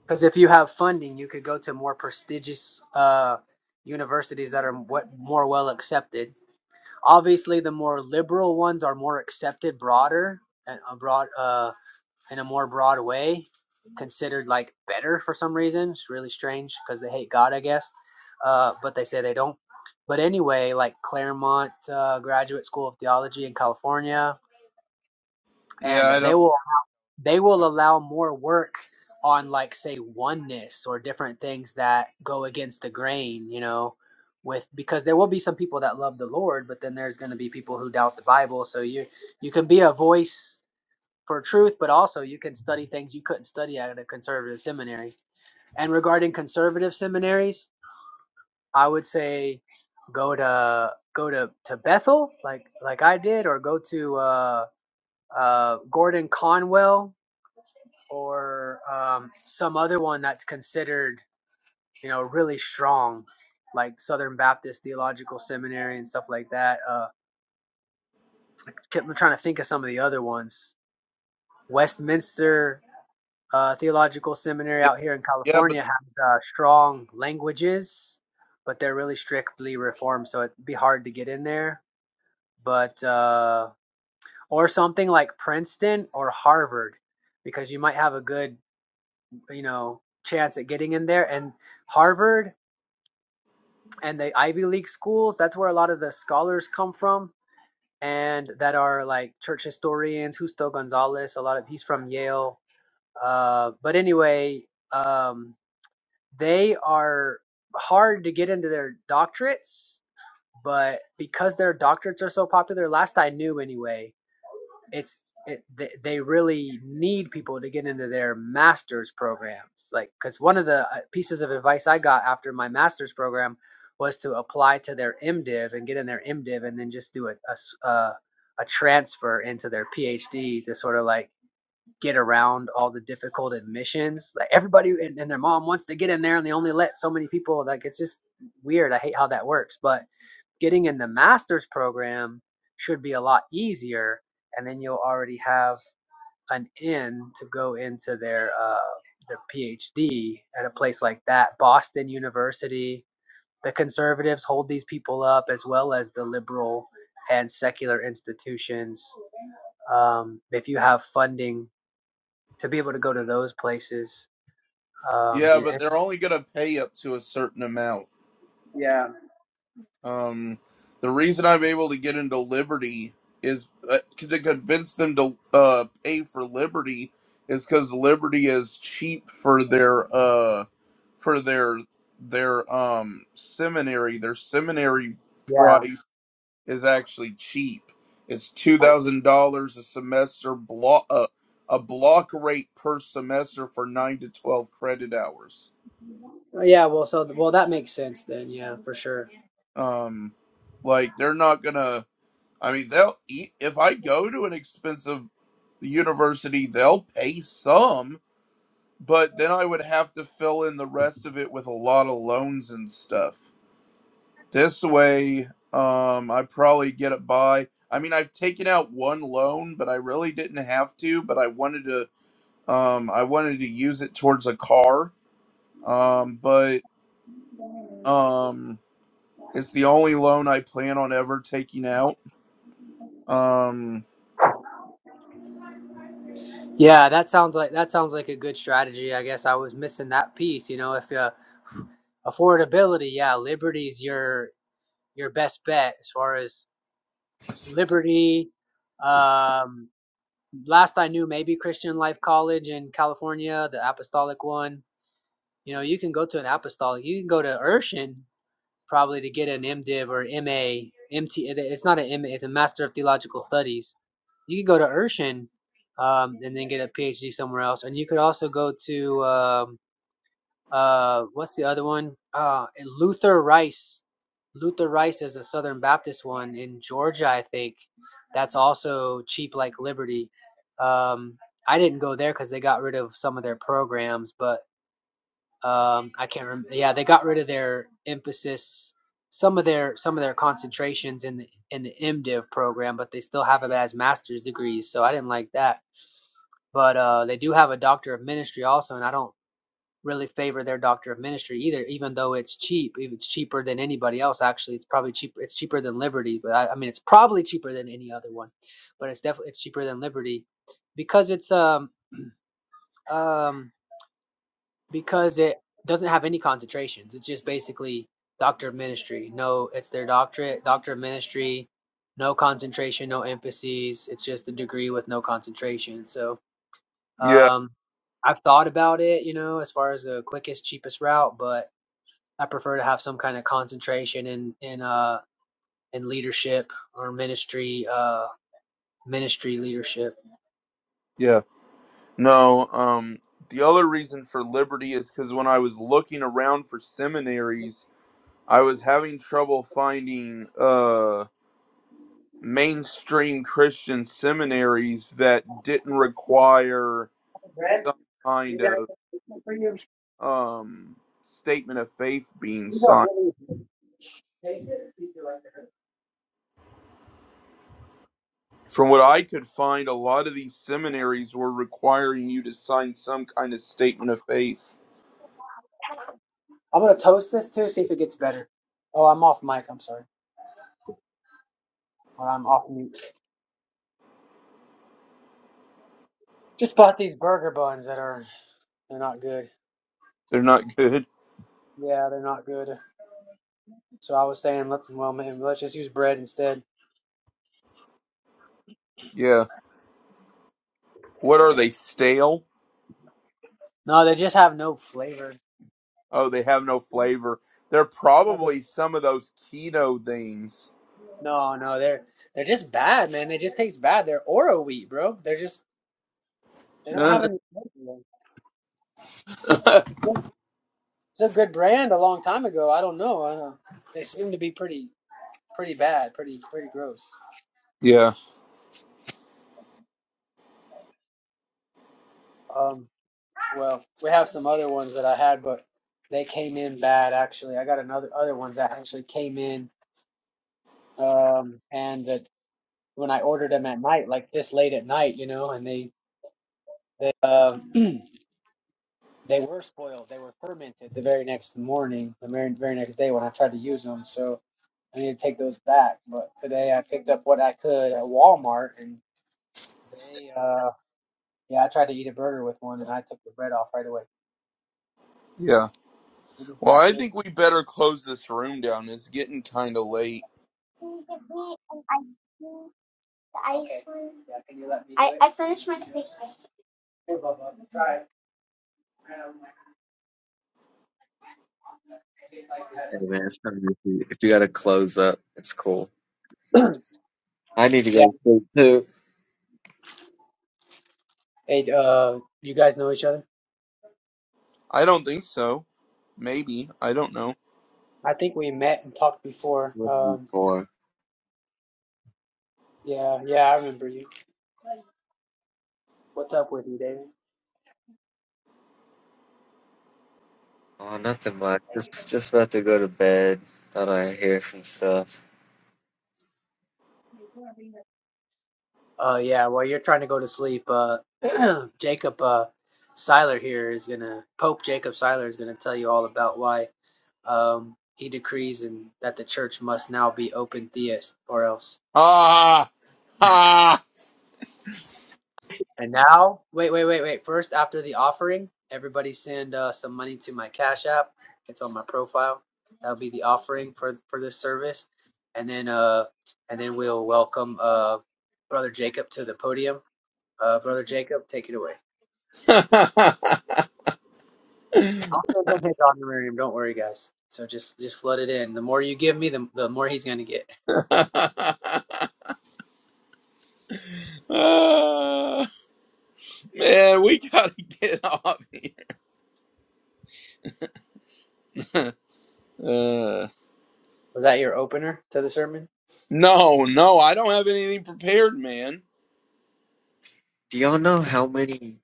S5: because if you have funding, you could go to more prestigious uh, universities that are what more well accepted Obviously, the more liberal ones are more accepted, broader and a broad, uh, in a more broad way, considered like better for some reason. It's really strange because they hate God, I guess. Uh, but they say they don't. But anyway, like Claremont uh, Graduate School of Theology in California,
S3: Yeah,
S5: and
S3: I
S5: they
S3: don't
S5: will they will allow more work on like say oneness or different things that go against the grain you know with because there will be some people that love the lord but then there's going to be people who doubt the bible so you you can be a voice for truth but also you can study things you couldn't study at a conservative seminary and regarding conservative seminaries i would say go to go to to bethel like like i did or go to uh uh gordon conwell or um, some other one that's considered, you know, really strong, like Southern Baptist Theological Seminary and stuff like that. Uh, kept- I'm trying to think of some of the other ones. Westminster uh, Theological Seminary
S3: yeah,
S5: out here in
S3: yeah, but
S5: California has uh, strong languages, but they're really strictly reformed, so it'd be hard to get in there. But uh, or something like Princeton or Harvard, because you might have a good, you know, chance at getting in there. And Harvard and the Ivy League schools. That's where a lot of the scholars come from, and that are like church historians. Justo Gonzalez, a lot of he's from Yale. Uh, but anyway, um, they are hard to get into their doctorates, but because their doctorates are so popular, last I knew anyway, it's it, they, they really need people to get into their master's programs like because one of the uh, pieces of advice i got after my master's program was to apply to their mdiv and get in their mdiv and then just do a a a a transfer into their phd to sort of like get around all the difficult admissions like everybody and, and their mom wants to get in there and they only let so many people like it's just weird i hate how that works but getting in the master's program should be a lot easier, and then you'll already have an in to go into their uh, their PhD at a place like that, Boston University. The conservatives hold these people up as well as the liberal and secular institutions. Um, if you have funding to be able to go to those places, um,
S3: Yeah, but
S5: yeah,
S3: they're only going to pay up to a certain amount.
S5: yeah,
S3: Um, the reason I'm able to get into Liberty is uh, to convince them to uh, pay for Liberty is because Liberty is cheap for their uh, for their their um seminary. Their seminary price is actually cheap. It's two thousand dollars a semester block uh, a block rate per semester for nine to twelve credit hours.
S5: yeah. Well, so well that makes sense then. Yeah, for sure.
S3: Um, like they're not gonna. I mean, they'll eat if I go to an expensive university, they'll pay some, but then I would have to fill in the rest of it with a lot of loans and stuff. This way, um, I probably get it by. I mean, I've taken out one loan, but I really didn't have to. But I wanted to. Um, I wanted to use it towards a car. Um, but um, it's the only loan I plan on ever taking out. Um,
S5: Yeah, that sounds like that sounds like a good strategy. I guess I was missing that piece. You know, if uh, affordability, yeah, Liberty's your your best bet as far as Liberty. Um, last I knew, maybe Christian Life College in California, the Apostolic one. You know, you can go to an Apostolic. You can go to Urshan probably to get an MDiv or MA, MT. It's not an MA; it's a Master of Theological Studies. You could go to Urshan um, and then get a PhD somewhere else, and you could also go to um, uh, what's the other one? Uh, Luther Rice. Luther Rice is a Southern Baptist one in Georgia, I think. That's also cheap like Liberty. Um, I didn't go there because they got rid of some of their programs, but um, I can't remember. Yeah, they got rid of their emphasis, some of their some of their concentrations in the in the MDiv program, but they still have it as master's degrees. So I didn't like that. But uh, they do have a doctor of ministry also, and I don't really favor their doctor of ministry either, even though it's cheap. If It's cheaper than anybody else. Actually, it's probably cheaper. It's cheaper than Liberty, but I, I mean, it's probably cheaper than any other one. But it's definitely it's cheaper than Liberty because it's um um because it doesn't have any concentrations. It's just basically doctor of ministry. No, it's their doctorate, doctor of ministry, no concentration, no emphases. It's just a degree with no concentration. So
S3: Yeah,
S5: um, I've thought about it, you know, as far as the quickest, cheapest route, but I prefer to have some kind of concentration in in uh in leadership or ministry uh ministry leadership.
S3: yeah. No, um the other reason for liberty is cuz when I was looking around for seminaries, I was having trouble finding uh mainstream Christian seminaries that didn't require some kind
S5: You
S3: of um statement of faith being
S5: got
S3: signed.
S5: one of these. Taste it and see if you like it.
S3: From what I could find, a lot of these seminaries were requiring you to sign some kind of statement of faith.
S5: I'm gonna toast this too, see if it gets better. Oh, I'm off mic. I'm sorry. Or I'm off mute. Just bought these burger buns that are they're not good.
S3: They're not good.
S5: Yeah, they're not good. So I was saying let's well man, let's just use bread instead.
S3: Yeah. What are they stale?
S5: No, they just have no flavor.
S3: Oh, they have no flavor. They're probably some of those keto things.
S5: No, no, they're they're just bad, man. They just taste bad. They're Oro wheat, bro. They're just they don't have
S3: Uh,
S5: any. flavor. It's a good brand a long time ago. I don't know. I don't, they seem to be pretty pretty bad, pretty pretty gross.
S3: yeah,
S5: Um, well, we have some other ones that I had, but they came in bad actually. I got another other ones that actually came in um, and that when I ordered them at night, like this late at night, you know, and they they um they were spoiled, they were fermented the very next morning, the very very next day when I tried to use them. So I need to take those back. But today I picked up what I could at Walmart, and they uh yeah, I tried to eat a burger with one, and I took the bread off right away.
S3: yeah.
S5: They just
S3: Well,
S5: back-
S3: I think we better close this room down. It's getting kind of late.
S5: The ice Okay. one. Yeah, can you let me? do I it? I finished my steak. Here, Bubba, try it. Um, it tastes like it has,
S8: Hey man, it's
S5: like,
S8: kind of if you, if you gotta close up, it's cool. I need to go to sleep too.
S5: Hey, uh, you guys know each other?
S3: I don't think so. Maybe. I don't know.
S5: I think we met and talked before.
S8: What are you
S5: Um,
S8: for?
S5: yeah, yeah, I remember you. What's up with you, David?
S8: Oh, nothing much. Just just about to go to bed. Thought I'd hear some stuff.
S5: Uh, yeah, while you're trying to go to sleep, uh, Jacob, uh, Seiler here is gonna, Pope Jacob Seiler is gonna tell you all about why, um, he decrees and that the church must now be open theist or else.
S3: Ah! Ah!
S5: And now, wait, wait, wait, wait. First, after the offering, everybody send uh, some money to my Cash App. It's on my profile. That'll be the offering for for this service, and then uh, and then we'll welcome uh, Brother Jacob to the podium. Uh, Brother Jacob, take it away. I'll send him his honorarium. Don't worry, guys. So just just flood it in. The more you give me, the the more he's gonna get.
S3: Ah, man, we gotta get off. uh,
S5: Was that your opener to the sermon?
S3: no, no, I don't have anything prepared, man.
S8: Do y'all know how many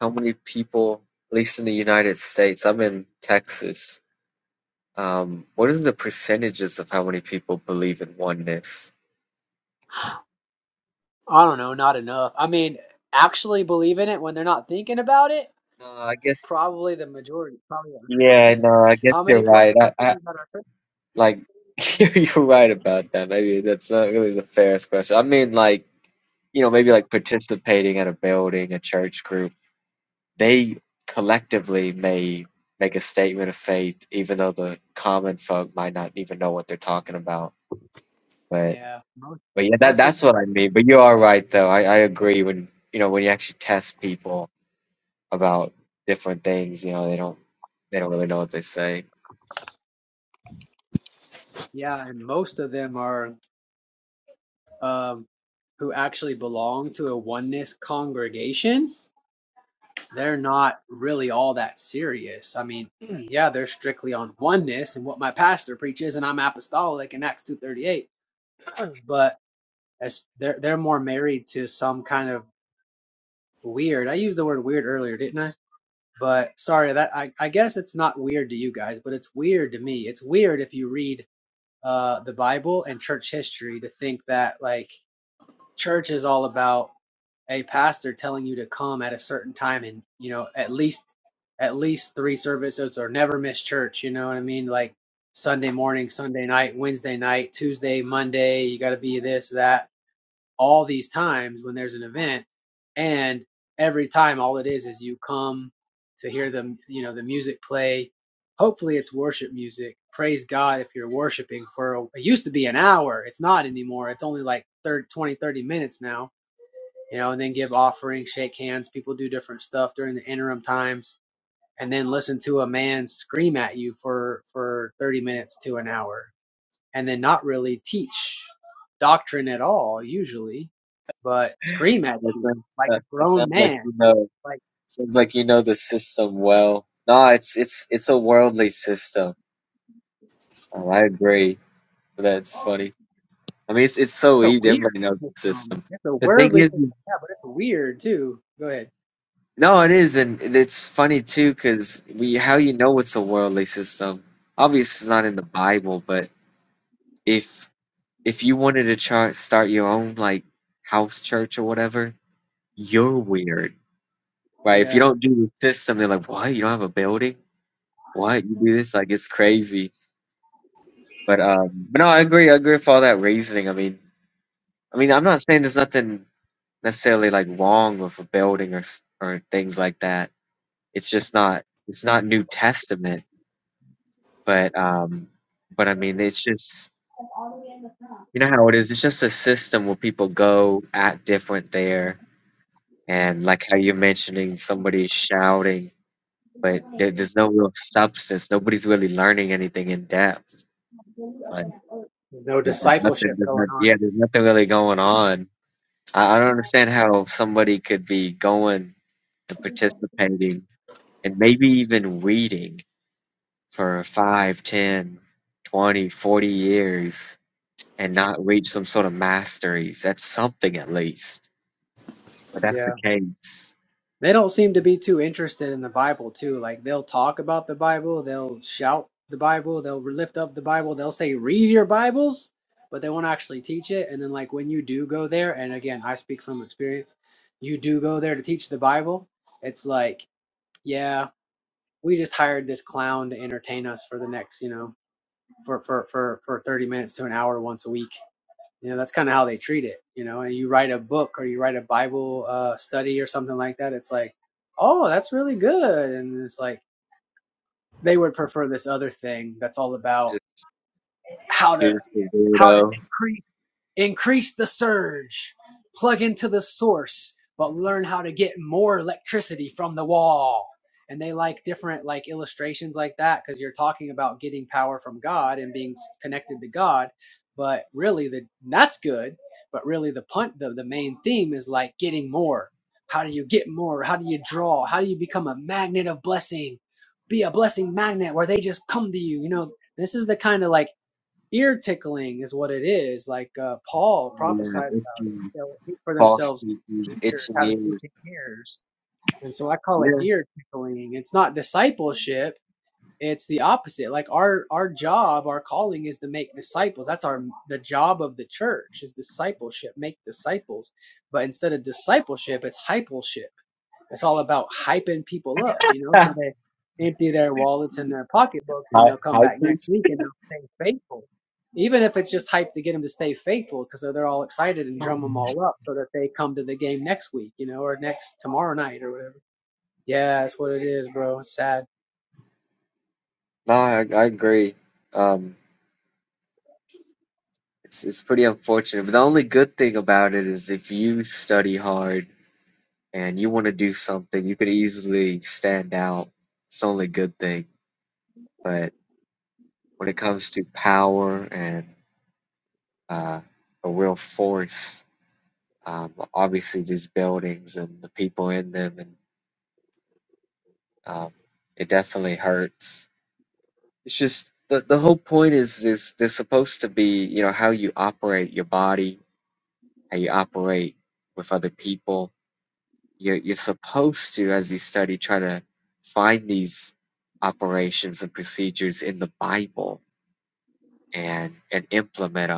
S8: how many people, at least in the United States, I'm in Texas. Um, what is the percentages of how many people believe in oneness?
S5: I don't know. Not enough. I mean, actually believe in it when they're not thinking about it.
S8: No, I guess.
S5: Probably the majority. Probably
S8: Yeah, no, I guess
S5: How many
S8: you're
S5: what's
S8: right.
S5: the
S8: I, I
S5: percentage that are Christian?
S8: like you're right about that. Maybe that's not really the fairest question. I mean, like. you know, maybe like participating at a building, a church group, they collectively may make a statement of faith, even though the common folk might not even know what they're talking about. But
S5: Yeah, most
S8: but yeah, that
S5: most of
S8: that's
S5: them
S8: what
S5: are.
S8: I mean. But you are right though. I, I agree when you know, when you actually test people about different things, you know, they don't they don't really know what they say.
S5: Yeah, and most of them are um, who actually belong to a oneness congregation. They're not really all that serious. I mean, yeah, they're strictly on oneness and what my pastor preaches, and I'm apostolic in Acts two thirty eight. But as they're they're more married to some kind of weird. I used the word weird earlier, didn't I? But sorry, that I, I guess it's not weird to you guys, but it's weird to me. It's weird if you read uh, the Bible and church history to think that like church is all about a pastor telling you to come at a certain time and you know at least at least three services or never miss church. You know what I mean? Like Sunday morning, Sunday night, Wednesday night, Tuesday, Monday. You got to be this that all these times when there's an event and every time all it is is you come to hear the you know the music play hopefully it's worship music praise god if you're worshiping for a, it used to be an hour it's not anymore it's only like 30, 20 thirty minutes now you know and then give offering shake hands people do different stuff during the interim times and then listen to a man scream at you for for 30 minutes to an hour and then not really teach doctrine at all usually, but scream at
S8: It
S5: you
S8: sounds,
S5: like
S8: uh,
S5: a
S8: it
S5: grown
S8: sounds like
S5: man.
S8: you know.
S5: Like
S8: Sounds like you know the system well. No, it's it's it's a worldly system. Oh, I agree. That's funny. I mean, it's it's so
S5: it's a
S8: easy.
S5: weird
S8: Everybody knows the
S5: system.
S8: system.
S5: It's a
S8: The thing
S5: worldly
S8: is,
S5: system,
S8: is-
S5: yeah, but it's weird too. Go ahead.
S8: no, it is, and it's funny too, because we how you know it's a worldly system. Obviously, it's not in the Bible, but if if you wanted to try start your own like house church or whatever, you're weird, right? If you
S5: Yeah.
S8: don't do the system, they're like, "What? You don't have a building? What? You do this? Like it's crazy." But um, but no, I agree. I agree with all that reasoning. I mean, I mean, I'm not saying there's nothing. necessarily like wrong with a building or s- or things like that. It's just not it's not New Testament, but um, but I mean it's just you know how it is. It's just a system where people go act different there, and like how you're mentioning somebody's shouting, but there, there's no real substance. Nobody's really learning anything in depth. Like
S5: no
S8: there's there's nothing.
S5: discipleship
S8: There's not,
S5: going on.
S8: yeah, there's nothing really going on. I, I don't understand how somebody could be going and participating and maybe even reading for 5, 10, 20, forty years and not reach some sort of masteries. That's something at least. But that's
S5: Yeah.
S8: the case.
S5: They don't seem to be too interested in the Bible too. Like they'll talk about the Bible, they'll shout the Bible, they'll lift up the Bible, they'll say read your Bibles, but they won't actually teach it. And then like when you do go there, and again I speak from experience, you do go there to teach the Bible, it's like yeah, we just hired this clown to entertain us for the next you know for for for for 30 minutes to an hour once a week you know that's kind of how they treat it you know and you write a book or you write a bible uh, study or something like that it's like oh that's really good and it's like they would prefer this other thing that's all about
S8: Just,
S5: how to
S8: you're just a
S5: how to
S8: weirdo.
S5: increase increase the surge plug into the source but learn how to get more electricity from the wall and they like different like illustrations like that because you're talking about getting power from god and being connected to god but really the that's good but really the punt the, the main theme is like getting more how do you get more how do you draw how do you become a magnet of blessing be a blessing magnet where they just come to you you know this is the kind of like ear tickling is what it is. Like uh, Paul
S8: Yeah,
S5: prophesied about
S8: itching,
S5: they'll heap for
S8: false
S5: themselves
S8: teeth,
S5: teachers
S8: itching
S5: having
S8: ears.
S5: itching ears, and so I call it
S8: Yeah,
S5: ear tickling. It's not discipleship. It's the opposite. Like our our job, our calling is to make disciples. That's our the job of the church is discipleship, make disciples. But instead of discipleship, it's hypleship. It's all about hyping people up, you know, so they empty their wallets and their pocketbooks and
S8: I,
S5: they'll come back next week and they'll stay faithful. Even if it's just hype to get them to stay faithful because they're all excited and
S8: no,
S5: drum them all up so that they come to the game next week, you know, or next tomorrow night or whatever. Yeah, that's what it is, bro. It's sad.
S8: I, I agree. Um, it's it's pretty unfortunate, but the only good thing about it is if you study hard and you want to do something, you could easily stand out. It's the only good thing, but when it comes to power and uh, a real force. Um, obviously, these buildings and the people in them, and um, it definitely hurts. It's just the the whole point is is they're supposed to be you know how you operate your body, how you operate with other people. You're you're supposed to, as you study, try to find these operations and procedures in the Bible and and implement them.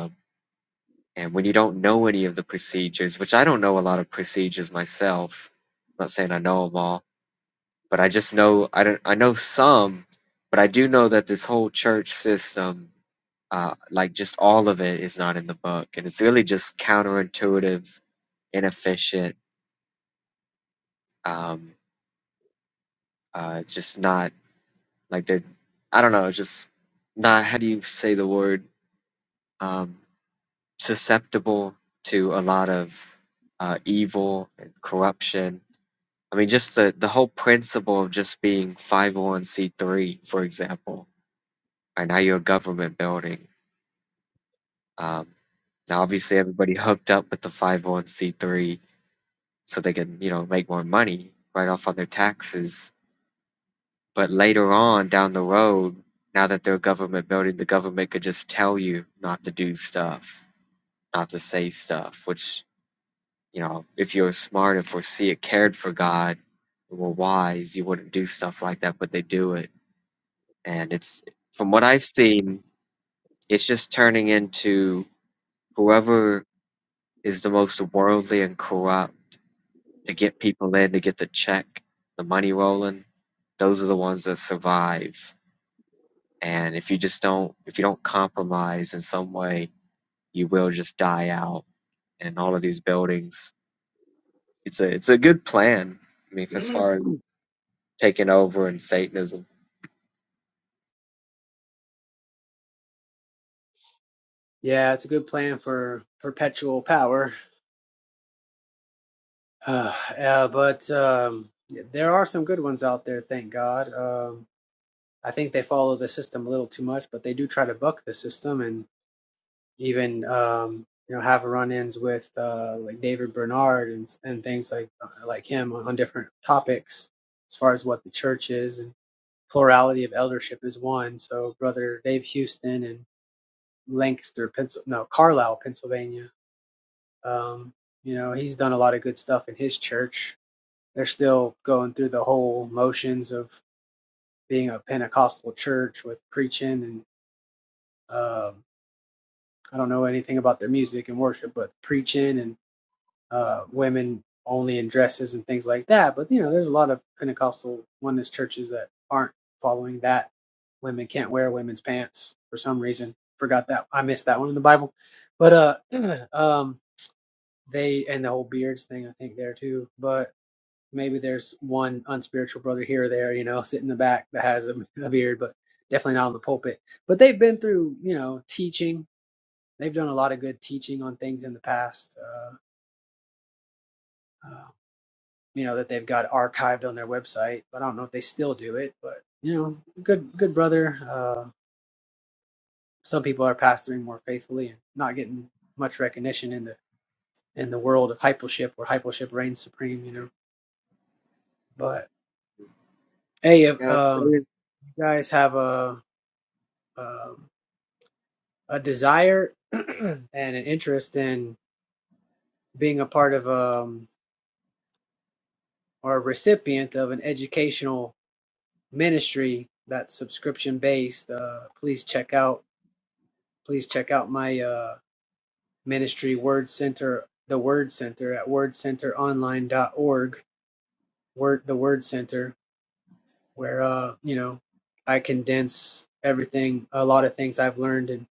S8: And when you don't know any of the procedures, which I don't know a lot of procedures myself, I'm not saying I know them all, but I just know I don't I know some, but I do know that this whole church system, uh, like just all of it, is not in the book, and it's really just counterintuitive, inefficient, um, uh, just not like they, I don't know, just not how do you say the word um, susceptible to a lot of uh, evil and corruption I mean, just the, the whole principle of just being 501c3, for example, and now you're a government building. Um, now, obviously, everybody hooked up with the 501c3 so they can, you know, make more money right off on their taxes. But later on down the road, now that they're a government building, the government could just tell you not to do stuff, not to say stuff, which, you know, if you're smart and foresee it, cared for God, and were wise, you wouldn't do stuff like that, but they do it And it's from what I've seen, it's just turning into whoever is the most worldly and corrupt to get people in to get the check, the money rolling, those are the ones that survive. And if you just don't if you don't compromise in some way, you will just die out And all of these buildings. It's a it's a good plan. I mean, as far as taking over and Satanism.
S5: Yeah, it's a good plan for perpetual power. Uh, yeah, but um, yeah, there are some good ones out there, thank God. Um, I think they follow the system a little too much, but they do try to buck the system, and even um, you know have run-ins with uh, like David Bernard and and things like uh, like him on, on different topics as far as what the church is and plurality of eldership is one. So brother Dave Houston and Lancaster, Pensil no Carlisle, Pennsylvania. Um, you know he's done a lot of good stuff in his church. They're still going through the whole motions of being a Pentecostal church with preaching and um, I don't know anything about their music and worship, but preaching and uh, women only in dresses and things like that. But you know, there's a lot of Pentecostal oneness churches that aren't following that. Women can't wear women's pants for some reason. Forgot that I missed that one in the Bible. But uh, um, they and the whole beards thing I think there too. But maybe there's one unspiritual brother here or there, you know, sitting in the back that has a, a beard, but definitely not on the pulpit. But they've been through, you know, teaching. They've done a lot of good teaching on things in the past. Uh, uh, you know that they've got archived on their website. But I don't know if they still do it. But you know, good good brother. Uh, some people are pastoring more faithfully and not getting much recognition in the in the world of hypleship where hypleship reigns supreme. You know, but hey, if
S8: Yeah,
S5: um, you guys have a um, a desire and an interest in being a part of um or a recipient of an educational ministry that's subscription based, uh, please check out please check out my uh, ministry, Word Center, the Word Center at wordcenteronline.org, word, the Word Center, where, uh, you know, I condense everything, a lot of things I've learned in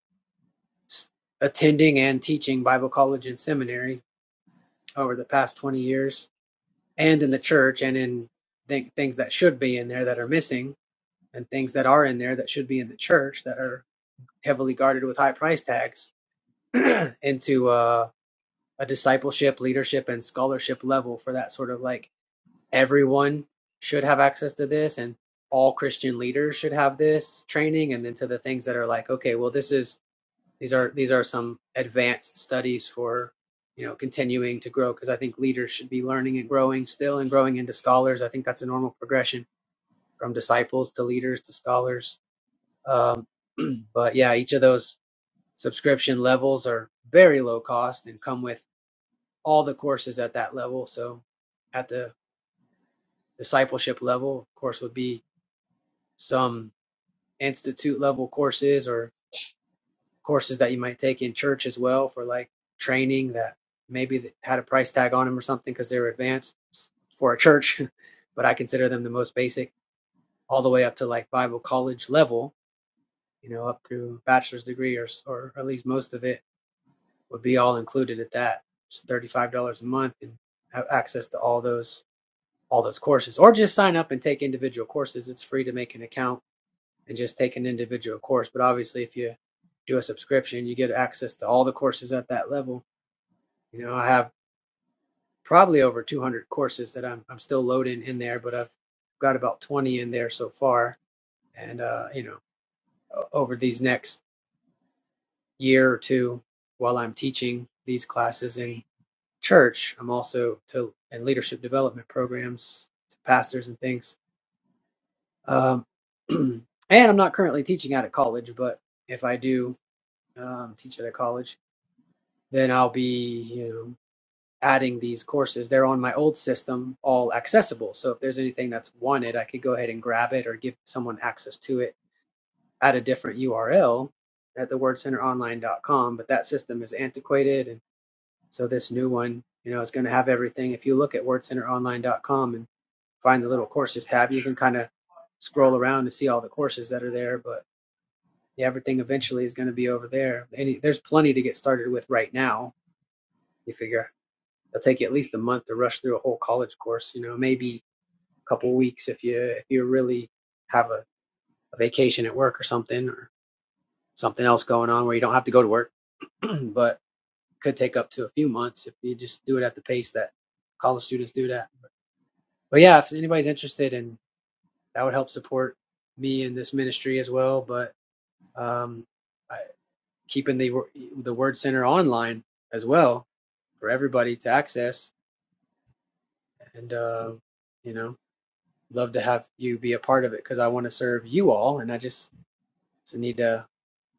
S5: s- attending and teaching Bible college and seminary over the past 20 years and in the church and in th- things that should be in there that are missing and things that are in there that should be in the church that are heavily guarded with high price tags into uh, a discipleship, leadership, and scholarship level for that sort of like everyone should have access to this and all Christian leaders should have this training and then to the things that are like, okay, well this is these are these are some advanced studies for you know continuing to grow because I think leaders should be learning and growing still and growing into scholars. I think that's a normal progression from disciples to leaders to scholars. Um, but yeah, each of those subscription levels are very low cost and come with all the courses at that level. So at the discipleship level, of course, would be some institute level courses or courses that you might take in church as well for like training that maybe had a price tag on them or something because they were advanced for a church, but I consider them the most basic, all the way up to like Bible college level, you know, up through bachelor's degree or or at least most of it would be all included at that. It's thirty five dollars a month and have access to all those all those courses or just sign up and take individual courses. It's free to make an account and just take an individual course. But obviously, if you do a subscription, you get access to all the courses at that level. You know, I have probably over 200 courses that I'm, I'm still loading in there, but I've got about 20 in there so far. And, uh, you know, over these next year or two, while I'm teaching these classes in church, I'm also to in leadership development programs to pastors and things Um, and I'm not currently teaching out of college, but if I do um, teach at a college, then I'll be you know adding these courses. They're on my old system, all accessible. So if there's anything that's wanted, I could go ahead and grab it or give someone access to it at a different URL at thewordcenteronline.com. But that system is antiquated, and so this new one, you know, is going to have everything. If you look at wordcenteronline.com and find the little courses tab, you can kind of scroll around to see all the courses that are there, but everything eventually is going to be over there. Any, there's plenty to get started with right now. You figure it'll take you at least a month to rush through a whole college course. You know, maybe a couple of weeks if you if you really have a, a vacation at work or something or something else going on where you don't have to go to work. but could take up to a few months if you just do it at the pace that college students do that. But yeah, if anybody's interested in that would help support me in this ministry as well. But um, I, keeping the the word center online as well for everybody to access. And, uh, you know, love to have you be a part of it because I want to serve you all. And I just, need to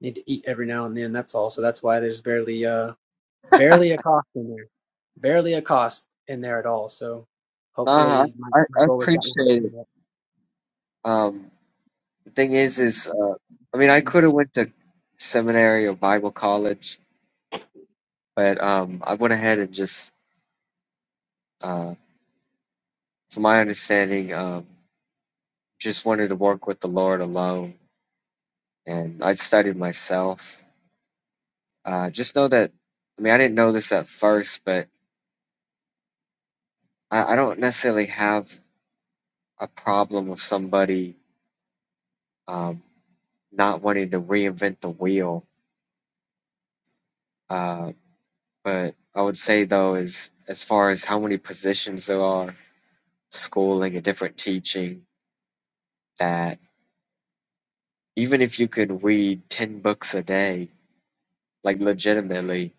S5: need to eat every now and then. That's all. So that's why there's barely, uh, barely a cost in there, barely a cost in there at all. So
S8: nah,
S5: hopefully my,
S8: I, I
S5: my
S8: I
S5: goal is that will
S8: appreciate
S5: come
S8: it.
S5: up.
S8: Um, thing is is uh, i mean i could have went to seminary or bible college but um, i went ahead and just uh, from my understanding um, just wanted to work with the lord alone and i studied myself uh, just know that i mean i didn't know this at first but i, I don't necessarily have a problem with somebody um, not wanting to reinvent the wheel uh, but i would say though is as far as how many positions there are schooling a different teaching that even if you could read 10 books a day like legitimately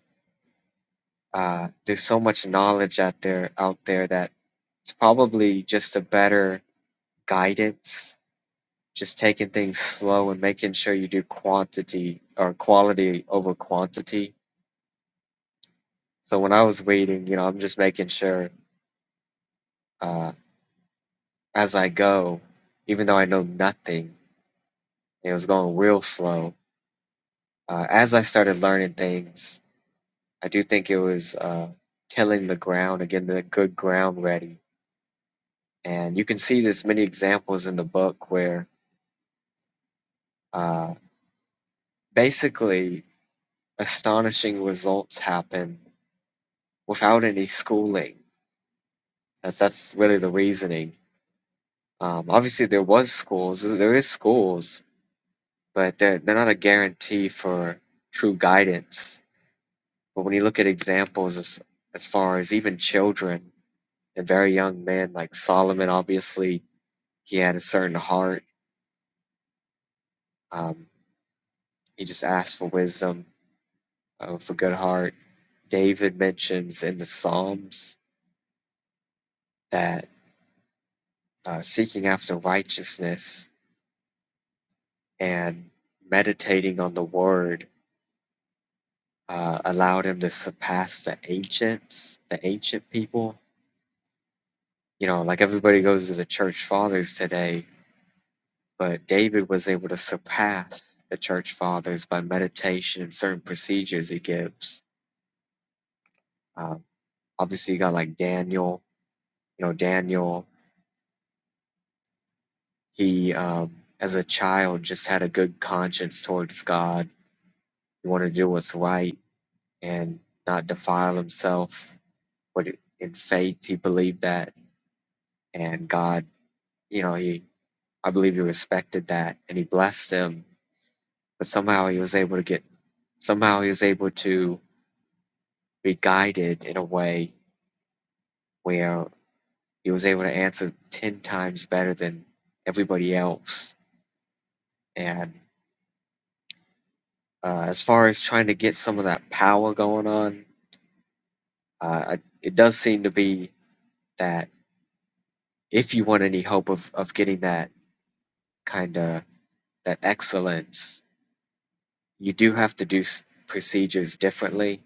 S8: uh, there's so much knowledge out there out there that it's probably just a better guidance just taking things slow and making sure you do quantity or quality over quantity so when i was reading you know i'm just making sure uh, as i go even though i know nothing it was going real slow uh, as i started learning things I do think it was uh, tilling the ground again, the good ground ready. And you can see there's many examples in the book where uh, basically astonishing results happen without any schooling. That's, that's really the reasoning. Um, obviously, there was schools, there is schools, but they're, they're not a guarantee for true guidance. But when you look at examples as, as far as even children and very young men, like Solomon, obviously, he had a certain heart Um, he just asks for wisdom, uh, for good heart. David mentions in the Psalms that uh, seeking after righteousness and meditating on the Word uh, allowed him to surpass the ancients, the ancient people. You know, like everybody goes to the church fathers today, but David was able to surpass the church fathers by meditation and certain procedures he gives. Um, obviously, you got like Daniel. You know, Daniel He, um, as a child, just had a good conscience towards God. He wanted to do what's right and not defile himself. But in faith, he believed that, and God, you know, he, I believe, he respected that, and he blessed him. But somehow, he was able to get, somehow, he was able to be guided in a way where he was able to answer ten times better than everybody else, and uh, as far as trying to get some of that power going on, Uh, I- it does seem to be that if you want any hope of, of getting that kind of that excellence, you do have to do s- procedures differently.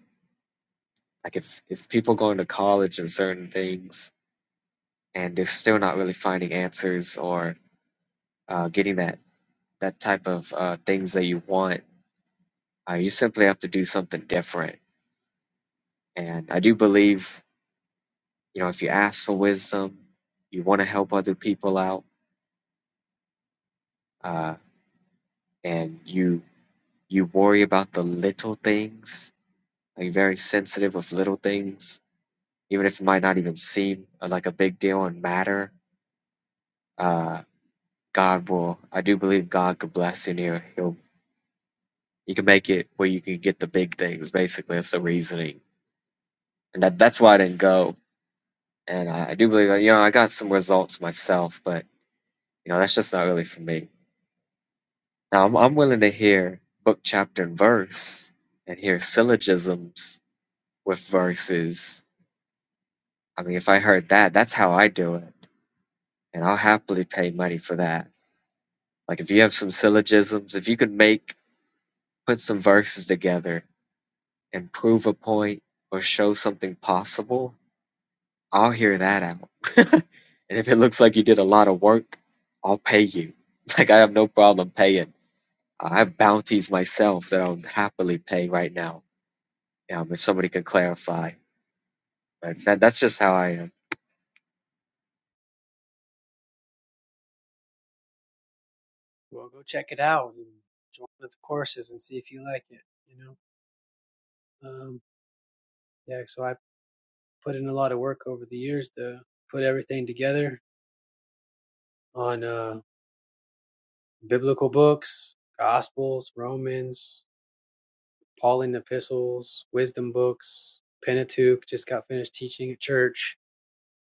S8: Like if if people go into college and certain things, and they're still not really finding answers or uh, getting that that type of uh, things that you want, uh, you simply have to do something different. And I do believe, you know, if you ask for wisdom, you want to help other people out, uh, and you You worry about the little things, like very sensitive of little things, even if it might not even seem uh, like a big deal and matter. Uh, God will. I do believe God could bless you. And he'll, he'll he can make it where you can get the big things. Basically, that's the reasoning, and that that's why I didn't go. And I, I do believe that you know I got some results myself, but you know that's just not really for me. Now I'm I'm willing to hear book, chapter, and verse, and hear syllogisms with verses I mean, if I heard that, that's how I do it, and I'll happily pay money for that. Like, if you have some syllogisms, if you could make, put some verses together and prove a point or show something possible, I'll hear that out. and if it looks like you did a lot of work, I'll pay you. Like, I have no problem paying. I have bounties myself that I'll happily pay right now. Um, if somebody can clarify, But that, that's just how I am.
S5: Well, go check it out and join the courses and see if you like it, you know? Um, yeah. So I put in a lot of work over the years to put everything together on, uh, biblical books, Gospels, Romans, Pauline epistles, wisdom books, Pentateuch. Just got finished teaching at church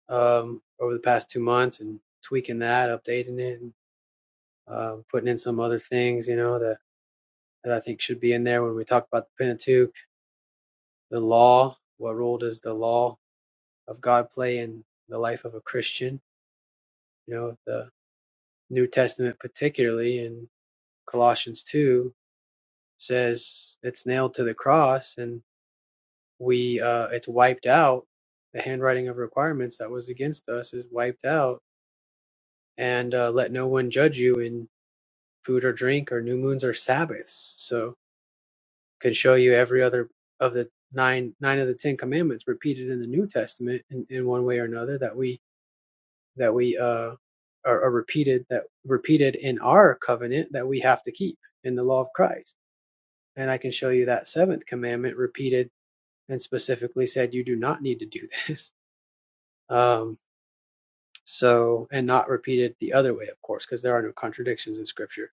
S5: um, over the past two months and tweaking that, updating it, and um putting in some other things, you know, that, that I think should be in there when we talk about the Pentateuch, the law. What role does the law of God play in the life of a Christian? You know, the New Testament, particularly in Colossians 2, says it's nailed to the cross. and. we uh, it's wiped out. The handwriting of requirements that was against us is wiped out, and uh, let no one judge you in food or drink or new moons or Sabbaths. So could show you every other of the nine nine of the Ten Commandments repeated in the New Testament in, in one way or another that we that we uh, are, are repeated that repeated in our covenant that we have to keep in the law of Christ. And I can show you that seventh commandment repeated and specifically said you do not need to do this. Um, So, and not repeated the other way, of course, because there are no contradictions in scripture.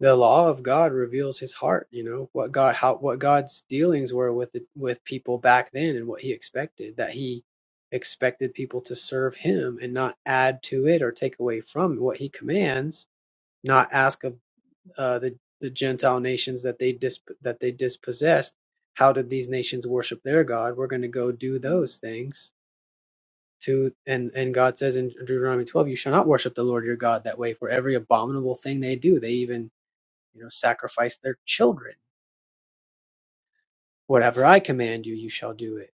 S5: The law of God reveals his heart, you know, what God how what God's dealings were with the, with people back then and what he expected, that he expected people to serve him and not add to it or take away from what he commands, not ask of uh, the the Gentile nations that they dis that they dispossessed, how did these nations worship their God? We're going to go do those things to and and God says in Deuteronomy 12, you shall not worship the Lord your God that way for every abominable thing they do. They even, you know, sacrifice their children. Whatever I command you, you shall do it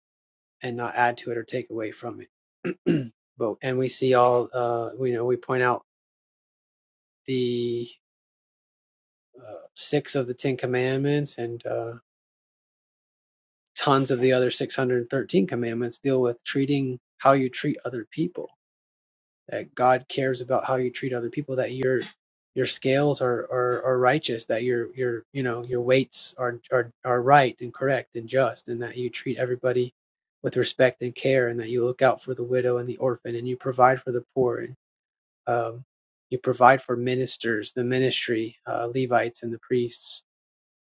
S5: and not add to it or take away from it. but and we see all uh we know we point out the uh, six of the 10 commandments and uh tons of the other 613 commandments deal with treating how you treat other people that God cares about how you treat other people, that your your scales are, are, are righteous, that your your you know your weights are, are are right and correct and just, and that you treat everybody with respect and care, and that you look out for the widow and the orphan, and you provide for the poor, and um, you provide for ministers, the ministry, uh, Levites and the priests.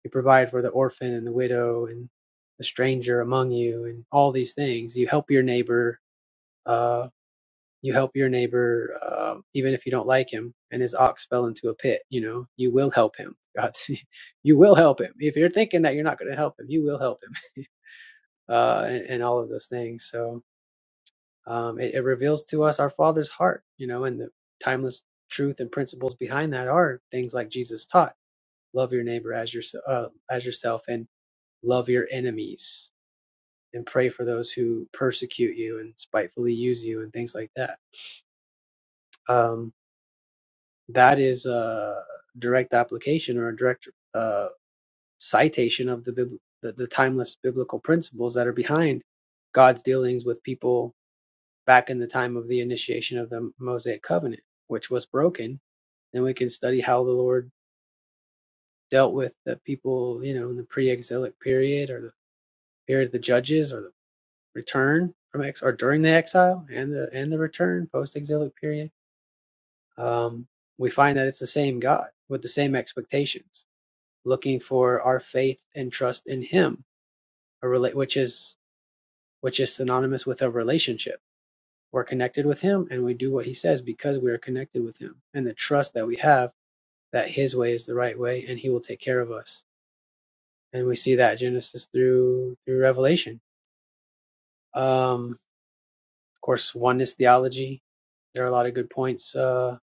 S5: You provide for the orphan and the widow and the stranger among you, and all these things. You help your neighbor. Uh, you help your neighbor um, even if you don't like him and his ox fell into a pit you know you will help him god you will help him if you're thinking that you're not going to help him you will help him uh, and, and all of those things so um, it, it reveals to us our father's heart you know and the timeless truth and principles behind that are things like jesus taught love your neighbor as your, uh, as yourself and love your enemies and pray for those who persecute you and spitefully use you and things like that Um, that is a direct application or a direct uh, citation of the, bib- the the timeless biblical principles that are behind God's dealings with people back in the time of the initiation of the Mosaic covenant, which was broken. And we can study how the Lord dealt with the people, you know, in the pre-exilic period or the period of the judges or the return from ex or during the exile and the and the return post-exilic period. Um, we find that it's the same God with the same expectations looking for our faith and trust in him a rela- which is which is synonymous with a relationship we're connected with him and we do what he says because we are connected with him and the trust that we have that his way is the right way and he will take care of us and we see that genesis through through revelation um of course oneness theology there are a lot of good points uh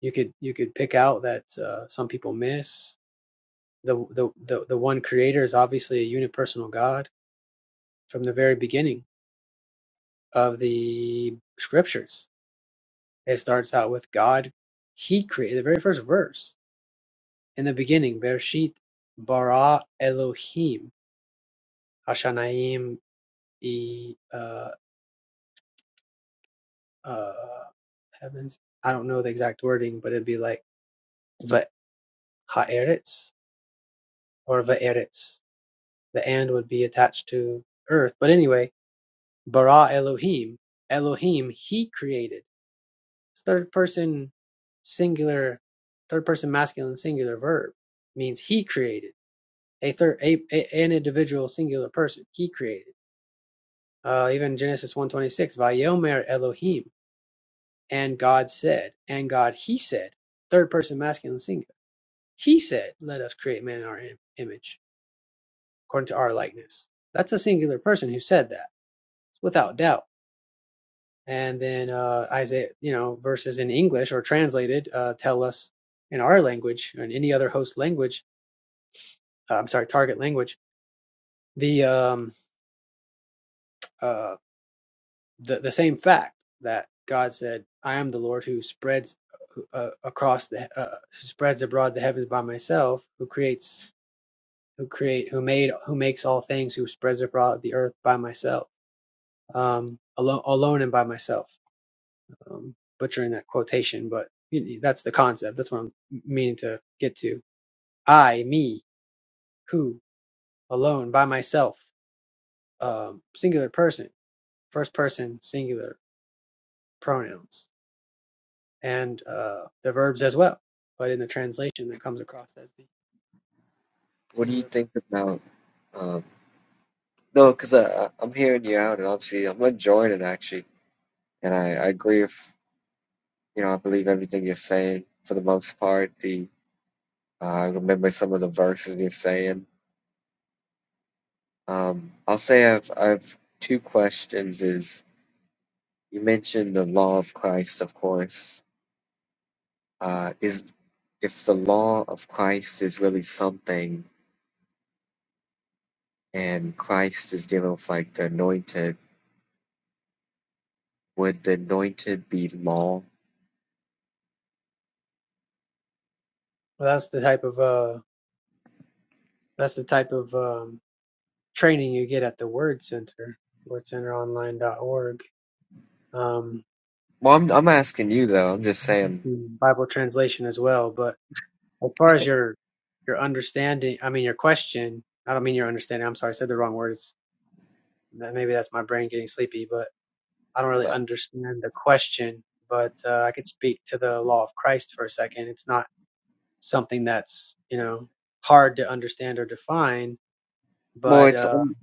S5: you could you could pick out that uh, some people miss the, the the the one creator is obviously a unipersonal god from the very beginning of the scriptures. It starts out with God, He created the very first verse. In the beginning, Bereshit bara Elohim Hashanaim e uh, uh, heavens. I don't know the exact wording, but it'd be like va or vaeretz. The and would be attached to earth. But anyway, bara Elohim, Elohim, He created. It's third person singular, third person masculine singular verb means he created a third a, a- an individual singular person. He created. Uh, even Genesis one twenty six, Vayomer Elohim, and God said, and God he said, third person masculine singular. He said, let us create man in our image according to our likeness. That's a singular person who said that without doubt and then uh, Isaiah, you know, verses in English or translated uh, tell us in our language or in any other host language. Uh, I'm sorry, target language. The um uh the the same fact that God said, "I am the Lord who spreads uh, across the uh, who spreads abroad the heavens by myself, who creates." Who create, who made, who makes all things, who spreads abroad the earth by myself, um, alone, alone and by myself. um, butchering that quotation, but that's the concept. That's what I'm meaning to get to. I, me, who, alone, by myself, um, singular person, first person, singular pronouns, and uh, the verbs as well. But in the translation, that comes across as the
S8: What do you
S5: singular person.
S8: think about um, No, because I I'm hearing you out, and obviously I'm enjoying it actually, and I, I agree with you know I believe everything you're saying for the most part. The uh, I remember some of the verses you're saying. Um, I'll say I've I've two questions. Is you mentioned the law of Christ, of course. Uh, is if the law of Christ is really something, and Christ is dealing with like the anointed, would the anointed be law?
S5: Well, that's the type of uh, that's the type of um, training you get at the Word Center, wordcenteronline.org, um,
S8: Well, I'm I'm asking you though. I'm just saying.
S5: hmm, Bible translation as well. But As far as your your understanding, I mean your question. I don't mean your understanding. I'm sorry, I said the wrong words. That- Maybe that's my brain getting sleepy, but I don't really
S8: so,
S5: understand the question. But uh, I could speak to the law of Christ for a second. It's not something that's you know hard to understand or define.
S8: Well,
S5: But
S8: it's
S5: uh,
S8: I'm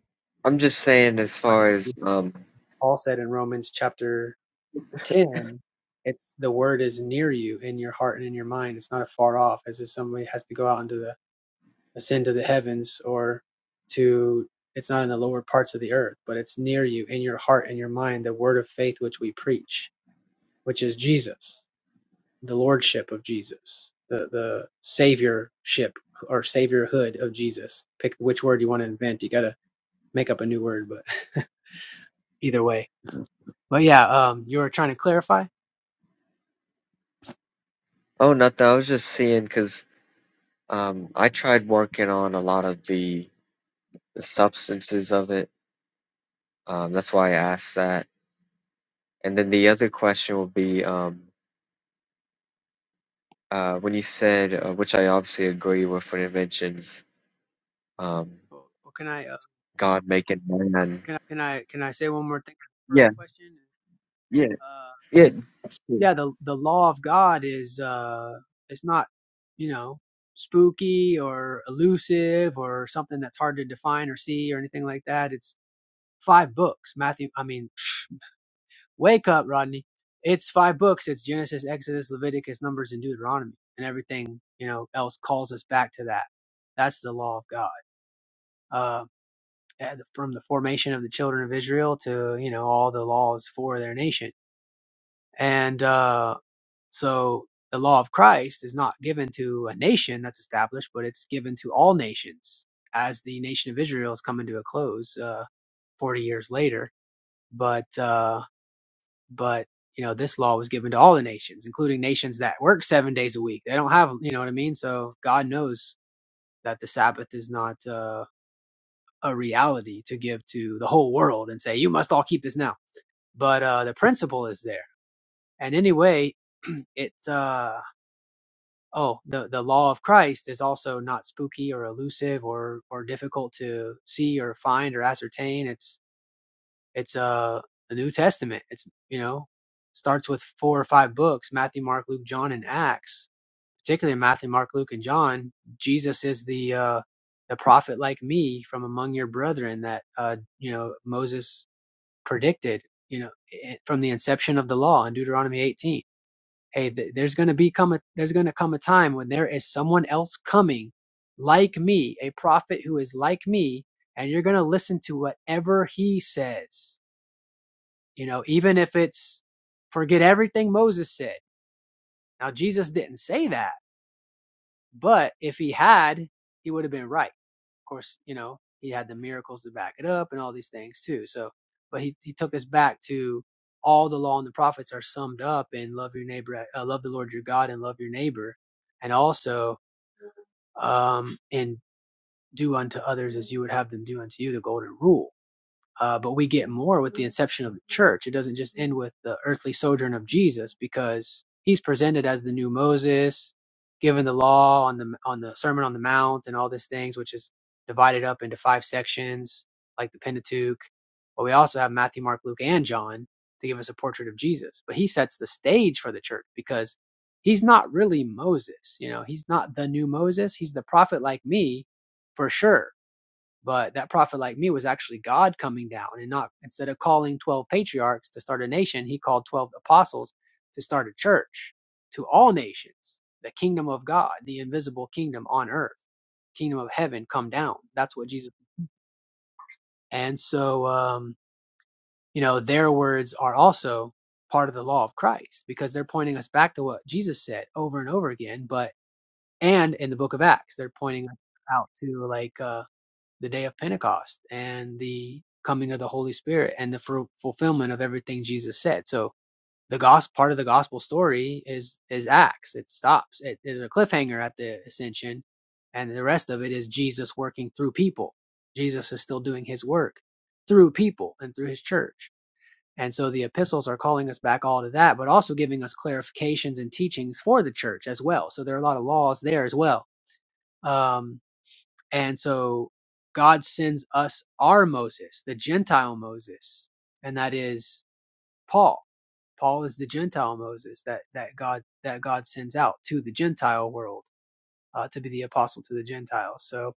S8: I'm just saying as
S5: like
S8: far as um
S5: Paul said in Romans chapter ten, it's the word is near you in your heart and in your mind. It's not afar off, as if somebody has to go out into the ascend to the heavens or to it's not in the lower parts of the earth but it's near you in your heart and your mind the word of faith which we preach which is jesus the lordship of jesus the the saviorship or saviorhood of jesus pick which word you want to invent you got to make up a new word but either way but yeah, um, you were trying to clarify.
S8: oh nothing. I was just seeing because um I tried working on a lot of the the substances of it. Um, that's why I asked that. And then the other question will be um uh when you said uh, which I obviously agree with when it mentions um
S5: Well, well, can I, uh,
S8: God making man.
S5: can I can I can I say one more thing? on the First
S8: Yeah,
S5: question.
S8: yeah,
S5: Uh,
S8: yeah. It's cool.
S5: yeah, the the law of God is uh, it's not you know spooky or elusive or something that's hard to define or see or anything like that. It's five books. Matthew, I mean, Wake up, Rodney. It's five books. It's Genesis, Exodus, Leviticus, Numbers, and Deuteronomy, and everything you know else calls us back to that. That's the law of God. Uh, from the formation of the children of Israel to you know all the laws for their nation, and uh, so the law of Christ is not given to a nation that's established, but it's given to all nations as the nation of Israel is coming to a close uh, 40 years later. But uh, But you know, this law was given to all the nations, including nations that work seven days a week. They don't have, you know what I mean. So God knows that the Sabbath is not uh, a reality to give to the whole world and say you must all keep this now. But uh, the principle is there, and anyway, it's uh oh the the law of Christ is also not spooky or elusive or or difficult to see or find or ascertain. It's It's uh the New Testament. It's you know starts with four or five books: Matthew, Mark, Luke, John, and Acts. Particularly in Matthew, Mark, Luke, and John, Jesus is the uh, the prophet like me from among your brethren that uh, you know Moses predicted. You know i- from the inception of the law in Deuteronomy 18. Hey, th- there's going to be come a, there's going to come a time when there is someone else coming like me, a prophet who is like me, and you're going to listen to whatever he says you know, even if it's forget everything Moses said. Now, Jesus didn't say that, but if he had, he would have been right. Of course, you know, he had the miracles to back it up and all these things too. So, but he, he took us back to all the law and the prophets are summed up in love your neighbor, uh, love the Lord your God and love your neighbor. And also, um, and do unto others as you would have them do unto you, the golden rule Uh, but we get more with the inception of the church. It doesn't just end with the earthly sojourn of Jesus because he's presented as the new Moses, given the law on the on the Sermon on the Mount and all these things, which is divided up into five sections like the Pentateuch. But we also have Matthew, Mark, Luke, and John to give us a portrait of Jesus. But he sets the stage for the church because he's not really Moses. You know, he's not the new Moses. He's the prophet like me, for sure but that prophet like me was actually God coming down and not instead of calling 12 patriarchs to start a nation, he called 12 apostles to start a church to all nations, the kingdom of God, the invisible kingdom on earth, kingdom of heaven come down. That's what Jesus. And so, um, you know, their words are also part of the law of Christ because they're pointing us back to what Jesus said over and over again, but and in the book of Acts, they're pointing us out to like uh the day of Pentecost and the coming of the Holy Spirit and the fu- fulfillment of everything Jesus said. So the gospel part of the gospel story is is Acts. It stops. It is a cliffhanger at the ascension, and the rest of it is Jesus working through people. Jesus is still doing his work through people and through his church. And so the epistles are calling us back all to that, but also giving us clarifications and teachings for the church as well. So there are a lot of laws there as well. Um, and so God sends us our Moses, the Gentile Moses, and that is Paul. Paul is the Gentile Moses that, that God that God sends out to the Gentile world uh, to be the apostle to the Gentiles. So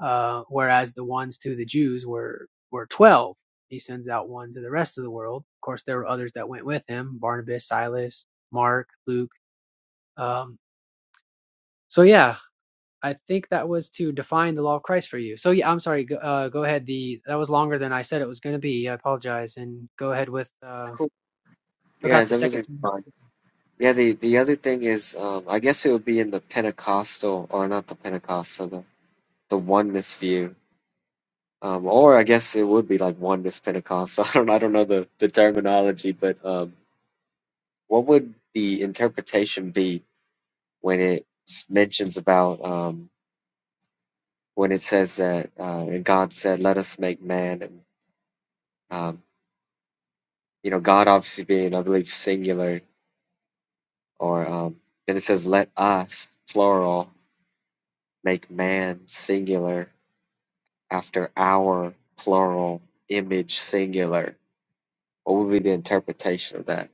S5: uh, whereas the ones to the Jews were were twelve, he sends out one to the rest of the world. Of course, there were others that went with him: Barnabas, Silas, Mark, Luke. Um, so yeah, I think that was to define the law of Christ for you. So yeah, I'm sorry. Go, uh, go ahead. The that was longer than I said it was going to be. I apologize. And go ahead with
S8: It's
S5: uh,
S8: cool. Yeah,
S5: forgot the second.
S8: everything's fine. Yeah, the the other thing is um I guess it would be in the Pentecostal or not the Pentecostal. the oneness view. Um, or I guess it would be like oneness Pentecostal. I don't I don't know the, the terminology, but um, what would the interpretation be when it s- mentions about um, when it says that uh, and God said, "Let us make man," and um, you know God obviously being I believe singular, or um, then it says, "Let us," plural, make man singular after our plural image singular. What would be the interpretation of that?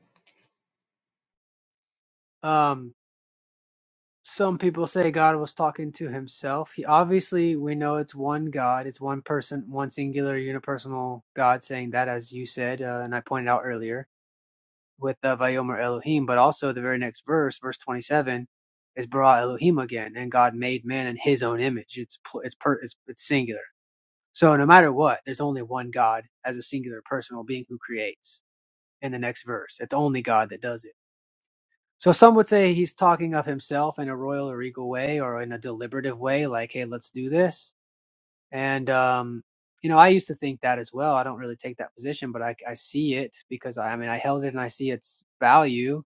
S5: Um, some people say God was talking to himself. He obviously we know it's one God. It's one person, one singular unipersonal God saying that, as you said, uh, and I pointed out earlier with uh, Vayomer Elohim. But also the very next verse, verse 27. Is bara Elohim again, and God made man in His own image. It's pl- it's per- it's, it's singular So no matter what, there's only one God as a singular personal being who creates in the next verse. It's only God that does it. So some would say he's talking of himself in a royal or regal way or in a deliberative way, like, hey, let's do this. And, um, you know, I used to think that as well. I don't really take that position, but I, I see it because I, I mean, I held it and I see its value.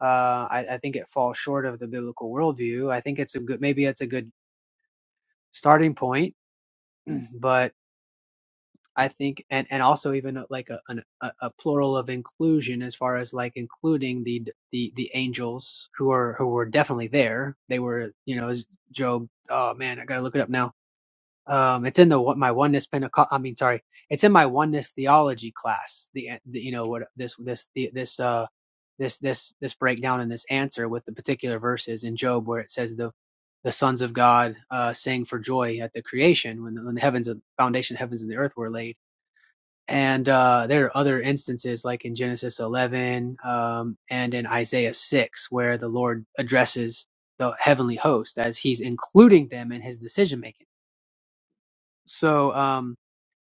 S5: Uh, I, I think it falls short of the biblical worldview. I think it's a good, maybe it's a good starting point, but I think, and and also even uh, like a an, a a plural of inclusion as far as like including the the the angels who are who were definitely there. They were, you know, Job. Oh man, I gotta look it up now. Um, it's in the my oneness Pentecost. I mean, sorry, it's in my oneness theology class. The, uh, the you know what this this the, this uh this this this breakdown and this answer with the particular verses in Job where it says the the sons of God uh, sing for joy at the creation when the, when the heavens of foundation of heavens and the earth were laid and uh, there are other instances like in genesis 11 um, and in isaiah 6 where the lord addresses the heavenly host as he's including them in his decision making so um,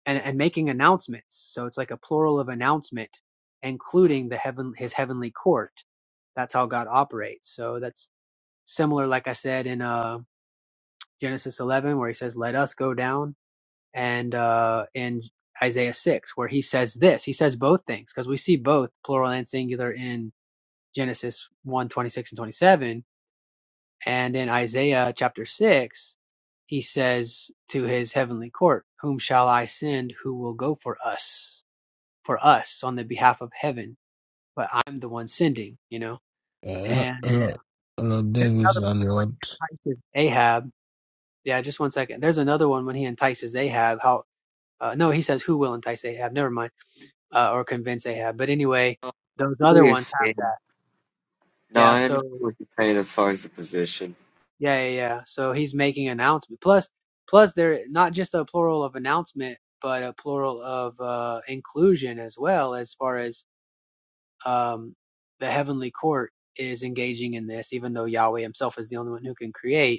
S5: and, and making announcements so it's like a plural of announcement including the heaven his heavenly court that's how god operates so that's similar like i said in uh, genesis 11 where he says let us go down and uh, in Isaiah 6, where he says this. He says both things because we see both plural and singular in Genesis one 26 and 27. And in Isaiah chapter 6, he says to his heavenly court, Whom shall I send who will go for us, for us on the behalf of heaven? But I'm the one sending, you know?
S9: Hello,
S5: And
S9: hello, hello,
S5: there's
S9: Davis
S5: another
S9: and
S5: one when
S9: Rod.
S5: he entices Ahab. Yeah, just one second. There's another one when he entices Ahab. How, uh, no, he says, Who will entice Ahab? Never mind uh, or convince Ahab. But anyway, those other ones
S8: Yes,
S5: have
S8: man.
S5: that.
S8: No,
S5: Yeah.
S8: I
S5: So
S8: understand what you're saying as far as the position.
S5: yeah, yeah, yeah. So he's making announcement. Plus, plus they're not just a plural of announcement, but a plural of uh, inclusion as well, as far as um, the heavenly court is engaging in this, even though Yahweh Himself is the only one who can create.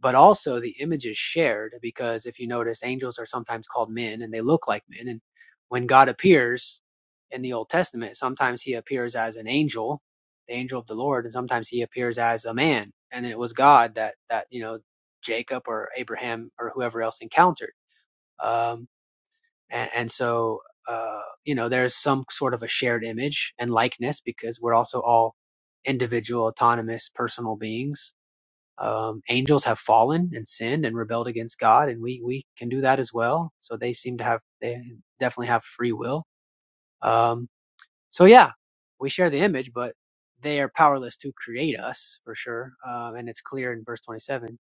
S5: but also the image is shared because if you notice angels are sometimes called men and they look like men and when god appears in the old testament sometimes he appears as an angel the angel of the lord and sometimes he appears as a man and it was god that that you know jacob or abraham or whoever else encountered um and, and so uh you know there's some sort of a shared image and likeness because we're also all individual autonomous personal beings um, angels have fallen and sinned and rebelled against God, and we we can do that as well. So they seem to have they definitely have free will. Um, so yeah, we share the image, but they are powerless to create us for sure. Um, and it's clear in verse 27,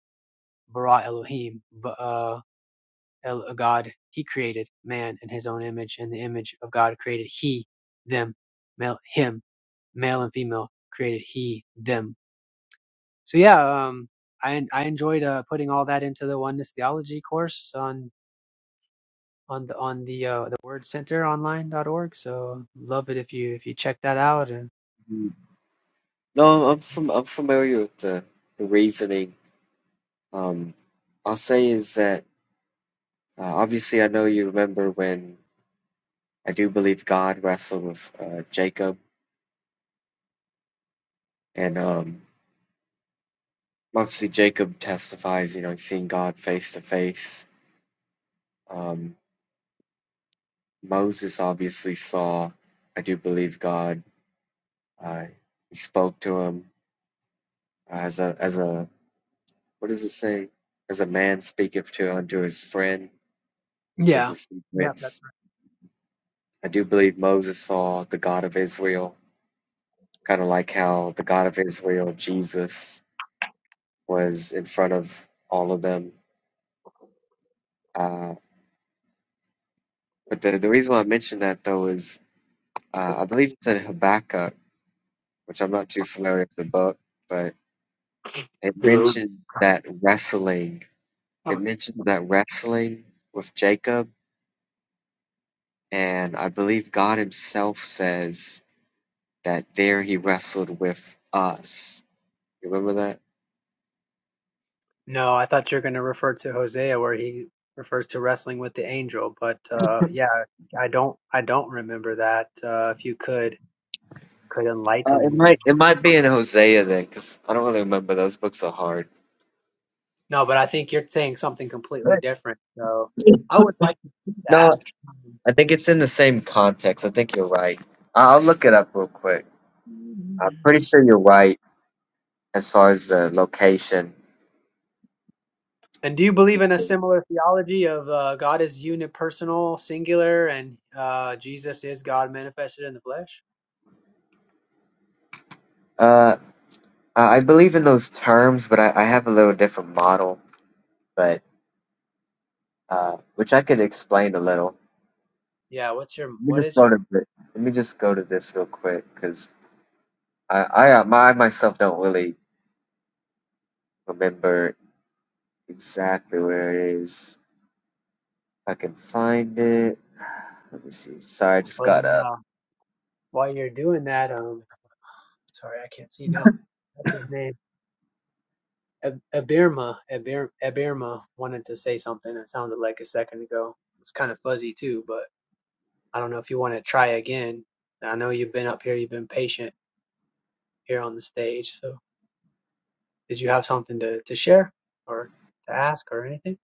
S5: bara Elohim, b- uh, El- God He created man in His own image, and the image of God created He them, male him, male and female created He them so yeah, um, I I enjoyed uh, putting all that into the Oneness Theology course on on the on the uh, the Word Center Online dot org. So love it if you if you check that out. And
S8: Mm. No, I'm from I'm familiar with the the reasoning. Um, I'll say is that uh, obviously I know you remember when I do believe God wrestled with uh, Jacob, and um, obviously Jacob testifies, you know, seeing God face to face. Um, Moses obviously saw, I do believe God. Uh, he spoke to him as a as a What does it say? As a man speaketh to unto his friend, gives
S5: yeah,
S8: us
S5: yeah. That,
S8: secrets. I do believe Moses saw the God of Israel, kind of like how the God of Israel, Jesus, was in front of all of them. Uh, but the, the reason why I mentioned that, though, is uh, I believe it's in Habakkuk, which I'm not too familiar with the book, but it
S5: Yeah.
S8: mentioned that wrestling. It mentioned that wrestling with Jacob, and I believe God Himself says that there he wrestled with us. You remember that?
S5: no, I thought you're going to refer to Hosea where he refers to wrestling with the angel, but uh, yeah, I don't I don't remember that. Uh, if you could could
S8: Uh,
S5: enlighten
S8: it
S5: me.
S8: might it might be in Hosea then, because I don't really remember. Those books are hard.
S5: No, but I think you're saying something completely
S8: Right.
S5: different. So I would like to see that.
S8: No, I think it's in the same context. I think you're right. I- I'll look it up real quick. I'm
S5: Um,
S8: pretty sure you're right as far as the location.
S5: And do you
S8: Let me
S5: believe in a
S8: see.
S5: similar theology of uh, God is unipersonal, singular, and uh, Jesus is God manifested in the flesh?
S8: Uh, I I believe in those terms, but I, I have a little different model, but uh, which I could explain a little.
S5: Yeah. What's your
S8: Let me
S5: What
S8: just
S5: is
S8: go
S5: your?
S8: to thi- let me just go to this real quick, because I I uh, my myself don't really remember exactly where it is. If I can find it. Let me see. Sorry, I just
S5: Well,
S8: got
S5: then,
S8: up.
S5: uh, while you're doing that, um, sorry, I can't see now. That's his name. Ab- Abirma, Abir, Abirma wanted to say something that sounded like a second ago. It was kind of fuzzy too, but I don't know if you want to try again. I know you've been up here, you've been patient here on the stage. So, did you have something to, to share or to ask or anything?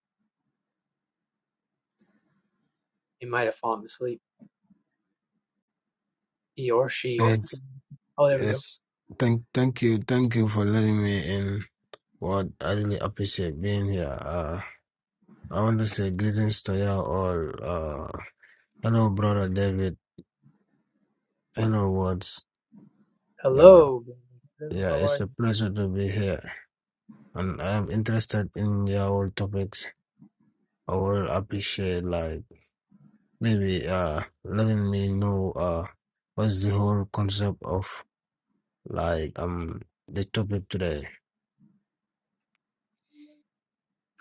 S5: It might have fallen asleep. He or she. Okay.
S9: It's,
S5: Oh, there we go.
S9: it's, thank, thank you, thank you for letting me in. What I really appreciate being here. Uh, I want to say greetings to you all. Uh, hello, brother David. Hello, Words. Yeah,
S5: Hello. Hello,
S9: yeah,
S5: how are
S9: it's
S5: you?
S9: a pleasure to be here, and I'm interested in your topics. I will appreciate like maybe uh letting me know uh what's the whole concept of Like um the topic today.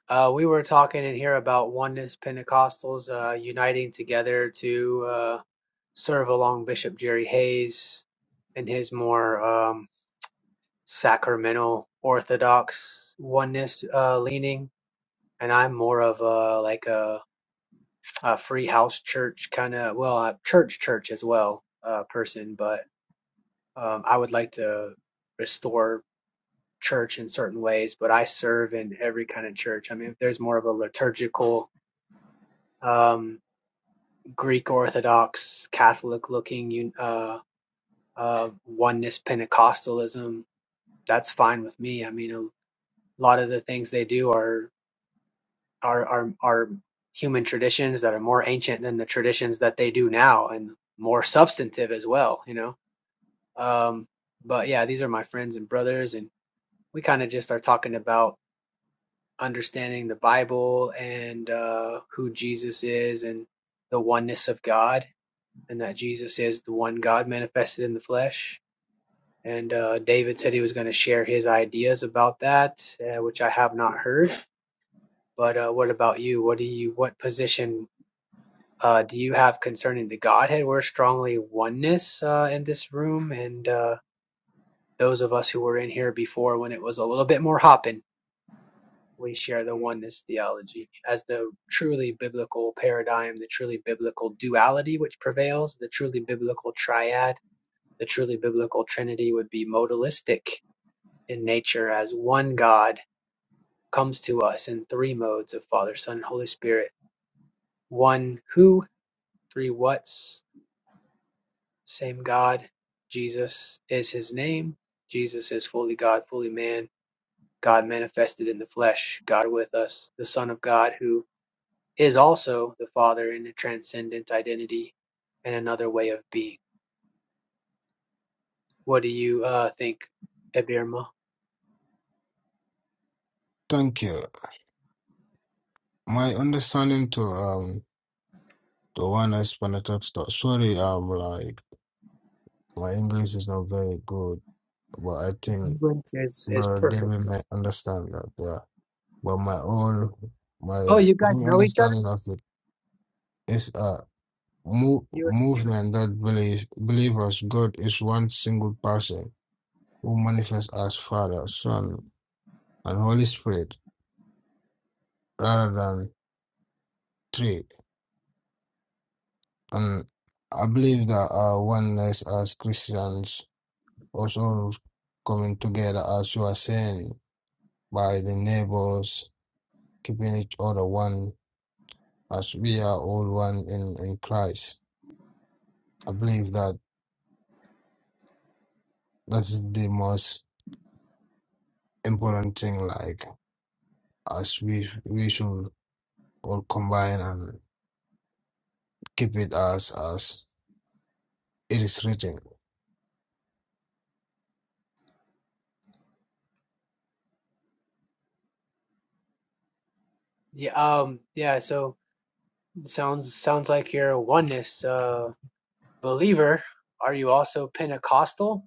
S5: Uh, we were talking in here about oneness Pentecostals uh, uniting together to uh, serve along Bishop Jerry Hayes and his more um, sacramental Orthodox oneness uh, leaning. And I'm more of a like a, a free house church kind of, well, a church church as well uh, person, but um, I would like to restore church in certain ways, but I serve in every kind of church. I mean, if there's more of a liturgical um, Greek Orthodox Catholic looking un- uh, uh, oneness Pentecostalism, that's fine with me. I mean, a lot of the things they do are are are, are human traditions that are more ancient than the traditions that they do now and more substantive as well, you know. Um, but yeah, these are my friends and brothers, and we kind of just are talking about understanding the Bible and uh, who Jesus is and the oneness of God, and that Jesus is the one God manifested in the flesh. And uh, David said he was going to share his ideas about that, uh, which I have not heard. But uh, what about you? What do you? What position uh, do you have concerning the Godhead? We're strongly oneness uh, in this room, and uh, those of us who were in here before when it was a little bit more hopping we share the oneness theology as the truly biblical paradigm, the truly biblical duality which prevails, the truly biblical triad, the truly biblical trinity would be modalistic in nature as one God comes to us in three modes of Father, Son, and Holy Spirit. One who, three whats, same God. Jesus is his name. Jesus is fully God, fully man. God manifested in the flesh, God with us, the Son of God who is also the Father in a transcendent identity and another way of being. What do you uh, think, Abirma?
S9: Thank you. My understanding to um the one I spent to sorry, um like my English is not very good, but I think
S5: English is is
S9: Brother
S5: perfect.
S9: David may understand that, yeah. But my own
S5: Oh,
S9: my
S5: you guys
S9: whole
S5: know each other?
S9: understanding of it is a mo
S5: You
S9: movement that believe believers God is one single person who manifests as Father, Son, and Holy Spirit rather than three. And I believe that our oneness as Christians also coming together, as you are saying, by the neighbors, keeping each other one, as we are all one in, in Christ. I believe that that's the most important thing, like, as we, we should all combine and keep it as, as it is written.
S5: yeah um yeah. So sounds sounds like you're a oneness uh, believer. Are you also Pentecostal,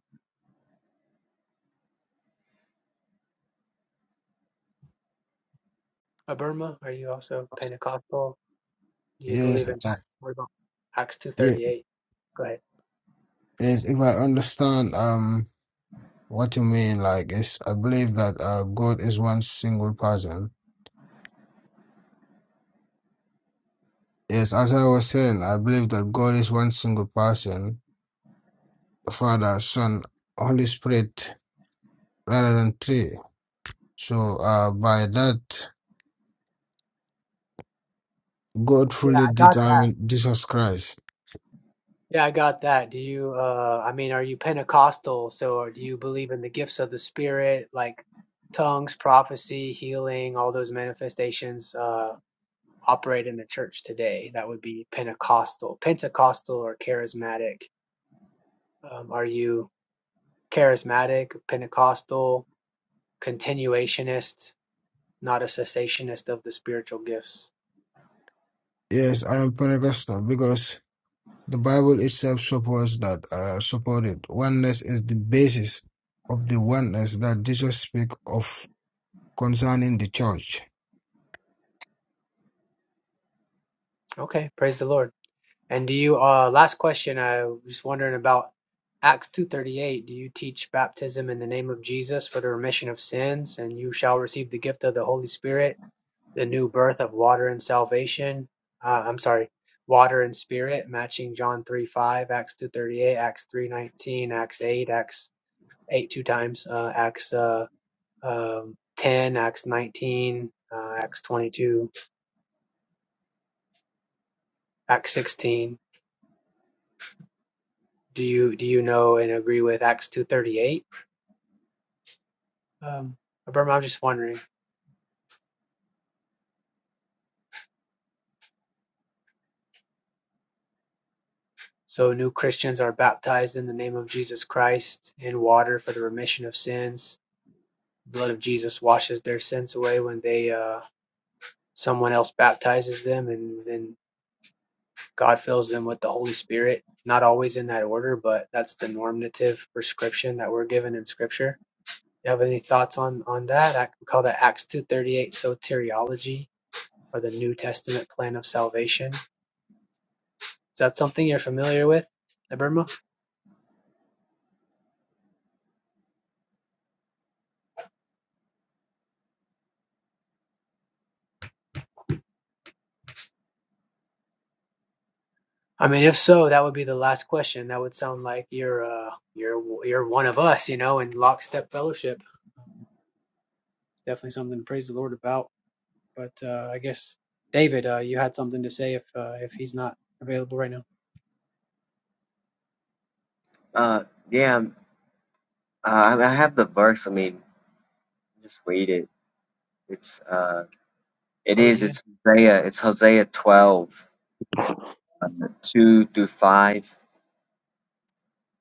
S5: Abirma? Are you also Pentecostal? Do you
S9: Yes,
S5: believe in
S9: I,
S5: what about Acts two
S9: yeah,
S5: thirty eight? Go ahead.
S9: yes, if I understand, um, What you mean? Like, it's, I believe that uh, God is one single person. Yes, as I was saying, I believe that God is one single person, Father, Son, Holy Spirit, rather than three. So, uh, by that, God
S5: Yeah,
S9: fully
S5: I got that.
S9: determined Jesus Christ.
S5: Yeah, I got that. Do you, uh, I mean, are you Pentecostal? So, or do you believe in the gifts of the Spirit, like tongues, prophecy, healing, all those manifestations, uh, operate in the church today? That would be Pentecostal. Pentecostal or charismatic. Um, are you charismatic, Pentecostal, continuationist, not a cessationist of the spiritual gifts?
S9: Yes, I am Pentecostal because the Bible itself supports that, uh, supported oneness is the basis of the oneness that Jesus speaks of concerning the church.
S5: Okay, praise the Lord. And do you uh last question I was wondering about Acts 2:38 do you teach baptism in the name of Jesus for the remission of sins and you shall receive the gift of the Holy Spirit the new birth of water and salvation uh, I'm sorry water and spirit matching John three five, Acts 2:38 Acts 3:19 Acts 8 Acts 8 two times uh Acts uh um 10 Acts 19 uh, Acts 22 Acts 16 do you do you know and agree with Acts 2:38 Um, Burma, I'm just wondering. So, new Christians are baptized in the name of Jesus Christ in water for the remission of sins. The Blood of Jesus washes their sins away when they uh, someone else baptizes them, and then God fills them with the Holy Spirit. Not always in that order, but that's the normative prescription that we're given in Scripture. You have any thoughts on on that? I we call that Acts two thirty eight soteriology or the New Testament plan of salvation. Is that something you're familiar with, Burma? I mean, if so, that would be the last question. That would sound like you're uh you're you're one of us, you know, in lockstep fellowship. Um, it's definitely something to praise the Lord about. But uh, I guess David, uh, you had something to say if uh, if he's not available right now.
S8: Uh, yeah, um, uh, I I have the verse. I mean, just read it. It's uh, it
S5: Oh
S8: is.
S5: yeah.
S8: It's Hosea. It's Hosea twelve, uh, two through five.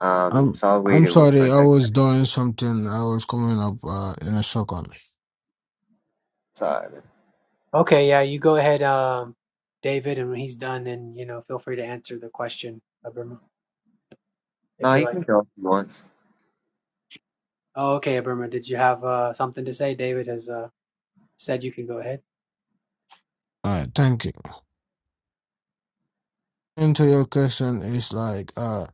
S8: Um,
S9: I'm
S8: so I'll read
S9: I'm
S8: it real
S9: sorry,
S8: quick.
S9: I
S8: I
S9: was
S8: guess.
S9: doing something. I was coming up uh, in a second.
S8: Sorry. man.
S5: Okay, yeah. You go ahead, um, David, and when he's done, then you know, feel free to answer the question, Abirma, if
S8: No,
S5: you
S8: you can
S5: like.
S8: go if you want.
S5: Oh, okay, Abirma. did you have uh, something to say? David has uh, said you can go ahead.
S9: Uh, thank you. Into your question is like uh,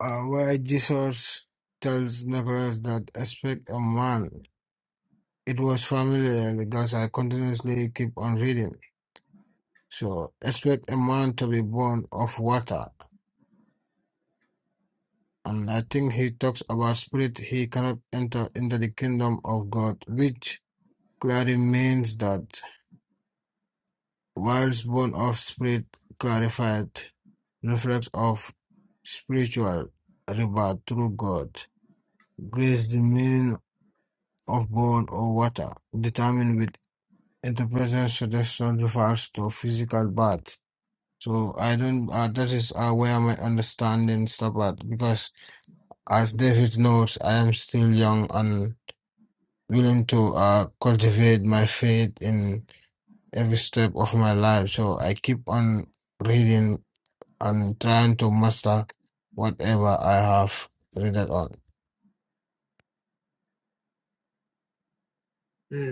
S9: uh why Jesus tells Nicholas that expect a man. It was familiar because I continuously keep on reading. So expect a man to be born of water. And I think he talks about spirit he cannot enter into the kingdom of God, which clearly means that Whilst born of Spirit clarified, reflects of spiritual rebirth through God. Grace, the meaning of born or water, determined with interpretation suggestion refers to physical birth. So I don't. Uh, that is uh, where my understanding stop at because, as David notes, I am still young and willing to uh, cultivate my faith in every step of my life. So I keep on reading and trying to master whatever I have read it on.
S5: Mm.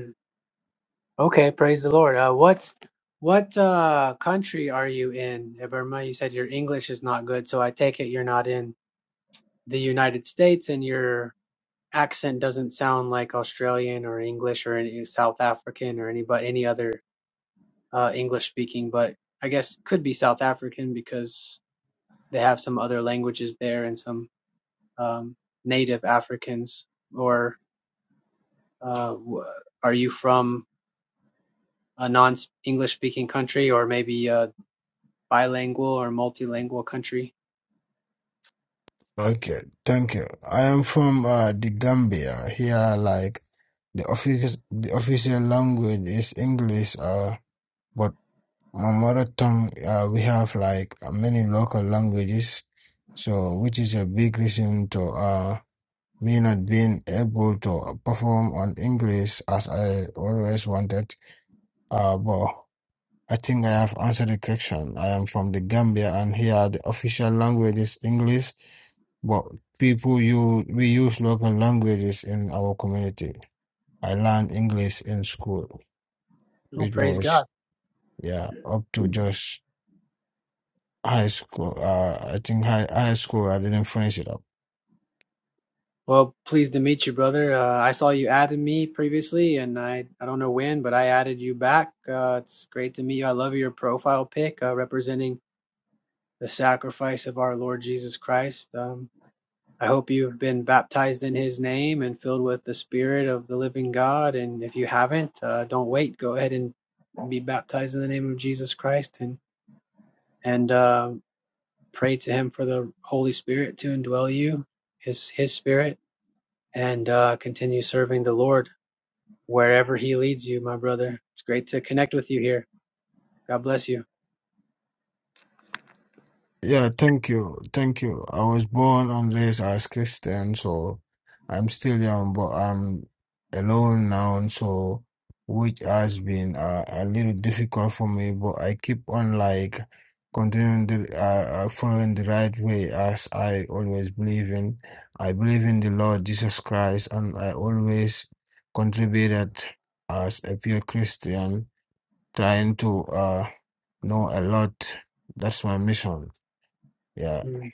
S5: Okay, praise the Lord. Uh, what what uh, country are you in, Uh, Burma? You said your English is not good, so I take it you're not in the United States, and your accent doesn't sound like Australian or English or any South African or any but any other uh, English speaking. But I guess could be South African because they have some other languages there and some um, native Africans. Or uh, w- are you from a non-English speaking country, or maybe uh, bilingual or multilingual country.
S9: Okay, thank you. I am from uh, the Gambia. Here, like the office, the official language is English. Uh, but my mother tongue, uh, we have like uh, many local languages, so which is a big reason to uh me not being able to perform on English as I always wanted. Uh, but I think I have answered the question. I am from the Gambia, and here the official language is English, but people you we use local languages in our community. I learned English in school,
S5: Oh,
S9: which
S5: praise God.
S9: was yeah up to just high school. Uh, I think high high school I didn't finish it up.
S5: Well, pleased to meet you, brother. Uh, I saw you added me previously, and I, I don't know when, but I added you back. Uh, it's great to meet you. I love your profile pic uh, representing the sacrifice of our Lord Jesus Christ. Um, I hope you've been baptized in his name and filled with the spirit of the living God. And if you haven't, uh, don't wait. Go ahead and be baptized in the name of Jesus Christ and and uh, pray to him for the Holy Spirit to indwell you, his his spirit, and uh, continue serving the Lord wherever he leads you, my brother. It's great to connect with you here. God bless you.
S9: Yeah, thank you. Thank you. I was born and raised as Christian, so I'm still young, but I'm alone now, so which has been uh, a little difficult for me, but I keep on like continuing the uh, uh, following the right way as I always believe in. I believe in the Lord Jesus Christ, and I always contributed as a pure Christian, trying to uh, know a lot. That's my mission. Yeah.
S5: Mm,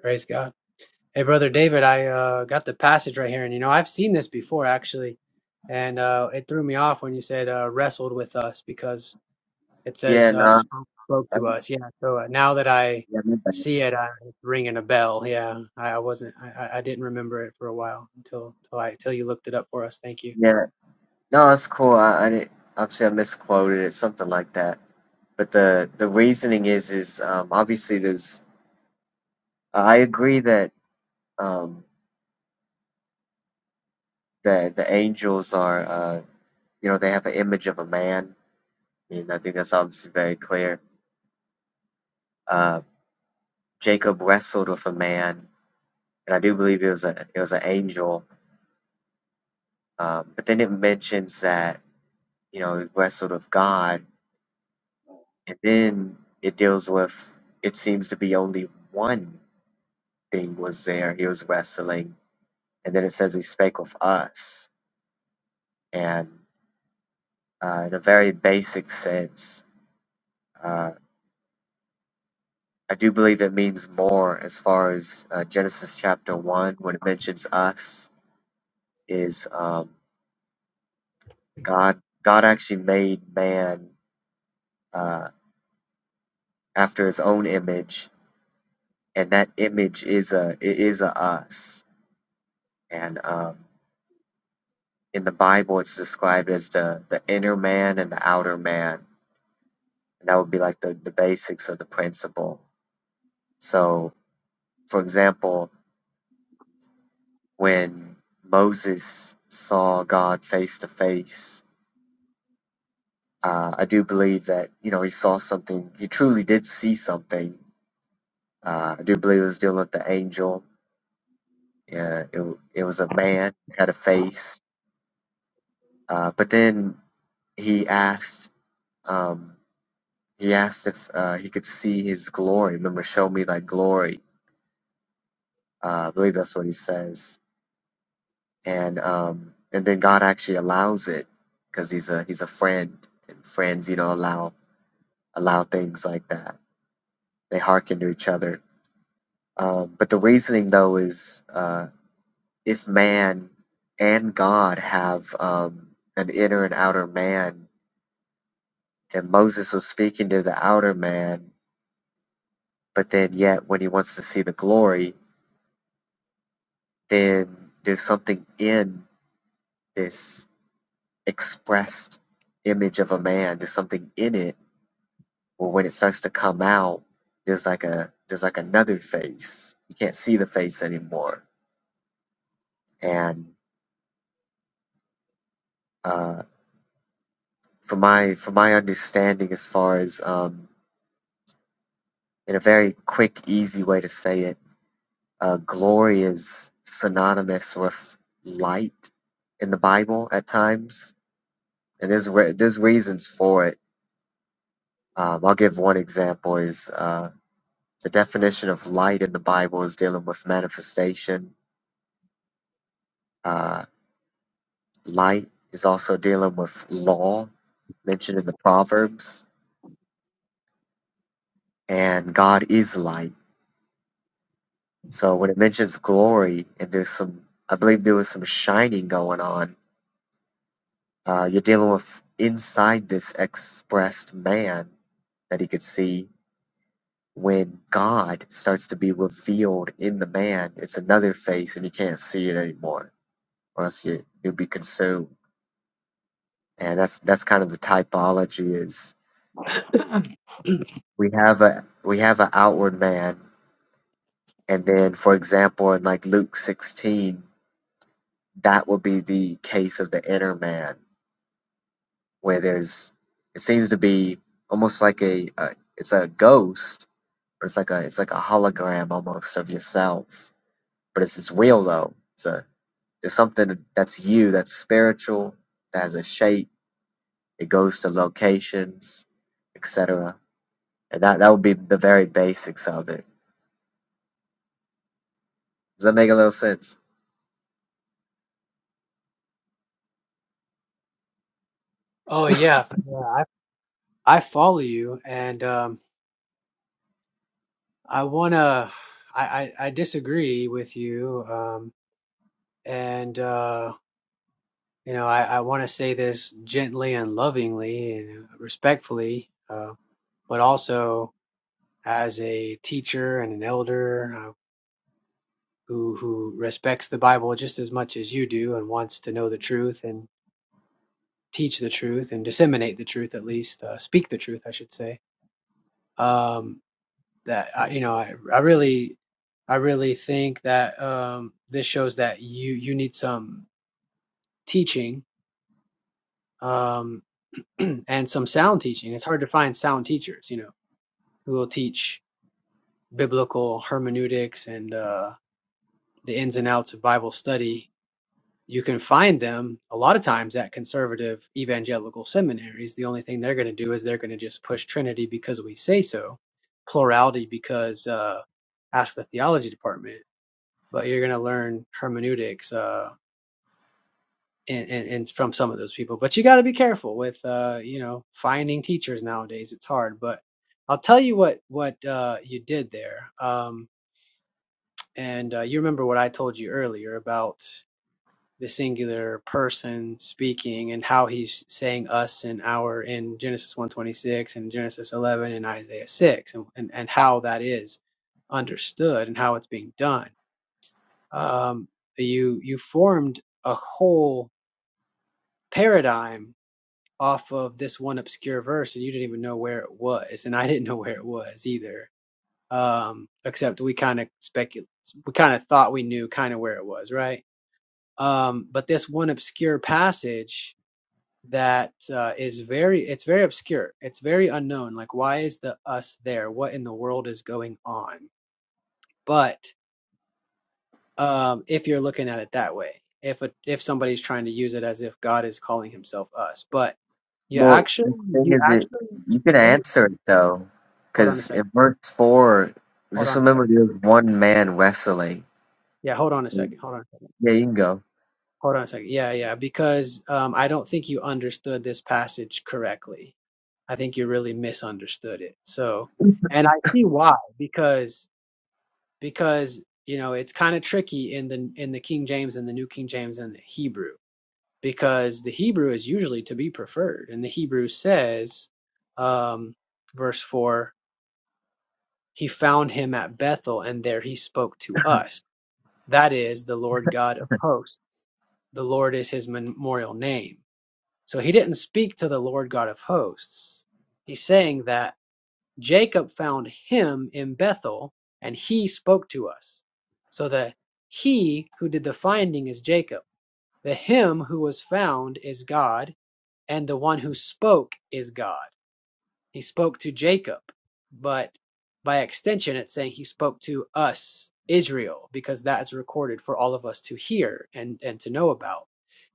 S5: praise God. Hey, brother David, I uh, got the passage right here, and you know I've seen this before actually, and uh, it threw me off when you said uh, wrestled with us because It
S8: Yeah.
S5: says, uh,
S8: No.
S5: spoke, spoke to
S8: I'm,
S5: us. Yeah. So uh, now that I
S8: yeah. My bad.
S5: see it, I, it's ringing a bell. Yeah. I, I wasn't, I, I I didn't remember it for a while until, until I, until you looked it up for us. Thank you.
S8: Yeah. No, it's cool. I, I didn't. Obviously, I misquoted it. Something like that. but the the reasoning is is um, obviously there's uh, I agree that um, the the angels are uh, you know they have an image of a man. I mean I think that's obviously very clear. Uh, Jacob wrestled with a man, and I do believe it was a it was an angel. Um, but then it mentions that you know he wrestled with God, and then it deals with it seems to be only one thing was there he was wrestling, and then it says he spake with us, and uh, in a very basic sense. Uh, I do believe it means more as far as uh, Genesis chapter one when it mentions us is um, God. God actually made man uh, after His own image, and that image is a it is a us. And um, in the Bible, it's described as the the inner man and the outer man, and that would be like the the basics of the principle. So, for example. when Moses saw God face to face, uh, I do believe that you know he saw something. He truly did see something. Uh, I do believe it was dealing with the angel. Yeah, it w- it was a man had a face, uh, but then he asked um, he asked if uh, he could see his glory. Remember, show me thy glory. Uh, I believe that's what he says. And um, and then God actually allows it because he's a he's a friend, and friends you know allow allow things like that. They hearken to each other. Um, but the reasoning, though, is uh, if man and God have um, an inner and outer man, then Moses was speaking to the outer man, but then yet when he wants to see the glory, then there's something in this expressed image of a man. There's something in it where when it starts to come out, there's like a there's like another face. You can't see the face anymore and uh, from my from my understanding, as far as um, in a very quick, easy way to say it, uh, glory is synonymous with light in the Bible at times, and there's re- there's reasons for it. Um, I'll give one example: is uh, the definition of light in the Bible is dealing with manifestation. Uh, light is also dealing with law mentioned in the Proverbs, and God is light So when it mentions glory and there's some, I believe there was some shining going on. Uh, you're dealing with inside this expressed man that he could see. When God starts to be revealed in the man, it's another face, and you can't see it anymore, or else you you'll be consumed. And that's that's kind of the typology is we have a we have an outward man, and then for example in like Luke 16, that will be the case of the inner man where there's it seems to be almost like a, a it's a ghost but it's like a it's like a hologram almost of yourself but it's it's real though it's a there's something that's you that's spiritual that has a shape it goes to locations etc and that that would be the very basics of it does that make a little sense
S5: Oh yeah. Yeah. I, I follow you and, um, I wanna, I, I, I disagree with you. Um, and, uh, you know, I, I want to say this gently and lovingly and respectfully, uh, but also as a teacher and an elder. uh, who who respects the Bible just as much as you do and wants to know the truth and teach the truth and disseminate the truth at least uh, speak the truth I should say um, that I, you know I, I really I really think that um, this shows that you you need some teaching um, and some sound teaching it's hard to find sound teachers you know who will teach biblical hermeneutics and uh, the ins and outs of Bible study you can find them a lot of times at conservative evangelical seminaries. The only thing they're going to do is they're going to just push Trinity because we say so, plurality because uh, ask the theology department. But you're going to learn hermeneutics uh, and, and, and from some of those people. But you got to be careful with uh, you know finding teachers nowadays. It's hard, but I'll tell you what what uh, you did there, um, and uh, you remember what I told you earlier about the singular person speaking and how he's saying us and our in Genesis 126 and Genesis 11 and Isaiah 6 and, and, and how that is understood and how it's being done. Um, you you formed a whole paradigm off of this one obscure verse and you didn't even know where it was and I didn't know where it was either. Um, except we kind of speculate, we kind of thought we knew kind of where it was, right? Um, but this one obscure passage that uh, is very it's very obscure it's very unknown like why is the us there what in the world is going on but um if you're looking at it that way if a, if somebody's trying to use it as if god is calling himself us but you
S8: well
S5: actually
S8: the thing
S5: you
S8: is it
S5: actually
S8: you can
S5: let me
S8: answer it though
S5: hold on a
S8: because in
S5: second
S8: verse 4
S5: hold
S8: just
S5: on a
S8: remember
S5: second
S8: there's one man wrestling
S5: yeah hold on a
S8: so
S5: second hold on a second
S8: yeah you can go
S5: Hold on a second. Yeah, yeah, because um, I don't think you understood this passage correctly. I think you really misunderstood it. So, and I see why because because you know it's kind of tricky in the in the King James and the New King James and the Hebrew because the Hebrew is usually to be preferred, and the Hebrew says, um, verse four, he found him at Bethel, and there he spoke to us. That is the Lord God of hosts. The Lord is his memorial name. So he didn't speak to the Lord God of hosts. He's saying that Jacob found him in Bethel and he spoke to us. So the he who did the finding is Jacob. The him who was found is God, and the one who spoke is God. He spoke to Jacob, but by extension, it's saying he spoke to us, Israel, because that is recorded for all of us to hear and, and to know about.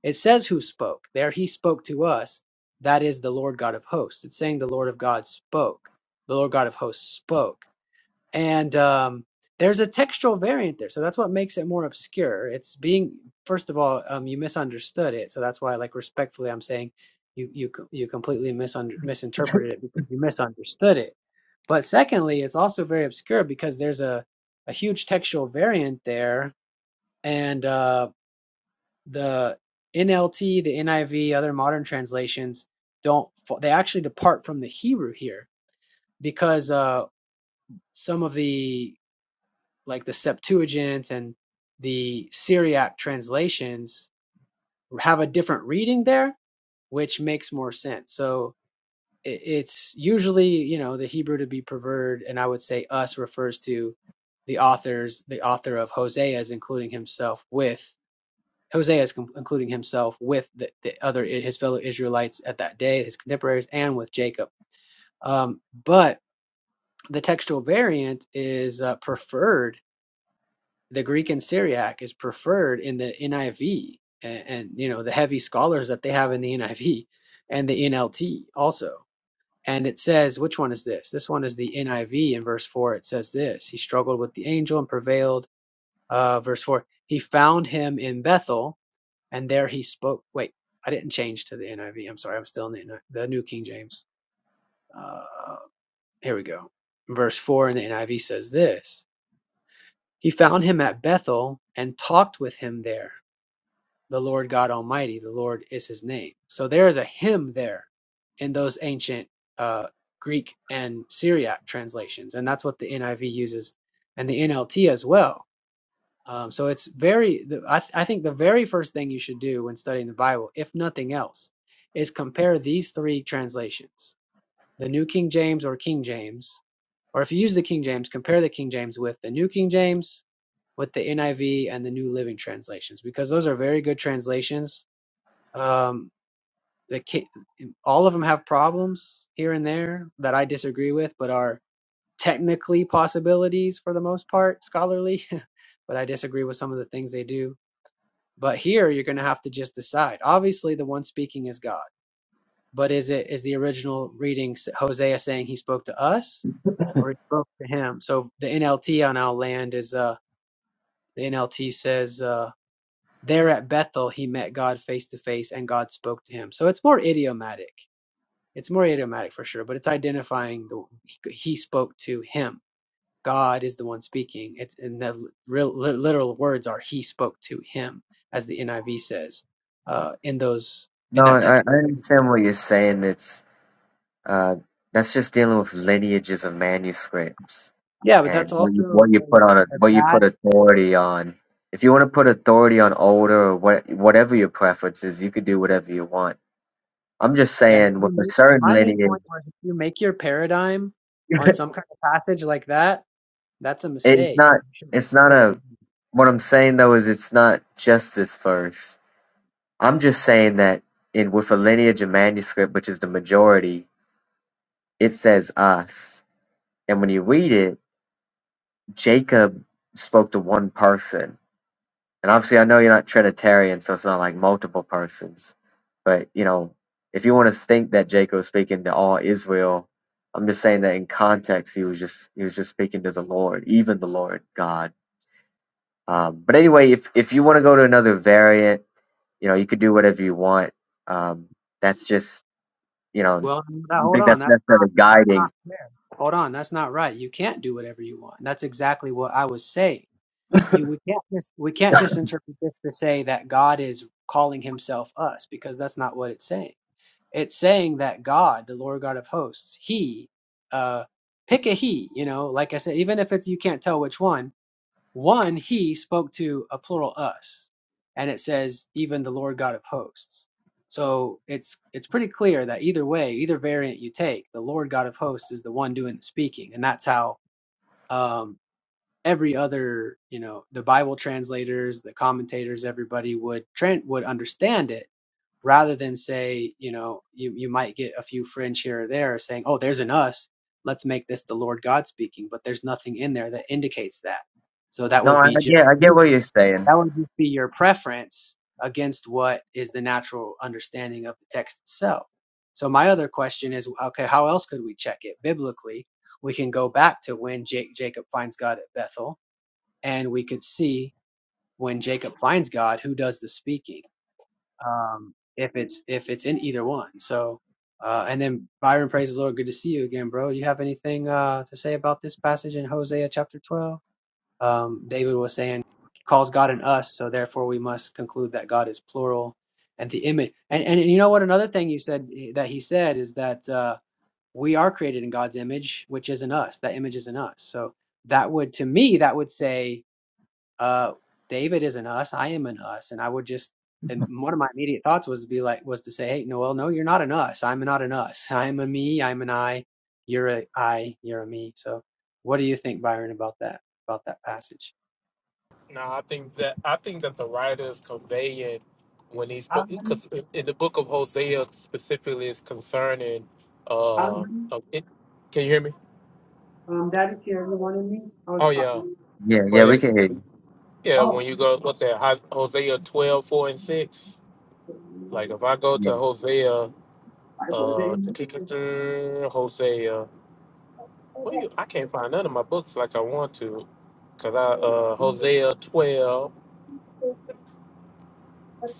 S5: It says who spoke. There he spoke to us. That is the Lord God of hosts. It's saying the Lord of God spoke. The Lord God of hosts spoke and um, there's a textual variant there so that's what makes it more obscure it's being first of all um, you misunderstood it so that's why like respectfully i'm saying you you you completely misunder- misinterpreted it because you misunderstood it but secondly it's also very obscure because there's a, a huge textual variant there and uh, the nlt the niv other modern translations don't fo- they actually depart from the hebrew here because uh, some of the like the Septuagint and the Syriac translations have a different reading there, which makes more sense. So i- it's usually, you know, the Hebrew to be preferred, and I would say us refers to the authors, the author of Hosea's, including himself with Hosea's, com- including himself with the, the other his fellow Israelites at that day, his contemporaries, and with Jacob. Um, but the textual variant is uh, preferred the Greek and Syriac is preferred in the NIV and, and you know the heavy scholars that they have in the NIV and the NLT also. And it says, which one is this? This one is the NIV. In verse four, it says this: He struggled with the angel and prevailed. Uh, verse four, he found him in Bethel, and there he spoke. Wait, I didn't change to the NIV. I'm sorry, I'm still in the, the New King James. Uh, here we go. Verse four in the NIV says this: He found him at Bethel and talked with him there the Lord God Almighty, the Lord is his name. So there is a hymn there in those ancient uh, Greek and Syriac translations, and that's what the NIV uses and the NLT as well. Um, so it's very, the, I, th- I think the very first thing you should do when studying the Bible, if nothing else, is compare these three translations the New King James or King James, or if you use the King James, compare the King James with the New King James, with the NIV and the New Living translations because those are very good translations um, that ca all of them have problems here and there that I disagree with, but are technically possibilities for the most part, scholarly. but I disagree with some of the things they do. But here, you're going to have to just decide. Obviously, the one speaking is God, but is it is the original reading Hosea saying he spoke to us, or he spoke to him? So the NLT on our land is uh the NLT says uh there at Bethel he met God face to face and God spoke to him. So it's more idiomatic It's more idiomatic for sure, but it's identifying the he spoke to him. God is the one speaking. It's and the real literal words are he spoke to him, as the NIV says uh, in those in
S8: No,
S5: that
S8: I, I
S5: textual. Game.
S8: understand what you're saying. It's uh, that's just dealing with lineages of manuscripts
S5: Yeah, but
S8: and
S5: that's
S8: what you
S5: also
S8: what you put on a
S5: a, a
S8: what you
S5: bad.
S8: put authority on. If you want to put authority on older or what whatever your preference is, you could do whatever you want. I'm just
S5: Yeah, and if
S8: saying
S5: you
S8: with a
S5: make, and
S8: certain
S5: my main
S8: lineage,
S5: point was if you make your paradigm on some kind of passage like that, that's a
S8: it's
S5: mistake.
S8: not
S5: You shouldn't,
S8: it's
S5: you
S8: not
S5: shouldn't do
S8: a
S5: that.
S8: what I'm saying though is it's not justice first. I'm just saying that in with a lineage of manuscript, which is the majority, it says us, and when you read it Jacob spoke to one person. And obviously, I know you're not Trinitarian, so it's not like multiple persons. But, you know, if you want to think that Jacob was speaking to all Israel, I'm just saying that in context, he was just he was just speaking to the Lord, even the Lord God. Um, but anyway, if if you want to go to another variant, you know, you could do whatever you want. Um, that's just you know,
S5: Well, now
S8: you
S5: hold
S8: think that's
S5: on.
S8: necessarily
S5: That's not
S8: guiding.
S5: fair. Hold on, that's not right. You can't do whatever you want. That's exactly what I was saying. You we can't just we can't just interpret this to say that God is calling himself us because that's not what it's saying. It's saying that God, the Lord God of hosts, he uh pick a he, you know, like I said, even if it's you can't tell which one, one, he spoke to a plural us, and it says even the Lord God of hosts. So it's it's pretty clear that either way, either variant you take, the Lord God of hosts is the one doing the speaking, and that's how um, every other you know the Bible translators, the commentators, everybody would tran would understand it rather than say, you know, you, you might get a few fringe here or there saying, oh, there's an us. Let's make this the Lord God speaking. But there's nothing in there that indicates that. So that
S8: No,
S5: would
S8: I,
S5: be
S8: I
S5: just
S8: get I get what you're saying.
S5: that would just be your preference against what is the natural understanding of the text itself. So my other question is, okay, how else could we check it biblically? We can go back to when Jake, Jacob finds God at Bethel, and we could see when Jacob finds God, who does the speaking um, if it's if it's in either one. So, uh, and then Byron, praise the Lord, good to see you again, bro. Do you have anything uh, to say about this passage in Hosea chapter twelve? Um, David was saying, calls God an us, so therefore we must conclude that God is plural and the image. And and you know what? Another thing you said eh, that he said is that uh, we are created in God's image, which is in us. That image is in us. So that would, to me, that would say uh David is an us, I am an us. And I would just and one of my immediate thoughts was to be like was to say, Hey, Noel, no, you're not an us. I'm not an us. I'm a me, I'm an I, you're a I, you're a me. So what do you think, Byron, about that about that passage?
S4: No, I think that I think that the writer is conveying when he's
S5: Um,
S4: because in the book of Hosea specifically is concerning. Uh,
S5: um,
S4: uh, it, can you hear me?
S5: um, that is here, the one in me. I
S4: Oh
S5: was
S4: yeah,
S5: talking.
S8: Yeah, yeah,
S4: but
S8: we
S4: if,
S8: can hear
S4: yeah,
S5: Oh,
S4: when you go, what's that? Ho- Hosea 12 4 and six. Like if I go
S8: you.
S4: to Hosea,
S5: I was
S4: uh,
S5: in.
S4: Hosea. Well, you, I can't find none of my books like I want to, cause I uh Hosea 12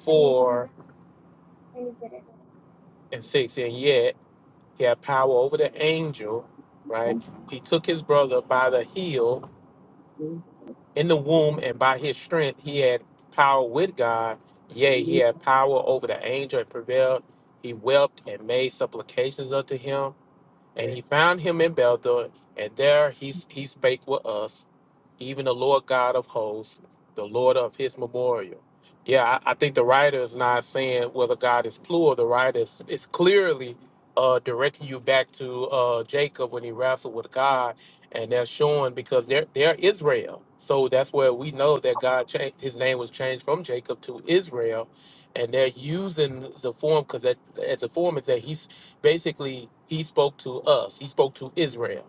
S4: 4 and six, and yet he had power over the angel, right? He took his brother by the heel in the womb, and by his strength he had power with God. Yea, he had power over the angel and prevailed. He wept and made supplications unto him. And
S5: Yeah.
S4: he found him in Bethel, and there he, he spake with us, even the Lord God of hosts, the Lord of his memorial. Yeah, I, I think the writer is not saying whether God is plural. The writer is, is clearly uh, directing you back to uh, Jacob when he wrestled with God, and they're showing because they're, they're Israel. So that's where we know that God changed his name was changed from Jacob to Israel, and they're using the form because that as the form is that he's basically he spoke to us he spoke to israel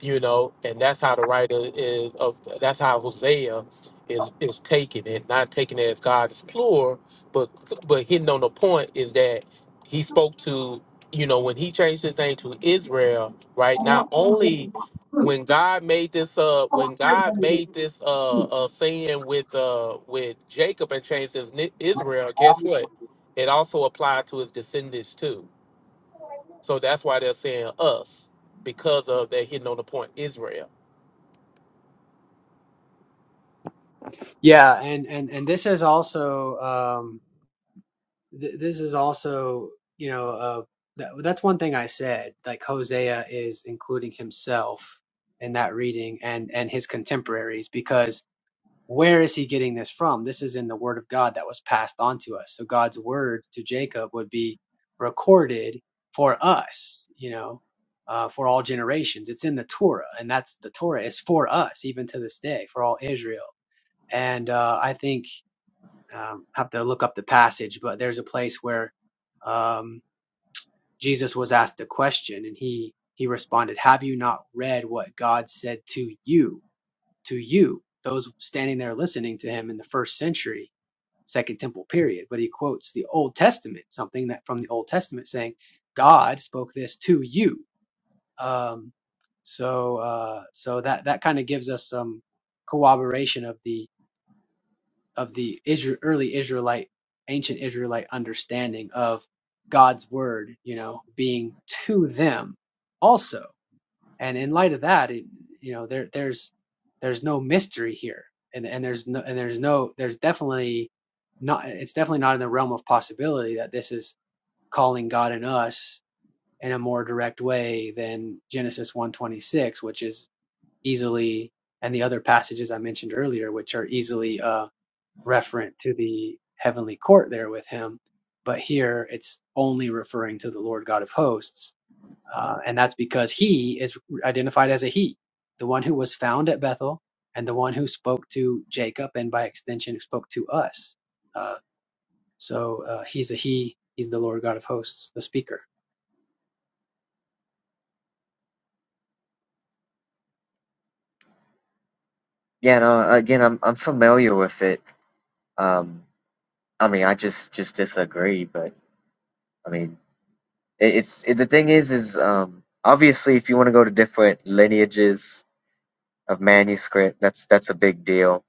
S4: you know and that's how the writer is of that's how hosea is is taking it not taking it as god's plural but but hitting on the point is that he spoke to you know when he changed his name to israel right not only when god made this uh when god made this uh uh sin with uh with jacob and changed his ni- israel guess
S5: Um,
S4: what it also applied to his descendants too so that's why they're saying us because of they're hitting on the point Israel.
S5: Yeah, and and and this is also um th- this is also you know uh, that, that's one thing I said. Like Hosea is including himself in that reading and and his contemporaries because where is he getting this from? This is in the Word of God that was passed on to us. So God's words to Jacob would be recorded for us. You know. Uh, for all generations, it's in the Torah, and that's the Torah is for us, even to this day, for all Israel. And uh, I think um, have to look up the passage, but there's a place where um, Jesus was asked a question and he he responded, "Have you not read what God said to you, to you, those standing there listening to him in the first century, Second Temple period?" But he quotes the Old Testament, something that from the Old Testament saying, "God spoke this to you." Um, so uh, so that that kind of gives us some corroboration of the of the Israel, early Israelite, ancient Israelite understanding of God's word, you know, being to them also. And in light of that, it, you know, there there's there's no mystery here, and and there's no and there's no there's definitely not it's definitely not in the realm of possibility that this is calling God and us in a more direct way than Genesis 126, which is easily and the other passages I mentioned earlier, which are easily um, referent to the heavenly court there with him. But here it's only referring to the Lord God of hosts. Uh, and that's because he is identified as a he, the one who was found at Bethel and the one who spoke to Jacob and by extension spoke to us. Uh, so uh, he's a he, he's the Lord God of hosts, the speaker.
S8: Yeah, no, again, I'm I'm familiar with it. Um, I mean, I just just disagree, but I mean, it, it's it, the thing is, is um, obviously, if you want to go to different lineages of manuscript, that's that's a big deal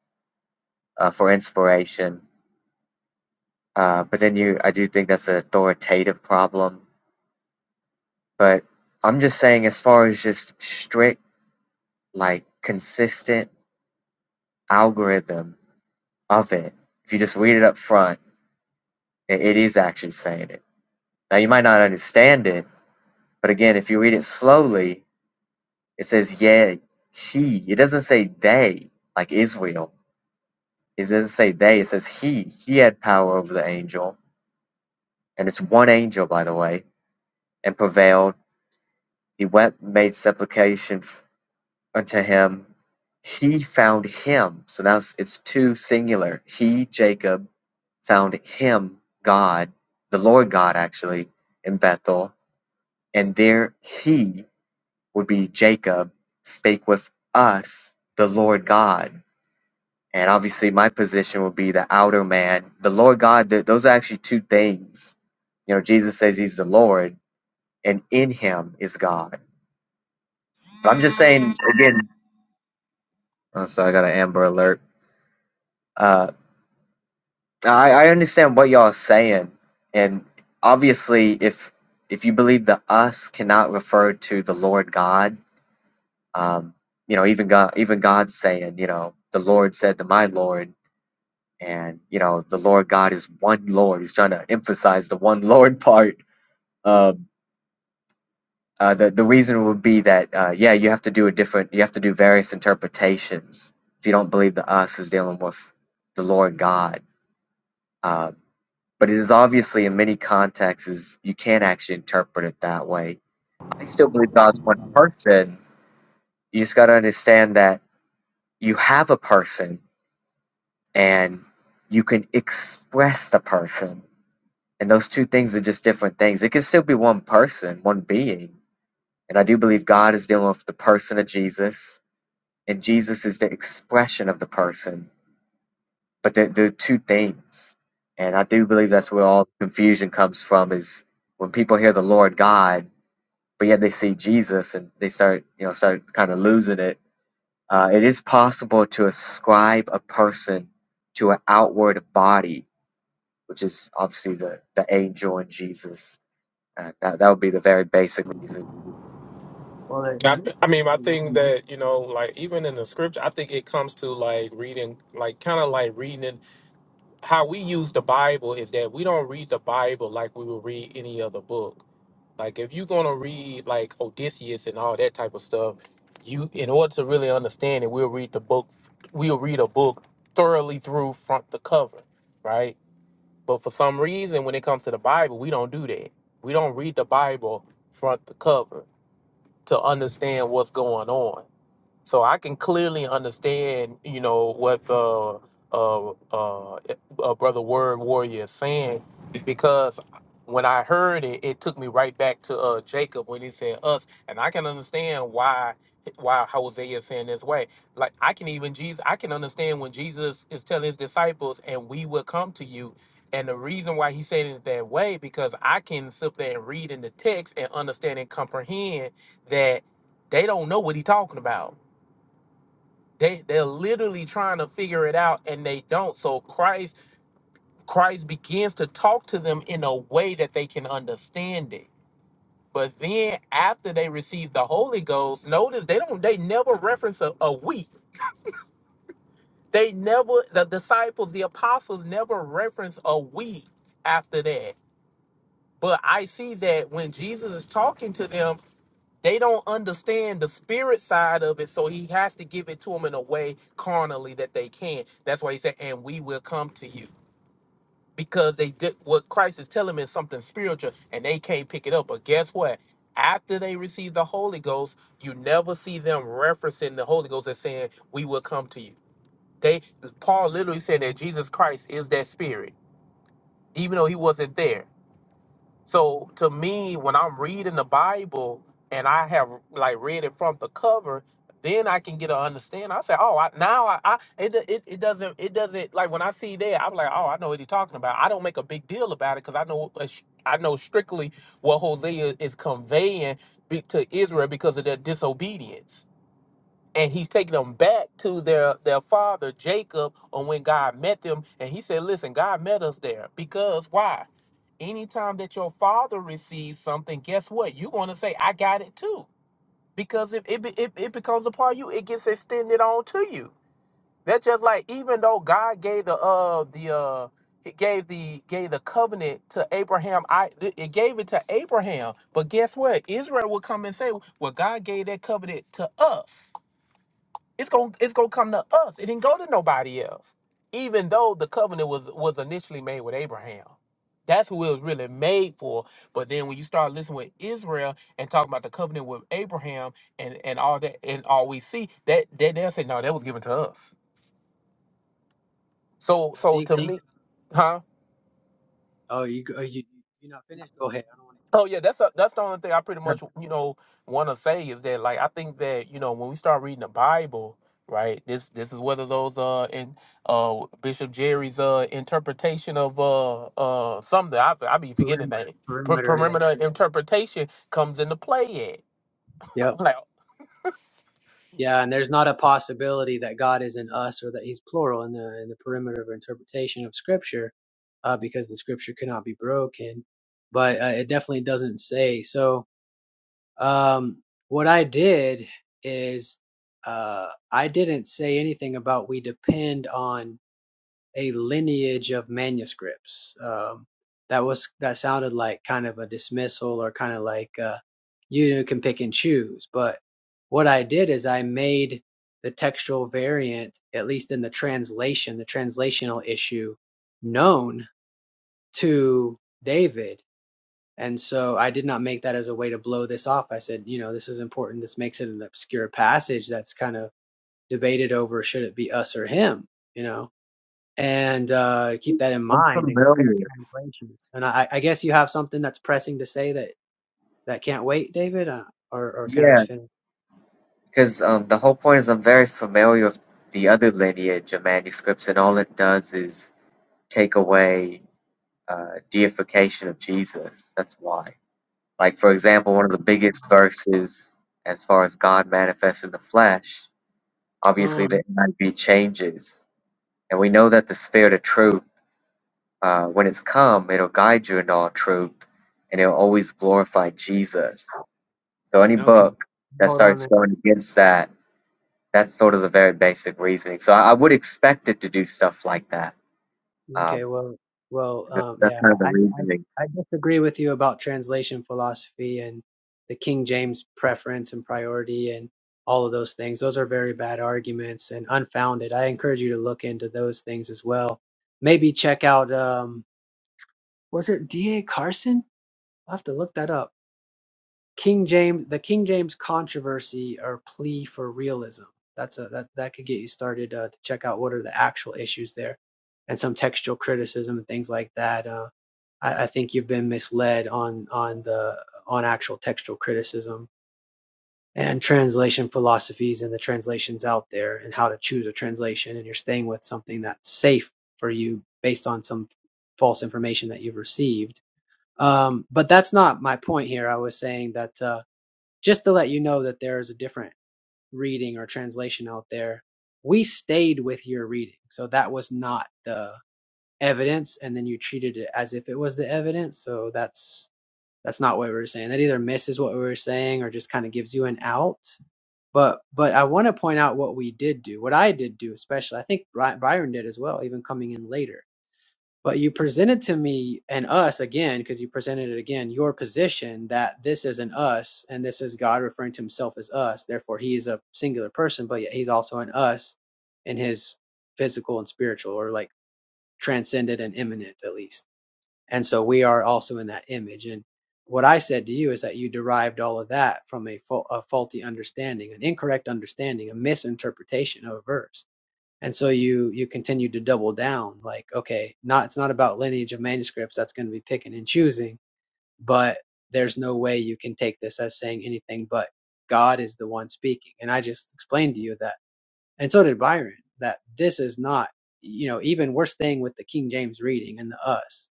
S8: uh, for inspiration. Uh, but then you, I do think that's an authoritative problem. But I'm just saying, as far as just strict, like consistent algorithm of it, if you just read it up front, it, it is actually saying it. Now you might not understand it But again, if you read it slowly, it says, yeah, he. It doesn't say they, like Israel. It doesn't say they. It says he. He had power over the angel. And it's one angel, by the way, and prevailed. He wept, made supplication f- unto him. He found him. So now it's it's two singular. He, Jacob, found him, God, the Lord God, actually, in Bethel. And there he would be Jacob spake with us, the Lord God. And obviously, my position would be the outer man. The Lord God, th- those are actually two things. You know, Jesus says he's the Lord, and in him is God. But I'm just saying, again, oh, sorry, I got an Amber alert. Uh, I, I understand what y'all are saying. And obviously, if if you believe the us cannot refer to the Lord God, um, you know, even God, even God saying, you know, the Lord said to my Lord, and you know the Lord God is one Lord. He's trying to emphasize the one Lord part. Um, uh, the the reason would be that uh, yeah, you have to do a different. You have to do various interpretations if you don't believe the us is dealing with the Lord God. Uh, but it is obviously in many contexts is you can't actually interpret it that way. I still believe God's one person. You just got to understand that you have a person and you can express the person And those two things are just different things. It can still be one person, one being. And I do believe God is dealing with the person of Jesus, and Jesus is the expression of the person. But they're, they're two things. And I do believe that's
S5: Well,
S8: where all confusion comes from is when people hear the Lord God, but yet they see Jesus and they start, you know, start kind of losing it. Uh, it is possible to ascribe a person to an outward body, which is obviously the, the angel and Jesus Uh, that that would be the very basic reason.
S5: Well, there-
S4: I, I mean, I
S5: there you go.
S4: think
S5: Mhm.
S4: that you know, like even in the scripture, I think it comes to like reading, like kind of like reading it- how we use the Bible is that we don't read the Bible like we would read any other book. Like if you're gonna read like Odysseus and all that type of stuff, you in order to really understand it, we'll read the book. We'll read a book thoroughly through front to cover, right? But for some reason, when it comes to the Bible, we don't do that. We don't read the Bible front to cover to understand what's going on. So I can clearly understand, you know, what the uh, uh, uh, brother Word Warrior is saying, because when I heard it, it took me right back to uh, Jacob when he said us, and I can understand why why Hosea is saying this way. Like I can even Jesus, I can understand when Jesus is telling his disciples, and we will come to you. And the reason why he said it that way, because I can sit there and read in the text and understand and comprehend that they don't know what he's talking about they they're literally trying to figure it out and they don't so christ christ begins to talk to them in a way that they can understand it but then after they receive the holy ghost notice they don't they never reference a, a week they never the disciples the apostles never reference a week after that but i see that when jesus is talking to them they don't understand the spirit side of it, so he has to give it to them in a way carnally that they can. That's why he said, "And we will come to you," because they did what Christ is telling them is something spiritual, and they can't pick it up. But guess what? After they receive the Holy Ghost, you never see them referencing the Holy Ghost as saying, "We will come to you." They Paul literally said that Jesus Christ is that Spirit, even though he wasn't there. So to me, when I'm reading the Bible and I have like read it from the cover, then I can get an understanding. I say, oh, I, now I, I it, do- it it doesn't it doesn't like when I see that I'm like, oh, I know what he's talking about. I don't make a big deal about it because I know uh, sh- I know strictly what Hosea is conveying be- to Israel because of their disobedience and he's taking them back to their their father Jacob on when God met them and he said listen God met us there because why anytime that your father receives something guess what you're going to say I got it too because if it, be- it, it becomes a part of you it gets extended on to you that's just like even though God gave the uh the uh it gave the gave the covenant to Abraham. I it gave it to Abraham, but guess what? Israel will come and say, "Well, God gave that covenant to us." It's gonna it's gonna come to us. It didn't go to nobody else. Even though the covenant was was initially made with Abraham. That's who it was really made for. But then when you start listening with Israel and talking about the covenant with Abraham and, and all that and all we see, that that they'll say, no, that was given to us. So
S5: I
S4: so to
S5: think, uh,
S4: me, huh?
S5: oh, you, go- you, you- are not finished? Go ahead. I don't want
S4: Oh yeah, that's a, that's the only thing I pretty
S5: to.
S4: much you know want to say is that like I think that you know when we start reading the Bible, right? This this is whether those uh in uh Bishop Jerry's uh interpretation of uh uh something I I be forgetting the name per-
S5: Perimeter,
S4: perimeter interpretation comes into play at.
S5: yeah.
S4: like
S5: Yeah, and there's not a possibility that God is in us or that He's plural in the in the perimeter of interpretation of Scripture, uh, because the Scripture cannot be broken. But uh, it definitely doesn't say. So um, what I did is uh, I didn't say anything about we depend on a lineage of manuscripts. Um, that was that sounded like kind of a dismissal or kind of like uh, you can pick and choose. But what I did is I made the textual variant, at least in the translation, the translational issue, known to David. And so I did not make that as a way to blow this off. I said, you know, this is important. This makes it an obscure passage that's kind of debated over should it be us or him, you know and uh, keep that in mind and compare translations. And I, I guess you have something that's pressing to say that that can't wait, David, uh, or or can I
S8: Yeah,
S5: just finish?
S8: because um, the whole point is I'm very familiar with the other lineage of manuscripts, and all it does is take away uh, deification of Jesus. That's why. Like for example, one of the biggest verses as far as God manifests in the flesh, obviously the
S5: Um,
S8: NIV changes, and we know that the Spirit of Truth, uh, when it's come, it'll guide you in all truth, and it'll always glorify Jesus So any
S5: okay,
S8: book that
S5: hold on
S8: starts
S5: there.
S8: going against that, that's sort of the very basic reasoning. So I, I would expect it to do stuff like that.
S5: Okay,
S8: Um,
S5: well, well,
S8: and that's,
S5: um,
S8: that's
S5: yeah,
S8: kind of the
S5: I,
S8: reasoning.
S5: I I disagree with you about translation philosophy and the King James preference and priority and all of those things. Those are very bad arguments and unfounded. I encourage you to look into those things as well. Maybe check out um, was it D.A. Carson? I'll have to look that up. King James, the King James controversy or plea for realism. That's a that that could get you started uh, to check out what are the actual issues there, and some textual criticism and things like that. Uh, I, I think you've been misled on on the on actual textual criticism and translation philosophies and the translations out there and how to choose a translation and you're staying with something that's safe for you based on some false information that you've received um, but that's not my point here. I was saying that uh, just to let you know that there is a different reading or translation out there. We stayed with your reading, so that was not the evidence, and then you treated it as if it was the evidence. So that's that's not what we were saying. That either misses what we were saying or just kind of gives you an out. But but I want to point out what we did do, what I did do, especially. I think Bry- Byron did as well, even coming in later but you presented to me and us again because you presented it again your position that this is an us and this is god referring to himself as us therefore he is a singular person but yet he's also an us in his physical and spiritual or like transcended and immanent at least and so we are also in that image and what i said to you is that you derived all of that from a, fa- a faulty understanding an incorrect understanding a misinterpretation of a verse and so you you continue to double down like okay not it's not about lineage of manuscripts that's going to be picking and choosing but there's no way you can take this as saying anything but god is the one speaking and i just explained to you that and so did byron that this is not you know even we're staying with the king james reading and the us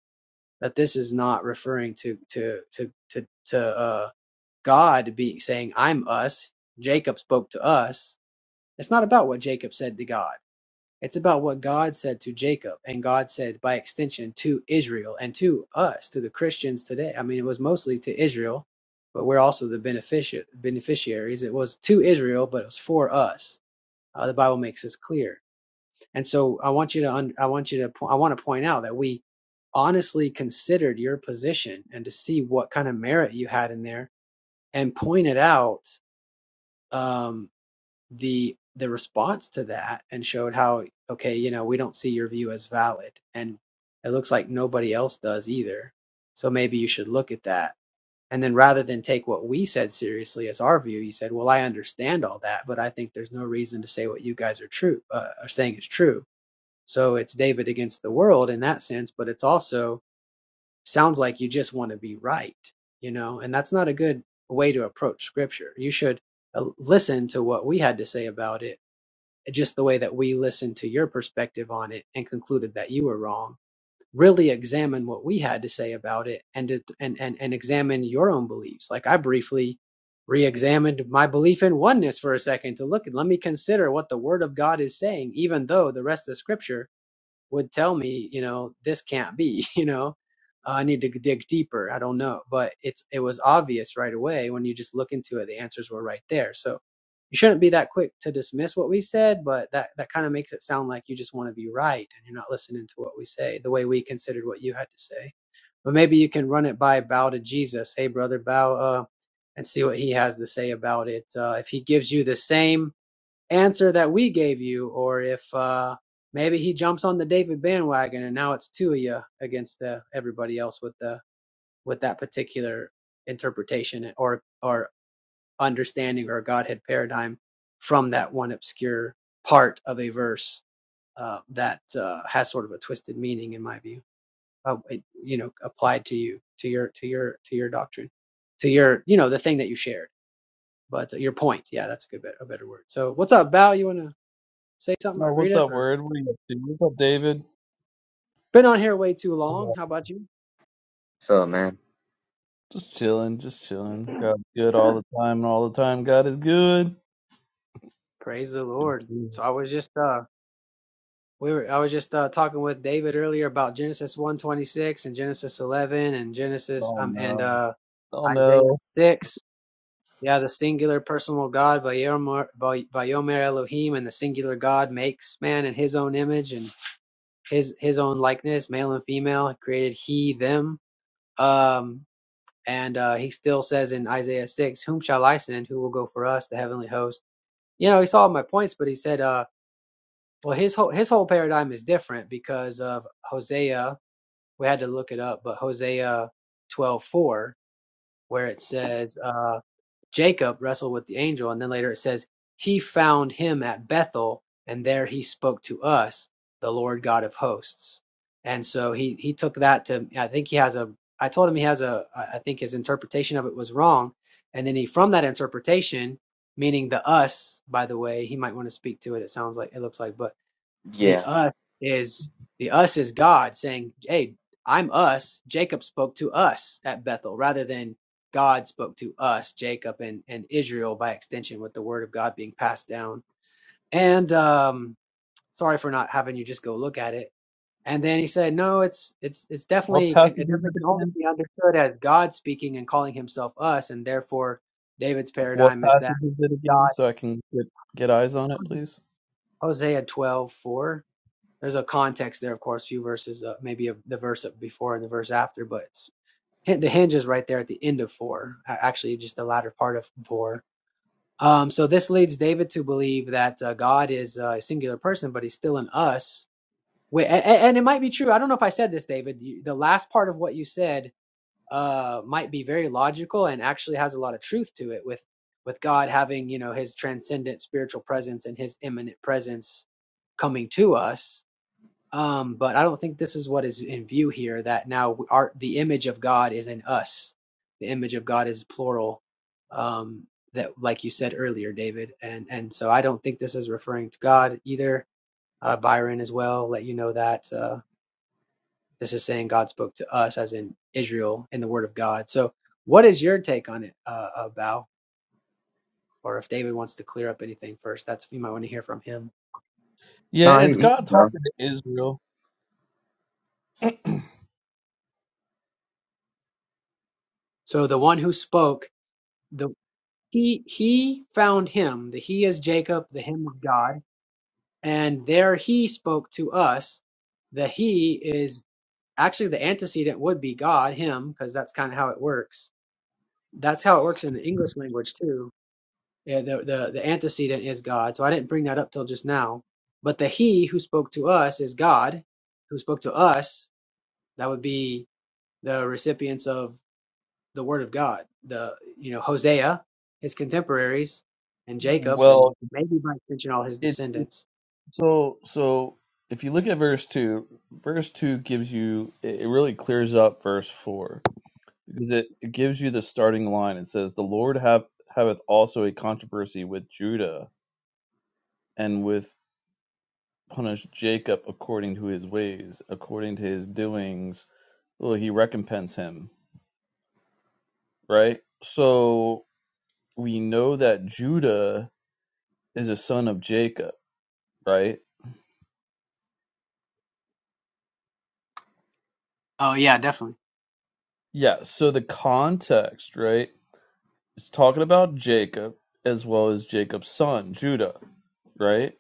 S5: that this is not referring to to to to to uh god be saying i'm us jacob spoke to us it's not about what jacob said to god it's about what God said to Jacob, and God said by extension to Israel and to us, to the Christians today. I mean, it was mostly to Israel, but we're also the beneficia- beneficiaries. It was to Israel, but it was for us. Uh, the Bible makes this clear. And so I want you to, un- I want you to, po- I want to point out that we honestly considered your position and to see what kind of merit you had in there and pointed out. Um, the the response to that and showed how okay you know we don't see your view as valid and it looks like nobody else does either so maybe you should look at that and then rather than take what we said seriously as our view you said well i understand all that but i think there's no reason to say what you guys are true uh, are saying is true so it's david against the world in that sense but it's also sounds like you just want to be right you know and that's not a good way to approach scripture you should uh, listen to what we had to say about it just the way that we listened to your perspective on it and concluded that you were wrong really examine what we had to say about it and it, and, and and examine your own beliefs like i briefly re-examined my belief in oneness for a second to look at let me consider what the word of god is saying even though the rest of the scripture would tell me, you know, this can't be, you know, Uh, I need to dig deeper. I don't know. But it's, it was obvious right away when you just look into it, the answers were right there. So you shouldn't be that quick to dismiss what we said, but that, that kind of makes it sound like you just want to be right and you're not listening to what we say the way we considered what you had to say. But maybe you can run it by bow to Jesus. Hey, brother, bow, uh, and see what he has to say about it. Uh, if he gives you the same, answer that we gave you, or if uh, maybe he jumps on the David bandwagon and now it's two of you against the, everybody else with the with that particular interpretation or or understanding or Godhead paradigm from that one obscure part of a verse uh, that uh, has sort of a twisted meaning, in my view, uh, it- you know, applied to you to your to your to your doctrine, to your you know the thing that you shared. But uh, your point, yeah, that's a good bit, a better word. So, what's up, Val? You wanna say something or
S10: No,
S5: greet
S10: what's
S5: us
S10: up,
S5: or
S10: word? What are you up to? What's up, David?
S5: been on here way too long.
S10: Yeah.
S5: How about you?
S8: So man,
S10: Just chilling, just chilling. God is good all the time, and all the time God is good.
S5: Praise the Lord. So I was just uh we were I was just uh talking with David earlier about Genesis 126 and Genesis 11 and Genesis
S10: Oh
S5: um and
S10: no,
S5: uh
S10: oh
S5: Isaiah
S10: no.
S5: 6. Yeah, the singular personal God, Vayomer Vay- Vayomer Elohim, and the singular God makes man in his own image and his his own likeness, male and female, created he them. Um And uh, he still says in Isaiah 6, Whom shall I send? Who will go for us? The heavenly host. You know, he saw my points, but he said, uh, Well, his whole, his whole paradigm is different because of Hosea. We had to look it up, but Hosea twelve four, where it says, uh, Jacob wrestled with the angel, and then later it says, He found him at Bethel, and there he spoke to us, the Lord God of hosts. And so he he took that to I think he has a I told him he has a I think his interpretation of it was wrong. And then he from that interpretation, meaning the us, by the way, he might want to speak to it, it sounds like it looks like, but the
S8: yeah,
S5: us is the us is God saying, "Hey, I'm us." Jacob spoke to us at Bethel rather than God spoke to us, Jacob and and Israel by extension, with the word of God being passed down. And um, sorry for not having you just go look at it. And then he said, "No, it's it's it's
S10: What
S5: definitely can,
S10: passage
S5: it
S10: is
S5: definitely can
S10: it
S5: only
S10: again?
S5: be understood as God speaking and calling Himself us, and therefore David's
S10: What
S5: paradigm is that
S10: passage is it again?
S5: God."
S10: So I can get get eyes on it, please.
S5: Hosea 12:4 there's a context there, of course, few verses, uh, maybe a, the verse before and the verse after, but it's the hinge is right there at the end of four, actually, just the latter part of four. Um, so this leads David to believe that uh, God is uh, a singular person, but he's still in us. and, it might be true. I don't know if I said this, David. the last part of what you said uh, might be very logical and actually has a lot of truth to it. With with God having, you know, His transcendent spiritual presence and His immanent presence coming to us, um, but I don't think this is what is in view here. That now our the image of God is in us. The image of God is plural. Um, that, like you said earlier, David, and and so I don't think this is referring to God either. Uh, Byron as well let you know that uh, this is saying God spoke to us, as in Israel, in the Word of God. So, what is your take on it, uh, uh, Bao? Or if David wants to clear up anything first, that's you might want to hear from him.
S10: Yeah,
S8: no,
S10: it's
S8: you
S10: God
S8: can go.
S10: talking to Israel.
S5: So the one who spoke, the He he found him, the he is Jacob, the him of God, and there he spoke to us. The he is actually the antecedent would be God, him, because that's kind of how it works. That's how it works in the English language too. Yeah, the, the the antecedent is God. So I didn't bring that up till just now. But the he who spoke to us is God, who spoke to us. That would be the recipients of the word of God. The you know Hosea, his contemporaries, and Jacob, and
S10: Well,
S5: maybe by extension all his
S10: it, it
S5: descendants.
S10: so so. If you look at verse two, verse two gives you it it really clears up verse four because it, it gives you the starting line. It says, "The Lord have haveth also a controversy with Judah, and with punish Jacob according to his ways, according to his doings, will he recompense him." Right. So we know that Judah is a son of Jacob, right?
S5: Oh yeah, definitely.
S10: Yeah. So the context, right, is talking about Jacob as well as Jacob's son Judah, right?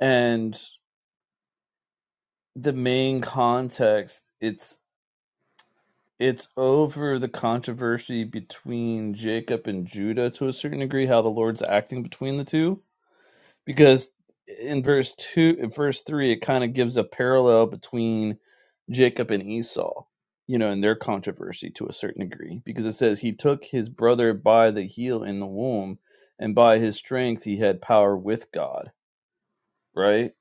S10: And the main context, it's it's over the controversy between Jacob and Judah to a certain degree, how the Lord's acting between the two. Because in verse two, in verse three, it kind of gives a parallel between Jacob and Esau, you know, and their controversy to a certain degree. Because it says he took his brother by the heel in the womb, and by his strength he had power with God. Right.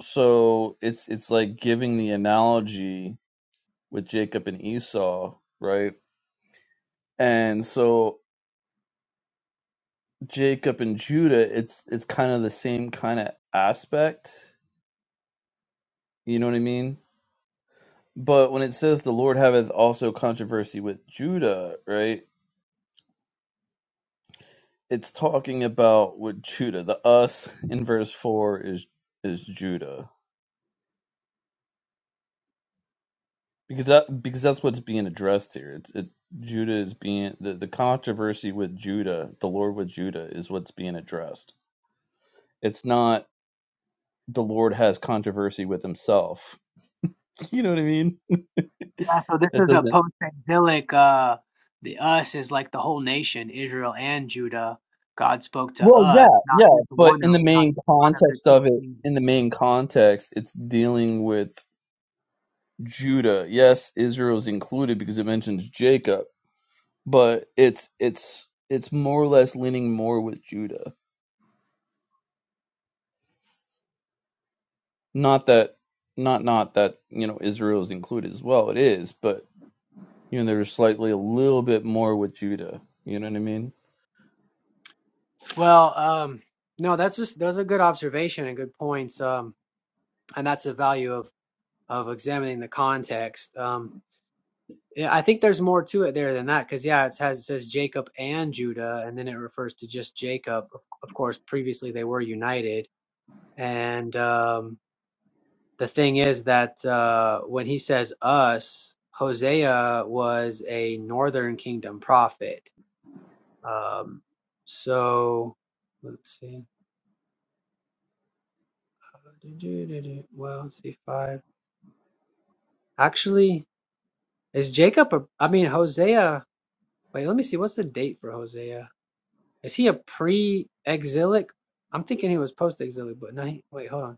S10: So it's it's like giving the analogy with Jacob and Esau, right? And so Jacob and Judah, it's it's kind of the same kind of aspect. You know what I mean? But when it says the Lord haveth also controversy with Judah, right? It's talking about with Judah. The us in verse four is is Judah because that because that's what's being addressed here. It's it Judah is being the the controversy with Judah, the Lord with Judah is what's being addressed. It's not the Lord has controversy with himself. You know what I mean?
S5: Yeah, so this
S10: That
S5: is a
S10: doesn't
S5: post-exilic. Uh, the us is like the whole nation, Israel and Judah. God spoke to
S10: Well, yeah,
S5: us, not
S10: yeah,
S5: just one
S10: but in
S5: of,
S10: the
S5: not
S10: main
S5: just one of the
S10: context
S5: two
S10: of it, in the
S5: kingdoms.
S10: main context, it's dealing with Judah. Yes, Israel's included because it mentions Jacob, but it's it's it's more or less leaning more with Judah. Not that not not that, you know, Israel's included as well. It is, but you know, there's slightly a little bit more with Judah. You know what I mean?
S5: Well, um, no, that's just those are good observation and good points, um, and that's the value of of examining the context. Um, Yeah, I think there's more to it there than that because yeah, it has it says Jacob and Judah, and then it refers to just Jacob. Of, of course, previously they were united, and um, the thing is that uh, when he says us, Hosea was a northern kingdom prophet. Um, so let's see, well, let's see five. Actually, is Jacob? A, I mean, Hosea. Wait, let me see. What's the date for Hosea? Is he a pre-exilic? I'm thinking he was post-exilic, but no. He, wait, hold on.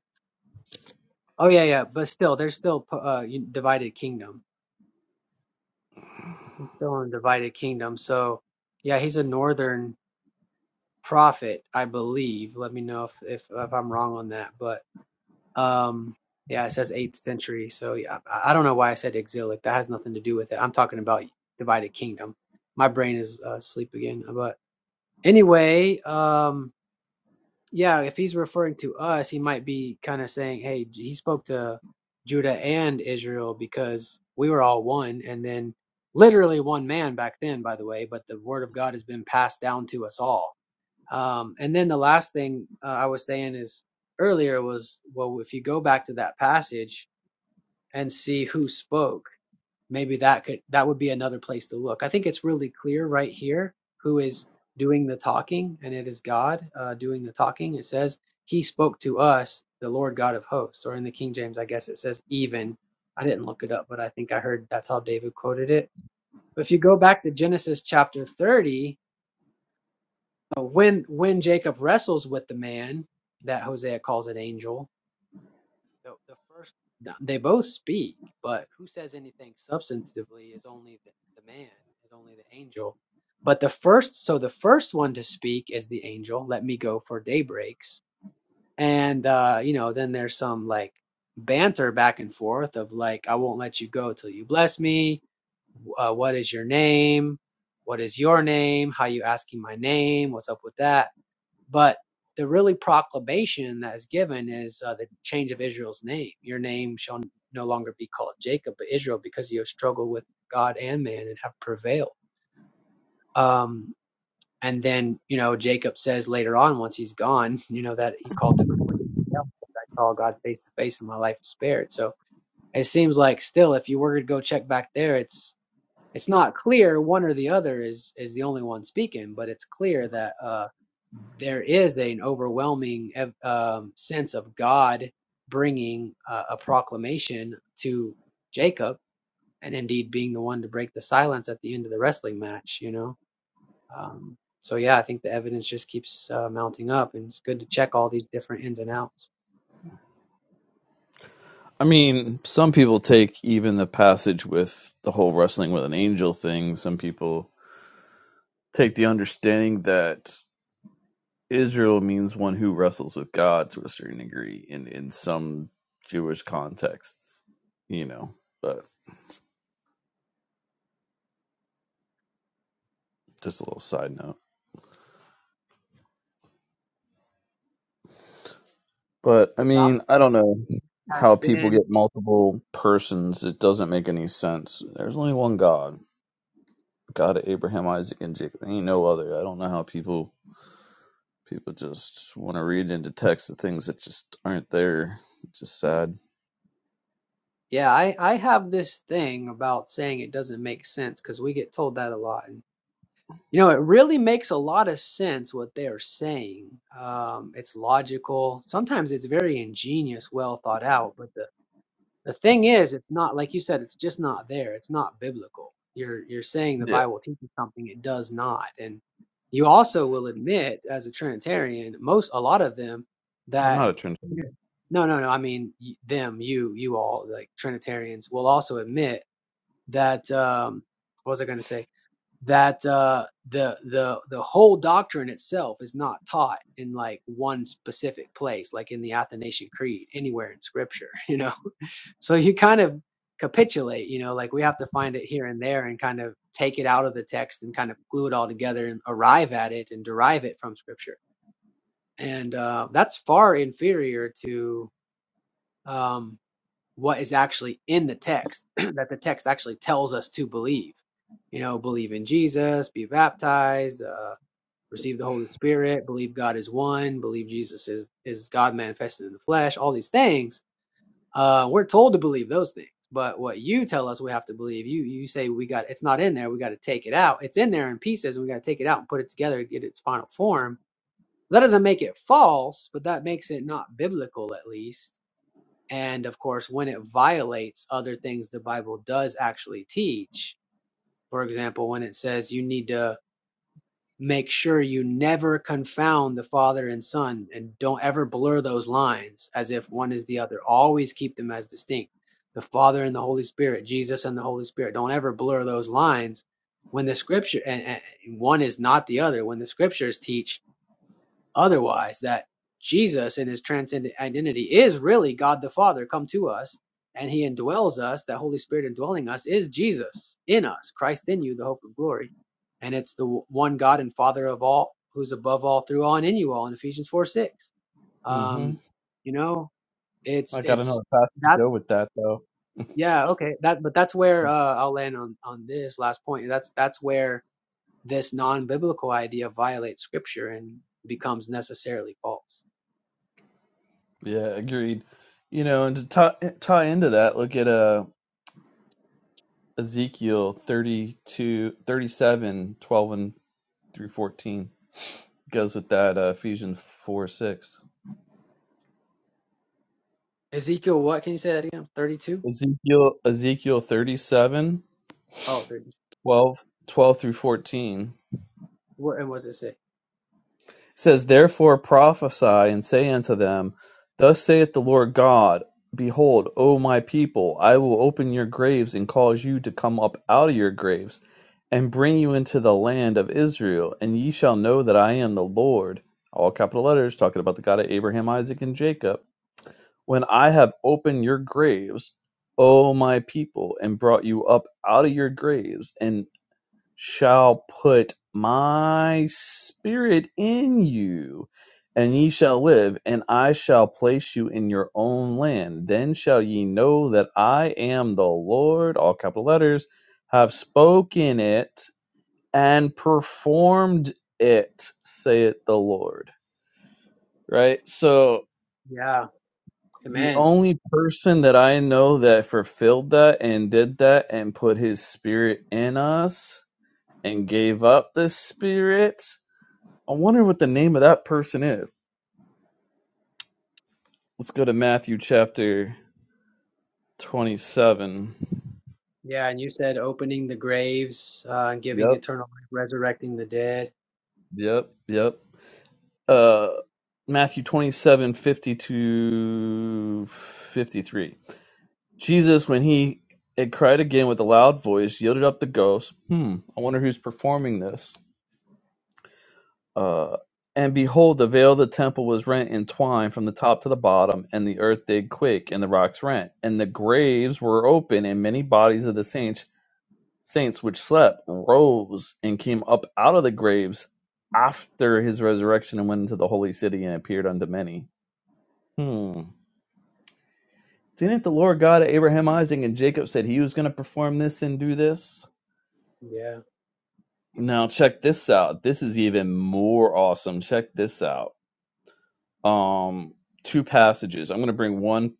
S5: Oh yeah, yeah. But still, there's still po- uh un- divided kingdom. He's still in divided kingdom. So yeah, he's a northern prophet, I believe. Let me know if if, if I'm wrong on that. But um, yeah, it says eighth century. So yeah, I, I don't know why I said exilic. That has nothing to do with it. I'm talking about divided kingdom. My brain is uh, asleep again. But anyway, um. yeah, if he's referring to us, he might be kind of saying, hey, he spoke to Judah and Israel because we were all one and then literally one man back then, by the way, but the word of God has been passed down to us all. Um, and then the last thing uh, I was saying is earlier was, well, if you go back to that passage and see who spoke, maybe that could that would be another place to look. I think it's really clear right here who is doing the talking, and it is God uh, doing the talking. It says He spoke to us, the Lord God of hosts, or in the King James, I guess it says even. I didn't look it up, but I think I heard that's how David quoted it. But if you go back to Genesis chapter thirty, uh, when when Jacob wrestles with the man that Hosea calls an angel, the the first they both speak, but who says anything substantively is only the, the man, is only the angel. But the first, so the first one to speak is the angel. Let me go for daybreaks, and uh, you know, then there's some like banter back and forth of like, I won't let you go till you bless me. Uh, what is your name? What is your name? How you asking my name? What's up with that? But the really proclamation that is given is uh, the change of Israel's name. Your name shall no longer be called Jacob, but Israel, because you have struggled with God and man and have prevailed. Um, and then, you know, Jacob says later on, once he's gone, you know, that he called the I saw God face to face and my life was spared. So it seems like still, if you were to go check back there, it's it's not clear one or the other is is the only one speaking, but it's clear that uh, there is an overwhelming um, sense of God bringing uh, a proclamation to Jacob, and indeed being the one to break the silence at the end of the wrestling match. You know, um, so yeah, I think the evidence just keeps uh, mounting up, and it's good to check all these different ins and outs.
S10: I mean, some people take even the passage with the whole wrestling with an angel thing. Some people take the understanding that Israel means one who wrestles with God to a certain degree in in some Jewish contexts, you know. But just a little side note. But I
S5: The value
S10: mean, I
S5: of
S10: don't know
S5: has
S10: how people
S5: been
S10: get multiple persons. It doesn't make any sense. There's only one God, God of Abraham, Isaac, and Jacob. There Ain't no other. I don't know how people people just want to read into text the things that just aren't there. It's just sad.
S5: Yeah, I I have this thing about saying it doesn't make sense because we get told that a lot. And you know, it really makes a lot of sense what they are saying. Um, it's logical. Sometimes it's very ingenious, well thought out. But the the thing is, it's not like you said, it's just not there. It's not biblical. You're you're saying the
S10: Yeah,
S5: Bible teaches something it does not. And you also will admit as a Trinitarian, most a lot of them
S10: I'm
S5: that
S10: not a Trinitarian.
S5: no, no, no. I mean y- them, you, you all, like Trinitarians, will also admit that. Um, what was I going to say? That uh, the the the whole doctrine itself is not taught in like one specific place, like in the Athanasian Creed, anywhere in Scripture. You know, so you kind of capitulate, you know, like we have to find it here and there and kind of take it out of the text and kind of glue it all together and arrive at it and derive it from scripture. And uh, that's far inferior to um, what is actually in the text that the text actually tells us to believe. You know, believe in Jesus, be baptized, uh, receive the Holy Spirit, believe God is one, believe Jesus is is God manifested in the flesh. All these things uh, we're told to believe those things, but what you tell us we have to believe, you you say we got it's not in there, we got to take it out. It's in there in pieces, and we got to take it out and put it together to get its final form. That doesn't make it false, but that makes it not biblical, at least. And of course, when it violates other things the Bible does actually teach, for example, when it says you need to make sure you never confound the father and son and don't ever blur those lines as if one is the other. Always keep them as distinct. The Father and the Holy Spirit, Jesus and the Holy Spirit. Don't ever blur those lines when the scripture and, and one is not the other. When the scriptures teach otherwise that Jesus in his transcendent identity is really God the Father come to us and he indwells us that Holy Spirit indwelling us is Jesus in us Christ in you the hope of glory and it's the one God and Father of all who's above all through all and in you all in Ephesians 4 6
S10: Mm-hmm.
S5: um you know it's
S10: I gotta know
S5: it's
S10: how fast you
S5: that
S10: go with that though.
S5: yeah okay that but that's where uh I'll land on on this last point that's that's where this non-biblical idea violates scripture and becomes necessarily false
S10: Yeah, agreed. You know, and to tie, tie into that, look at uh Ezekiel 32 37 12 and through 14. Goes with that uh, Ephesians 4, 6.
S5: Ezekiel, what can you say that again? 32?
S10: Ezekiel Ezekiel 37
S5: Oh, thirty.
S10: 12 12 through 14.
S5: What, and what does it say?
S10: says, Therefore prophesy, and say unto them, Thus saith the Lord God, Behold, O my people, I will open your graves, and cause you to come up out of your graves, and bring you into the land of Israel, and ye shall know that I am the Lord. All capital letters, talking about the God of Abraham, Isaac, and Jacob. When I have opened your graves, O my people, and brought you up out of your graves, and shall put my spirit in you, and ye shall live, and I shall place you in your own land. Then shall ye know that I am the Lord, all capital letters, have spoken it and performed it, saith the Lord. Right? So
S5: Yeah,
S10: the
S5: amen.
S10: only person that I know that fulfilled that and did that and put his spirit in us and gave up the spirit I wonder what the name of that person is. Let's go to Matthew chapter 27.
S5: Yeah, and you said opening the graves, uh, giving
S10: Yep,
S5: eternal life, resurrecting the dead.
S10: yep, yep. Uh Matthew 27, fifty to 53. Jesus, when he had cried again with a loud voice, yielded up the ghost. Hmm, I wonder who's performing this. Uh, and behold, the veil of the temple was rent in twine from the top to the bottom, and the earth did quake, and the rocks rent, and the graves were open, and many bodies of the saints Saints which slept rose and came up out of the graves after his resurrection and went into the holy city and appeared unto many. Hmm. Didn't the Lord God of Abraham, Isaac, and Jacob said he was going to perform this and do this?
S5: Yeah,
S10: Now check this out. This is even more awesome. Check this out. Um, two passages. I'm going to bring one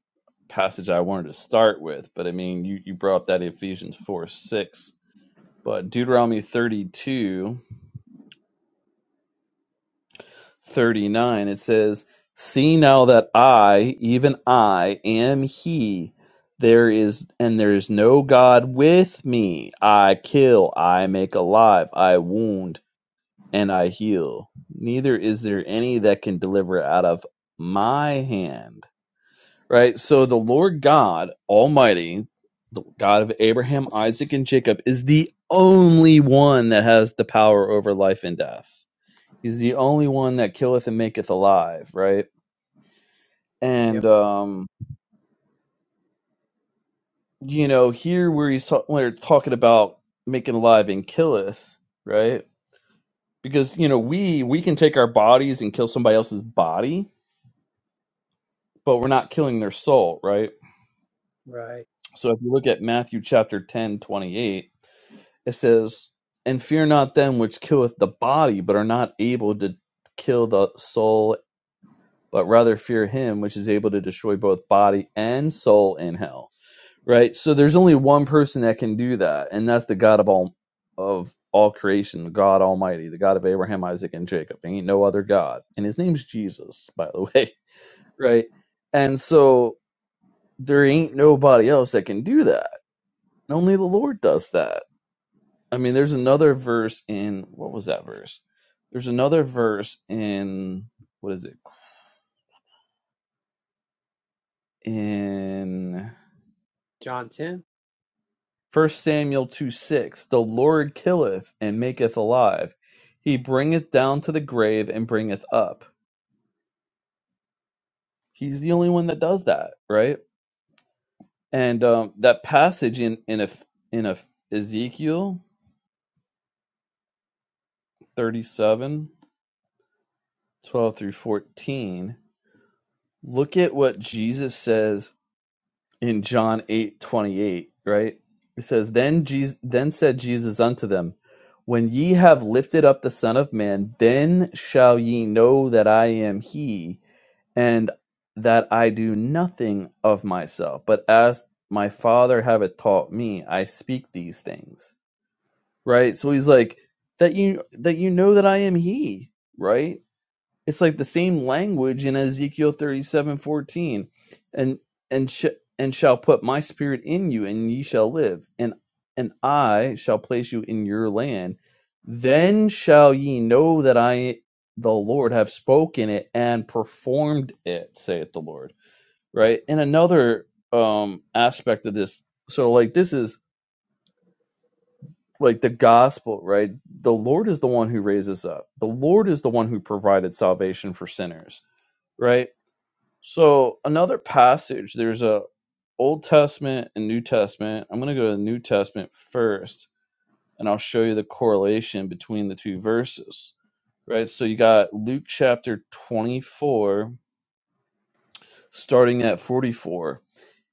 S10: passage I wanted to start with, but I mean, you you brought up that Ephesians four six, but Deuteronomy 32. 39 it says see now that i even i am he there is and there is no god with me i kill i make alive i wound and i heal neither is there any that can deliver out of my hand right so the lord god almighty the god of abraham isaac and jacob is the only one that has the power over life and death He's the only one that killeth and maketh alive, right? And
S5: yep,
S10: um, you know, here where he's ta- where it's talking about making alive and killeth, right? Because you know, we we can take our bodies and kill somebody else's body, but we're not killing their soul, right?
S5: right.
S10: So if you look at Matthew chapter 10 28, it says, And fear not them which killeth the body, but are not able to kill the soul, but rather fear him which is able to destroy both body and soul in hell right? So there's only one person that can do that, and that's the God of all of all creation, God Almighty, the God of Abraham, Isaac, and Jacob. There ain't no other God, and His name's Jesus, by the way, right? And so there ain't nobody else that can do that. Only the Lord does that. I mean, there's another verse in what was that verse? There's another verse in what is it in?
S5: John 10.
S10: First Samuel 2 6 The Lord killeth and maketh alive. He bringeth down to the grave and bringeth up. He's the only one that does that, right? And um, that passage in in a, in a Ezekiel 37 12 through 14, look at what Jesus says in John eight twenty eight, right? It says, Then Jesus then said Jesus unto them, When ye have lifted up the Son of Man, then shall ye know that I am he, and that I do nothing of myself, but as my father hath taught me, I speak these things. Right? So he's like, That you that you know that I am he, right? it's like the same language in Ezekiel thirty-seven fourteen, and and sh- and shall put my spirit in you, and ye shall live, and and I shall place you in your land. Then shall ye know that I, the Lord, have spoken it and performed it, saith the Lord. Right. And another um aspect of this, so like this is like the gospel, right? The Lord is the one who raises up. The Lord is the one who provided salvation for sinners right? So another passage, there's a Old Testament and New Testament. I'm going to go to the New Testament first, and I'll show you the correlation between the two verses. Right? So you got Luke chapter 24 starting at 44.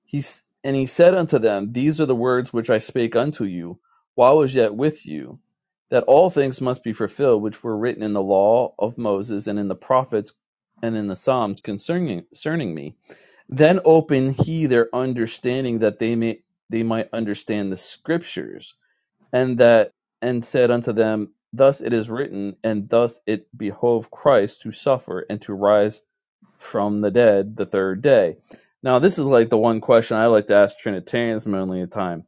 S10: He and he said unto them, These are the words which I spake unto you, while I was yet with you, that all things must be fulfilled which were written in the law of Moses and in the prophets and in the Psalms concerning concerning me. Then opened he their understanding that they may they might understand the scriptures, and that and said unto them, Thus it is written, and thus it behoved Christ to suffer and to rise from the dead the third day. Now, this is like the one question I like to ask Trinitarians mainly at time,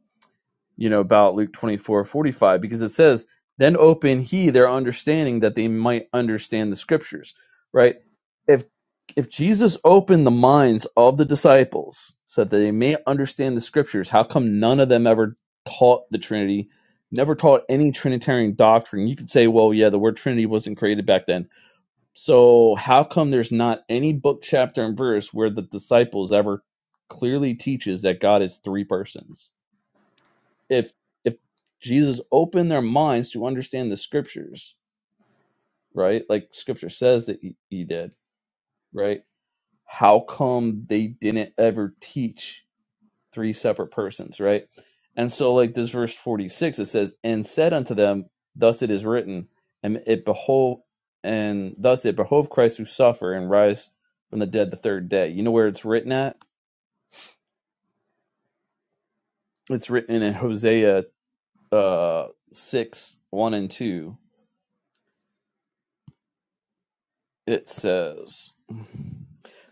S10: you know, about Luke twenty four forty five, because it says, Then open he their understanding that they might understand the scriptures, right? If if Jesus opened the minds of the disciples so that they may understand the scriptures, how come none of them ever taught the Trinity, never taught any Trinitarian doctrine? You could say, well, yeah, the word Trinity wasn't created back then so how come there's not any book, chapter, and verse where the disciples ever clearly teaches that God is three persons? If if Jesus opened their minds to understand the scriptures, right? Like scripture says that he, he did, right? How come they didn't ever teach three separate persons, right? And so, like this verse 46, it says, And said unto them, Thus it is written, and it behove, and thus it behoved Christ to suffer and rise from the dead the third day. You know where it's written at? It's written in Hosea uh, 6 1 and 2. It says,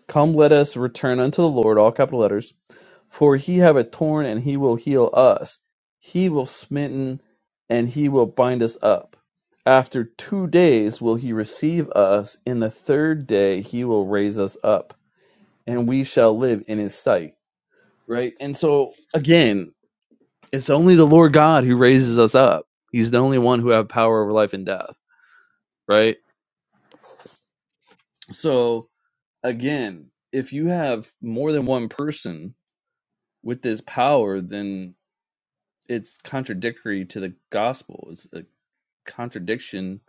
S10: Come, let us return unto the Lord, all capital letters For he have a torn, and he will heal us; he will smitten, and he will bind us up. After two days will he receive us; in the third day he will raise us up, and we shall live in his sight. Right? And so again, it's only the Lord God who raises us up. He's the only one who have power over life and death, right? So again, if you have more than one person with this power, then it's contradictory to the gospel. It's a contradiction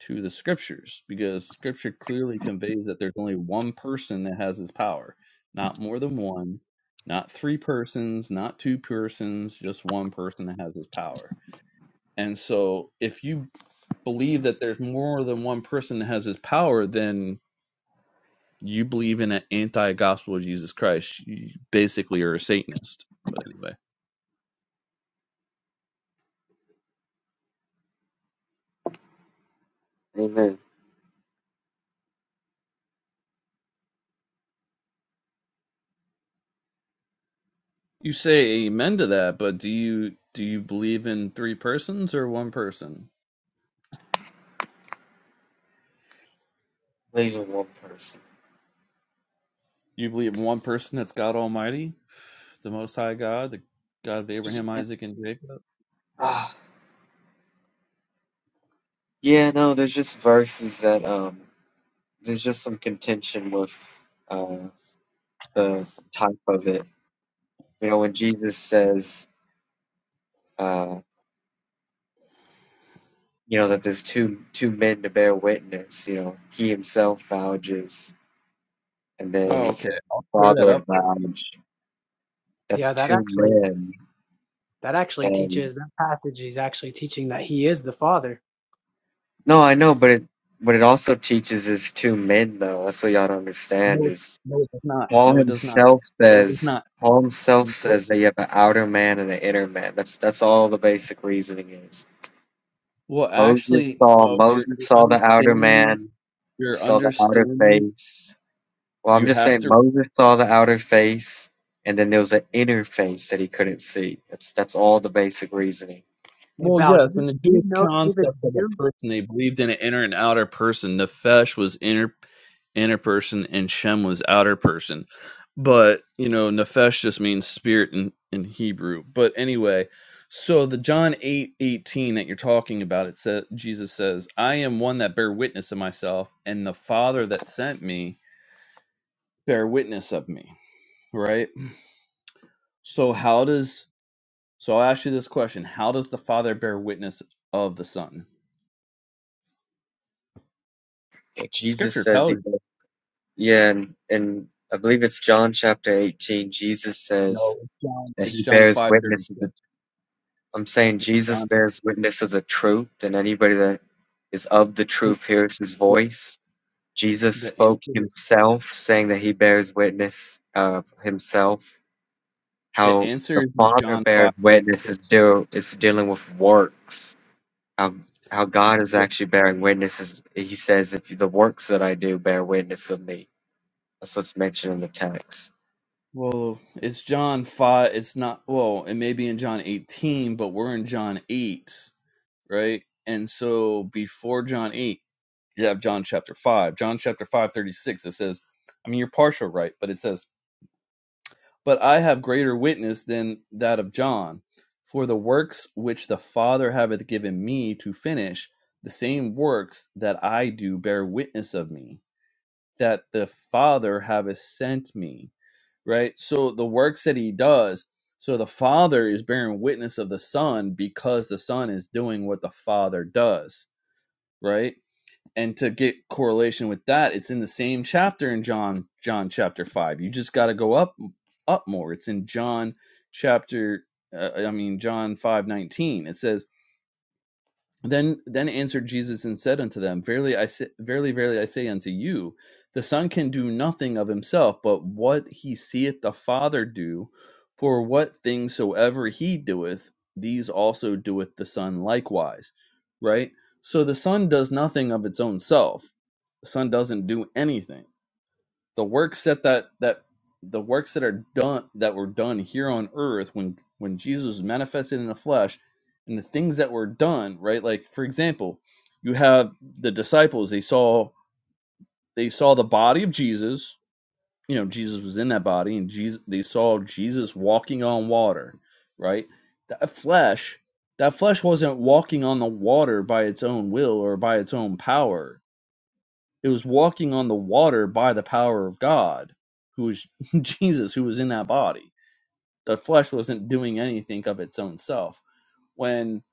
S10: to the scriptures because scripture clearly conveys that there's only one person that has this power, not more than one, not three persons, not two persons, just one person that has this power. And so if you believe that there's more than one person that has this power, then you believe in an anti gospel of Jesus Christ. You basically are a Satanist. But anyway.
S8: Amen.
S10: You say amen to that, but do you do you believe in three persons or one person?
S8: Leaving one person.
S10: You believe in one person that's God Almighty, the Most High God, the God of Abraham,
S8: Yeah.
S10: Isaac, and Jacob.
S8: Ah, yeah. No, there's just verses that um, there's just some contention with uh the type of it. You know, when Jesus says uh, you know that there's two two men to bear witness. You know, he himself vouches And then
S10: Oh,
S8: he
S10: okay.
S8: said,
S10: I'll clear that
S8: father
S10: up for you.
S8: lounge. That's
S5: Yeah, that
S8: two
S5: actually
S8: men.
S5: that actually
S8: And
S5: teaches that passage is actually teaching that he is the father.
S8: no, I know, but it what it also teaches is two men though. That's what y'all don't understand
S10: No, it,
S8: is
S10: no, it does not.
S8: Paul
S10: No, it does not.
S8: himself
S10: No, it does
S8: says
S10: not.
S8: Paul himself
S10: No.
S8: says that you have an outer man and an inner man. That's that's all the basic reasoning is.
S10: Well,
S8: Moses
S10: actually,
S8: saw
S10: no. You're,
S8: Moses
S10: you're
S8: saw the outer
S10: understanding.
S8: man, he
S10: You're
S8: saw the outer
S10: understanding.
S8: face. Well, I'm
S10: You
S8: just
S10: have
S8: saying
S10: to.
S8: Moses saw the outer face, and then there was an inner face that he couldn't see. That's that's all the basic reasoning.
S5: Hey,
S10: Well,
S5: Val, do
S10: yes,
S5: you,
S10: in the
S5: do you
S10: Jewish
S5: know David's
S10: concept of a
S5: view?
S10: person, they believed in an inner and outer person. Nefesh was inner inner person and Shem was outer person. But, you know, Nefesh just means spirit in, in Hebrew. But anyway, so the John 8 18 that you're talking about, it says Jesus says, I am one that bear witness of myself, and the Father that sent me bear witness of me. Right? So how does so I'll ask you this question. How does the Father bear witness of the Son?
S8: Jesus
S10: Scripture
S8: says he,
S10: tells you.
S8: yeah, and, and I believe it's John chapter 18. Jesus says
S10: No, it's John.
S8: that he
S10: It's John
S8: bears
S10: five thirty
S8: witness of
S10: six.
S8: the, I'm saying
S10: It's
S8: Jesus
S10: John.
S8: bears witness of the truth, and anybody that is of the truth hears his voice. Jesus
S10: The
S8: spoke
S10: answer.
S8: himself, saying that he bears witness of himself.
S10: The
S8: How the
S10: answer is in
S8: Father
S10: John five
S8: bears
S10: thirty
S8: witness is
S10: six.
S8: deal is dealing with works. How how God is
S10: That-
S8: actually bearing witness is he says, if the works that I do bear witness of me That's what's mentioned in the text.
S10: Well, it's John five. It's not. Well, it may be in John eighteen, but we're in John eight, right? And so before John eight, you have John chapter five. John chapter five thirty six. It says, I mean, you're partial, right? But it says, "But I have greater witness than that of John, for the works which the Father hath given me to finish, the same works that I do bear witness of me." that the Father have sent me. Right? So the works that he does, so the Father is bearing witness of the Son because the Son is doing what the Father does. Right? And to get correlation with that, it's in the same chapter in John, John chapter five. You just got to go up, up more. It's in John chapter, uh, I mean John five nineteen. It says then then answered Jesus and said unto them, Verily I say, verily, verily I say unto you, the Son can do nothing of himself, but what he seeth the Father do, for what things soever he doeth, these also doeth the Son likewise. Right? So the Son does nothing of its own self. The Son doesn't do anything the works that that that the works that are done that were done here on earth when when Jesus was manifested in the flesh and the things that were done right like for example you have the disciples they saw they saw the body of Jesus you know Jesus was in that body and Jesus they saw Jesus walking on water right that flesh that flesh wasn't walking on the water by its own will or by its own power it was walking on the water by the power of God, who was Jesus, who was in that body. The flesh wasn't doing anything of its own self. When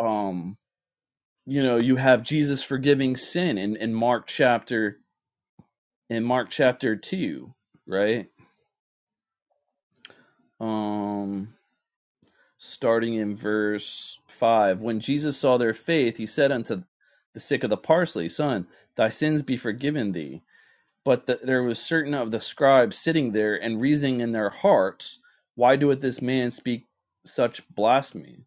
S10: um you know you have Jesus forgiving sin in, in Mark chapter in Mark chapter two, right? Um starting in verse five. When Jesus saw their faith, he said unto the sick of the parsley, Son, thy sins be forgiven thee But the, there was certain of the scribes sitting there and reasoning in their hearts, Why doeth this man speak such blasphemy?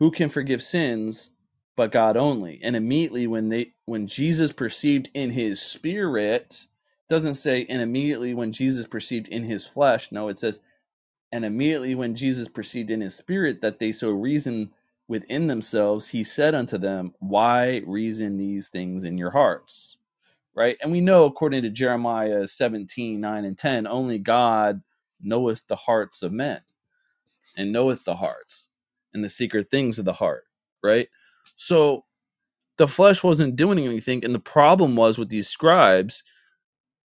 S10: Who can forgive sins but God only? And immediately when they when Jesus perceived in his spirit, doesn't say and immediately when Jesus perceived in his flesh. No, it says and immediately when Jesus perceived in his spirit that they so reasoned within themselves, he said unto them, Why reason these things in your hearts? right? And we know, according to Jeremiah 17 9 and 10, only God knoweth the hearts of men and knoweth the hearts and the secret things of the heart, right? So the flesh wasn't doing anything. And the problem was with these scribes,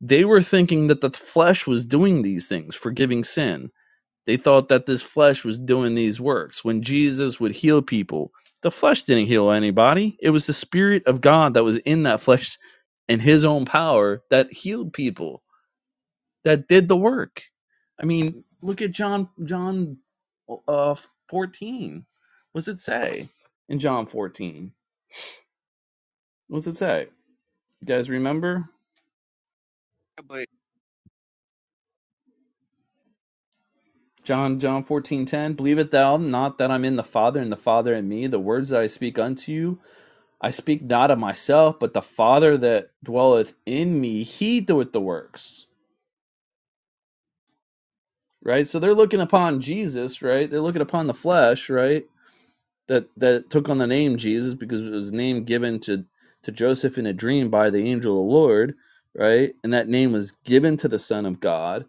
S10: they were thinking that the flesh was doing these things, forgiving sin they thought that this flesh was doing these works. When Jesus would heal people, the flesh didn't heal anybody. It was the Spirit of God that was in that flesh and His own power that healed people, that did the work. I mean, look at John, John uh, 14. What's it say in John 14? What's it say? You guys remember?
S11: But
S10: John John fourteen ten. Believe it thou not that I'm in the Father and the Father in me. The words that I speak unto you I speak not of myself, but the Father that dwelleth in me, he doeth the works. Right? So they're looking upon Jesus, right? They're looking upon the flesh, right? That that took on the name Jesus because it was a name given to to Joseph in a dream by the angel of the Lord, right? And that name was given to the Son of God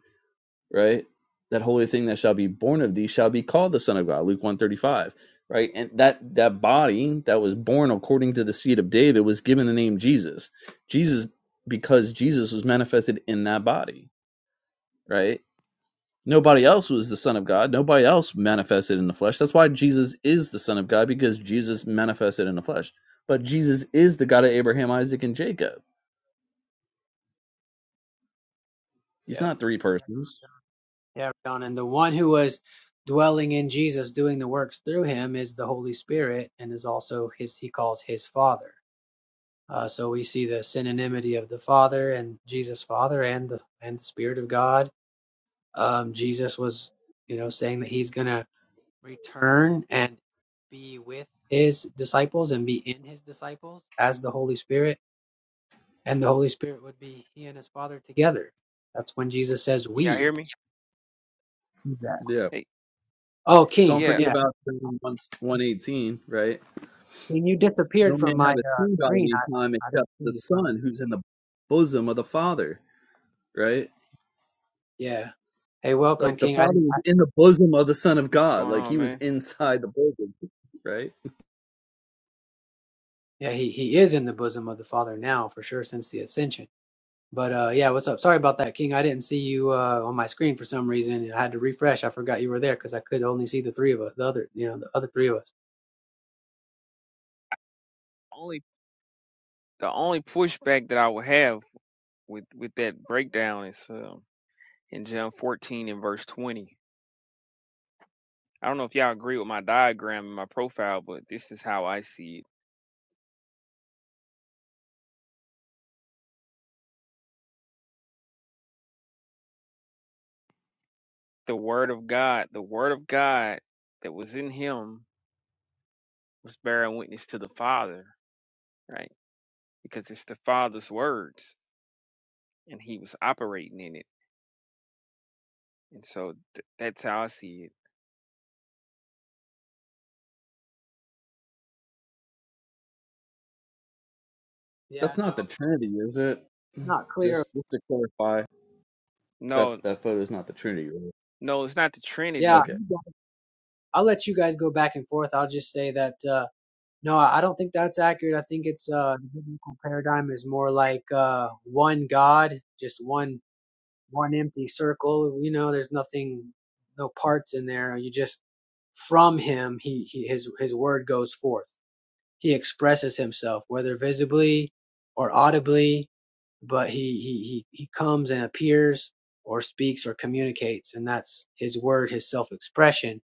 S10: right? That holy thing that shall be born of thee shall be called the Son of God, Luke 135, right? And that that body that was born according to the seed of David was given the name Jesus. Jesus because Jesus was manifested in that body, right? Nobody else was the Son of God. Nobody else manifested in the flesh. That's why Jesus is the Son of God, because Jesus manifested in the flesh. But Jesus is the God of Abraham, Isaac, and Jacob. He's
S5: Yeah.
S10: not three
S5: Yeah,
S10: persons.
S5: yeah, John. And the one who was dwelling in Jesus, doing the works through him, is the Holy Spirit and is also his, he calls his father. Uh, so we see the synonymity of the Father and Jesus Father and the and the Spirit of God. Um, Jesus was, you know, saying that he's going to return and be with his disciples and be in his disciples as the Holy Spirit, and the Holy Spirit would be he and his Father together. That's when Jesus says
S11: can y'all
S5: we.
S11: hear me?
S5: do
S10: Yeah.
S11: Hey,
S5: Oh,
S10: Don't
S5: King,
S11: yeah,
S10: forget
S5: yeah,
S10: about 118, right?
S5: King, you
S10: No
S5: disappeared
S10: man
S5: from my
S10: hath
S5: uh,
S10: seen God at
S5: screen. I
S10: any time
S5: I
S10: except
S5: didn't see
S10: the
S5: you. Son.
S10: Son who's in the bosom of the Father, right?
S5: Yeah. Hey, welcome,
S10: Like the
S5: King. I
S10: Father
S5: didn't.
S10: was in the bosom of the Son of
S11: what's
S10: God,
S11: going
S10: like
S11: on,
S10: he was
S11: man?
S10: inside the bosom, right?
S5: Yeah, he he is in the bosom of the Father now for sure since the ascension. But uh yeah, what's up? Sorry about that, King. I didn't see you uh on my screen for some reason. I had to refresh. I forgot you were there because I could only see the three of us, the other, you know, the other three of us.
S11: Only the only pushback that I would have with with that breakdown is um, in John 14 and verse 20. I don't know if y'all agree with my diagram and my profile, but this is how I see it. The word of God, the word of God that was in him was bearing witness to the Father, right? Because it's the Father's words, and he was operating in it, and so th- that's how I see it.
S5: Yeah,
S10: That's not the
S5: no,
S10: Trinity, is it?
S5: not clear.
S10: Just just to clarify,
S11: No,
S10: that that photo is not the Trinity, right?
S11: no, it's not the
S5: Yeah,
S11: Trinity.
S10: Okay.
S5: I'll let you guys go back and forth. I'll just say that uh no, I don't think that's accurate. I think it's uh the biblical paradigm is more like uh one God, just one one empty circle. You know, there's nothing, no parts in there. You just from him, he, he his his word goes forth he expresses himself, whether visibly or audibly, but he, he, he, he comes and appears or speaks or communicates, and that's his word, his self expression,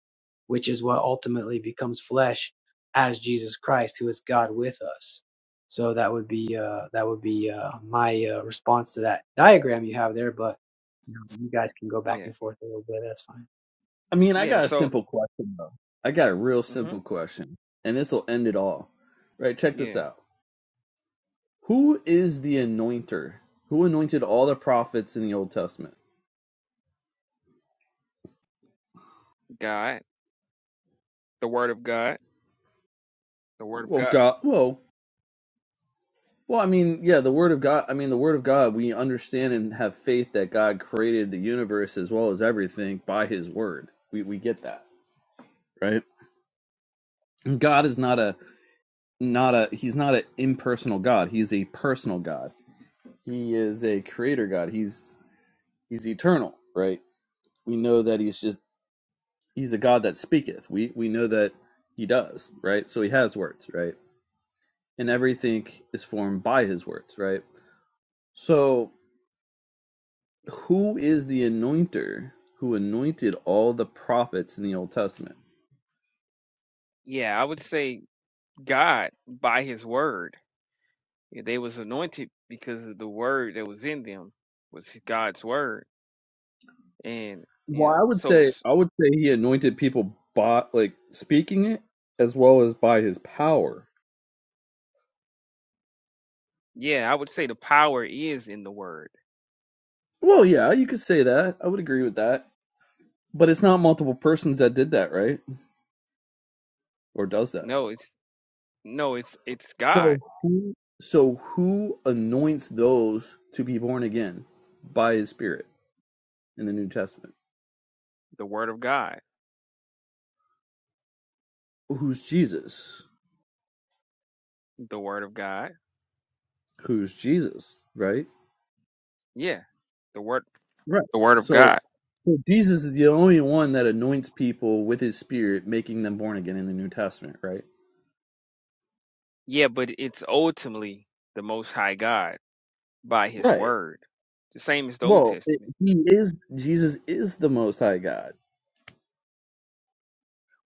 S5: which is what ultimately becomes flesh as Jesus Christ, who is God with us. So that would be uh, that would be uh, my uh, response to that diagram you have there. But you, know, you guys can go back
S11: Yeah
S5: and forth a little bit. That's fine.
S10: I mean, I
S11: Yeah,
S10: got a
S11: so
S10: simple question though. I got a real
S11: hmm
S10: simple question, and this will end it all. Right? Check this
S11: yeah,
S10: out. Who is the anointer? Who anointed all the prophets in the Old Testament?
S11: God, the word of God, the word of
S10: Well,
S11: God.
S10: God. Well, Well, I mean, yeah, the word of God, I mean, the word of God, we understand and have faith that God created the universe as well as everything by his word. We we get that, right? God is not a not a he's not an impersonal God. He's a personal God. He is a creator God. He's he's eternal, right? We know that he's just he's a God that speaketh. We we know that he does, right? So he has words, right? And everything is formed by his words, right? So who is the anointer who anointed all the prophets in the Old Testament?
S11: Yeah, I would say God by his word. Yeah, They was anointed because of the word that was in them was God's word. And you
S10: Well,
S11: know,
S10: I would
S11: so
S10: say
S11: s-
S10: I would say he anointed people by like speaking it as well as by his power.
S11: yeah, I would say the power is in the word.
S10: Well, yeah, you could say that. I would agree with that. But it's not multiple persons that did that, right? Or does that?
S11: No, it's no, it's it's God,
S10: So who so who anoints those to be born again by his spirit in the New Testament?
S11: the word of God,
S10: Who's Jesus?
S11: the word of God.
S10: Who's Jesus, right?
S11: Yeah, the word
S10: Right.
S11: the word of
S10: So,
S11: God.
S10: so Jesus is the only one that anoints people with his spirit, making them born again in the New Testament, right?
S11: Yeah, but it's ultimately the most high God. by his
S10: Right.
S11: word. The same as the Old
S10: Well, it-
S11: Testament.
S10: he is Jesus is the most high God.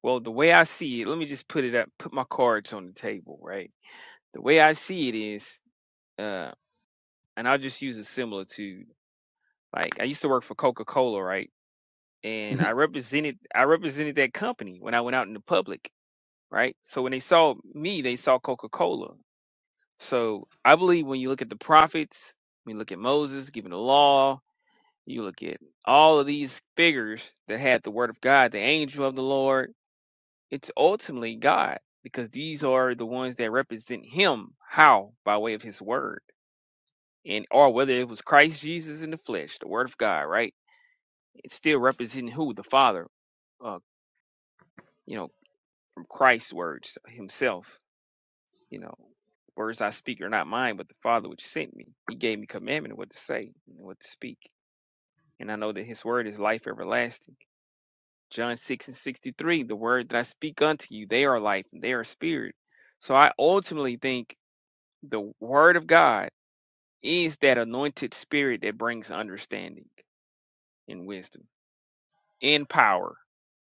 S11: Well, the way I see it, let me just put it up, put my cards on the table, right? The way I see it is, uh, and I'll just use a similitude. Like I used to work for Coca Cola, right? And I represented I represented that company when I went out in the public, right? So when they saw me, they saw Coca Cola. So I believe when you look at the prophets, when you look at Moses giving the law, you look at all of these figures that had the word of God, the angel of the Lord It's ultimately God because these are the ones that represent Him. How? By way of His Word. And or whether it was Christ Jesus in the flesh, the Word of God, right? It's still representing who? The Father. Uh, you know, from Christ's words Himself. You know, words I speak are not mine, but the Father which sent me. He gave me commandment of what to say and what to speak. And I know that His Word is life everlasting. John 6 and 63, the word that I speak unto you, they are life and they are spirit. So I ultimately think The word of God is that anointed spirit that brings understanding and wisdom and power,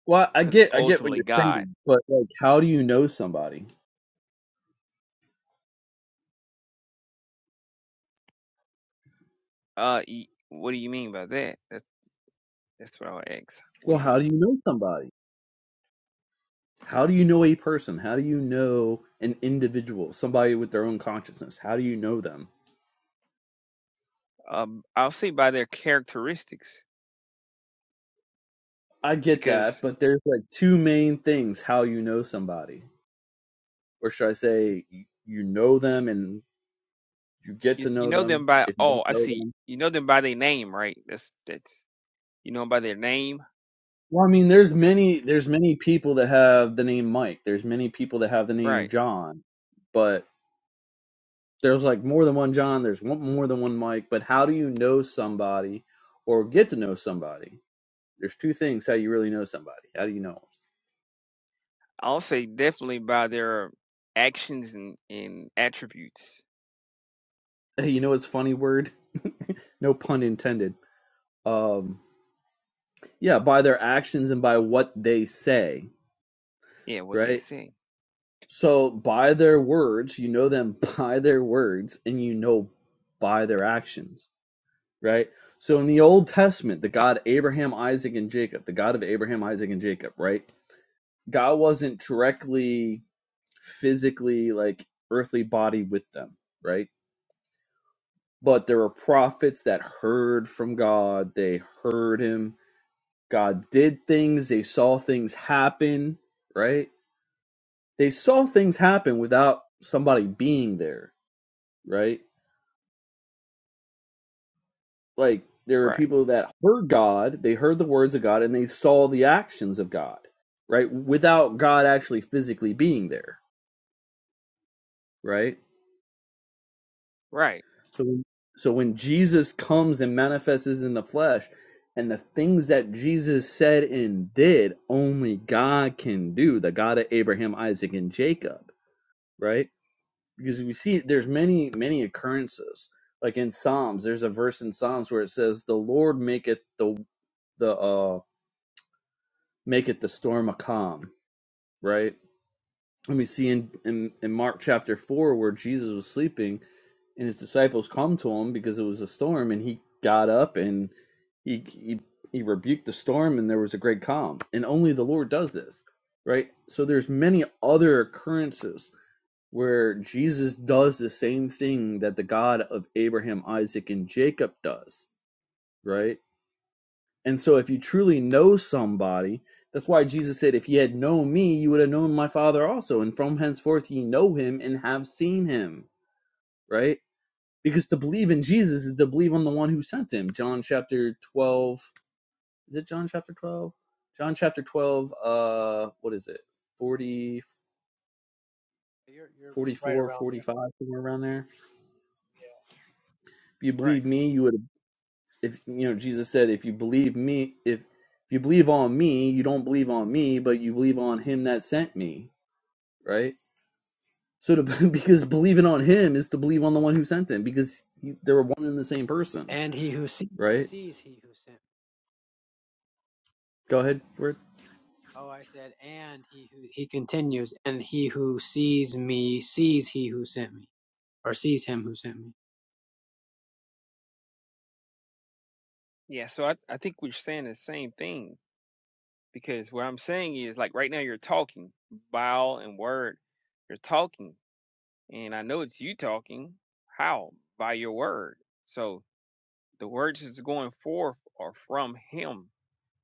S10: well, I
S11: because it's
S10: get I get what
S11: ultimately
S10: you're
S11: God.
S10: saying, but like how do you know somebody?
S11: Uh, y- what do you mean by that? That's that's what I'll ask. What
S10: Well,
S11: do you
S10: how do
S11: mean?
S10: you know somebody? How do you know a person? How do you know an individual, somebody with their own consciousness? How do you know them?
S11: Um, I'll say by their characteristics,
S10: I get that,
S11: because
S10: but there's like two main things how you know somebody. Or should I say y- you know them and you get
S11: you
S10: to
S11: you
S10: know
S11: know them
S10: them
S11: by
S10: if you
S11: oh
S10: don't
S11: I
S10: know
S11: see
S10: them
S11: you know them by their name right? That's that's you know 'em by their name
S10: well i mean there's
S11: that,
S10: many there's many people that have the name mike there's many people that have the name
S11: right?
S10: john but there's like more than one john there's one, more than one mike but how do you know somebody or get to know somebody there's two things how you really know somebody how do you know
S11: I'll say definitely by their actions and and attributes.
S10: 'em? you know it's funny word no pun intended um yeah by their actions and by what they say
S11: Yeah, what they
S10: right
S11: say.
S10: So by their words, you know them by their words, and you know by their actions, right? So in the Old Testament, the God Abraham, Isaac, and Jacob, the God of Abraham, Isaac, and Jacob, right? God wasn't directly, physically, like earthly body with them, right? But there were prophets that heard from God. They heard him. God did things. They saw things happen, right? They saw things happen without somebody being there, right? like there are
S11: Right,
S10: people that heard God, they heard the words of God, and they saw the actions of God, right? Without God actually physically being there, right?
S11: right,
S10: So, so when Jesus comes and manifests in the flesh, and the things that Jesus said and did, only God can do, the God of Abraham, Isaac, and Jacob, right? Because we see there's many, many occurrences. Like in Psalms, there's a verse in Psalms where it says, The Lord maketh the the uh, maketh the storm a calm, right? And we see in, in, in Mark chapter 4 where Jesus was sleeping and his disciples come to him because it was a storm and he got up and he, he, he rebuked the storm and there was a great calm. And only the Lord does this, right? So there's many other occurrences where Jesus does the same thing that the God of Abraham, Isaac, and Jacob does, right? And so if you truly know somebody, that's why Jesus said, If ye had known me, you would have known my Father also. And from henceforth ye know him and have seen him, right? Because to believe in Jesus is to believe on the one who sent him. John chapter 12. Is it John chapter 12? John chapter 12, uh, what is it? 40,
S5: You're you're right
S10: forty-four,
S5: around there.
S10: 45, somewhere around there. If you
S11: right.
S10: believe me, you would have, if, you know, Jesus said, if you believe me, if, if you believe on me, you don't believe on me, but you believe on him that sent me right? So to, because believing on him is to believe on the one who sent him because he, they were one and the same
S5: Yeah.
S10: person,
S5: And he who sees, he
S10: right?
S5: sees he who sent.
S10: Go ahead, Word.
S5: Oh, I said, and he who he continues, and he who sees me sees he who sent me, or sees him who sent me.
S11: Yeah, so I, I think we're saying the same thing because what I'm saying is like right now you're talking vowel and word. You're talking, and I know it's you talking. How? By your word. So the words that's going forth are from him,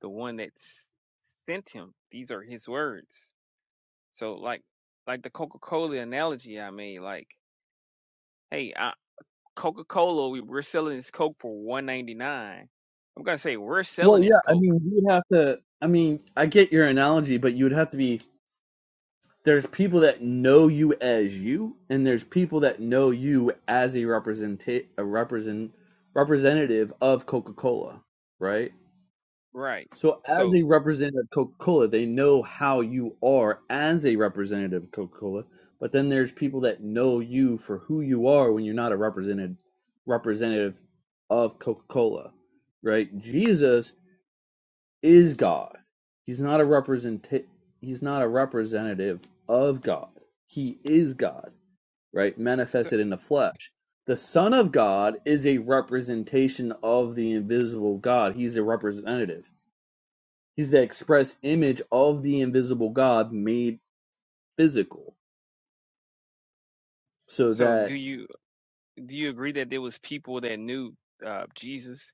S11: the one that s- sent him. These are his words. So like like the Coca-Cola analogy I made, like, hey, I, Coca-Cola, we, we're selling this Coke for one i I'm gonna say we're
S10: Well,
S11: selling this
S10: yeah, I
S11: Coke,
S10: mean, you would have to. I mean, I get your analogy, but you would have to be there's people that know you as you, and there's people that know you as a represent a represent representative of Coca Cola, right?
S11: right?
S10: So, as
S11: So
S10: a representative of Coca Cola, they know how you are as a representative of Coca Cola. But then there's people that know you for who you are when you're not a represented representative of Coca Cola, right? Jesus is God. He's not a represent. He's not a representative of God. He is God, right?
S11: So,
S10: Manifested in the flesh. The Son of God is a representation of the invisible God. He's a representative He's the express image of the invisible God made physical. So
S11: so do
S10: that,
S11: you do you agree that there was people that knew uh, Jesus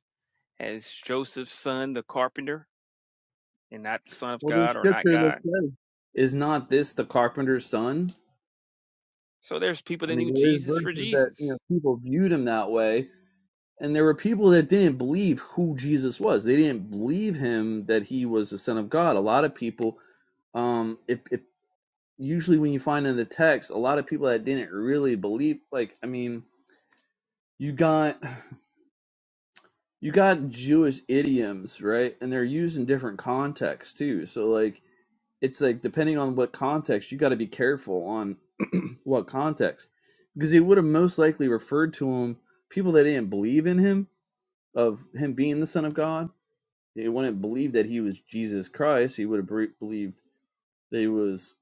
S11: as Joseph's son, the carpenter, and not the son of
S10: well, there's
S11: God or not
S10: scripture that
S11: God?
S10: says, is not this the carpenter's son?
S11: So there's people
S10: I
S11: that
S10: mean,
S11: knew
S10: there is
S11: Jesus for
S10: verses that, you
S11: Jesus.
S10: know, people viewed him that way. And there were people that didn't believe who Jesus was. They didn't believe him that he was the son of God. A lot of people, um, if, if usually when you find in the text, a lot of people that didn't really believe, like, I mean, you got you got Jewish idioms, right? And they're used in different contexts too. So like it's like depending on what context, you got to be careful on what context because he would have most likely referred to him people that didn't believe in him of him being the son of God. They wouldn't believe that he was Jesus Christ. He would have believed that he was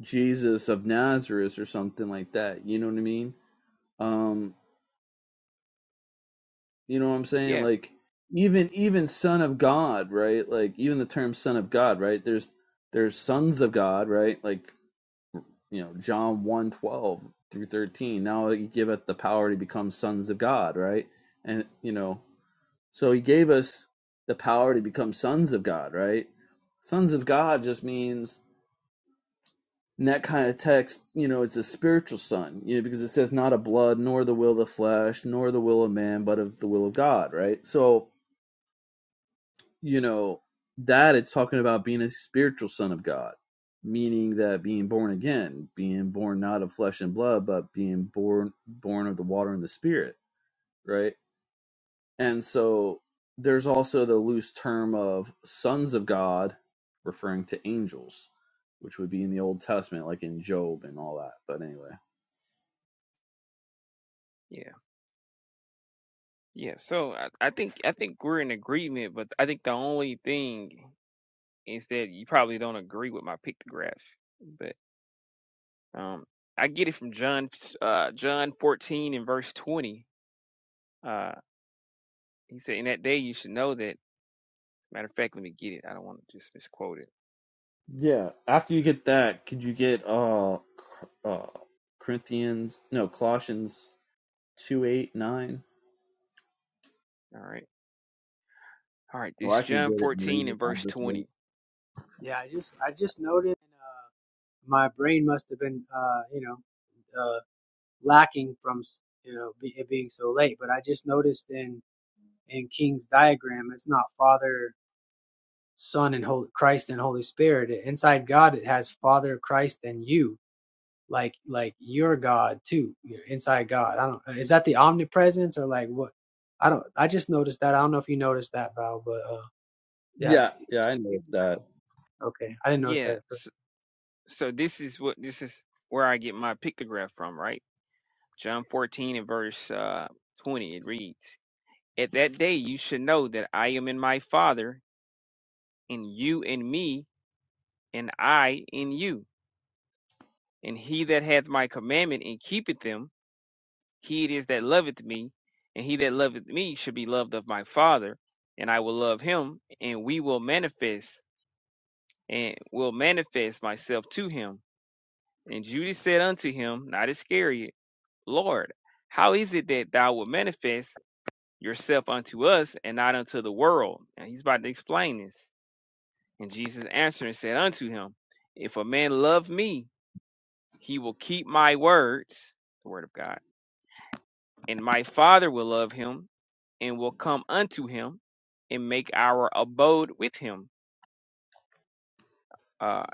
S10: Jesus of Nazareth or something like that. You know what I mean? Um, You know what I'm saying?
S11: Yeah,
S10: Like even even son of God, right? Like even the term son of God, right? There's there's sons of God, right? Like, you know, John one 12 through 13. Now he giveth the power to become sons of God, right? And you know, so he gave us the power to become sons of God, right? Sons of God just means in that kind of text, you know, it's a spiritual son, you know, because it says not of blood, nor the will of the flesh, nor the will of man, but of the will of God, right? So you know, that it's talking about being a spiritual son of God, meaning that being born again, being born not of flesh and blood, but being born born of the water and the spirit, right? And so there's also the loose term of sons of God referring to angels, which would be in the Old Testament, like in Job and all that. But anyway.
S11: yeah, yeah. So I, I think I think we're in agreement, but I think the only thing is that you probably don't agree with my pictograph. But um, I get it from John uh, John 14 and verse 20. Uh, he said, "In that day you should know that." Matter of fact, let me get it. I don't want to just misquote it.
S10: Yeah. After you get that, could you get uh, uh Corinthians no Colossians two eight nine?
S11: All right. All right.
S10: Or
S11: This
S10: I can
S11: John
S10: get it and
S11: 14
S10: read it.
S11: and
S10: I'll
S11: verse
S10: just wait.
S11: 20.
S5: Yeah, I just I just noted uh, my brain must have been uh, you know uh, lacking from s- you know be, it being so late, but I just noticed in in King's diagram, it's not Father, Son, and Holy Christ and Holy Spirit. Inside God, it has Father, Christ, and you. like like your God too, you your inside God. I don't uh, is that the omnipresence or like what? I don't. I just noticed that. I don't know if you noticed that, Val, but uh, yeah.
S10: Yeah, yeah, I know it's that.
S5: Okay, I didn't notice that
S11: Yeah.
S5: at first.
S11: So, so this is what this is where I get my pictograph from, right? John 14 and verse uh, 20. It reads, At that day you should know that I am in my Father, and you in me, and I in you. And he that hath my commandment and keepeth them, he it is that loveth me. And he that loveth me should be loved of my Father, and I will love him, and we will manifest and will manifest myself to him. And Judas said unto him, not Iscariot, Lord, how is it that thou wilt manifest yourself unto us and not unto the world? And he's about to explain this. And Jesus answered and said unto him, If a man love me, he will keep my words, the word of God, and my Father will love him and will come unto him and make our abode with him. Uh,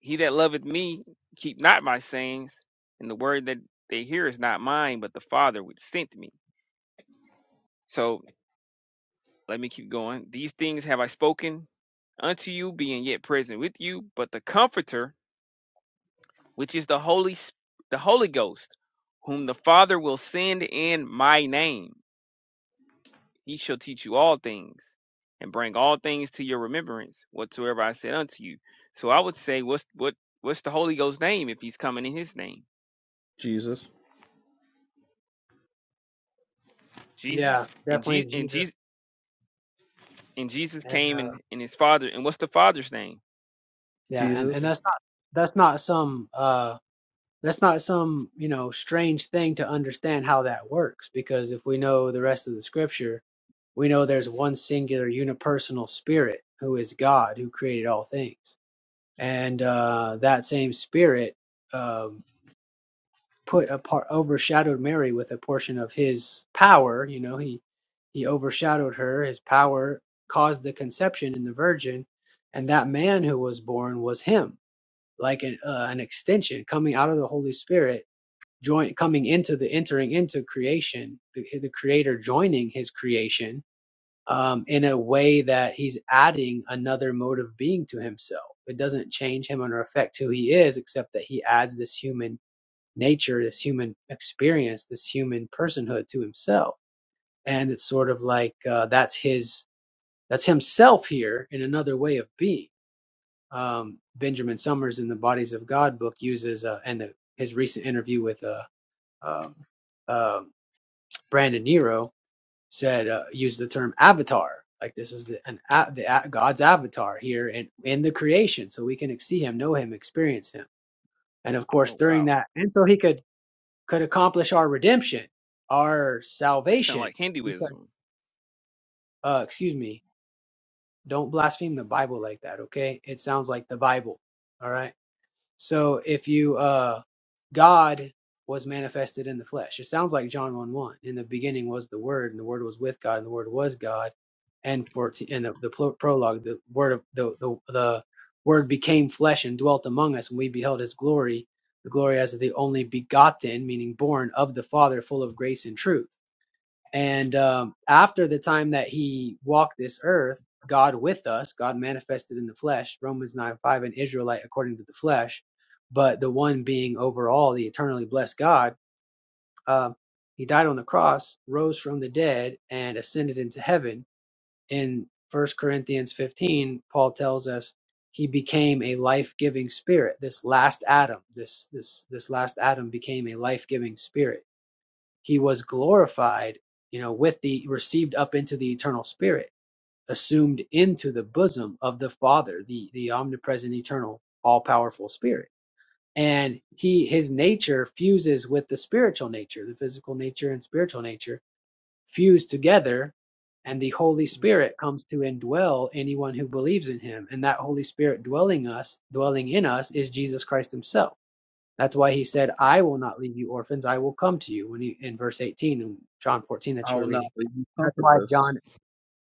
S11: he that loveth me, keep not my sayings, and the word that they hear is not mine, but the Father which sent me So let me keep going. These things have I spoken unto you, being yet present with you, but the Comforter, which is the Holy the Holy Ghost, whom the Father will send in my name, he shall teach you all things, and bring all things to your remembrance, whatsoever I said unto you. So I would say, what's what what's the Holy Ghost's name if he's coming in his name?
S10: Jesus.
S5: Yeah,
S11: Jesus. And
S5: definitely
S11: Jesus and
S5: Jesus,
S11: Jesus and Jesus
S5: and
S11: came
S5: uh,
S11: in, in his father. And what's the father's name?
S5: yeah, and and
S10: Jesus.
S11: If
S5: that's not that's not some uh that's not some you know strange thing to understand how that works because if we know the rest of the scripture, we know there's one singular unipersonal spirit who is God who created all things. and uh, that same spirit um, put a part overshadowed Mary with a portion of his power. You know, he he overshadowed her. His power caused the conception in the Virgin, and that man who was born was him, like an uh, an extension coming out of the Holy Spirit, joint coming into the entering into creation, the, the Creator joining his creation um, in a way that he's adding another mode of being to himself. It doesn't change him or affect who he is, except that he adds this human nature, this human experience, this human personhood to himself. And it's sort of like uh, that's his, that's himself here in another way of being. Um, Benjamin Summers in the Bodies of God book uses, uh, and the, his recent interview with uh, um, uh, Brandon Nero said uh, used the term avatar like this is the an a, the a, god's avatar here in in the creation so we can see him know him experience him and of course
S11: Oh
S5: during
S11: wow,
S5: that and so he could could accomplish our redemption our
S11: this sounds
S5: salvation
S11: like
S5: because
S11: Hinduism.
S5: uh excuse me don't blaspheme the bible like that okay it sounds like the bible all right So if you uh God was manifested in the flesh. It sounds like John 1 1. In the beginning was the word, and the word was with God, and the word was God. And fourteen and the, the prologue, the word of the, the the word became flesh and dwelt among us, and we beheld his glory, the glory as of the only begotten, meaning born of the Father, full of grace and truth. And um, after the time that he walked this earth, God with us, God manifested in the flesh, Romans 9 5, an Israelite according to the flesh, but the one being overall the eternally blessed God, um, he died on the cross, rose from the dead, and ascended into heaven. In First Corinthians 15, Paul tells us he became a life giving spirit. This last Adam, this, this, this last Adam became a life giving spirit he was glorified, you know, with the received up into the eternal spirit, assumed into the bosom of the Father, the, the omnipresent, eternal, all powerful spirit. And he his nature fuses with the spiritual nature, the physical nature and spiritual nature fuse together, and the Holy Spirit comes to indwell anyone who believes in him. And that Holy Spirit dwelling us, dwelling in us is Jesus Christ Himself that's why he said, I will not leave you orphans, I will come to you when he, in verse 18 in John 14 that
S10: I
S5: you were
S10: will not
S5: reading.
S10: leave you
S5: That's why
S10: comfortless.
S5: John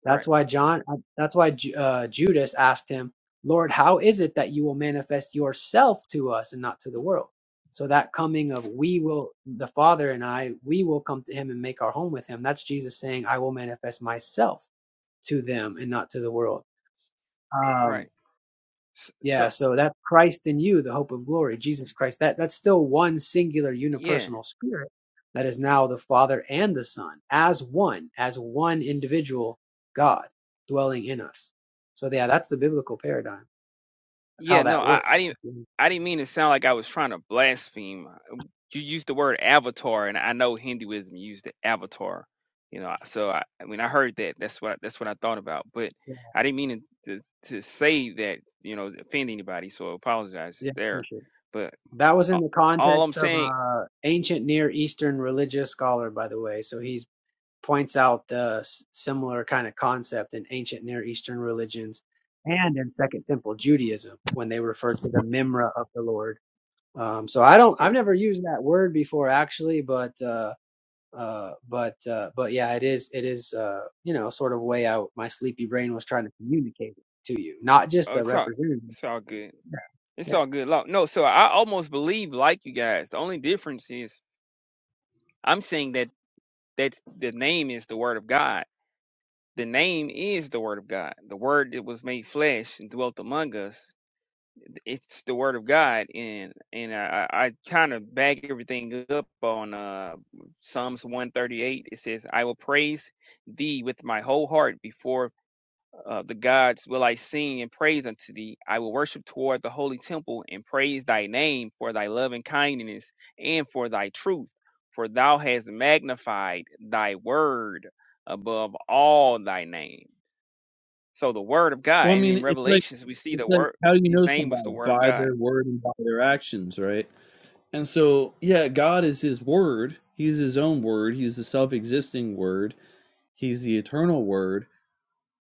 S5: that's
S11: Right,
S5: why John uh, that's why uh, Judas asked him, "Lord, how is it that you will manifest yourself to us and not to the world?" So that coming of we will the Father and I, we will come to him and make our home with him. That's Jesus saying, "I will manifest myself to them and not to the world."
S11: right.
S5: Um
S11: So,
S5: yeah,
S11: so
S5: so that Christ in you, the hope of glory, Jesus Christ, that, that's still one singular
S11: yeah,
S5: unipersonal spirit that is now the Father and the Son as one, as one individual God dwelling in us. So yeah, that's the biblical paradigm of how
S11: yeah. No,
S5: that
S11: I,
S5: works.
S11: I didn't.
S5: Yeah,
S11: I didn't mean to sound like I was trying to blaspheme. You used the word avatar, and I know Hinduism used the avatar. You know, so I when I heard that, that's what that's what I thought about. But I didn't mean to to, to say that. You know, offend anybody. So I apologize. It's
S5: yeah,
S11: there,
S5: appreciate it.
S11: but
S5: That was
S11: a-
S5: in the
S11: all
S5: context
S11: I'm
S5: of
S11: saying.
S5: a ancient Near Eastern religious scholar, by the way. So he's points out the similar kind of concept in ancient Near Eastern religions and in Second Temple Judaism when they refer to the Memra of the Lord. Um, so I don't,
S11: So
S5: I've never used that word before actually, but uh, uh, but uh, but yeah, it is it is uh, you know sort of way out. My sleepy brain was trying to communicate it to you, not just
S11: oh,
S5: the
S11: it's all
S5: representative.
S11: it's all good.
S5: Yeah,
S11: It's
S5: yeah.
S11: all good. Law. No, so I almost believe like you guys. The only difference is I'm saying that that's the name is the word of God. The name is the word of God. The word that was made flesh and dwelt among us. It's the word of God, and and I, I kind of back everything up on uh, Psalms 138. It says, "I will praise thee with my whole heart before uh, the gods will I sing and praise unto thee. I will worship toward the holy temple and praise thy name for thy love and kindness and for thy truth. For thou hast magnified thy word above all thy name. So the word of God,
S10: Well, I
S11: and
S10: mean,
S11: in
S10: it's like
S11: Revelations we see
S10: it's
S11: the
S10: like
S11: word.
S10: how do you
S11: His
S10: know
S11: name was the
S10: somebody?
S11: word of
S10: By
S11: God.
S10: their word and by their actions, right? And so, yeah, God is his word. He's his own word. He's the self existing word. He's the eternal word.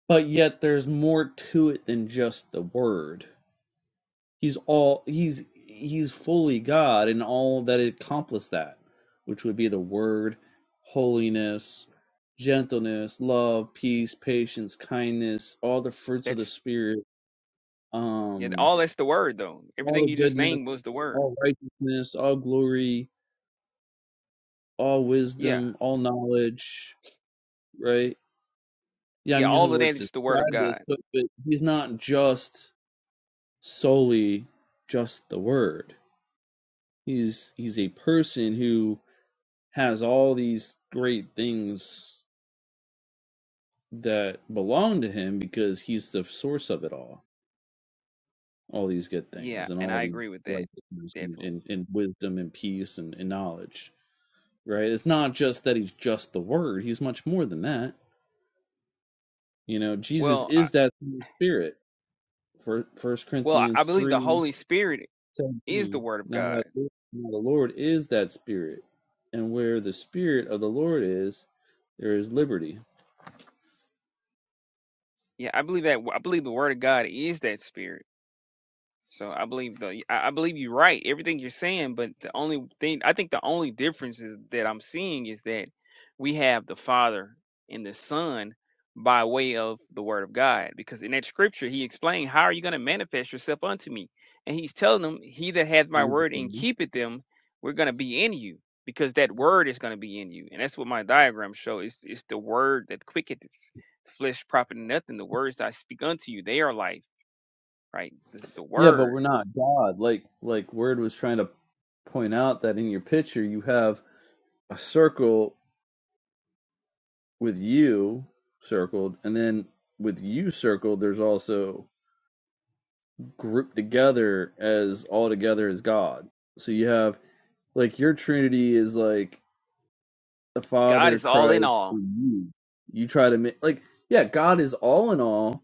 S10: But yet there's more to it than just the word. He's all he's he's fully God in all that it accomplished that, which would be the word, holiness, gentleness, love, peace, patience, kindness, all the fruits of the
S11: That's
S10: spirit,
S11: yeah,
S10: um,
S11: all. That's the word though.
S10: all
S11: Everything
S10: the
S11: you just
S10: goodness,
S11: named was the word.
S10: all righteousness, all glory, all
S11: Yeah,
S10: wisdom, all knowledge, right? Yeah,
S11: yeah.
S10: I'm
S11: All
S10: using
S11: of
S10: words
S11: that
S10: to
S11: is the word of
S10: describe this,
S11: God.
S10: but, but he's not just solely just the word. He's he's a person who. has all these great things that belong to him because he's the source of it all. All these good
S11: Yeah,
S10: things and
S11: and
S10: all
S11: I
S10: these
S11: agree with that
S10: righteousness and,
S11: definitely.
S10: and, and wisdom and peace and, and knowledge. Right? It's not just that he's just the word, he's much more than that. You know, Jesus
S11: Well, I,
S10: is that through the spirit. For first
S11: well, I I
S10: Corinthians
S11: believe the
S10: three
S11: Holy Spirit is the
S10: seventeen.
S11: word of
S10: Now
S11: God.
S10: that now the Lord is that spirit. And where the spirit of the Lord is, there is liberty.
S11: Yeah, I believe that. I believe the word of God is that spirit. So I believe the. I I believe you're right. Everything you're saying, but the only thing I think the only difference is that I'm seeing is that we have the Father and the Son by way of the Word of God, because in that Scripture He explained, "How are you going to manifest yourself unto Me?" And He's telling them, "He that hath My word and keepeth them, we're going to be in you." Because that word is going to be in you, and that's what my diagram show. It's it's the word that quicketh flesh profit nothing. The words I speak unto you, they are life, right? The, the
S10: Yeah, but we're
S11: word.
S10: not God. Like like Word was trying to point out that in your picture you have a circle with you circled, and then with you circled, there's also grouped together as all together as God. So you have like your Trinity is like the
S11: God
S10: Father,
S11: is all in
S10: Christ,
S11: all.
S10: and you. You try to make like yeah, God is all in all,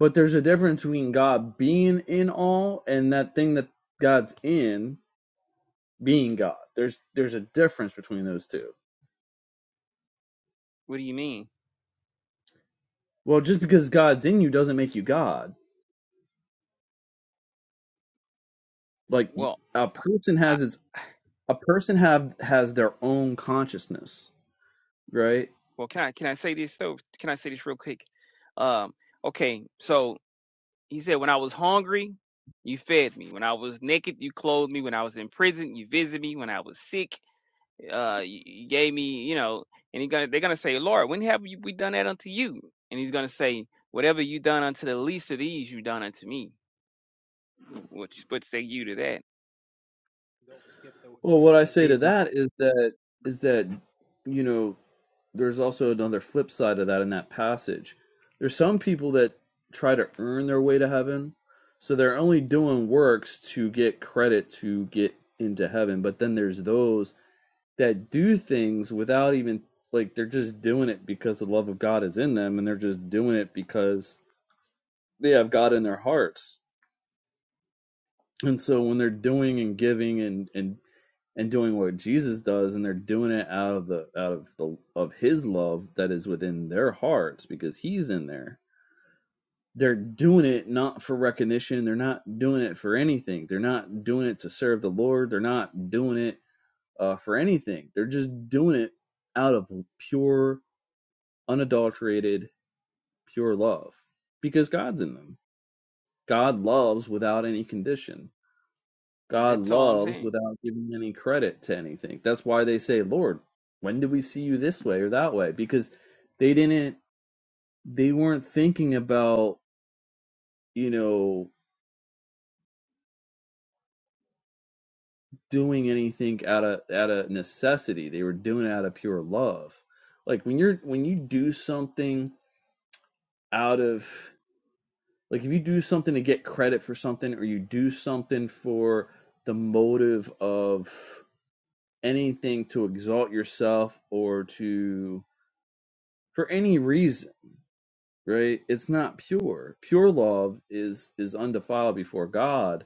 S10: but there's a difference between God being in all and that thing that God's in being God. There's there's a difference between those two.
S11: What do you mean?
S10: Well, just because God's in you doesn't make you God. Like a
S11: Well,
S10: person
S11: I,
S10: has its a person have has their own consciousness, right?
S11: well, can I can I say this though? Can I say this real quick? Um, okay, so he said, when I was hungry, you fed me. When I was naked, you clothed me. When I was in prison, you visited me. When I was sick, uh, you, you gave me, you know. And he gonna, they're gonna say, Lord, when have you, we done that unto you? And he's gonna say, whatever you done unto the least of these, you done unto me Which what say you to that?
S5: Don't skip the
S10: Well, what
S5: least
S10: I
S5: of
S10: say to
S5: these.
S10: that is that is that you know there's also another flip side of that in that passage. There's some people that try to earn their way to heaven, so they're only doing works to get credit to get into heaven. But then there's those that do things without even like they're just doing it because the love of God is in them and they're just doing it because they have God in their hearts. And so when they're doing and giving and and and doing what Jesus does and they're doing it out of the out of the of his love that is within their hearts because he's in there. They're doing it not for recognition, they're not doing it for anything. They're not doing it to serve the Lord, they're not doing it uh, for anything. They're just doing it out of pure unadulterated, pure love because God's in them. God loves without any condition. God
S11: That's all I'm
S10: loves
S11: saying.
S10: without giving any credit to anything. That's why they say, Lord, when did we see you this way or that way? Because they didn't, they weren't thinking about, you know, doing anything out of out of necessity. They were doing it out of pure love. Like when you're when you do something out of like if you do something to get credit for something or you do something for the motive of anything to exalt yourself or to for any reason right it's not pure pure love is is undefiled before god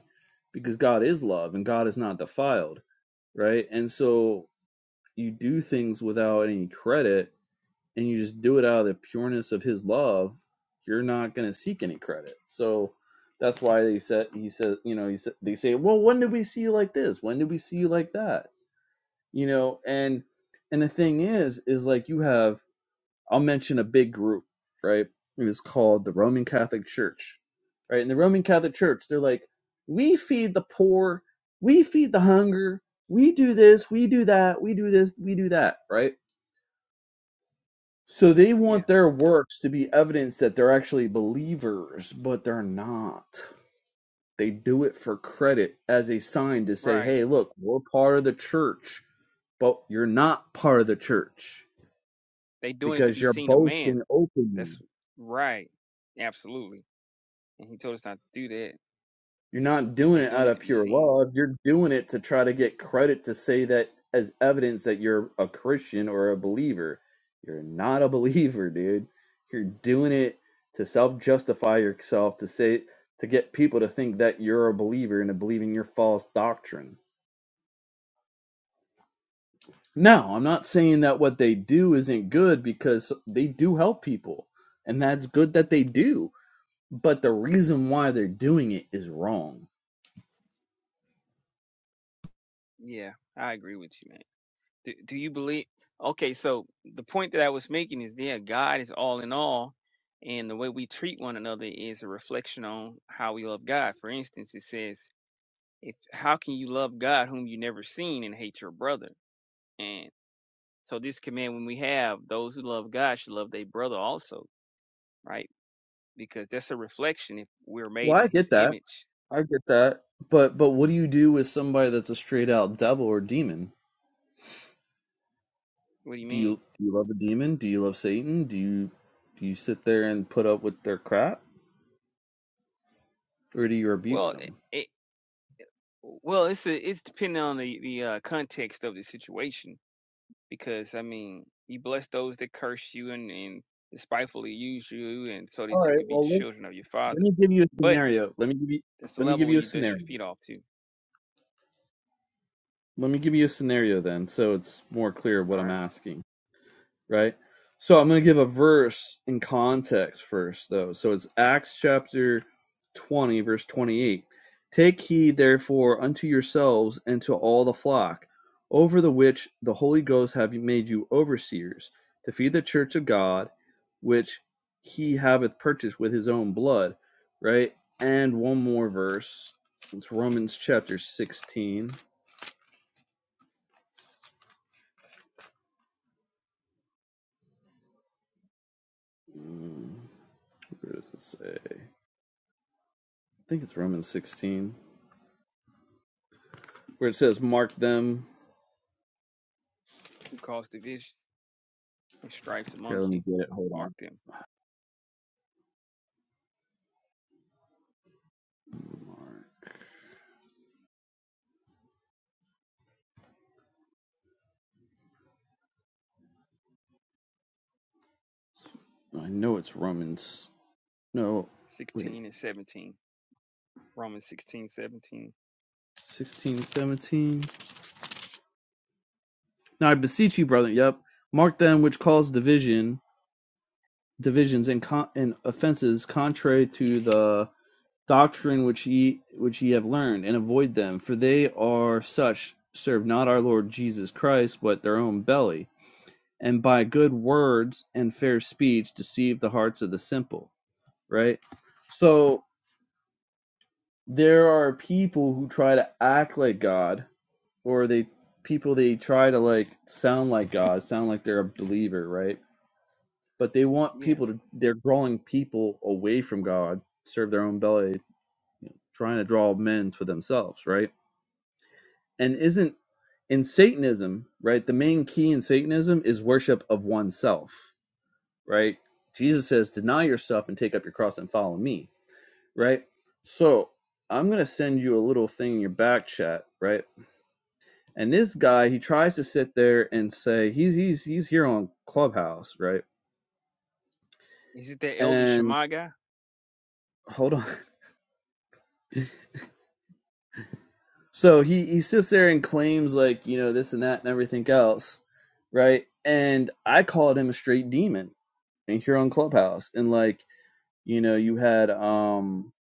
S10: because god is love and god is not defiled right and so you do things without any credit and you just do it out of the pureness of his love, you're not going to seek any credit. So that's why they said he said, you know, he said they say, "Well, when did we see you like this? When did we see you like that?" You know, and and the thing is is like you have I'll mention a big group, right? It is called the Roman Catholic Church. Right? And the Roman Catholic Church, they're like, "We feed the poor, we feed the hunger, we do this, we do that, we do this, we do that," right? So they
S11: Yeah,
S10: want their works to be evidence that they're actually believers, but they're not. They do it for credit as a sign to say,
S11: right.
S10: hey, look, we're part of the church, but you're not part of the church
S11: They doing it to
S10: because
S11: be
S10: you're
S11: seen of man.
S10: boasting openly.
S11: That's right. Absolutely. And he told us not to do that.
S10: You're not doing
S11: They
S10: it
S11: doing
S10: out
S11: it
S10: of
S11: to be
S10: pure
S11: seen.
S10: love. You're doing it to try to get credit to say that as evidence that you're a Christian or a believer. You're not a believer, dude. You're doing it to self justify yourself, to say, to get people to think that you're a believer and to believe in your false doctrine. Now, I'm not saying that what they do isn't good because they do help people, and that's good that they do. But the reason why they're doing it is wrong
S11: Yeah, I agree with you, man. Do do you believe? Okay, so the point that I was making is, yeah, God is all in all, and the way we treat one another is a reflection on how we love God. For instance, it says, "If how can you love God whom you never seen and hate your brother?" So this command, when we have, those who love God should love their brother also, right? Because that's a reflection if we're made
S10: Well,
S11: in
S10: I
S11: His
S10: get that.
S11: image.
S10: I get that. But but what do you do with somebody that's a straight out devil or demon?
S11: What do you
S10: Do
S11: mean?
S10: you do you love a demon? Do you love Satan? Do you do you sit there and put up with their crap, or do you rebuke
S11: Well, it,
S10: them?
S11: it well, it's a, it's depending on the the uh, context of the situation. Because I mean, you bless those that curse you and and despitefully use you, and so
S10: All
S11: that you
S10: right.
S11: could be the
S10: Well, let,
S11: children of your
S10: let
S11: Father.
S10: me give you a
S11: But
S10: scenario. Let me give you
S11: that's the
S10: let me
S11: level
S10: give
S11: where
S10: you a
S11: you dust your
S10: scenario.
S11: feet off to.
S10: Let me give you a scenario then, so it's more clear
S11: All
S10: what I'm
S11: right,
S10: asking. right? So I'm going to give a verse in context first, though. So it's Acts chapter 20, verse 28. Take heed, therefore, unto yourselves and to all the flock, over the which the Holy Ghost hath made you overseers, to feed the church of God, which he haveth purchased with his own blood, right? And one more verse. It's Romans chapter 16. Mm, Where does it say? I think it's Romans 16. where it says mark them.
S11: who caused division and stripes
S10: Here,
S11: among
S10: let me
S11: you?
S10: get it. Hold
S11: Mark
S10: on.
S11: them,
S10: I know it's Romans. No, wait.
S11: sixteen and seventeen. Romans 16 17
S10: 16, 17. Now I beseech you, brethren. Yep. Mark them which cause division, divisions and, con- and offenses contrary to the doctrine which ye which ye have learned, and avoid them, for they are such serve not our Lord Jesus Christ, but their own belly, and by good words and fair speech deceive the hearts of the simple. Right. So there are people who try to act like God, or they people they try to like sound like God, sound like they're a believer, right? But they want people to they're drawing people away from God, serve their own belly, trying to draw men to themselves, right? And isn't in Satanism, right? The main key in Satanism is worship of oneself, right? Jesus says, "Deny yourself and take up your cross and follow me," right? So I'm gonna send you a little thing in your back chat, right? And this guy, he tries to sit there and say he's he's he's here on Clubhouse, right?
S11: Yeah. Is it that elder
S10: And
S11: Shema guy?
S10: hold on. So he he sits there and claims like you know this and that and everything else, right? And I called him a straight demon and here on Clubhouse, and like you know you had um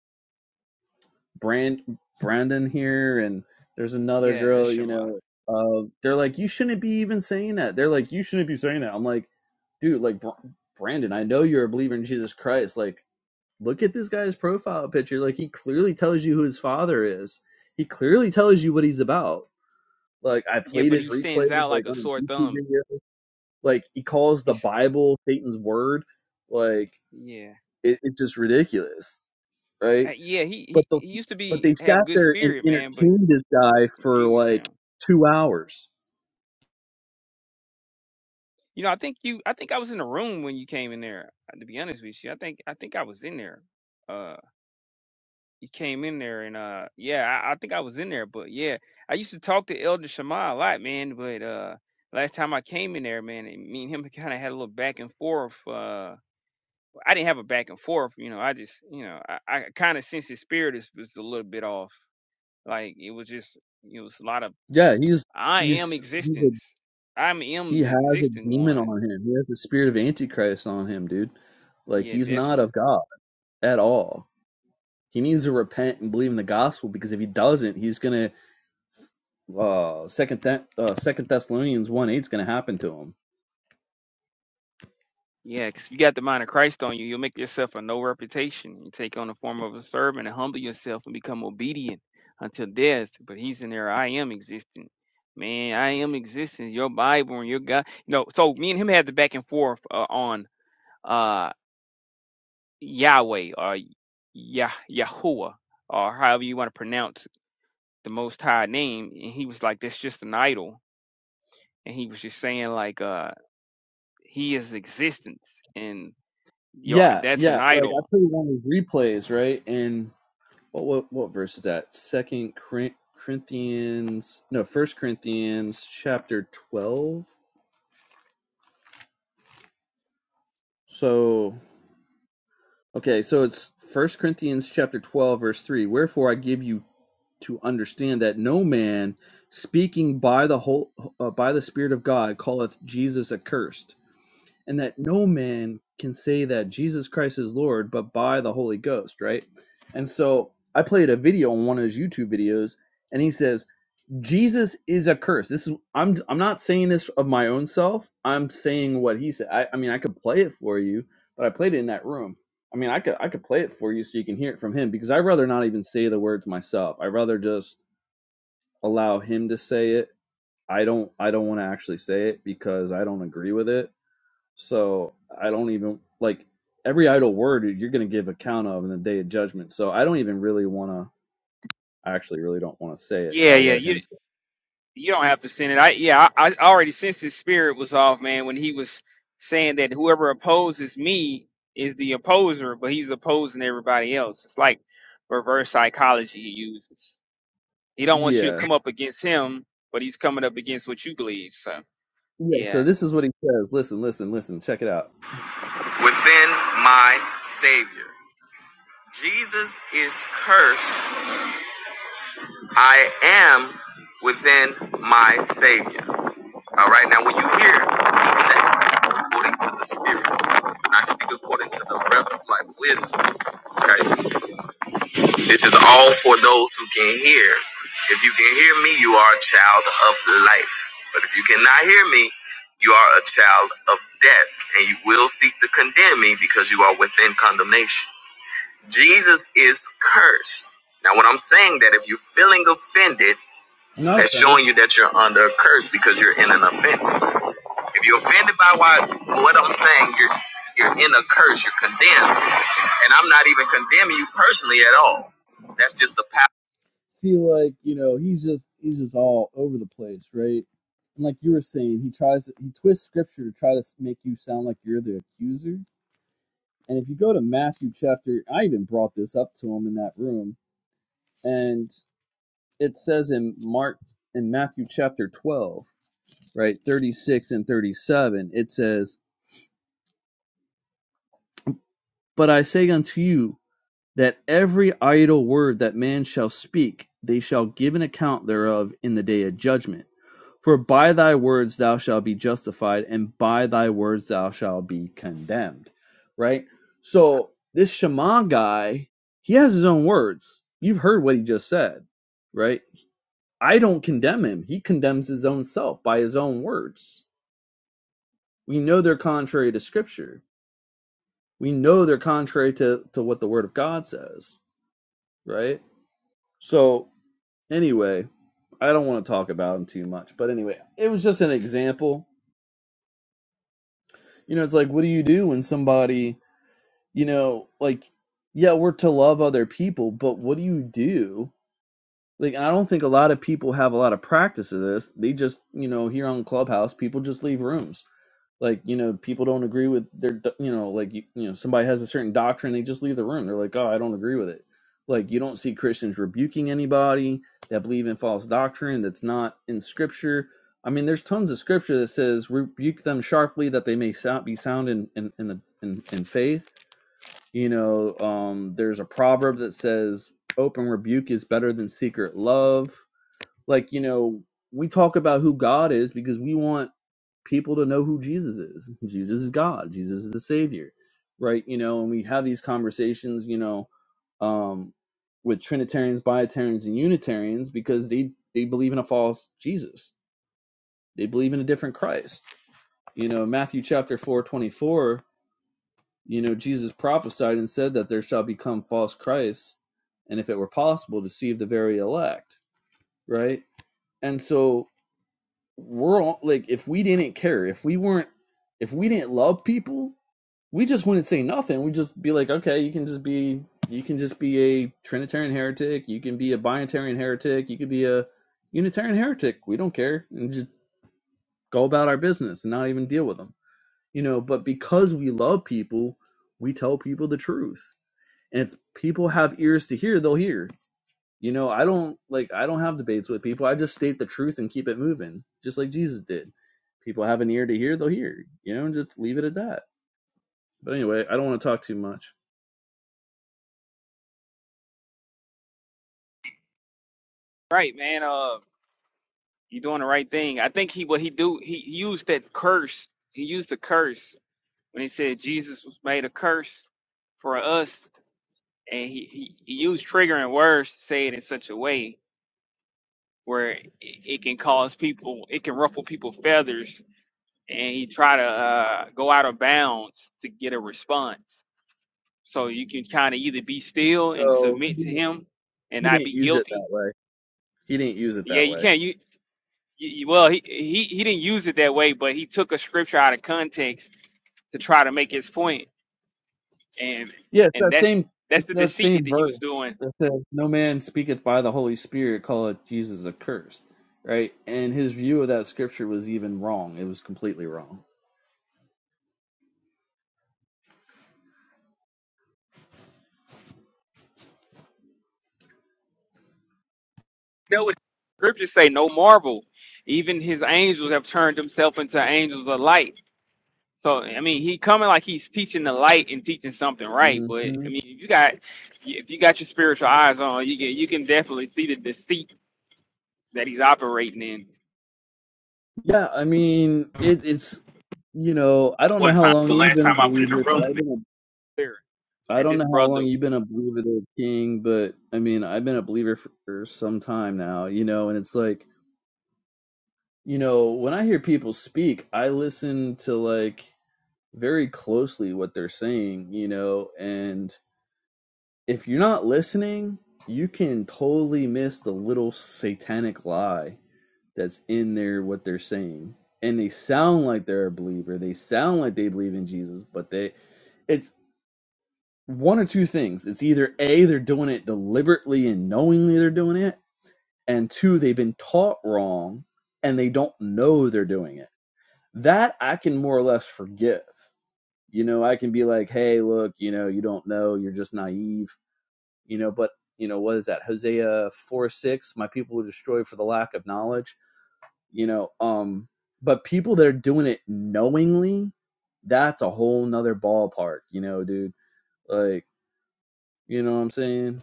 S10: Brand Brandon here, and there's another
S11: Yeah, that's
S10: girl, you
S11: Shema.
S10: know. Uh, they're like, you
S11: Yeah.
S10: shouldn't be even saying that. They're like, you shouldn't be saying that. I'm like, dude, like Br- Brandon, I know you're a believer in Jesus Christ, like look at this guy's profile picture. Like he clearly tells you who his father is. He clearly tells you what he's about. Like I
S11: Yeah,
S10: played
S11: but
S10: his
S11: he
S10: replays
S11: stands out like
S10: like
S11: a
S10: on his
S11: sore
S10: YouTube
S11: thumb.
S10: videos. Like he calls the
S11: He's
S10: Bible Satan's word. Like
S11: yeah.
S10: it, it's just ridiculous, right?
S11: Uh, yeah, he,
S10: But
S11: he
S10: the
S11: he used to
S10: but
S11: be
S10: they
S11: have
S10: sat
S11: good
S10: there and
S11: spirit, man, but he's
S10: entertained this guy for
S11: confused
S10: like
S11: now.
S10: two hours.
S11: You know, I think you I think I was in the room when you came in there, uh, to be honest with you. I think I think I was in there. Uh you came in there and uh yeah I, I think i was in there but yeah i used to talk to elder shema a lot man but uh last time i came in there man and me and him kind of had a little back and forth uh well, i didn't have a back and forth you know i just you know i, I kind of sense his spirit is was a little bit off like it was just it was a lot of
S10: Yeah, he's
S11: i am
S10: he's he's a,
S11: existence i
S10: he
S11: am the
S10: has a
S11: existing
S10: demon
S11: one
S10: on him. He has the spirit of Antichrist on him, dude. Like
S11: yeah
S10: he's not
S11: definitely
S10: of God at all He needs to repent and believe in the gospel because if he doesn't, he's gonna uh second Th- uh, second Thessalonians one eight is gonna happen to him.
S11: Yeah, because if you got the mind of Christ on you, you'll make yourself a no reputation. You take on the form of a servant and humble yourself and become obedient until death. But he's in there, I am existing. Man, I am existing. Your Bible and your God. No, so me and him had the back and forth uh, on uh Yahweh or Yah Yahuwah or however you want to pronounce the most high name. And he was like, That's just an idol. And he was just saying like uh he is existence and your
S10: Yeah,
S11: that's
S10: yeah.
S11: an
S10: Like I
S11: idol
S10: played one of his replays, right? And what what what verse is that? Second Corinthians, no, First Corinthians chapter twelve. So okay, so it's First Corinthians chapter twelve, verse three. Wherefore I give you to understand that no man speaking by the whole uh, by the Spirit of God calleth Jesus accursed and that no man can say that Jesus Christ is Lord but by the Holy Ghost, right? And so I played a video on one of his YouTube videos, and he says Jesus is a curse. This is I'm I'm not saying this of my own self. I'm saying what he said. I, I mean I could play it for you, but I played it in that room. I mean I could I could play it for you so you can hear it from him because I'd rather not even say the words myself. I'd rather just allow him to say it. I don't I don't want to actually say it because I don't agree with it so I don't even like every idle word you're going to give account of in the day of judgment. So I don't even really want to. I actually really don't want to say it.
S11: Yeah,
S10: I'll
S11: yeah.
S10: let
S11: You
S10: him. Say
S11: you don't have to send it. I yeah, I, I already sensed his spirit was off, man, when he was saying that whoever opposes me is the opposer, but he's opposing everybody else. It's like reverse psychology he uses. He don't
S10: it.
S11: want you to
S10: Yeah.
S11: come up against him, but he's coming up against what you believe. So
S10: Yeah. So
S11: yeah.
S10: this is what he says. Listen, listen, listen. Check it out. within my Savior. Jesus is cursed. I am within my Savior. All right, now when you hear me say, according to the Spirit, and I speak according to the breath of life wisdom, okay? This is all for those who can hear. If you can hear me, you are a child of life. But if you cannot hear me, you are a child of death, and you will seek to condemn me because you are within condemnation. Jesus is cursed. Now, when I'm saying that, if you're feeling offended, No, that's showing you that you're under a curse because you're in an offense. If you're offended by why, what I'm saying, you're you're in a curse. You're condemned, and I'm not even condemning you personally at all. That's just the power see like you know he's just he's just all over the place right and like you were saying he tries to he twists scripture to try to make you sound like you're the accuser and if you go to matthew chapter i even brought this up to him in that room and it says in mark in matthew chapter 12 right 36 and 37 it says but i say unto you that every idle word that man shall speak they shall give an account thereof in the day of judgment. For by thy words thou shalt be justified, and by thy words thou shalt be condemned. Right? So this Shema guy, he has his own words. You've heard what he just said, right? I don't condemn him. He condemns his own self by his own words. We know they're contrary to scripture. We know they're contrary to, to what the word of God says, right? So Anyway, I don't want to talk about him too much, but anyway, it was just an example. You know, it's like, what do you do when somebody, you know, like, yeah, we're to love other people, but what do you do? Like, I don't think a lot of people have a lot of practice of this. They just, you know, here on Clubhouse, people just leave rooms. like you know people don't agree with their do- you know like you, you know somebody has a certain doctrine they just leave the room they're like oh i don't agree with it like you don't see christians rebuking anybody that believe in false doctrine that's not in scripture i mean there's tons of scripture that says rebuke them sharply that they may sound, be sound in in, in the in, in faith you know um there's a proverb that says open rebuke is better than secret love like you know we talk about who god is because we want people to know who Jesus is. Jesus is God. Jesus is the Savior, right? You know, and we have these conversations, you know, um, with Trinitarians, Biotarians, and Unitarians because they they believe in a false Jesus. They believe in a different Christ. You know, Matthew chapter four twenty four. You know, Jesus prophesied and said that there shall become false Christs, and if it were possible, deceive the very elect. Right, and so we're all, like, if we didn't care, if we weren't, if we didn't love people, we just wouldn't say nothing. We'd just be like, okay, you can just be you can just be a Trinitarian heretic, you can be a Binitarian heretic, you could be a Unitarian heretic. We don't care, and just go about our business and not even deal with them, you know. But because we love people, we tell people the truth, and if people have ears to hear, they'll hear. You know, I don't like I don't have debates with people. I just state the truth and keep it moving, just like Jesus did. People have an ear to hear, they'll hear. You know, and just leave it at that. But anyway, I don't want to talk too much.
S11: Right, man. Uh you're doing the right thing. I think he what he do he he used that curse. He used the curse when he said Jesus was made a curse for us and he, he, he used triggering words to say it in such a way where it, it can cause people, it can ruffle people's feathers, and he try to uh, go out of bounds to get a response. So you can kind of either be still and
S10: So
S11: submit
S10: he
S11: to
S10: didn't
S11: him and
S10: he
S11: not
S10: didn't
S11: be
S10: use it
S11: guilty.
S10: that way. He didn't use it
S11: Yeah,
S10: that
S11: you
S10: way.
S11: can't. You, you well, he, he he didn't use it that way, but he took a scripture out of context to try to make his point, and
S10: Yeah, it's
S11: and
S10: that
S11: that
S10: same
S11: that's
S10: it's
S11: the
S10: that
S11: deceit that
S10: same
S11: he
S10: verse
S11: was doing
S10: that says, "No man speaketh by the Holy Spirit, calleth Jesus accursed." Right, and his view of that scripture was even wrong. It was completely wrong.
S11: know what scriptures say, no marvel. Even his angels have turned himself into angels of light. So I mean, he coming like he's teaching the light and teaching something right. But
S10: hmm
S11: I mean, if you got if you got your spiritual eyes on, you can you can definitely see the deceit that he's operating in.
S10: Yeah, I mean, it, it's you know, I don't know
S11: One
S10: how
S11: time,
S10: long
S11: the
S10: you've
S11: last
S10: been a
S11: time I went in the
S10: believer,
S11: room,
S10: but
S11: it
S10: I've
S11: was
S10: been
S11: clear
S10: I
S11: that
S10: don't
S11: this
S10: know how
S11: brother,
S10: long you've been a believer, there, King, but I mean, I've been a believer for some time now, you know, and it's like, you know, when I hear people speak, I listen to like very closely what they're saying, you know, and if you're not listening, you can totally miss the little satanic lie that's in there, what they're saying. And they sound like they're a believer, they sound like they believe in Jesus, but they, it's one or two things. It's either A, they're doing it deliberately and knowingly they're doing it, and two, they've been taught wrong and they don't know they're doing it. That I can more or less forgive. You know, I can be like, hey, look, you know, you don't know, you're just naive, you know, but, you know, what is that? Hosea 4 6, my people were destroyed for the lack of knowledge, you know, um, but people that are doing it knowingly, that's a whole nother ballpark, you know, dude. Like, you know what I'm saying?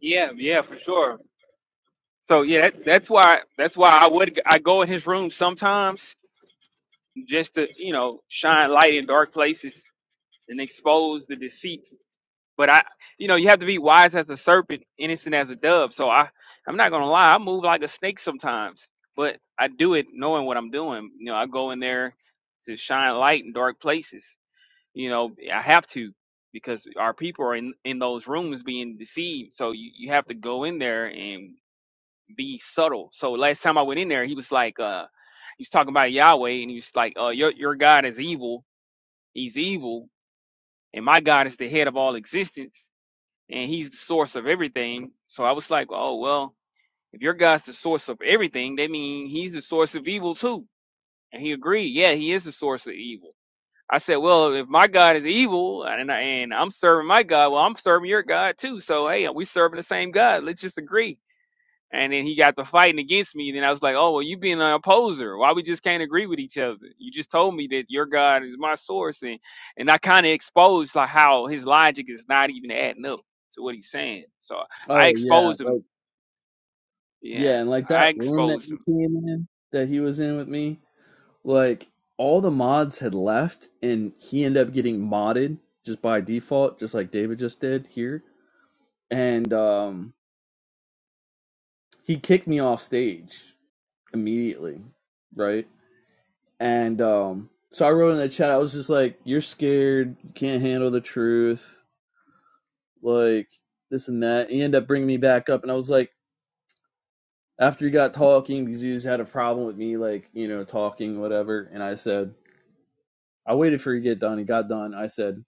S11: yeah, yeah, for sure. So yeah, that, that's why that's why I would I go in his room sometimes just to you know shine light in dark places and expose the deceit But I, you know, you have to be wise as a serpent, innocent as a dove. So I, I'm not gonna lie, I move like a snake sometimes, but I do it knowing what I'm doing. You know, I go in there to shine light in dark places. You know, I have to because our people are in in those rooms being deceived. So you you have to go in there and be subtle. So last time I went in there, he was like, uh, he was talking about Yahweh, and he was like, uh, your your God is evil. He's evil, and my God is the head of all existence and he's the source of everything. So I was like, oh well, if your God's the source of everything, that means he's the source of evil too. And he agreed, yeah, he is the source of evil. I said, well, if my God is evil and I, and I'm serving my God, well, I'm serving your God too. So hey, we serving the same God. Let's just agree. And then he got to fighting against me. And then I was like, oh, well, you being an opposer. Why we just can't agree with each other? You just told me that your God is my source. And, and I kind of exposed like how his logic is not even adding up to what he's saying. So I
S10: Oh yeah,
S11: exposed
S10: like
S11: him. Yeah,
S10: yeah, and like
S11: I
S10: that room that
S11: exposed
S10: you
S11: him.
S10: came in that he was in with me, like all the mods had left and he ended up getting modded just by default, just like David just did here. And um he kicked me off stage immediately, right? And um so I wrote in the chat, I was just like, You're scared, you can't handle the truth, like this and that. He ended up bringing me back up and I was like after he got talking because he just had a problem with me like you know talking whatever and i said i waited for you to get done he got done i said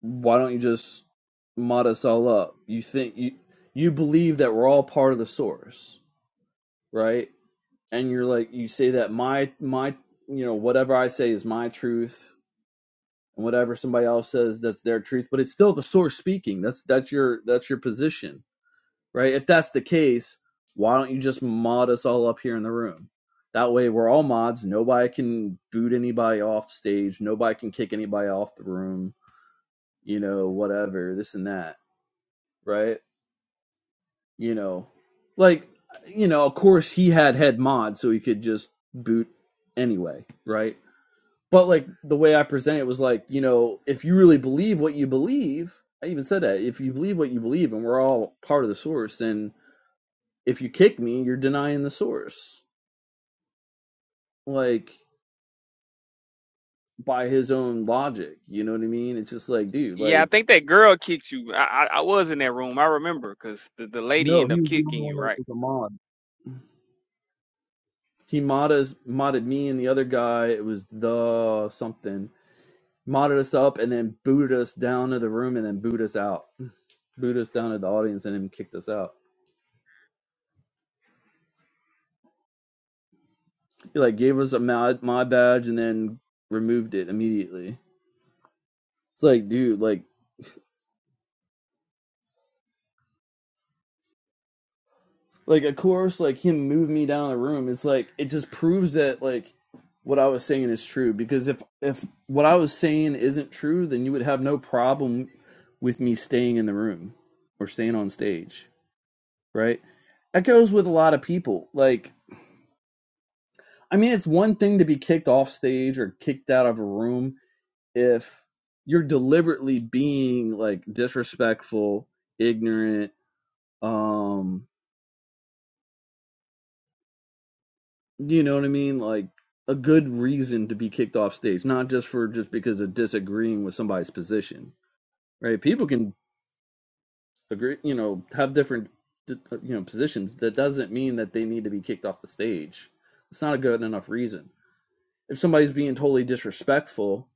S10: why don't you just mod us all up you think you you believe that we're all part of the source right and you're like you say that my my you know whatever i say is my truth and whatever somebody else says that's their truth but it's still the source speaking that's that's your that's your position right? If that's the case, why don't you just mod us all up here in the room? That way, we're all mods. Nobody can boot anybody off stage. Nobody can kick anybody off the room. You know, whatever this and that, right? You know, like you know, of course he had head mod, so he could just boot anyway, right? But like the way I presented it was like, you know, if you really believe what you believe, I even said that if you believe what you believe, and we're all part of the source, then if you kick me, you're denying the source. Like by his own logic, you know what I mean? It's just like, dude,
S11: Yeah, I
S10: like
S11: think that girl kicked you. I, I, I was in that room. I remember because the, the lady
S10: No,
S11: ended
S10: he
S11: up
S10: was the only
S11: kicking
S10: one
S11: you,
S10: that
S11: right?
S10: was a mod. he modded modded me and the other guy. It was the something modded us up and then booted us down to the room and then booted us out, booted us down to the audience and then kicked us out. He like gave us a mod, mod badge and then removed it immediately. It's like, dude, like like of course like him moving me down the room it's like it just proves that like what i was saying is true because if if what i was saying isn't true then you would have no problem with me staying in the room or staying on stage right that goes with a lot of people like i mean it's one thing to be kicked off stage or kicked out of a room if you're deliberately being like disrespectful ignorant um you know what I mean? Like a good reason to be kicked off stage, not just for just because of disagreeing with somebody's position, right? People can agree, you know, have different, uh, you know, positions. That doesn't mean that they need to be kicked off the stage. It's not a good enough reason. If somebody's being totally disrespectful,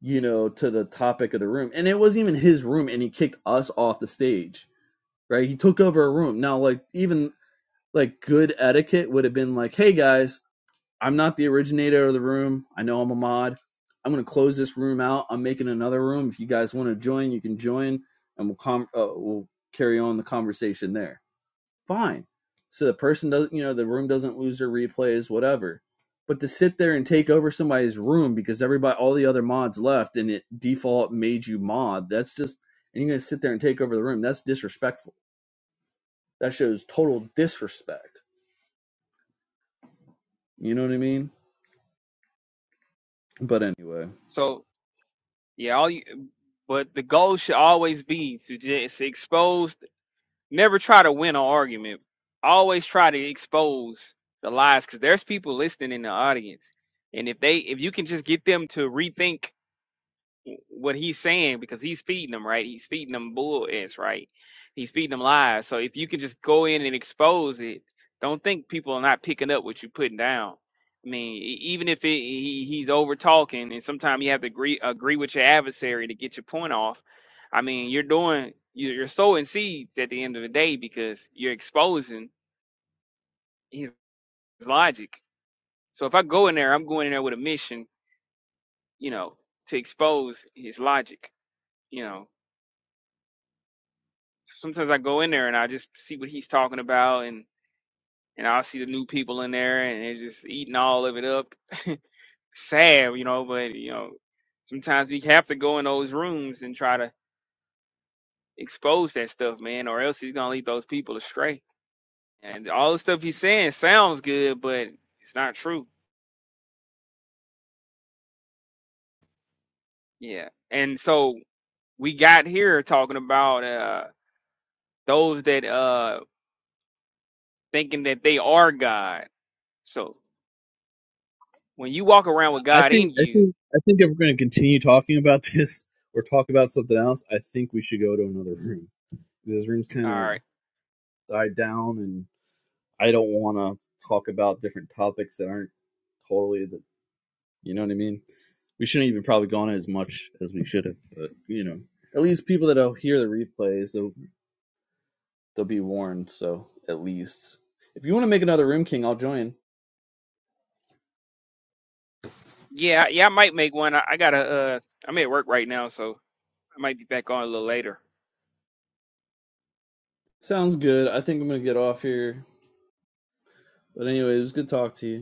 S10: you know, to the topic of the room, and it wasn't even his room, and he kicked us off the stage, right? He took over a room. Now, like even like good etiquette would have been like, hey guys, I'm not the originator of the room. I know I'm a mod. I'm going to close this room out. I'm making another room. If you guys want to join, you can join, and we'll com- uh, we'll carry on the conversation there. Fine. So the person doesn't, you know, the room doesn't lose their replays, whatever. But to sit there and take over somebody's room because everybody, all the other mods left, and it default made you mod. That's just, and you're going to sit there and take over the room. That's disrespectful. That shows total disrespect. You know what I mean? But anyway.
S11: So, yeah, all you, but the goal should always be to just expose never try to win an argument. Always try to expose the lies because there's people listening in the audience, and if they if you can just get them to rethink what he's saying because he's feeding them right he's feeding them bull ants right he's feeding them lies so if you can just go in and expose it don't think people are not picking up what you're putting down i mean e- even if it, he, he's over talking and sometimes you have to agree agree with your adversary to get your point off i mean you're doing you- you're sowing seeds at the end of the day because you're exposing his logic so if i go in there i'm going in there with a mission you know to expose his logic you know sometimes I go in there and I just see what he's talking about, and and I'll see the new people in there, and they're just eating all of it up. Sad, you know, but you know, sometimes we have to go in those rooms and try to expose that stuff, man, or else he's gonna lead those people astray. And all the stuff he's saying sounds good, but it's not true. Yeah, and so we got here talking about uh those that uh thinking that they are God. So when you walk around with
S10: I
S11: God in
S10: think I
S11: you.
S10: think I think if we're going to continue talking about this or talk about something else, I think we should go to another room. This room's
S11: all
S10: kind of
S11: right.
S10: died down, and I don't want to talk about different topics that aren't totally the. You know what I mean? We shouldn't even probably go on as much as we should have, but you know, at least people that'll hear the replays, they'll they'll be warned. So at least if you want to make another room king, I'll join.
S11: Yeah, yeah, I might make one. I, I gotta. Uh, I'm at work right now, so I might be back on a little later.
S10: Sounds good. I think I'm gonna get off here. But anyway, it was good talk to you.